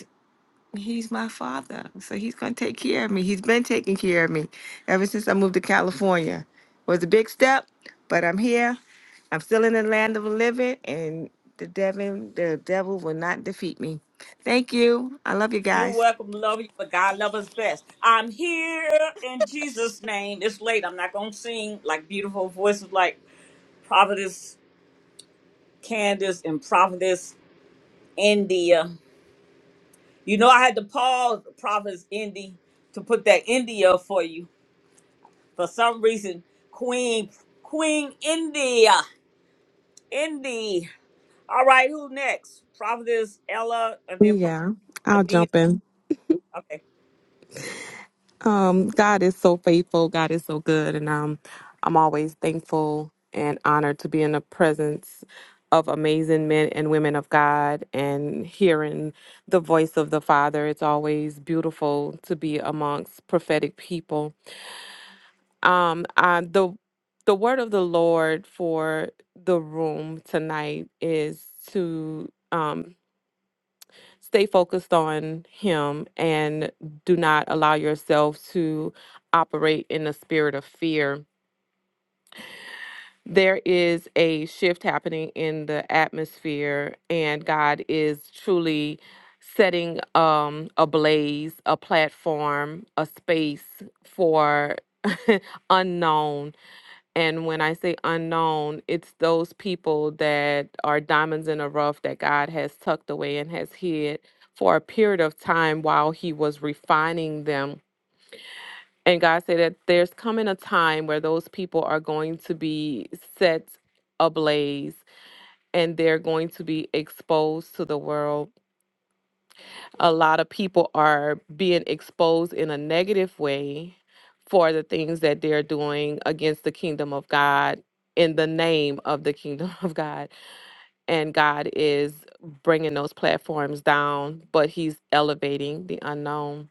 Speaker 19: He's my father. So he's going to take care of me. He's been taking care of me ever since I moved to California. Was a big step, but I'm here. I'm still in the land of the living and the devil, the devil will not defeat me. Thank you. I love you
Speaker 1: You're
Speaker 19: guys.
Speaker 1: welcome, love you, but God love us best. I'm here in Jesus' name. It's late. I'm not gonna sing like beautiful voices like Providence. Candace and Prophetess India. You know, I had to pause Prophetess Indy to put that India for you. For some reason, Queen Queen India. Indy. All right, who next? Prophetess Ella and then Prophet
Speaker 12: Yeah, I'll
Speaker 1: Anita.
Speaker 12: jump in.
Speaker 1: Okay.
Speaker 12: Um, God is so faithful. God is so good, and um, I'm always thankful and honored to be in the presence of amazing men and women of God and hearing the voice of the Father. It's always beautiful to be amongst prophetic people. Um, I, the the word of the Lord for the room tonight is to um, stay focused on him and do not allow yourself to operate in the spirit of fear. There is a shift happening in the atmosphere, and God is truly setting um, a blaze, a platform, a space for unknown and when I say unknown, it's those people that are diamonds in the rough that God has tucked away and has hid for a period of time while He was refining them. And God said that there's coming a time where those people are going to be set ablaze and they're going to be exposed to the world a lot of people are being exposed in a negative way for the things that they're doing against the kingdom of God in the name of the kingdom of God. And God is bringing those platforms down, but he's elevating the unknown.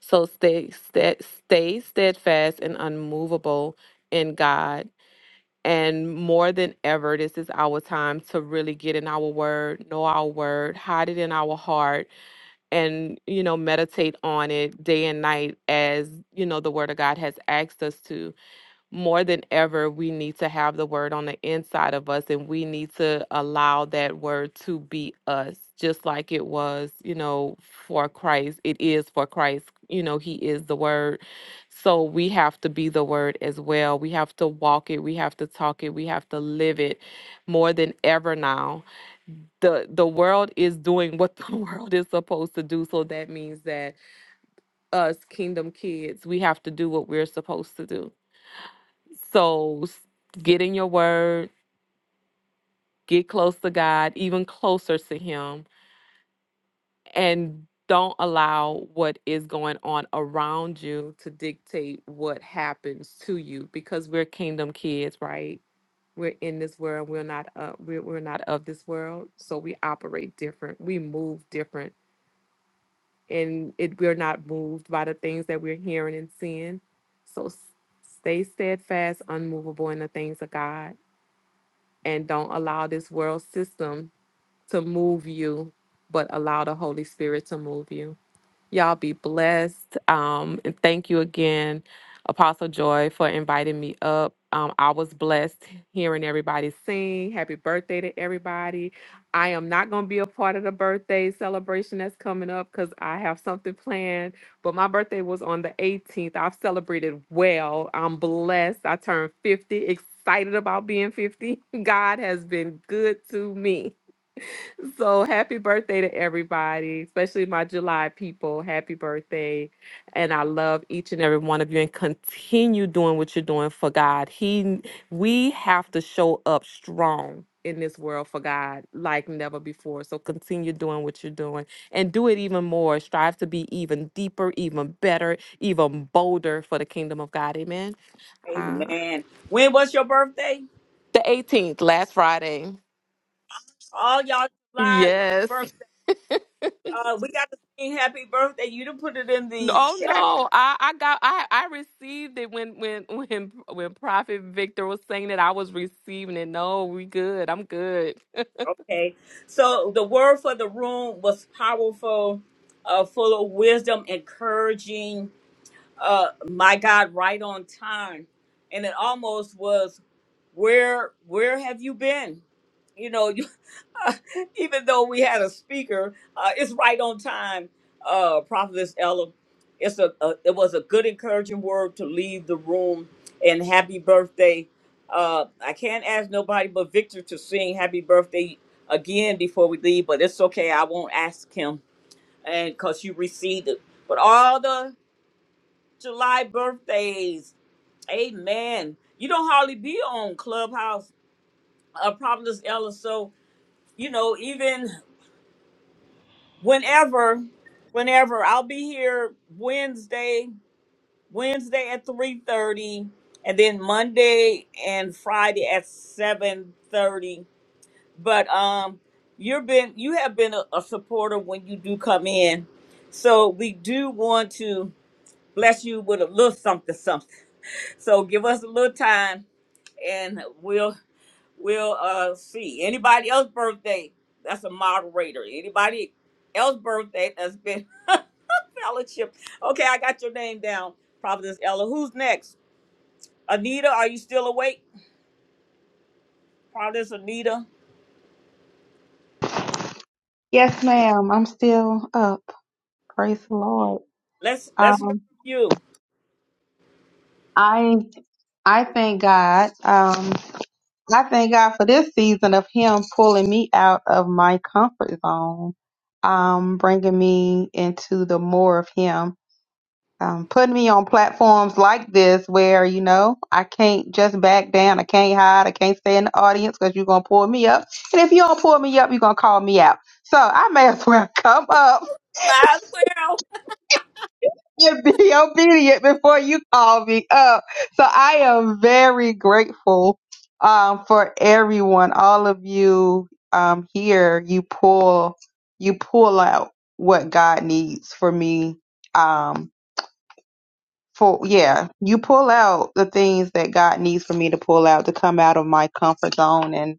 Speaker 12: So stay stay, stay steadfast and unmovable in God. And more than ever, this is our time to really get in our word, know our word, hide it in our heart, and you know meditate on it day and night as you know the word of god has asked us to more than ever we need to have the word on the inside of us and we need to allow that word to be us just like it was you know for christ it is for christ you know he is the word so we have to be the word as well we have to walk it we have to talk it we have to live it more than ever now the the world is doing what the world is supposed to do so that means that us kingdom kids we have to do what we're supposed to do so s- get in your word get close to god even closer to him and don't allow what is going on around you to dictate what happens to you because we're kingdom kids right we're in this world we're not uh, we're, we're not of this world so we operate different we move different and it we're not moved by the things that we're hearing and seeing. So s- stay steadfast, unmovable in the things of God, and don't allow this world system to move you, but allow the Holy Spirit to move you. Y'all be blessed. Um, and thank you again, Apostle Joy, for inviting me up. Um, I was blessed hearing everybody sing. Happy birthday to everybody. I am not going to be a part of the birthday celebration that's coming up because I have something planned. But my birthday was on the 18th. I've celebrated well. I'm blessed. I turned 50, excited about being 50. God has been good to me. So happy birthday to everybody, especially my July people. Happy birthday. And I love each and every one of you and continue doing what you're doing for God. He we have to show up strong in this world for God like never before. So continue doing what you're doing and do it even more. Strive to be even deeper, even better, even bolder for the kingdom of God. Amen. Uh,
Speaker 1: Amen. When was your birthday?
Speaker 12: the 18th, last Friday.
Speaker 1: All y'all July
Speaker 12: Yes.
Speaker 1: birthday. Uh, we got to sing happy birthday. You didn't put it in
Speaker 12: No,
Speaker 1: the
Speaker 12: Oh
Speaker 1: chat.
Speaker 12: no, I, I got I, I received it when when when when Prophet Victor was saying that I was receiving it. No, we good. I'm good.
Speaker 1: Okay. So the word for the room was powerful, uh, full of wisdom, encouraging. Uh, my God, right on time, and it almost was where Where have you been? You know, even though we had a speaker, uh, it's right on time, uh, Prophetess Ella. It's a, a it was a good encouraging word to leave the room and happy birthday. Uh, I can't ask nobody but Victor to sing happy birthday again before we leave, but it's okay. I won't ask him and cause you received it. But all the July birthdays, amen. You don't hardly be on Clubhouse, uh, Prophetess Ella. So you know even. whenever whenever i'll be here wednesday wednesday at 3.30 and then monday and friday at 7.30 but um you've been you have been a, a supporter when you do come in so we do want to bless you with a little something something so give us a little time and we'll we'll uh see anybody else birthday that's a moderator anybody else birthday that's been fellowship. Okay, I got your name down, Providence Ella. Who's next? Anita, are you still awake? Providence Anita.
Speaker 13: Yes, ma'am. I'm still up. Praise the Lord.
Speaker 1: Let's let's hear from
Speaker 13: Um,
Speaker 1: you.
Speaker 13: I I thank God. Um, I thank God for this season of Him pulling me out of my comfort zone, um, bringing me into the more of Him. um, putting me on platforms like this where you know I can't just back down, I can't hide, I can't stay in the audience because you're gonna pull me up, and if you don't pull me up, you're gonna call me out. So I may as well come up
Speaker 1: Might as well.
Speaker 13: and be obedient before you call me up. So I am very grateful um, for everyone, all of you um, here. You pull, you pull out what God needs for me. Um, for yeah you pull out the things that god needs for me to pull out to come out of my comfort zone and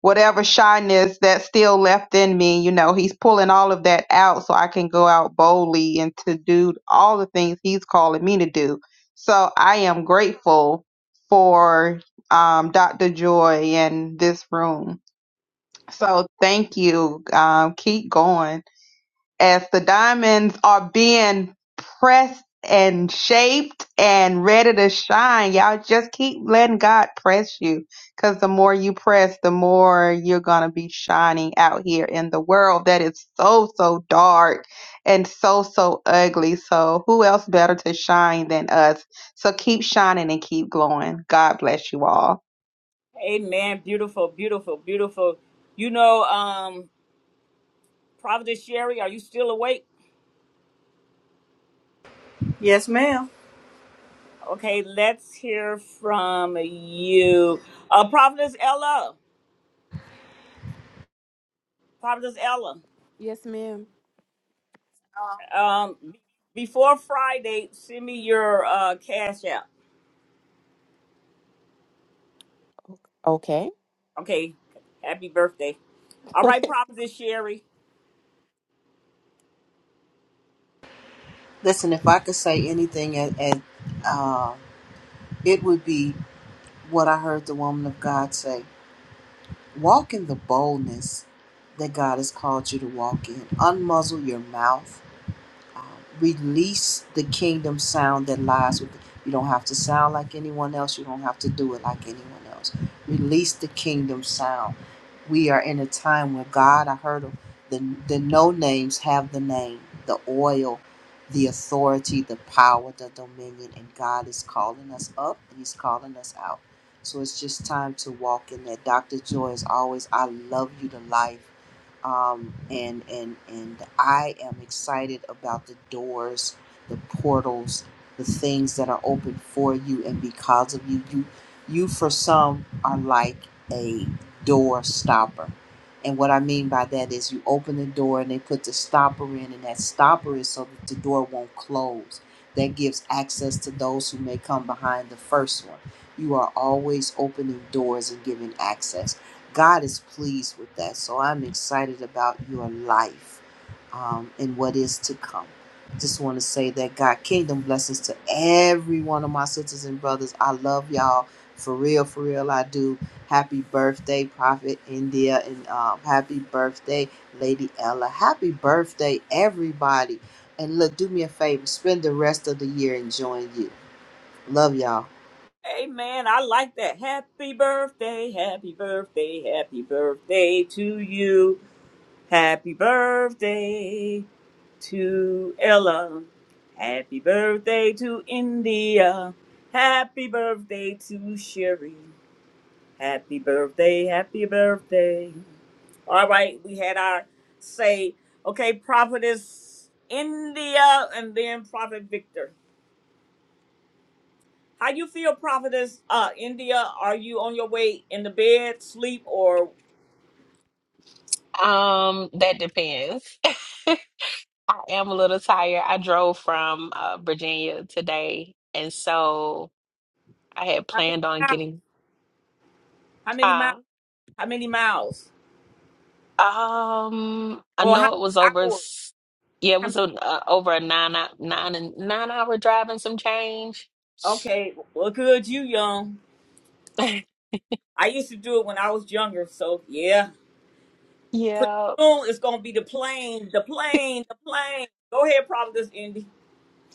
Speaker 13: whatever shyness that's still left in me you know he's pulling all of that out so i can go out boldly and to do all the things he's calling me to do so i am grateful for um, dr joy and this room so thank you um, keep going as the diamonds are being pressed and shaped and ready to shine. Y'all just keep letting God press you because the more you press, the more you're going to be shining out here in the world that is so, so dark and so, so ugly. So, who else better to shine than us? So, keep shining and keep glowing. God bless you all.
Speaker 1: Amen. Beautiful, beautiful, beautiful. You know, um, Providence Sherry, are you still awake?
Speaker 11: Yes, ma'am.
Speaker 1: Okay, let's hear from you. Uh Providence Ella. Providence Ella.
Speaker 12: yes, ma'am.
Speaker 1: Um be- before Friday, send me your uh cash app.
Speaker 12: Okay.
Speaker 1: Okay. Happy birthday. All right, Providence Sherry.
Speaker 11: Listen, if I could say anything, and, and uh, it would be what I heard the woman of God say. Walk in the boldness that God has called you to walk in. Unmuzzle your mouth um, release the kingdom sound that lies with it. you don't have to sound like anyone else you don't have to do it like anyone else release the kingdom sound we are in a time where god i heard of the, the no names have the name the oil the authority the power the dominion and god is calling us up and he's calling us out so it's just time to walk in that dr joy is always i love you to life um, and and and I am excited about the doors, the portals, the things that are open for you and because of you. You, you for some are like a door stopper, and what I mean by that is you open the door and they put the stopper in, and that stopper is so that the door won't close. That gives access to those who may come behind the first one. You are always opening doors and giving access. God is pleased with that. So I'm excited about your life um, and what is to come. Just want to say that God, kingdom blessings to every one of my sisters and brothers. I love y'all for real, for real. I do. Happy birthday, Prophet India, and um, happy birthday, Lady Ella. Happy birthday, everybody. And look, do me a favor, spend the rest of the year enjoying you. Love y'all.
Speaker 1: Amen. I like that. Happy birthday, happy birthday, happy birthday to you. Happy birthday to Ella. Happy birthday to India. Happy birthday to Sherry. Happy birthday, happy birthday. All right, we had our say, okay, prophetess India and then prophet Victor. How you feel, prophetess? Uh, India, are you on your way in the bed, sleep, or
Speaker 9: Yes. I am a little tired. I drove from uh, Virginia today, and so I had
Speaker 1: how many
Speaker 9: planned on
Speaker 1: miles?
Speaker 9: getting.
Speaker 1: How many miles?
Speaker 9: Uh,
Speaker 1: How many miles?
Speaker 9: um, I
Speaker 1: Or how
Speaker 9: know it was
Speaker 1: many
Speaker 9: over.
Speaker 1: hours?
Speaker 9: s- Yeah, it
Speaker 1: How
Speaker 9: was a, uh, over a nine hou- nine and nine hour drive and some change.
Speaker 1: many? Okay, well, good, you young. I used to do it when I was younger, so yeah. Pretty
Speaker 9: Yeah,
Speaker 1: soon it's gonna be the plane, the plane, the plane. Go ahead, prophetess Indy,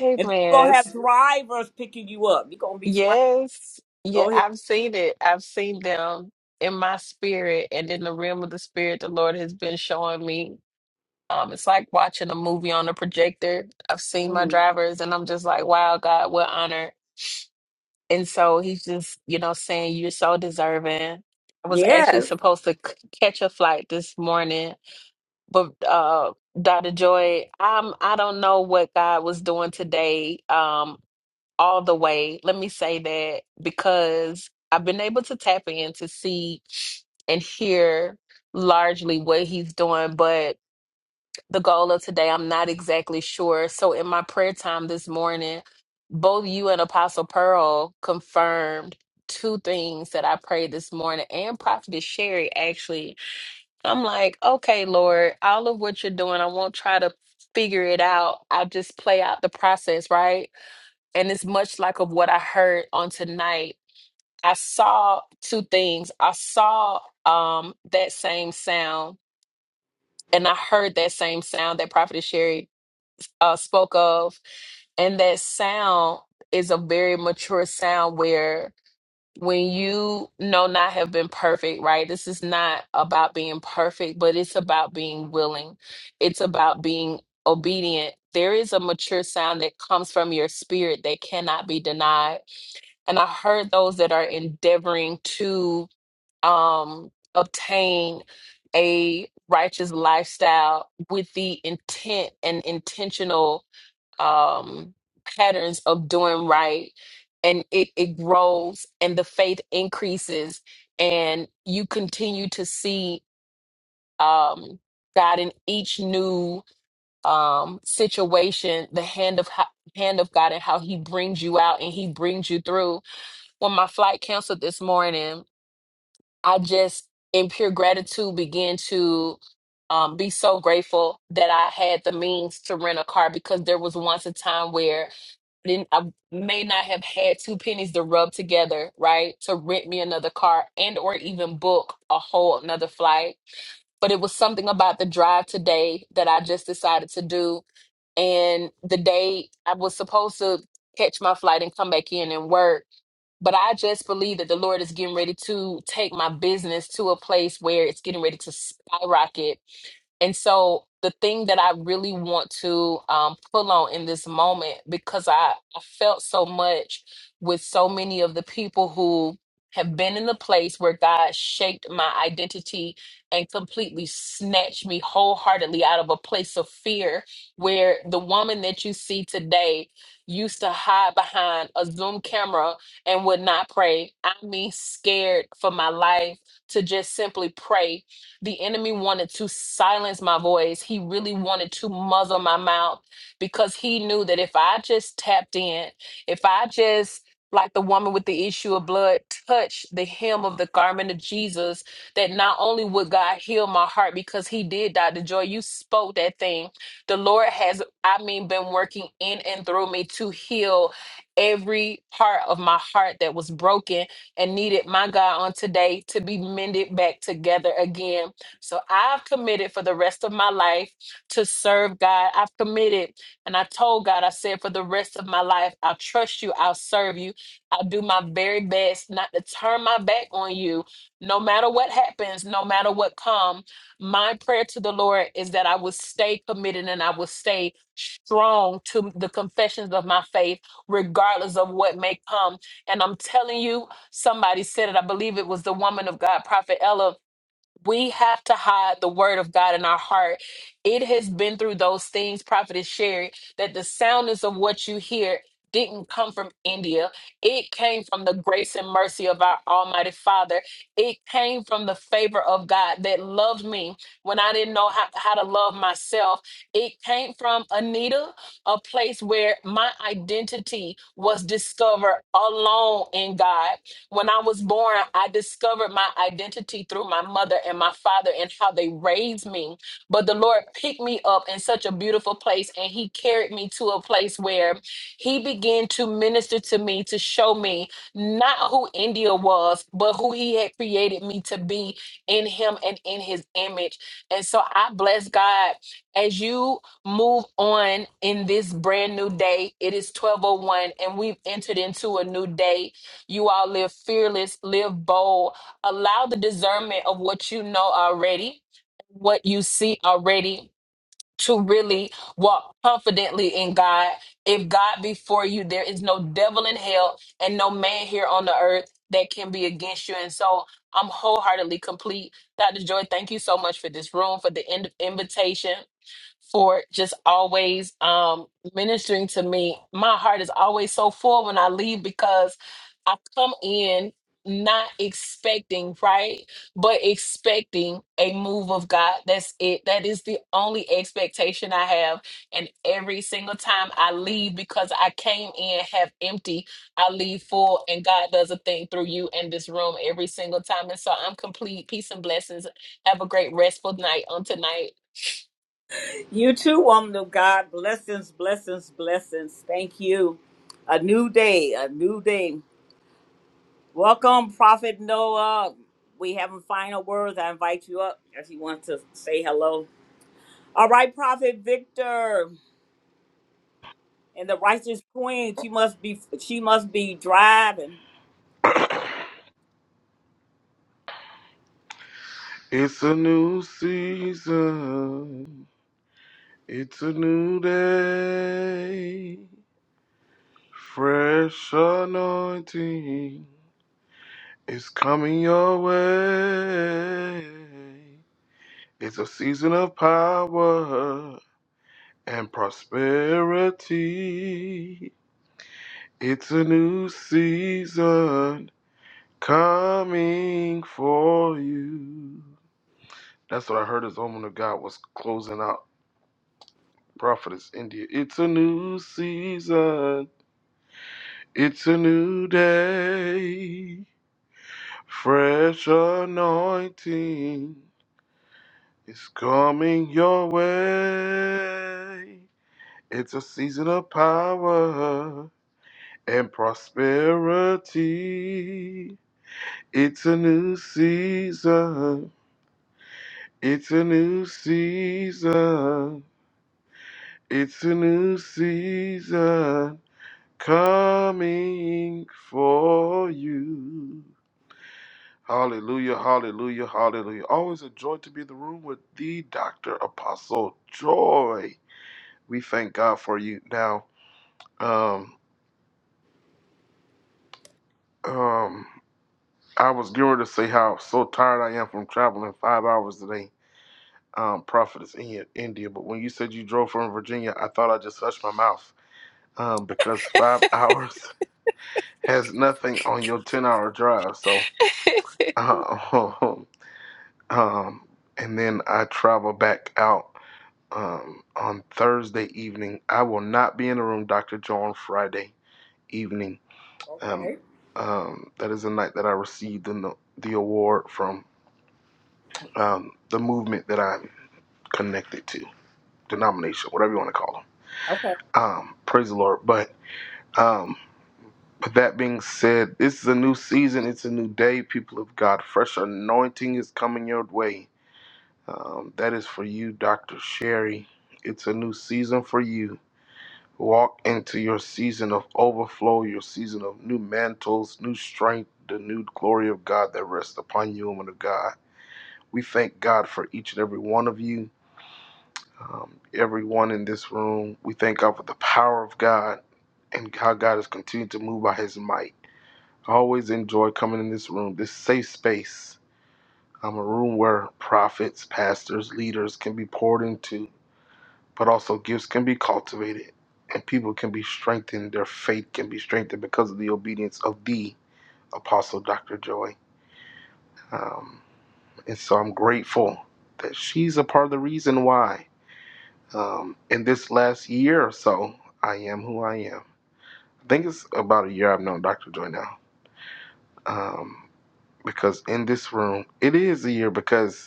Speaker 9: Amen.
Speaker 1: and then you're gonna have drivers picking you up. You're gonna be flying.
Speaker 9: Yes. Yeah,
Speaker 1: Go ahead.
Speaker 9: I've seen it. I've seen them in my spirit and in the realm of the spirit the Lord has been showing me. Um, it's like watching a movie on a projector. I've seen my
Speaker 1: Mhm.
Speaker 9: drivers and I'm just like, wow, God, what honor. And so he's just, you know, saying you're so deserving. I was actually
Speaker 1: Yeah,
Speaker 9: supposed to c- catch a flight this morning, but uh Dr. Joy, I'm I don't know what God was doing today. Um all the way. Let me say that because I've been able to tap in to see and hear largely what he's doing, but the goal of today, I'm not exactly sure. So in my prayer time this morning, both you and Apostle Pearl confirmed two things that I prayed this morning and Prophetess Sherry actually. I'm like, okay, Lord, all of what you're doing, I won't try to figure it out. I'll just play out the process, right? and it's much like of what I heard on tonight. I saw two things. I saw um that same sound, and I heard that same sound that Prophet Sherry uh, spoke of, and that sound is a very mature sound where when you know been perfect, right? This is not about being perfect, but it's about being willing. It's about being obedient. There is a mature sound that comes from your spirit that cannot be denied and I heard those that are endeavoring to um, obtain a righteous lifestyle with the intent and intentional um, patterns of doing right, and it, it grows and the faith increases, and you continue to see um, God in each new um, situation, the hand of ho- hand of God and how He brings you out and He brings you through. When my flight canceled this morning I just, in pure gratitude, began to um, be so grateful that I had the means to rent a car because there was once a time where I, didn't, I may not have had two pennies to rub together, right, to rent me another car and or even book a whole another flight. But it was something about the drive today that I just decided to do. And the day I was supposed to catch my flight and come back in and work but I just believe that the Lord is getting ready to take my business to a place where it's getting ready to skyrocket and so the thing that I really want to um, pull on in this moment, because I, I felt so much with so many of the people who have been in the place where God shaped my identity and completely snatched me wholeheartedly out of a place of fear where the woman that you see today used to hide behind a Zoom camera and would not pray. I mean, scared for my life to just simply pray the enemy wanted to silence my voice. He really wanted to muzzle my mouth because he knew that if I just tapped in, if I just like the woman with the issue of blood touched the hem of the garment of Jesus, that not only would God heal my heart because he did, Dr. Joy, you spoke that thing. The Lord has, I mean, been working in and through me to heal every part of my heart that was broken and needed my God on today to be mended back together again. So I've committed for the rest of my life to serve God. I've committed and I told God, I said, for the rest of my life, I'll trust you, I'll serve you, I'll do my very best not to turn my back on you, no matter what happens, no matter what comes. My prayer to the Lord is that I will stay committed and I will stay strong to the confessions of my faith, regardless of what may come. And I'm telling you, somebody said it. I believe it was the woman of God, Prophet Ella we have to hide the word of God in our heart. It has been through those things, Prophet Sherry, that the soundness of what you hear didn't come from India. It came from the grace and mercy of our Almighty Father. It came from the favor of God that loved me when I didn't know how, how to love myself. It came from Anita, a place where my identity was discovered alone in God when I was born, I discovered my identity through my mother and my father and how they raised me. But the Lord picked me up in such a beautiful place and He carried me to a place where He began to minister to me to show me not who India was, but who He had created me to be in Him and in His image. And so I bless God as you move on in this brand new day. It is 1201 and we've entered into a new day you all live fearless, live bold. Allow the discernment of what you know already, what you see already, to really walk confidently in God. If God be for you, there is no devil in hell and no man here on the earth that can be against you. And so I'm wholeheartedly complete. Dr. Joy, thank you so much for this room, for the in- invitation for just always um, ministering to me. My heart is always so full when I leave because I come in not expecting, right? But expecting a move of God. That's it. That is the only expectation I have. And every single time I leave because I came in half empty, I leave full, and God does a thing through you in this room every single time. And so I'm complete. Peace and blessings. Have a great, restful night on tonight.
Speaker 1: You too, woman of God. Blessings, blessings, blessings. Thank you. A new day, a new day. Welcome, Prophet Noah. We having final words. I invite you up if you want to say hello. All right, Prophet Victor and the righteous queen. She must be. She must be driving.
Speaker 10: It's a new season. It's a new day. Fresh anointing is coming your way. It's a season of power and prosperity. It's a new season coming for you. That's what I heard as the woman of God was closing out Prophetess India. It's a new season. It's a new day. Fresh anointing is coming your way. It's a season of power and prosperity. It's a new season. It's a new season. It's a new season coming for you. Hallelujah, hallelujah, hallelujah. Always a joy to be in the room with the Dr. Apostle Joy. We thank God for you. Now, um, um, I was going to say how so tired I am from traveling five hours today, um, prophetess in India. But when you said you drove from Virginia, I thought I just hushed my mouth um, because five hours has nothing on your 10 hour drive. So, uh, um, and then I travel back out. um, on Thursday evening. I will not be in the room, Dr. Joe, on Friday evening. Um,
Speaker 1: Okay.
Speaker 10: um, that is the night that I received the, no- the award from um, the movement that I'm connected to, denomination, whatever you want to call them.
Speaker 1: Okay.
Speaker 10: Um, praise the Lord. But um, with that being said, this is a new season, it's a new day, people of God. Fresh anointing is coming your way. Um, that is for you, Dr. Sherry. It's a new season for you Walk into your season of overflow, your season of new mantles, new strength, the new glory of God that rests upon you, woman of God. We thank God for each and every one of you, um, everyone in this room. We thank God for the power of God and how God has continued to move by his might. I always enjoy coming in this room, this safe space. I'm a room where prophets, pastors, leaders can be poured into but also gifts can be cultivated and people can be strengthened. Their faith can be strengthened because of the obedience of the Apostle Dr. Joy. Um, and so I'm grateful that she's a part of the reason why um, in this last year or so, I am who I am. I think it's about a year I've known Dr. Joy now. Um, because in this room, it is a year because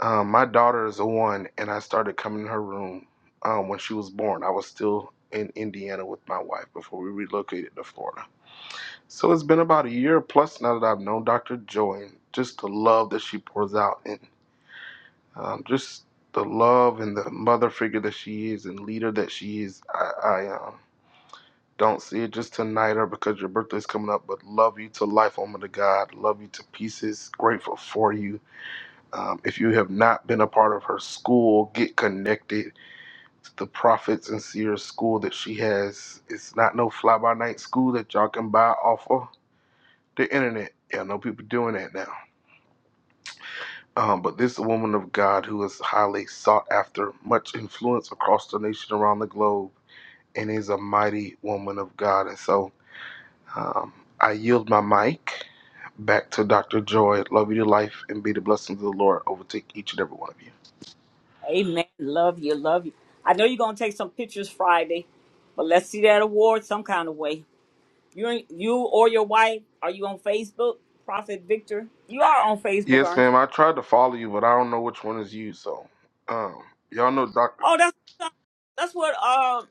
Speaker 10: Um, my daughter is a one, and I started coming in her room um, when she was born. I was still in Indiana with my wife before we relocated to Florida. So it's been about a year plus now that I've known Dr. Joy, and just the love that she pours out, and um, just the love and the mother figure that she is and leader that she is. I, I um, don't see it just tonight or because your birthday's coming up, but love you to life, woman of God. Love you to pieces. Grateful for you um, if you have not been a part of her school, get connected to the Prophets and Seers school that she has. It's not no fly by night school that y'all can buy off of the internet. Yeah, I know people doing that now. Um, but this woman of God who is highly sought after, much influence across the nation, around the globe, and is a mighty woman of God. And so um, I yield my mic back to Dr. Joy. Love you to life and be the blessings of the Lord overtake each and every one of you.
Speaker 1: Amen. Love you. Love you. I know you're gonna take some pictures Friday, but let's see that award some kind of way. You ain't you or your wife? Are you on Facebook, Prophet Victor? You are on Facebook,
Speaker 10: Yes,
Speaker 1: aren't
Speaker 10: ma'am.
Speaker 1: you?
Speaker 10: I tried to follow you, but I don't know which one is you. So, um, y'all know Doctor.
Speaker 1: Oh, that's that's what uh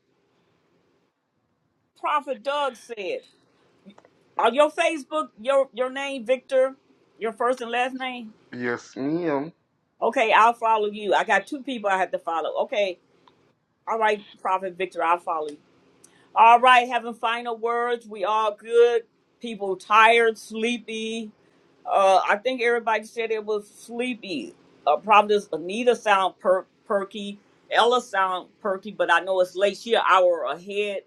Speaker 1: Prophet Doug said. On your Facebook, your your name Victor, your first and last name.
Speaker 10: Yes, ma'am.
Speaker 1: Okay, I'll follow you. I got two people I have to follow. Okay, all right, Prophet Victor, I'll follow you. All right, having final words. We all good. People tired, sleepy Uh, I think everybody said it was sleepy. Uh, probably Anita sound per- perky. Ella sound perky, but I know it's late. She an hour ahead.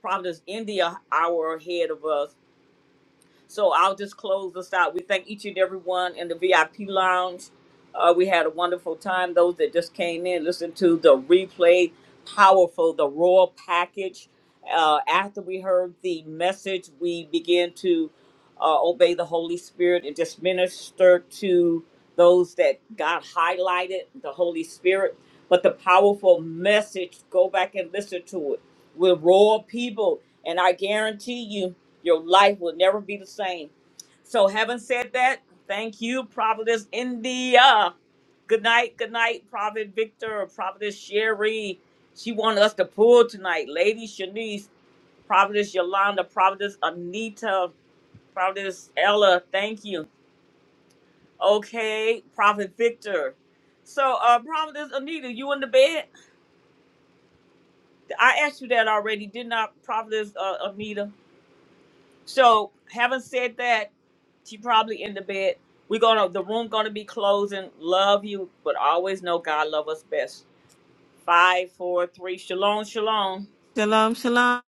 Speaker 1: Probably India hour ahead of us. So I'll just close this out. We thank each and every one in the VIP lounge. Uh, we had a wonderful time. Those that just came in, listen to the replay. Powerful, the royal package. Uh, after we heard the message, we began to uh, obey the Holy Spirit and just minister to those that God highlighted, the Holy Spirit. But the powerful message, go back and listen to it. We're royal people, and I guarantee you your life will never be the same. So, having said that, thank you, Providence India. Good night, good night, Prophet Victor, Providence Sherry. She wanted us to pull tonight. Lady Shanice, Providence Yolanda, Providence Anita, Providence Ella. Thank you. Okay, Prophet Victor. So, uh, Providence Anita, you in the bed? I asked you that already, did not Providence uh, Anita? So, having said that, she probably in the bed. We're gonna the room gonna be closing. Love you, but always know God love us best. Five, four, three. Shalom, shalom.
Speaker 19: Shalom, shalom.